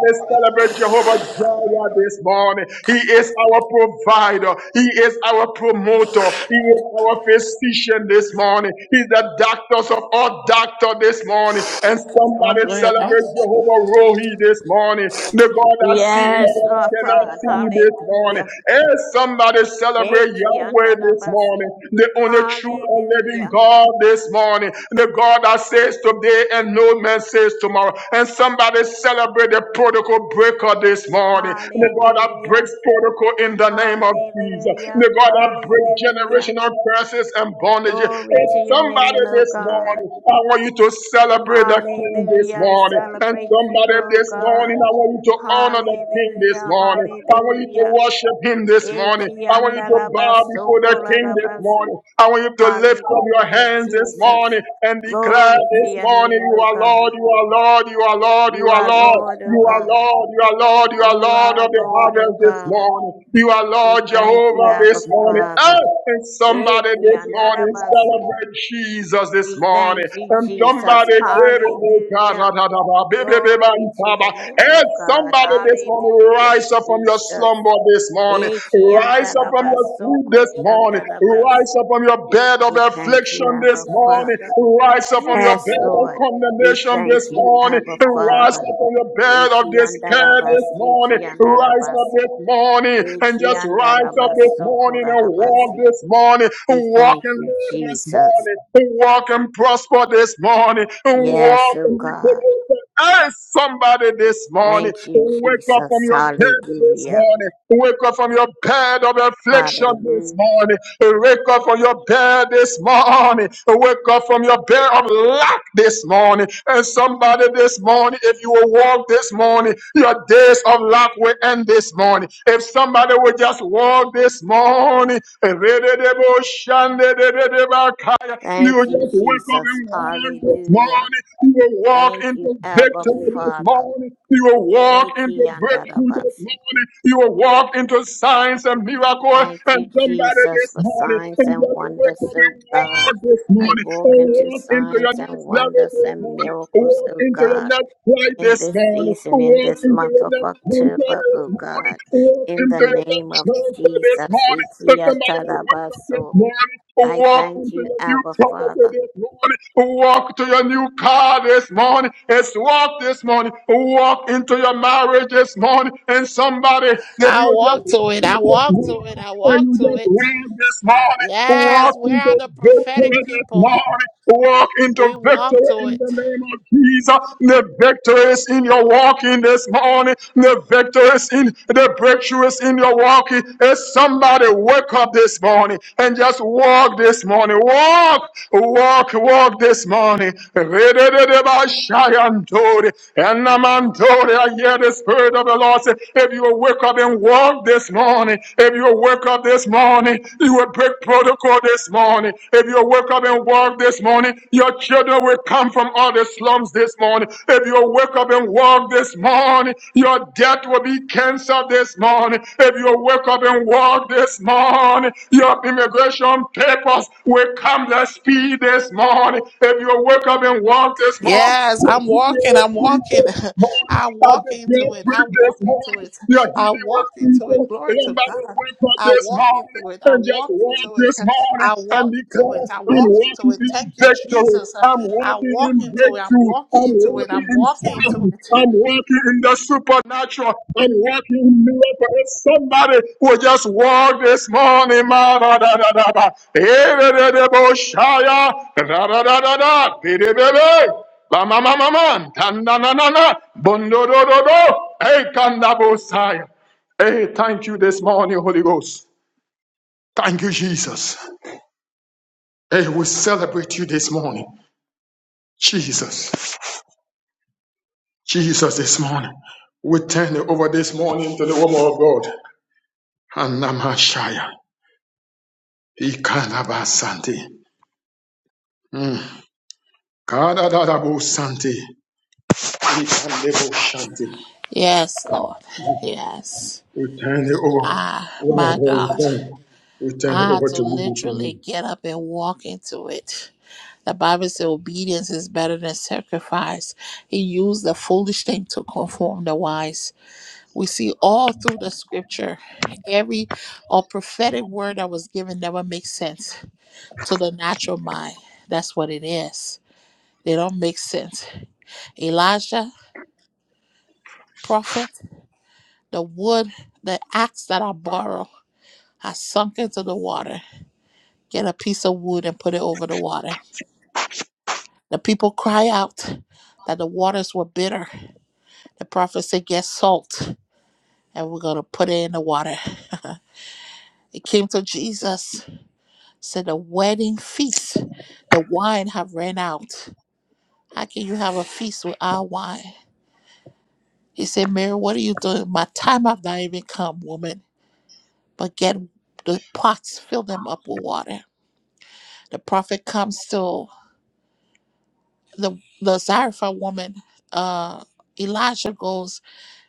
S6: physician this morning. He's the doctors of all doctors. this morning. And
S1: Don't
S6: somebody
S1: blame
S6: celebrate
S1: us.
S6: Jehovah Rohi this morning. The God that sees
S3: Yes, Lord
S6: cannot
S3: God.
S6: see this morning.
S3: Hallelujah.
S6: And somebody
S3: Hey,
S6: celebrate Yahweh this morning.
S3: Kiandarabasi.
S6: The only true and living
S3: Hallelujah.
S6: God this morning. The God that says today and no man says tomorrow. And somebody celebrate the protocol breaker this morning. The God that
S3: Hallelujah.
S6: breaks protocol in the name of Jesus. May
S3: Hallelujah.
S6: God that break
S3: Hallelujah.
S6: generational curses and bondage.
S3: Glory
S6: And
S3: to your
S6: Somebody
S3: name, O
S6: this
S3: God.
S6: morning, I want you to celebrate the King this
S3: Hallelujah. I
S6: morning. And
S3: celebrate you,
S6: somebody
S3: O
S6: this morning,
S3: God.
S6: I want you to honor the King this
S3: Hallelujah.
S6: morning. I want you to
S3: Hallelujah.
S6: worship Him this
S3: Hey,
S6: morning. I want you to bow before the King this
S3: Kiandarabasokolarabasi.
S6: morning. I want you to lift up your
S3: Hallelujah,
S6: hands this
S3: Jesus.
S6: morning and declare
S3: Glory to
S6: this
S3: your
S6: morning,
S3: name,
S6: You
S3: O
S6: are
S3: God.
S6: Lord, You are Lord, You are Lord, You
S3: You
S6: are
S3: are
S6: Lord,
S3: Lord, O
S6: You are
S3: God.
S6: Lord, You are Lord, You are
S3: You
S6: Lord
S3: are
S6: of the
S3: Lord, O
S6: harvest this
S3: God.
S6: morning. You are
S3: We
S6: Lord
S3: thank you,
S6: Jehovah
S3: Abba
S6: this morning. Ah,
S3: Father.
S6: and somebody
S3: Eki
S6: this morning
S3: andarabasi.
S6: celebrate Jesus this
S3: We
S6: morning.
S3: thank you,
S6: And
S3: Jesus.
S6: somebody, and
S3: Hallelujah. Glory to the Lamb of God.
S6: somebody this morning,
S3: Hallelujah,
S6: rise up from your
S3: Jesus.
S6: slumber this morning.
S3: Eki
S6: Rise up from your sleep
S3: andarabasoko
S6: this morning. Rise
S3: shandarabasi.
S6: up from your bed of
S3: We thank you,
S6: affliction
S3: Abba
S6: this morning.
S3: Father.
S6: Rise up from your
S3: Yes,
S6: bed of
S3: Lord. We
S6: condemnation this
S3: thank you,
S6: morning.
S3: Abba
S6: Rise
S3: Father.
S6: up from your bed of
S3: Eki
S6: this
S3: andarabasi, eki andarabasi. Ekiandarabasukorarabasi. We thank you, Jesus. Yes, oh God. Thank you, Jesus. Hallelujah. Hallelujah.
S6: this morning. morning. morning. And you will-
S3: Thank you, Jesus. Hallelujah.
S6: you will
S3: Thank you, Abba
S6: victory
S3: Father.
S6: morning. You will walk into breakthrough.
S3: Ekiandarabasi.
S6: You will Lord,
S3: Thank
S6: and
S3: you,
S6: somebody
S3: Jesus,
S6: this
S3: for
S6: morning
S3: signs
S6: and
S3: and
S6: just wake
S3: wonders,
S6: up
S3: oh
S6: and
S3: God.
S6: walk this
S3: I
S6: morning. And
S3: walk into signs and wonders and miracles, oh God. in this season, in this month of October, O God, in the name of Jesus. Ikia tarabaso. I thank you, Abba Father.
S1: I walk to it. I walk to it. I walk to it. Yes, where are
S6: oh
S1: the prophetic people?
S6: God, walk into
S1: We walk
S6: victory
S1: to
S6: in
S1: it.
S6: the name of Jesus. The victory is in your walking this morning. The victory is in the breakthrough is in your walking. And somebody wake up this morning and just walk this morning. Walk, walk, walk this morning. And the man told it, I hear the Spirit of the Lord say, if you will wake up and walk this morning, if you will wake up this morning, you will break protocol this morning. If you will wake up and walk this morning, your children will come from all the slums this morning. If you will wake up and walk this morning, your debt will be canceled this morning. If you will wake up and walk this morning, your immigration papers will come to speed this morning. If you will wake up and walk this morning,
S1: Yes, I'm walking. I'm walking. I'm walking to it. i walk into it. i walk into it. Glory to God. I walk into it. I walk into it. I walk into it. I walk into it. Thank you, Jesus. I walk into it. I'm walking into it. I'm walking into it.
S6: Mama, mama, mama, na na na na, bondo do do do, hey kandabosaya. Hey, thank you this morning, Holy Ghost. Thank you, Jesus. Hey, we celebrate you this morning, Jesus. Jesus, this morning, we turn it over this morning to the woman of God, Anamashaya. Ikanabasante. kada da da bo sante. Kadadadabosanti. Ikandeboshanti.
S1: Yes, Lord. Yes.
S6: Oh,
S1: Ah, my God. I had to literally get up and walk into it. The Bible says obedience is better than sacrifice. He used the foolish thing to conform the wise. We see all through the scripture, every or prophetic word that was given never makes sense to the natural mind. That's what it is. They don't make sense. Elijah, prophet, the wood, the axe that I borrow, I sunk into the water. Get a piece of wood and put it over the water. The people cry out that the waters were bitter. The prophet said, Get salt, and we're going to put it in the water. it came to Jesus, said, The wedding feast, the wine have ran out. How can you have a feast without wine? He said, Mary, what are you doing? My time have not even come, woman. But get the pots, fill them up with water. The prophet comes to the, the Zarephath woman. Uh, Elijah goes,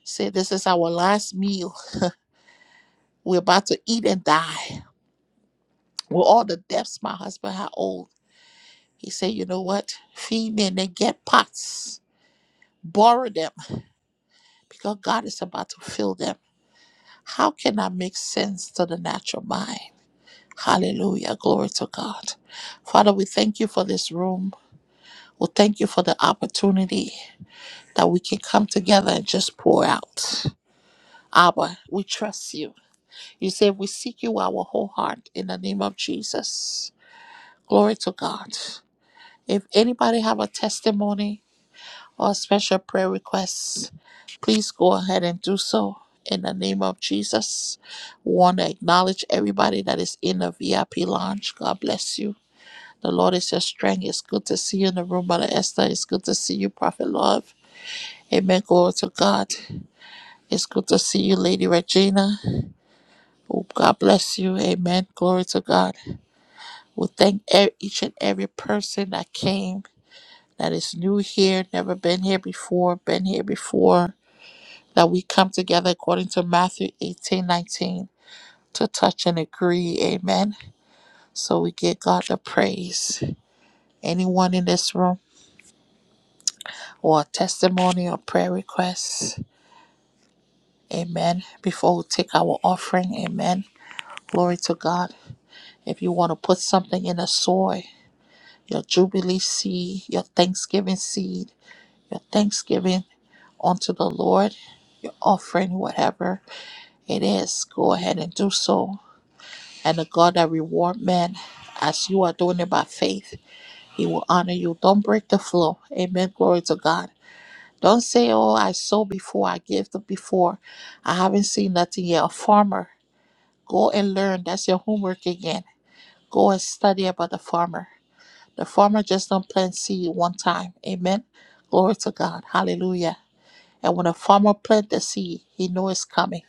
S1: say, This is our last meal We're about to eat and die. With all the debts my husband had owed, he said, You know what? Feed me and then get pots. Borrow them because God is about to fill them. How can I make sense to the natural mind? Hallelujah. Glory to God. Father, we thank you for this room. We thank you for the opportunity that we can come together and just pour out. Abba, we trust you. You say we seek you with our whole heart in the name of Jesus. Glory to God. If anybody have a testimony or a special prayer requests, please go ahead and do so in the name of Jesus. Want to acknowledge everybody that is in the VIP lounge. God bless you. The Lord is your strength. It's good to see you in the room, Mother Esther. It's good to see you, Prophet Love. Amen. Glory to God. It's good to see you, Lady Regina. Oh, God bless you. Amen. Glory to God. We thank e- each and every person that came. that is new here, never been here before, been here before, that we come together according to Matthew 18 19 to touch and agree. Amen. So we give God the praise. Anyone in this room or a testimony or prayer requests, amen. Before we take our offering, amen. Glory to God. If you want to put something in the soil, your Jubilee seed, your Thanksgiving seed, your Thanksgiving unto the Lord, your offering, whatever. It is. Go ahead and do so. And the God that reward men, as you are doing it by faith, he will honor you. Don't break the flow. Amen. Glory to God. Don't say, Oh, I sow before, I gave the before. I haven't seen nothing yet. A farmer. Go and learn. That's your homework again. Go and study about the farmer. The farmer just don't plant seed one time. Amen. Glory to God. Hallelujah. And when a farmer plant the seed, he know it's coming.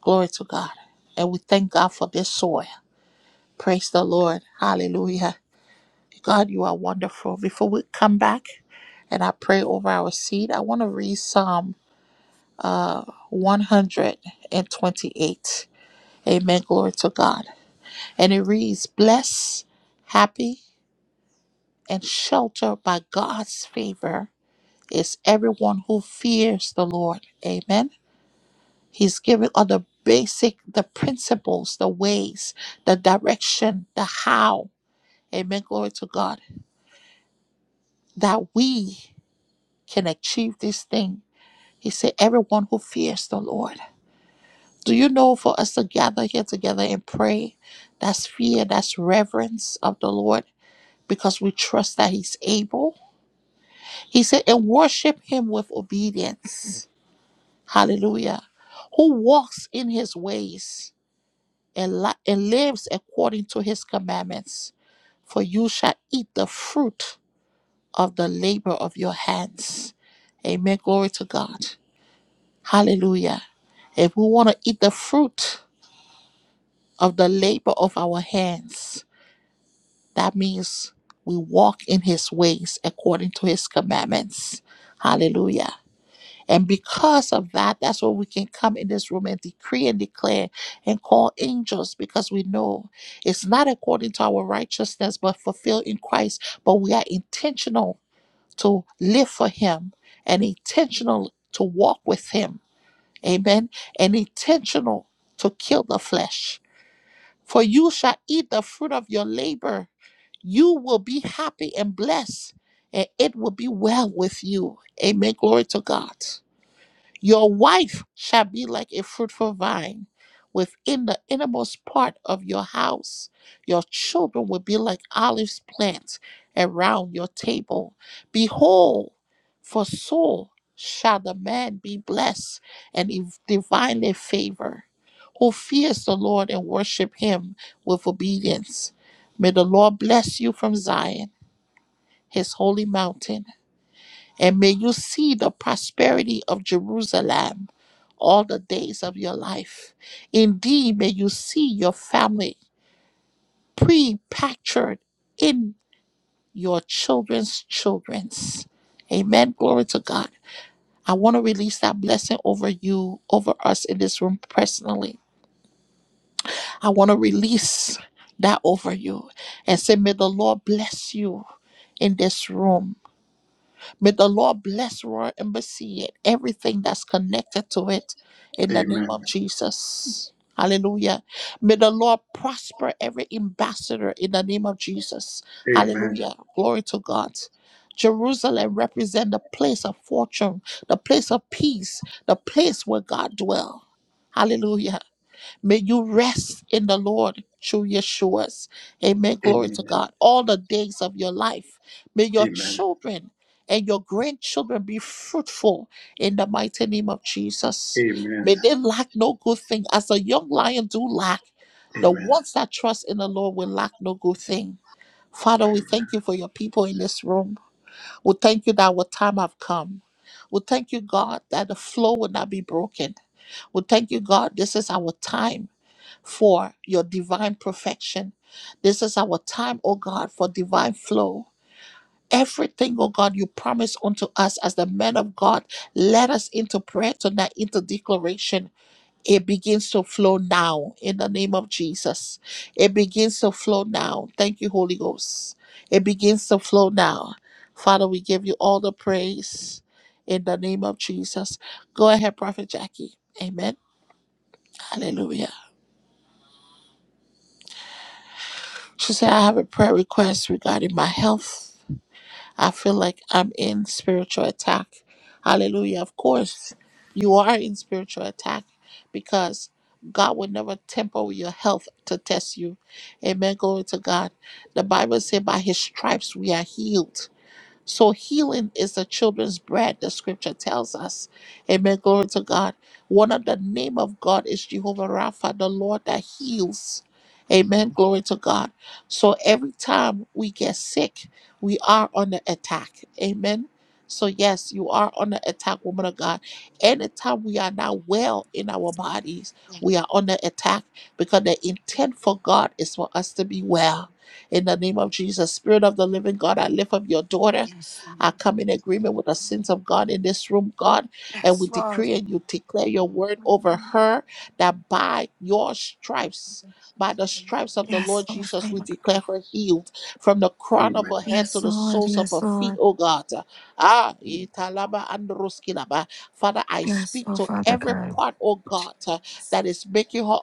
S1: Glory to God. And we thank God for this soil. Praise the Lord. Hallelujah. God, you are wonderful. Before we come back and I pray over our seed, I want to read Psalm uh, 128. Amen. Glory to God. And it reads, "Blessed, happy, and sheltered by God's favor is everyone who fears the Lord. Amen. He's giving all the basic, the principles, the ways, the direction, the how. Amen. Glory to God that we can achieve this thing. He said, Everyone who fears the Lord. Do you know for us to gather here together and pray? That's fear, that's reverence of the Lord because we trust that He's able. He said, and worship Him with obedience. Hallelujah. Who walks in His ways and, li- and lives according to His commandments. For you shall eat the fruit of the labor of your hands. Amen. Glory to God. Hallelujah. If we want to eat the fruit of the labor of our hands, that means we walk in his ways according to his commandments. Hallelujah. And be in this room and declare and call angel. It's not us but fulfill Christ, but we are intentional to live him and intentional to walk with him. Amen. And intentional to kill the flesh. For you shall eat the fruit of your labor you will be happy and blessed, and it will be well with you. Amen. Glory to God. Your wife shall be like a fruitful vine within the innermost part of your house. Your children will be like olive plants around your table. Behold, for so shall the man be blessed and div- divinely favored who fears the Lord and worship him with obedience. May the Lord bless you from Zion, his holy mountain, and may you see the prosperity of Jerusalem all the days of your life. Indeed, may you see your family pre-pactured in your children's children's. Amen. Glory to God. I want to release that blessing over you, over us in this room personally I want to release that over you and say, May the Lord bless you in this room. May the Lord bless Royal Embassy and everything that's connected to it in the name
S6: amen.
S1: of Jesus. Hallelujah. May the Lord prosper every ambassador in the name of Jesus. Hallelujah. Glory to God. Jerusalem represent the place of fortune, the place of peace, the place where God dwells. Hallelujah. May you rest in the Lord through Yeshua's. Amen. Glory
S6: Amen.
S1: to God. All the days of your life. May your
S6: Amen.
S1: children and your grandchildren be fruitful in the mighty name of Jesus. May
S6: Amen.
S1: they lack no good thing. As a young lion do lack, the
S6: Amen.
S1: ones that trust in the Lord will lack no good thing. Father, we thank you for your people in this room. We thank you that our time have come. We thank you, God, that the flow will not be broken. We thank you, God, this is our time for your divine perfection. This is our time, O God, for divine flow. Everything, O God, you promise unto us as the men of God, let us into prayer tonight, into declaration. It begins to flow now in the name of Jesus. It begins to flow now. Thank you, Holy Ghost. It begins to flow now. Father, we give you all the praise in the name of Jesus. Go ahead, Prophet Jackie. Amen. Hallelujah. She said, I have a prayer request regarding my health. I feel like I'm in spiritual attack. Hallelujah. Of course, you are in spiritual attack because God would never temper with your health to test you. Amen. Glory to God. The Bible says, by his stripes we are healed. So healing is the children's bread, the scripture tells us. Amen. Glory to God. One of the name of God is Jehovah Rapha, the Lord that heals. Amen. Glory to God. So every time we get sick, we are under attack. Amen. So yes, you are under attack, woman of God. Anytime we are not well in our bodies, we are under attack because the intent for God is for us to be well. In the name of Jesus, Spirit of the Living God, I lift up your daughter. I come in agreement with the sins of God in this room, God, and we
S4: Yes, Lord.
S1: decree and you declare your word over her that by your stripes, by the stripes of the
S4: Yes,
S1: Lord
S4: Lord.
S1: Jesus,
S4: Thank
S1: we
S4: you.
S1: declare her healed from the crown of her head to
S4: Yes,
S1: the
S4: Lord.
S1: soles of her
S4: Yes,
S1: feet,
S4: Lord.
S1: oh God. Ah, italaba androskilaba. Father, I
S4: Yes,
S1: speak
S4: oh
S1: to
S4: Father
S1: every
S4: God.
S1: part, oh God, uh, that is making her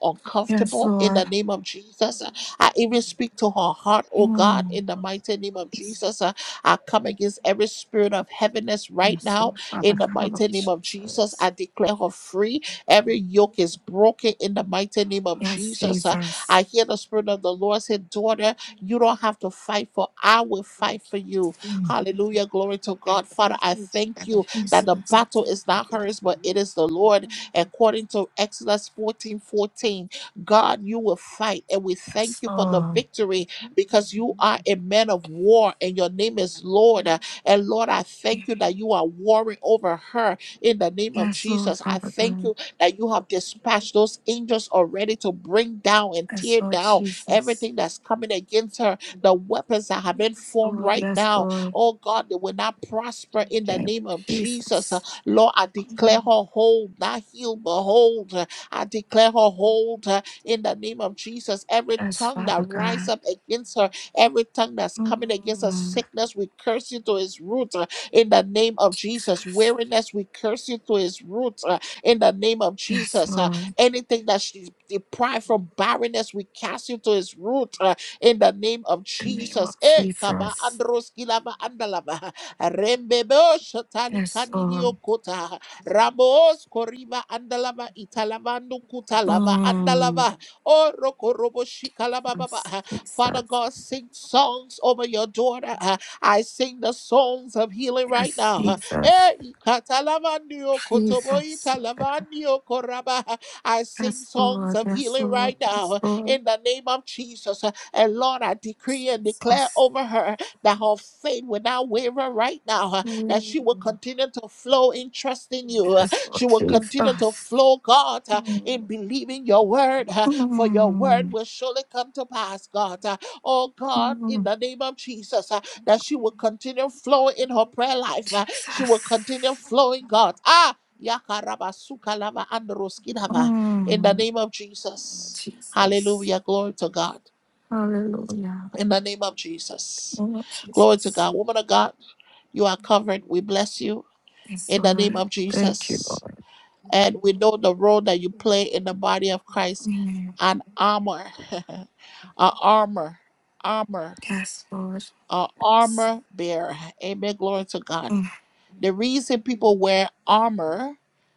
S4: Yes,
S1: uncomfortable in the
S4: Lord.
S1: name of Jesus. I even speak to her heart, oh God,
S4: Mm.
S1: in the mighty name of
S4: Yes,
S1: Jesus. I come against every spirit of heaviness right
S4: yes, oh
S1: now
S4: Father
S1: in the
S4: God,
S1: mighty
S4: Lord
S1: name of Jesus.
S4: Jesus.
S1: I declare her free. Every yoke is broken in the mighty name of
S4: Yes,
S1: Jesus. Uh,
S4: Jesus.
S1: I hear the spirit of the Lord say, Daughter, you don't have to fight for I will fight for you.
S4: Mm.
S1: Hallelujah. Glory to
S4: I
S1: God.
S4: thank
S1: Father, I
S4: you,
S1: thank
S4: Father
S1: you that the
S4: Jesus.
S1: battle is not hers, but it is the Lord. According to Exodus 14 14, God, you will fight. And we
S4: Yes,
S1: thank you for the
S4: Lord.
S1: victory because you are a man of war and your name is Lord. Uh, And Lord, I thank you that you are warring over her in the name of
S4: Yes, Lord,
S1: Jesus. I
S4: Father
S1: thank
S4: God.
S1: you that you have dispatched those angels already to bring down and
S4: Yes,
S1: tear
S4: Lord
S1: down
S4: Jesus.
S1: everything that's coming against her, the weapons that have been
S4: Yes,
S1: formed
S4: Lord.
S1: right
S4: Yes,
S1: now.
S4: Lord.
S1: Oh God, they will not prosper
S4: In
S1: in
S4: the
S1: the
S4: name of
S1: name of Jesus. Uh,
S4: Jesus.
S1: Lord, I declare her whole, not healed, but whole. Uh, I declare her whole in the name of Jesus. Every
S4: Yes,
S1: tongue that
S4: Father
S1: rise
S4: God.
S1: up against her, every tongue that's coming against her
S4: Mm.
S1: sickness, we curse you to its root uh, in the name of Jesus.
S4: Jesus.
S1: Weariness, we curse you to its root uh, in the name of
S4: Yes,
S1: Jesus. Uh,
S4: Lord.
S1: anything that she's deprived from barrenness, we cast you to its root uh, in the name of
S4: the name of
S1: Jesus. Eh, kaba
S4: Jesus.
S1: andros kilaba andalaba. Rembebo shatali
S4: Yes,
S1: kandidio
S4: Lord.
S1: kota. Ramos koriba andalava italavanu kutalava
S4: Mm.
S1: andalava. Oh,
S4: Yes,
S1: rokoroboshikalababa. Father
S4: Jesus.
S1: God, sing songs over your daughter. Uh, I sing the songs of healing right
S4: Yes,
S1: now. Uh,
S4: Jesus.
S1: Eh, ikatalamandio
S4: Jesus. Father God.
S1: kotoboitalamandio koraba. I sing
S4: Yes,
S1: songs
S4: Lord.
S1: of
S4: Yes,
S1: healing
S4: Lord.
S1: right now
S4: Yes,
S1: uh,
S4: Lord.
S1: in the name of Jesus. Uh, And Lord, I decree and declare
S4: Jesus.
S1: over her that her faith will not waver right now, uh, that
S4: Mm.
S1: she will continue to flow in trusting you. Uh,
S4: Yes, Lord.
S1: She will continue to
S4: Jesus.
S1: flow, God, uh, in believing your word for your word
S4: Mm.
S1: will surely come to pass, God. Uh, Oh God, in
S4: Mm.
S1: the name of Jesus, uh, that she will continue flowing in her prayer life. uh, She will
S4: Jesus.
S1: continue flowing, God. Ah, yakaraba sukalava androskinava. In the
S4: Mm.
S1: name of Jesus.
S4: Jesus.
S1: Hallelujah. Glory to God.
S4: Hallelujah.
S1: In the name of Jesus.
S4: Oh,
S1: Glory to
S4: Jesus.
S1: God. Woman of God, you are covered. We bless you.
S4: Yes,
S1: In the name
S4: Lord.
S1: of
S4: Thank you,
S1: Jesus.
S4: Lord.
S1: And we know the role that you play in the body of Christ
S4: Amen.
S1: an armor, a armor, armor,
S4: Yes, Lord.
S1: a
S4: Yes.
S1: armor bearer. Amen. Glory to God. The reason people wear armor,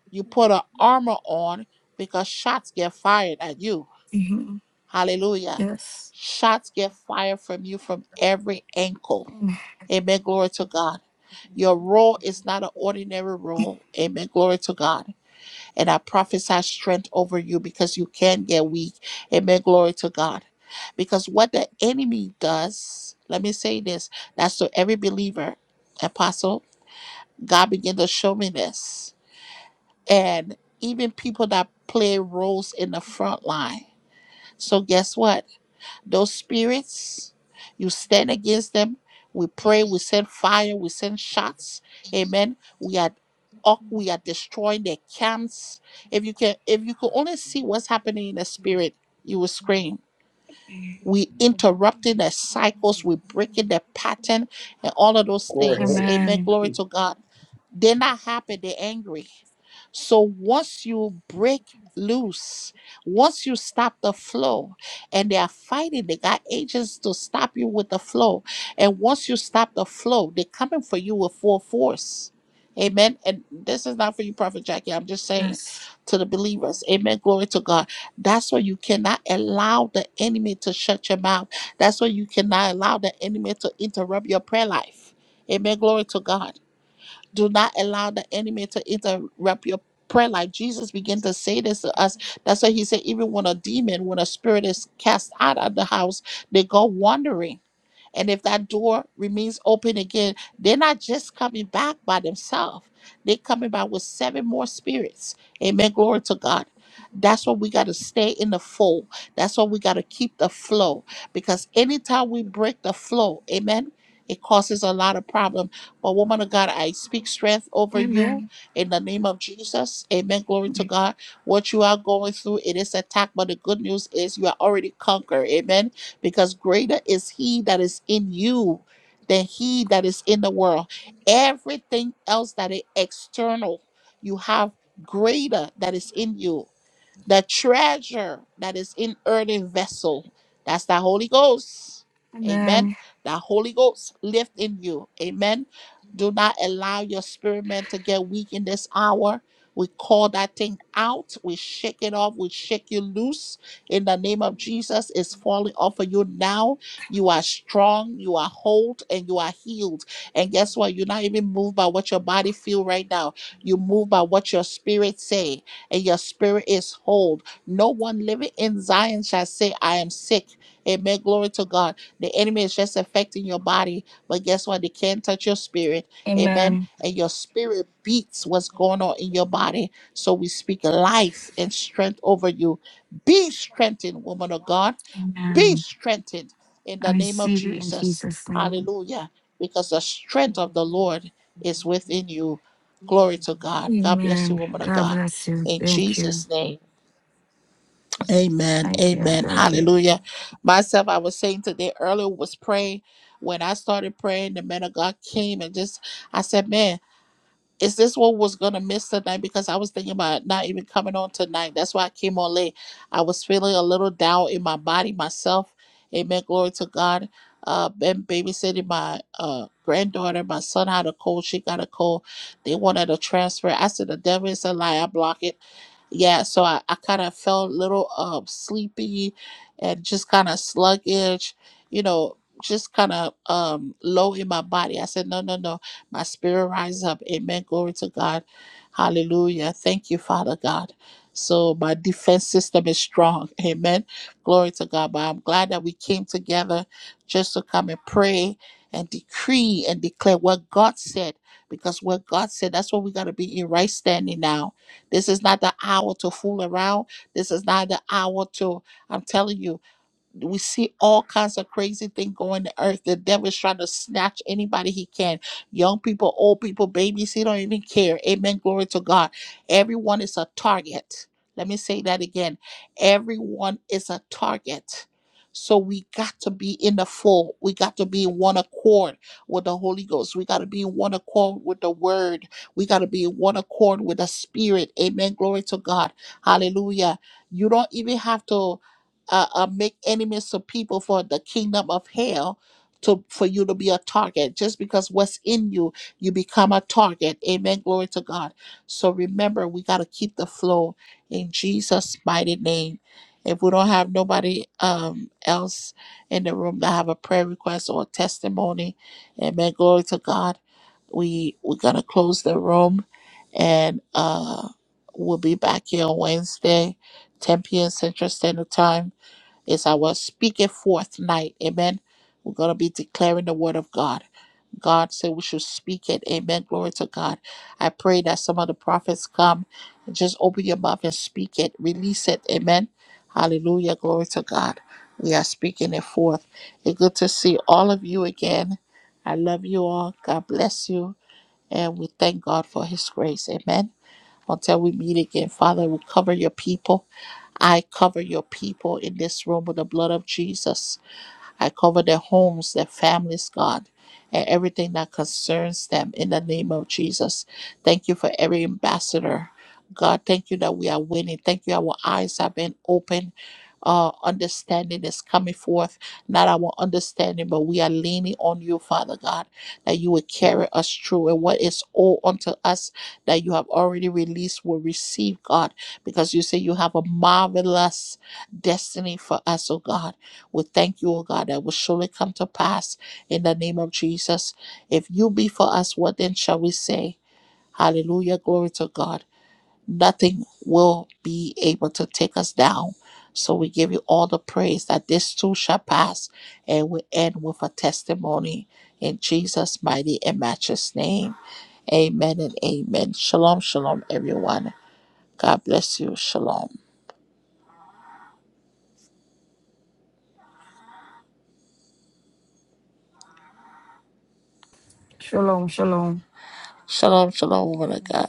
S1: you put an armor on because shots get fired at you.
S4: Mhm.
S1: Hallelujah.
S4: Yes.
S1: Shots get fired from you from every ankle. Amen. Glory to God. Your role is not an ordinary role. Amen. Glory to God. And I prophesy strength over you because you can get weak. Amen. Glory to God. Because what the enemy does, let me say this, that's to every believer, apostle, God began to show me this. And even people that play roles in the front line. So guess what? Those spirits, you stand against them. We pray, we send fire, we send shots. Amen. We are up, we are destroying their camps. If you can if you could only see what's happening in the spirit, you will scream we interrupting their cycles, we breaking their pattern and all of those things. Amen.
S4: Amen.
S1: Glory to God. They're not happy, they're angry. So once you break loose, once you stop the flow, and they are fighting, they got agents to stop you with the flow. And once you stop the flow, they're coming for you with full force. Amen. And this is not for you, Prophet Jackie. I'm just saying
S4: Yes.
S1: to the believers. Amen. Glory to God that's why you cannot allow the enemy to shut your mouth. That's why you cannot allow the enemy to interrupt your prayer life. Amen. Glory to God. Do not allow the enemy to interrupt your prayer life. Jesus began to say this to us. That's why he said, even when a demon, when a spirit is cast out of the house, they go wandering. And if that door remains open again, they're not just coming back by themselves. They're coming back with seven more spirits. Amen. Glory to God. That's why we got to stay in the fold. That's why we got to keep the flow. Because anytime we break the flow, amen, it causes a lot of problem. But woman of God, I speak strength over you
S4: Amen.
S1: in the name of Jesus. Amen. Glory to God. What you are going through, it is attack, but the good news is you are already conquered. Amen because greater is he that is in you than he that is in the world. Everything else that is external, you have greater that is in you the treasure that is in earthen vessel. That's the Holy Ghost. Amen.
S4: Amen.
S1: The Holy Ghost lives in you. Amen. Do not allow your spirit man to get weak in this hour. We call that thing out. We shake it off. We shake you loose. In the name of Jesus, it's falling off of you now. You are strong. You are whole, and you are healed. And guess what? You're not even moved by what your body feel right now. You move by what your spirit say and your spirit is whole. No one living in Zion shall say, I am sick. Amen. Glory to God. The enemy is just affecting your body, but guess what? They can't touch your spirit. Amen.
S4: Amen.
S1: And your spirit beats what's going on in your body. So we speak life and strength over you. Be strengthened, woman of God. Be
S4: Amen.
S1: strengthened in
S4: I
S1: the name of
S4: receive it in
S1: Jesus.
S4: Jesus' name.
S1: Hallelujah. Because the strength of the Lord is within you. Glory to God. God bless you,
S4: Amen.
S1: woman of
S4: God
S1: God.
S4: bless you.
S1: In
S4: Thank you.
S1: Jesus' name. Amen.
S4: Thank you.
S1: Amen.
S4: Thank you.
S1: Hallelujah. Myself, I was saying today earlier was praying. When I started praying, the man of God came and just I said, Man, is this what was gonna miss tonight? Because I was thinking about not even coming on tonight. That's why I came on late. I was feeling a little down in my body myself. Amen. Glory to God. Uh, been babysitting my uh granddaughter. My son had a cold. She got a cold. They wanted a transfer. I said the devil is a lie. I block it yeah so i, I kind of felt a little um sleepy and just kind of sluggish you know just kind of um low in my body i said no no no my spirit rise up. Amen. Glory to God. Hallelujah. Thank you, Father God. So my defense system is strong. Amen. Glory to God. But I'm glad that we came together just to come and pray and decree and declare what God said. Because what God said, that's what we got to be in right standing now. This is not the hour to fool around. This is not the hour to, I'm telling you, we see all kinds of crazy thing going to earth. The devil is trying to snatch anybody he can. Young people, old people, babies, he don't even care. Amen. Glory to God. Everyone is a target. Let me say that again. Everyone is a target. So we got to be in the full. We got to be in one accord with the Holy Ghost. We got to be in one accord with the word. We got to be in one accord with the spirit. Amen. Glory to God. Hallelujah. You don't even have to uh, uh, make enemies of people for the kingdom of hell to for you to be a target just because what's in you you become a target amen glory to god so remember we got to keep the flow in jesus mighty name if we don't have nobody um, else in the room that have a prayer request or a testimony amen glory to god we we're gonna close the room and uh we'll be back here on wednesday 10 p.m central standard time it's our speak it forth night. Amen. We're going to be declaring the word of God. God said we should speak it. Amen. Glory to God. I pray that some of the prophets come and just open your mouth and speak it. Release it. Amen. Hallelujah. Glory to God. We are speaking it forth. It's good to see all of you again. I love you all. God bless you. And we thank God for his grace. Amen. Until we meet again, Father, we cover your people. I cover your people in this room with the blood of Jesus. I cover their homes, their families, God, and everything that concerns them in the name of Jesus. Thank you for every ambassador. God, thank you that we are winning. Thank you, our eyes have been opened. Our understanding is coming forth, not our understanding, but we are leaning on you, Father God, that you will carry us through. And what is all unto us that you have already released will receive, God, because you say you have a marvelous destiny for us, oh God. We thank you, O God, that will surely come to pass in the name of Jesus. If you be for us, what then shall we say? Hallelujah. Glory to God. Nothing will be able to take us down. So we give you all the praise that this too shall pass and we end with a testimony in Jesus' mighty and matchless name. Amen and amen. Shalom, shalom, everyone. God bless you. Shalom.
S4: Shalom. Shalom.
S1: Shalom, shalom, woman of God.